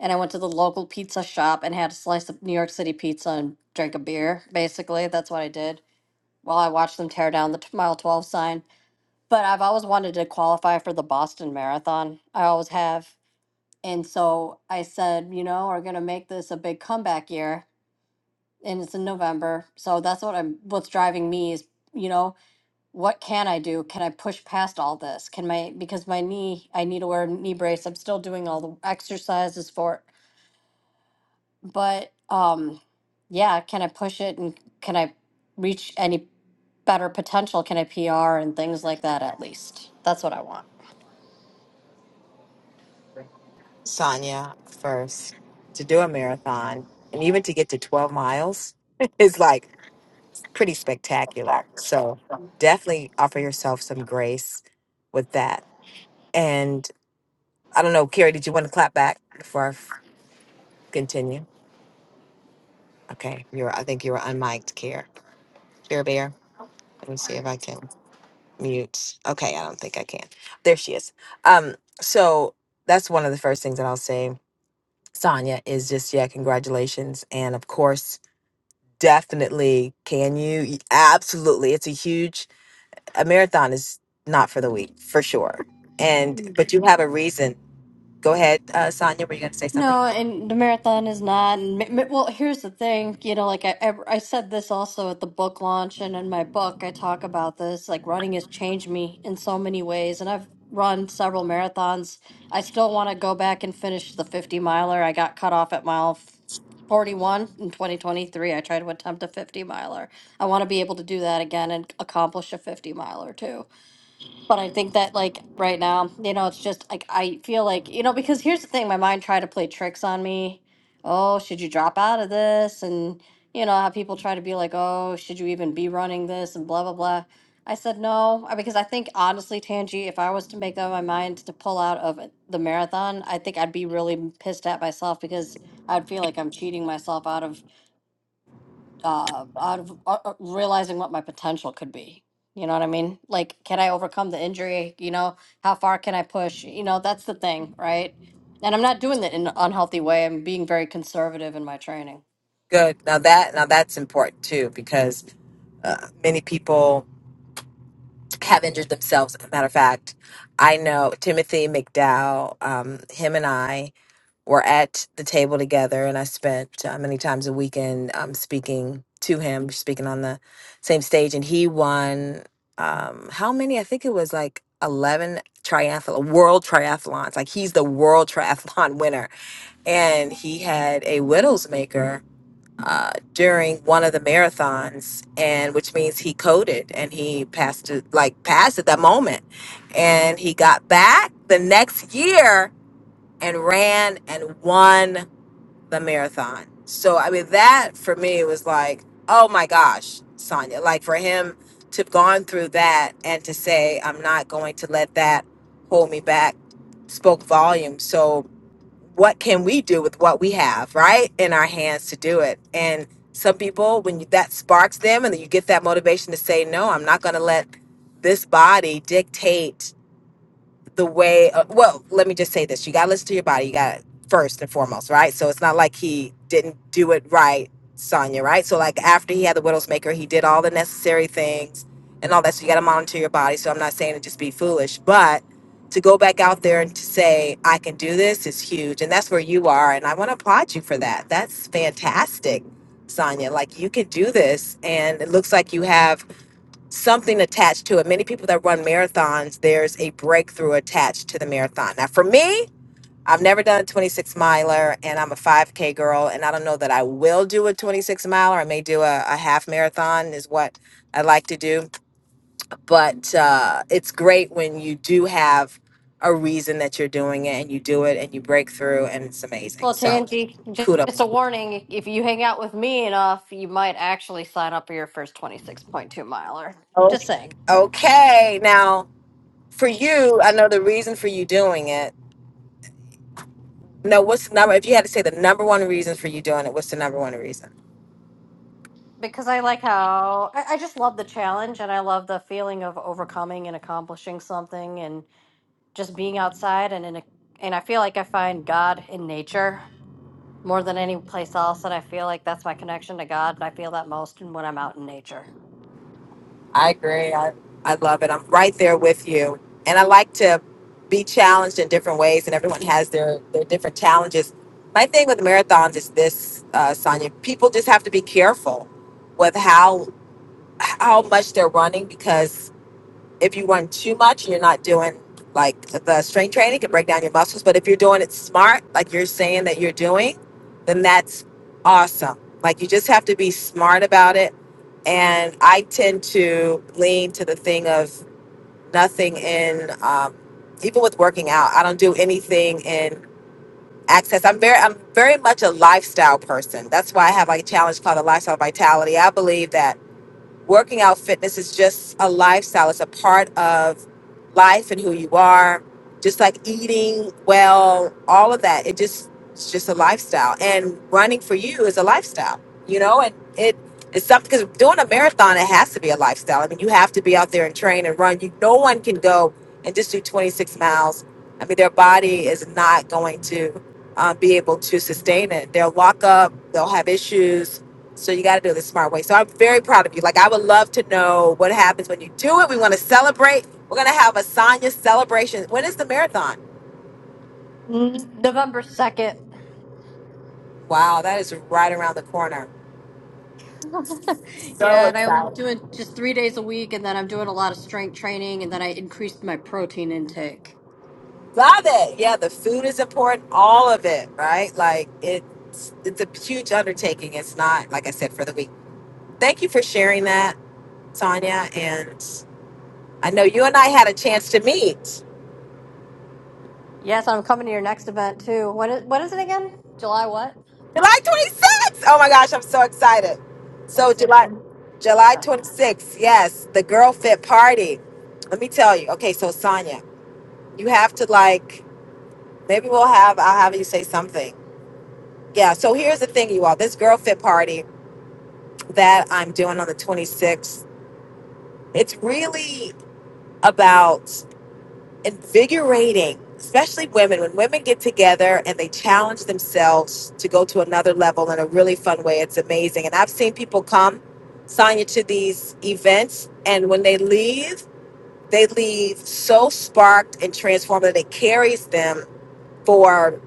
and i went to the local pizza shop and had a slice of new york city pizza and drank a beer basically that's what i did while i watched them tear down the t- mile 12 sign but i've always wanted to qualify for the boston marathon i always have and so i said you know we're going to make this a big comeback year and it's in November. So that's what I'm what's driving me is, you know, what can I do? Can I push past all this? Can my because my knee, I need to wear a knee brace. I'm still doing all the exercises for it. But um yeah, can I push it and can I reach any better potential? Can I PR and things like that at least? That's what I want. Sonia first to do a marathon and even to get to 12 miles is like pretty spectacular. So definitely offer yourself some grace with that. And I don't know, Carrie, did you want to clap back before I f- continue? Okay, you're. I think you were unmiked, Care Care Bear. Let me see if I can mute. Okay, I don't think I can. There she is. Um, so that's one of the first things that I'll say, Sonia, is just yeah, congratulations, and of course Definitely. Can you? Absolutely. It's a huge a marathon is not for the weak, for sure. And but you have a reason. Go ahead, uh, Sonia. Were you going to say something? No, and the marathon is not. And ma- ma- well, here's the thing, you know, like I, I, I said this also at the book launch, and in my book, I talk about this. Like running has changed me in so many ways, and I've run several marathons. I still want to go back and finish the 50 miler. I got cut off at mile f- 41 in 2023. I tried to attempt a 50 miler. I want to be able to do that again and accomplish a 50 miler too. But I think that like right now, you know, it's just like I feel like, you know, because here's the thing, my mind tried to play tricks on me. Oh, should you drop out of this? And you know, how people try to be like, "Oh, should you even be running this?" and blah blah blah. I said no, uh, because I think honestly, Tangi, if I was to make up my mind to pull out of it- the marathon, I think I'd be really m- pissed at myself because I'd feel like I'm cheating myself out of uh, out of uh, uh, realizing what my potential could be. You know what I mean? Like, can I overcome the injury? You know, how far can I push? You know, that's the thing, right? And I'm not doing that in an unhealthy way. I'm being very conservative in my training. Good. Now that now that's important too because uh, many people have injured themselves. As a matter of fact, I know Timothy McDowell. Um, him and I. were at the table together, and I spent uh, many times a weekend um, speaking to him, speaking on the same stage, and he won um, how many? I think it was like eleven triathlon world triathlons. Like he's the world triathlon winner, and he had a widows maker. Uh, during one of the marathons and which means he coded and he passed it like passed at that moment and he got back the next year and ran and won the marathon. So I mean that for me was like, oh my gosh, Sonya. Like for him to have gone through that and to say, I'm not going to let that hold me back spoke volumes. So what can we do with what we have, right? In our hands to do it. And some people when you, that sparks them and then you get that motivation to say, No, I'm not gonna let this body dictate the way uh, well let me just say this you got to listen to your body you got to first and foremost right so it's not like he didn't do it right Sonya, right so like after he had the widowmaker he did all the necessary things and all that so you got to monitor your body so i'm not saying to just be foolish but to go back out there and to say i can do this is huge and that's where you are and i want to applaud you for that that's fantastic Sonya. like you can do this and it looks like you have something attached to it. Many people that run marathons, there's a breakthrough attached to the marathon. Now, for me, I've never done a 26 miler and I'm a 5K girl, and I don't know that I will do a 26 miler. I may do a, a half marathon, is what I like to do. But uh, it's great when you do have a reason that you're doing it and you do it and you break through, and it's amazing. Well, So, Tangi, ju- just kudos. a warning if you hang out with me enough, you might actually sign up for your first 26.2 miler. Just Okay. saying. Okay. Now, for you, I know the reason for you doing it No, what's the number? If you had to say the number one reason for you doing it, what's the number one reason? Because I like how I, I just love the challenge and I love the feeling of overcoming and accomplishing something just being outside and in a and I feel like I find God in nature more than any place else and I feel like that's my connection to God and I feel that most when I'm out in nature. I agree. I, I love it. I'm right there with you. And I like to be challenged in different ways, and everyone has their, their different challenges. My thing with marathons is this, uh, Sonia. People just have to be careful with how how much they're running because if you run too much and you're not doing like the strength training can break down your muscles but if you're doing it smart like you're saying that you're doing then that's awesome like you just have to be smart about it and i tend to lean to the thing of nothing in um, even with working out i don't do anything in access i'm very i'm very much a lifestyle person that's why i have like a challenge called the lifestyle vitality i believe that Working out fitness is just a lifestyle, it's a part of life and who you are, just like eating well, all of that. It just, it's just a lifestyle. And running for you is a lifestyle, you know, and it, it's something because doing a marathon, it has to be a lifestyle. I mean, you have to be out there and train and run. You, no one can go and just do 26 miles. I mean, their body is not going to uh, be able to sustain it. They'll lock up, they'll have issues, so you got to do it the smart way. So I'm very proud of you. Like I would love to know what happens when you do it. We want to celebrate. We're gonna have a Sonya celebration. When is the marathon? Mm, November 2nd. Wow, that is right around the corner. So yeah, and I'm excited. doing just 3 days a week and then I'm doing a lot of strength training and then I increased my protein intake. Love it. Yeah, the food is important. All of it, right? Like it's it's a huge undertaking. It's not like I said for the week. Thank you for sharing that, Sonya. And I know you and I had a chance to meet. Yes, I'm coming to your next event too. When is, what is it again? July what? July 26th. Oh my gosh, I'm so excited. So 26th. July July Uh, 26th. Yes, the girl fit party. Let me tell you. Okay, so Sonya, you have to like maybe we'll have I'll have you say something. Yeah, so here's the thing you all. This girl fit party that I'm doing on the 26th. It's really about invigorating, especially women. When women get together and they challenge themselves to go to another level in a really fun way, it's amazing. And I've seen people come, Sonya, to these events, and when they leave, they leave so sparked and transformed that it carries them for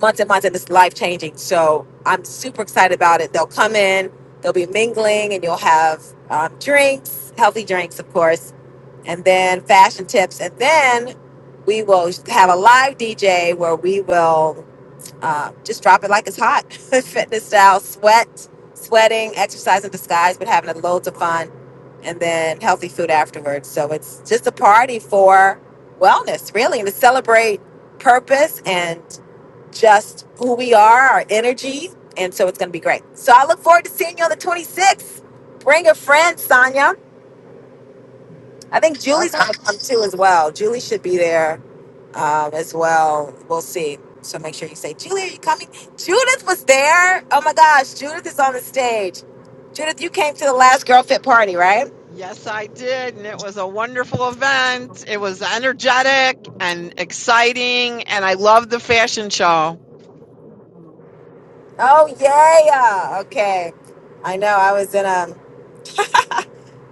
months and months, and it's life changing. So I'm super excited about it. They'll come in, they'll be mingling, and you'll have um, drinks, healthy drinks, of course and then fashion tips, and then we will have a live DJ where we will uh, just drop it like it's hot, fitness style, sweat, sweating, exercise in disguise, but having loads of fun, and then healthy food afterwards. So it's just a party for wellness, really, and to celebrate purpose and just who we are, our energy. And so it's going to be great. So I look forward to seeing you on the 26th. Bring a friend, Sonya. I think Julie's Okay. going to come too as well. Julie should be there um, as well. We'll see. So make sure you say, Julie, are you coming? Judith was there. Oh my gosh, Judith is on the stage. Judith, you came to the last Girl Fit party, right? Yes, I did. And it was a wonderful event. It was energetic and exciting. And I loved the fashion show. Oh yeah. Okay. I know. I was in um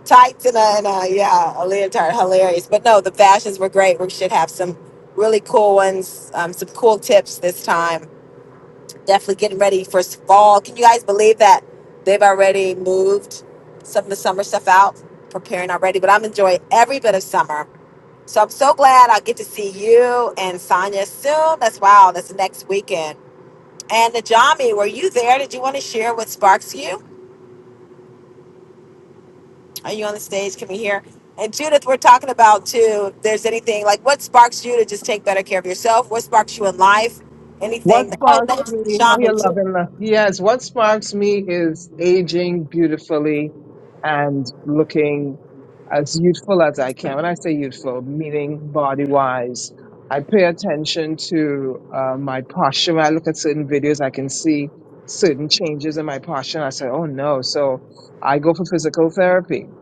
tights and a, and a yeah a leotard. Hilarious. But no, the fashions were great. We should have some really cool ones. Um, some cool tips this time definitely getting ready for fall. Can you guys believe that they've already moved some of the summer stuff out, preparing already? But I'm enjoying every bit of summer. So I'm so glad I get to see you and Sonya soon. That's wow, that's next weekend. And Najami, were you there? Did you want to share what sparks you? Are you on the stage? Can we hear? And Judith, we're talking about too. If there's anything like what sparks you to just take better care of yourself? What sparks you in life? What Anything? Oh, sparks that's me, how you Najami love too. and love. Yes, what sparks me is aging beautifully and looking as youthful as I can. When I say youthful, meaning body wise, I pay attention to uh, my posture. When I look at certain videos, I can see certain changes in my posture. And I say, oh no. So I go for physical therapy.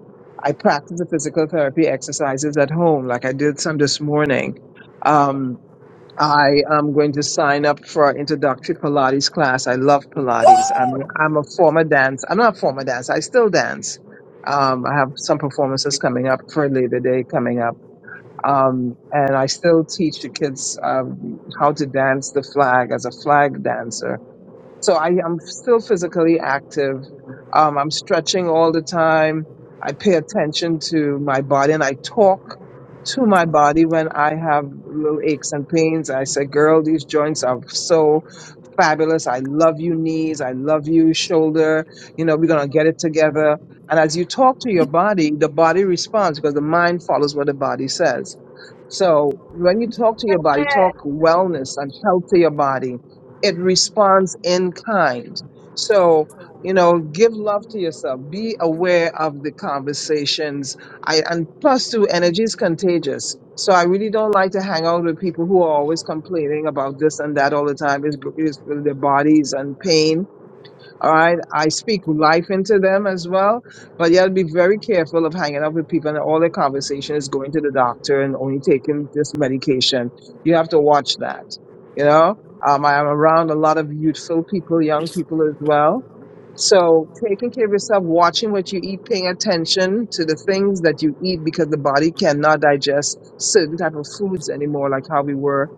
I practice the physical therapy exercises at home, like I did some this morning. Um, I am going to sign up for an introductory Pilates class. I love Pilates. Woo! I'm I'm a former dance. I'm not a former dance. I still dance. Um, I have some performances coming up for Labor Day coming up. Um, and I still teach the kids um, how to dance the flag as a flag dancer so I am still physically active. Um, I'm stretching all the time. I pay attention to my body and I talk to my body when I have little aches and pains. I say, girl, these joints are so fabulous. I love you, knees. I love you, shoulder. You know, we're going to get it together. And as you talk to your body, the body responds because the mind follows what the body says. So when you talk to your body, talk wellness and health to your body, it responds in kind. So, you know, give love to yourself. Be aware of the conversations I and plus too, energy is contagious. So I really don't like to hang out with people who are always complaining about this and that all the time. Is is their bodies and pain all right. I speak life into them as well. But you have to be very careful of hanging out with people and all their conversation is going to the doctor and only taking this medication. You have to watch that. You know, um, I am around a lot of youthful people, young people as well. So taking care of yourself, watching what you eat, paying attention to the things that you eat because the body cannot digest certain type of foods anymore, like how we were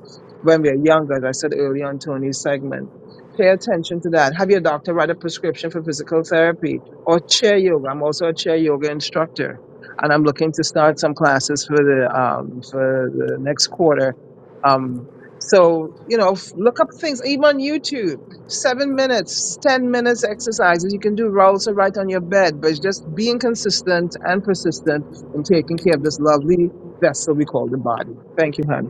when we were younger, as I said earlier on Tony's segment Pay attention to that. Have your doctor write a prescription for physical therapy or chair yoga. I'm also a chair yoga instructor, and I'm looking to start some classes for the um, for the next quarter. Um, so you know, f- look up things even on YouTube. Seven minutes, ten minutes exercises. You can do rolls or right on your bed, but it's just being consistent and persistent in taking care of this lovely vessel we call the body. Thank you, honey.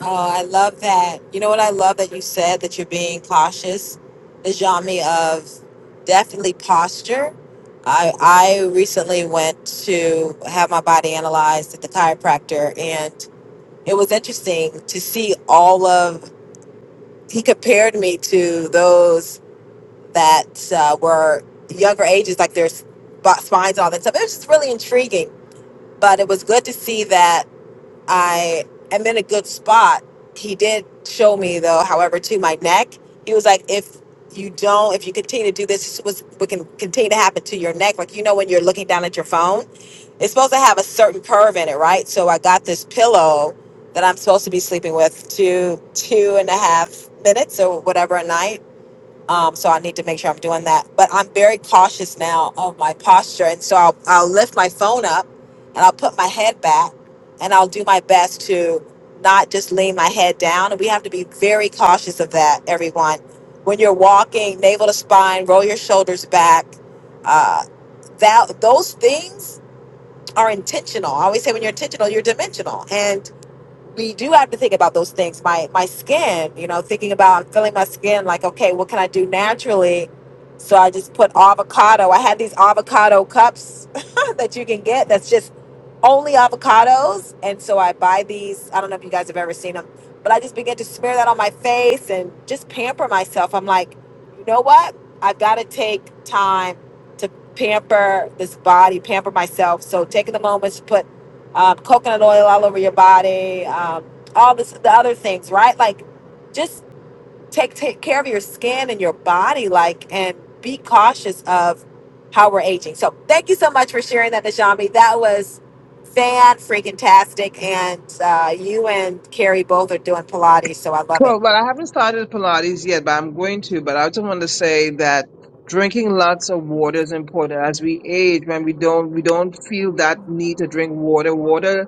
Oh, I love that. You know what I love that you said that you're being cautious is Jami of definitely posture. I I recently went to have my body analyzed at the chiropractor and it was interesting to see all of he compared me to those that uh, were younger ages like their sp- spines all that stuff. It was just really intriguing, but it was good to see that I am in a good spot. He did show me though, however, to my neck. He was like, if you don't, if you continue to do this, this was what can continue to happen to your neck. Like you know when you're looking down at your phone, it's supposed to have a certain curve in it, right? So I got this pillow that I'm supposed to be sleeping with two two and a half minutes or whatever a night um, so I need to make sure I'm doing that. But I'm very cautious now of my posture. And so I'll, I'll lift my phone up and I'll put my head back and I'll do my best to not just lean my head down. And we have to be very cautious of that, everyone. When you're walking, navel to spine, roll your shoulders back. Uh, that those things are intentional. I always say when you're intentional, you're dimensional. and we do have to think about those things. My my skin, you know, thinking about I'm feeling my skin like, okay, what can I do naturally? So I just put avocado. I had these avocado cups that you can get that's just only avocados. And so I buy these. I don't know if you guys have ever seen them, but I just begin to smear that on my face and just pamper myself. I'm like, you know what? I've got to take time to pamper this body, pamper myself. So taking the moments to put um, coconut oil all over your body, um, all this, the other things, right? Like, just take take care of your skin and your body, like, and be cautious of how we're aging. So, thank you so much for sharing that, Najami. That was fan freaking tastic, and uh, you and Carrie both are doing Pilates, so I love it. Well, but I haven't started Pilates yet, but I'm going to. But I just want to say that drinking lots of water is important. As we age, when we don't we don't feel that need to drink water. Water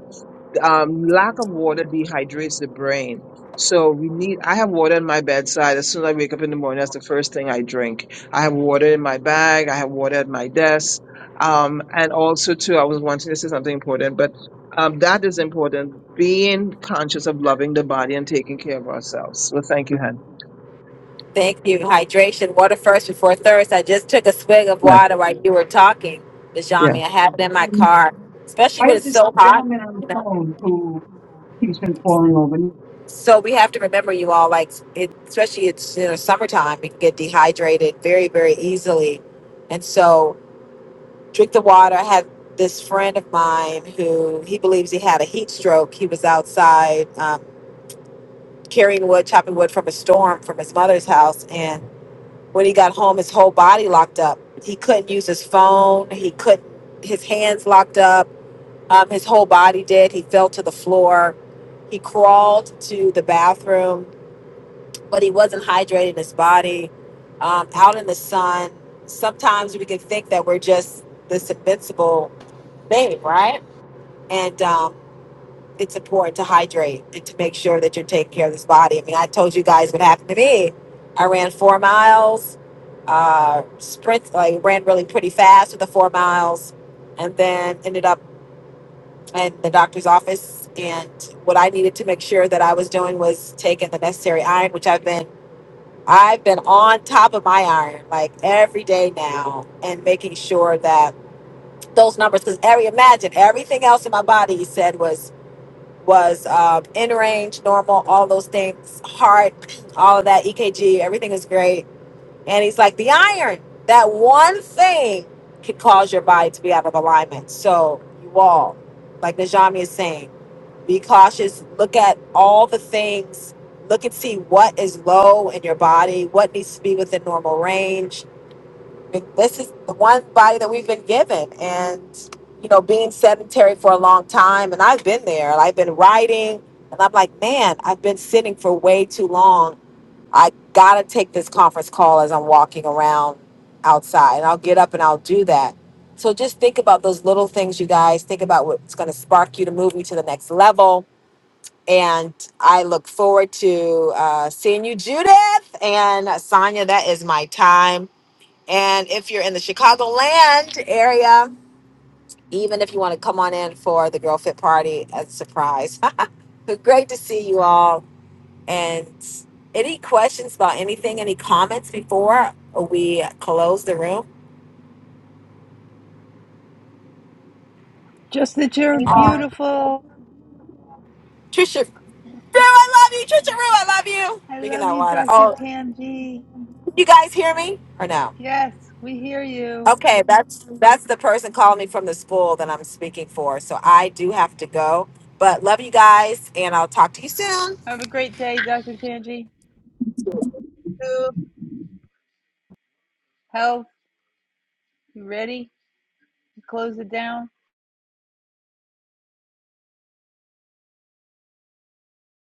um, lack of water dehydrates the brain. So we need. I have water in my bedside. As soon as I wake up in the morning, that's the first thing I drink. I have water in my bag. I have water at my desk. Um, and also too, I was wanting to say something important, but um, that is important. Being conscious of loving the body and taking care of ourselves. Well, thank you, Hen. Thank you. Hydration, water first before thirst. I just took a swig of Yeah, water while you were talking, yeah. Najami. I have it in my Um, car, especially I when had it's this so hot. gentleman on the phone who he's been falling over. So we have to remember you all, like it, especially it's you know summertime, we can get dehydrated very, very easily. And so drink the water. I had this friend of mine who he believes he had a heat stroke. He was outside um, carrying wood, chopping wood from a storm from his mother's house, and when he got home, his whole body locked up. He couldn't use his phone. He couldn't. His hands locked up. Um, his whole body did. He fell to the floor. He crawled to the bathroom but he wasn't hydrating his body um, out in the sun. Sometimes we can think that we're just this invincible thing, right? And um, it's important to hydrate and to make sure that you're taking care of this body. I mean, I told you guys what happened to me. I ran four miles, uh, sprint, like ran really pretty fast with the four miles, and then ended up in the doctor's office. And what I needed to make sure that I was doing was taking the necessary iron, which I've been I've been on top of my iron like every day now and making sure that those numbers because every imagine everything else in my body you said was was um, in range, normal, all those things, heart, all of that, EKG, everything is great. And he's like, the iron, that one thing could cause your body to be out of alignment. So you all, like Najami is saying. Be cautious. Look at all the things. Look and see what is low in your body, what needs to be within normal range. I mean, This is the one body that we've been given. And, you know, being sedentary for a long time, and I've been there, and I've been writing, and I'm like, man, I've been sitting for way too long. I gotta take this conference call as I'm walking around outside, and I'll get up and I'll do that. So just think about those little things, you guys. Think about what's going to spark you to move you to the next level and I look forward to uh, seeing you, Judith and Sonia. That is my time. And if you're in the Chicagoland area, even if you want to come on in for the Girl Fit Party as a surprise, but great to see you all. And any questions about anything, any comments before we close the room? Just that you're beautiful. Trisha Rue, I love you. Trisha Rue, I love you. I Drinking love that you, water. Dr. Oh, Tanji. can you guys hear me or no? Yes, we hear you. Okay, that's that's the person calling me from the school that I'm speaking for. So I do have to go. But love you guys and I'll talk to you soon. Have a great day, Dr. Tanji. Health, you ready? Close it down.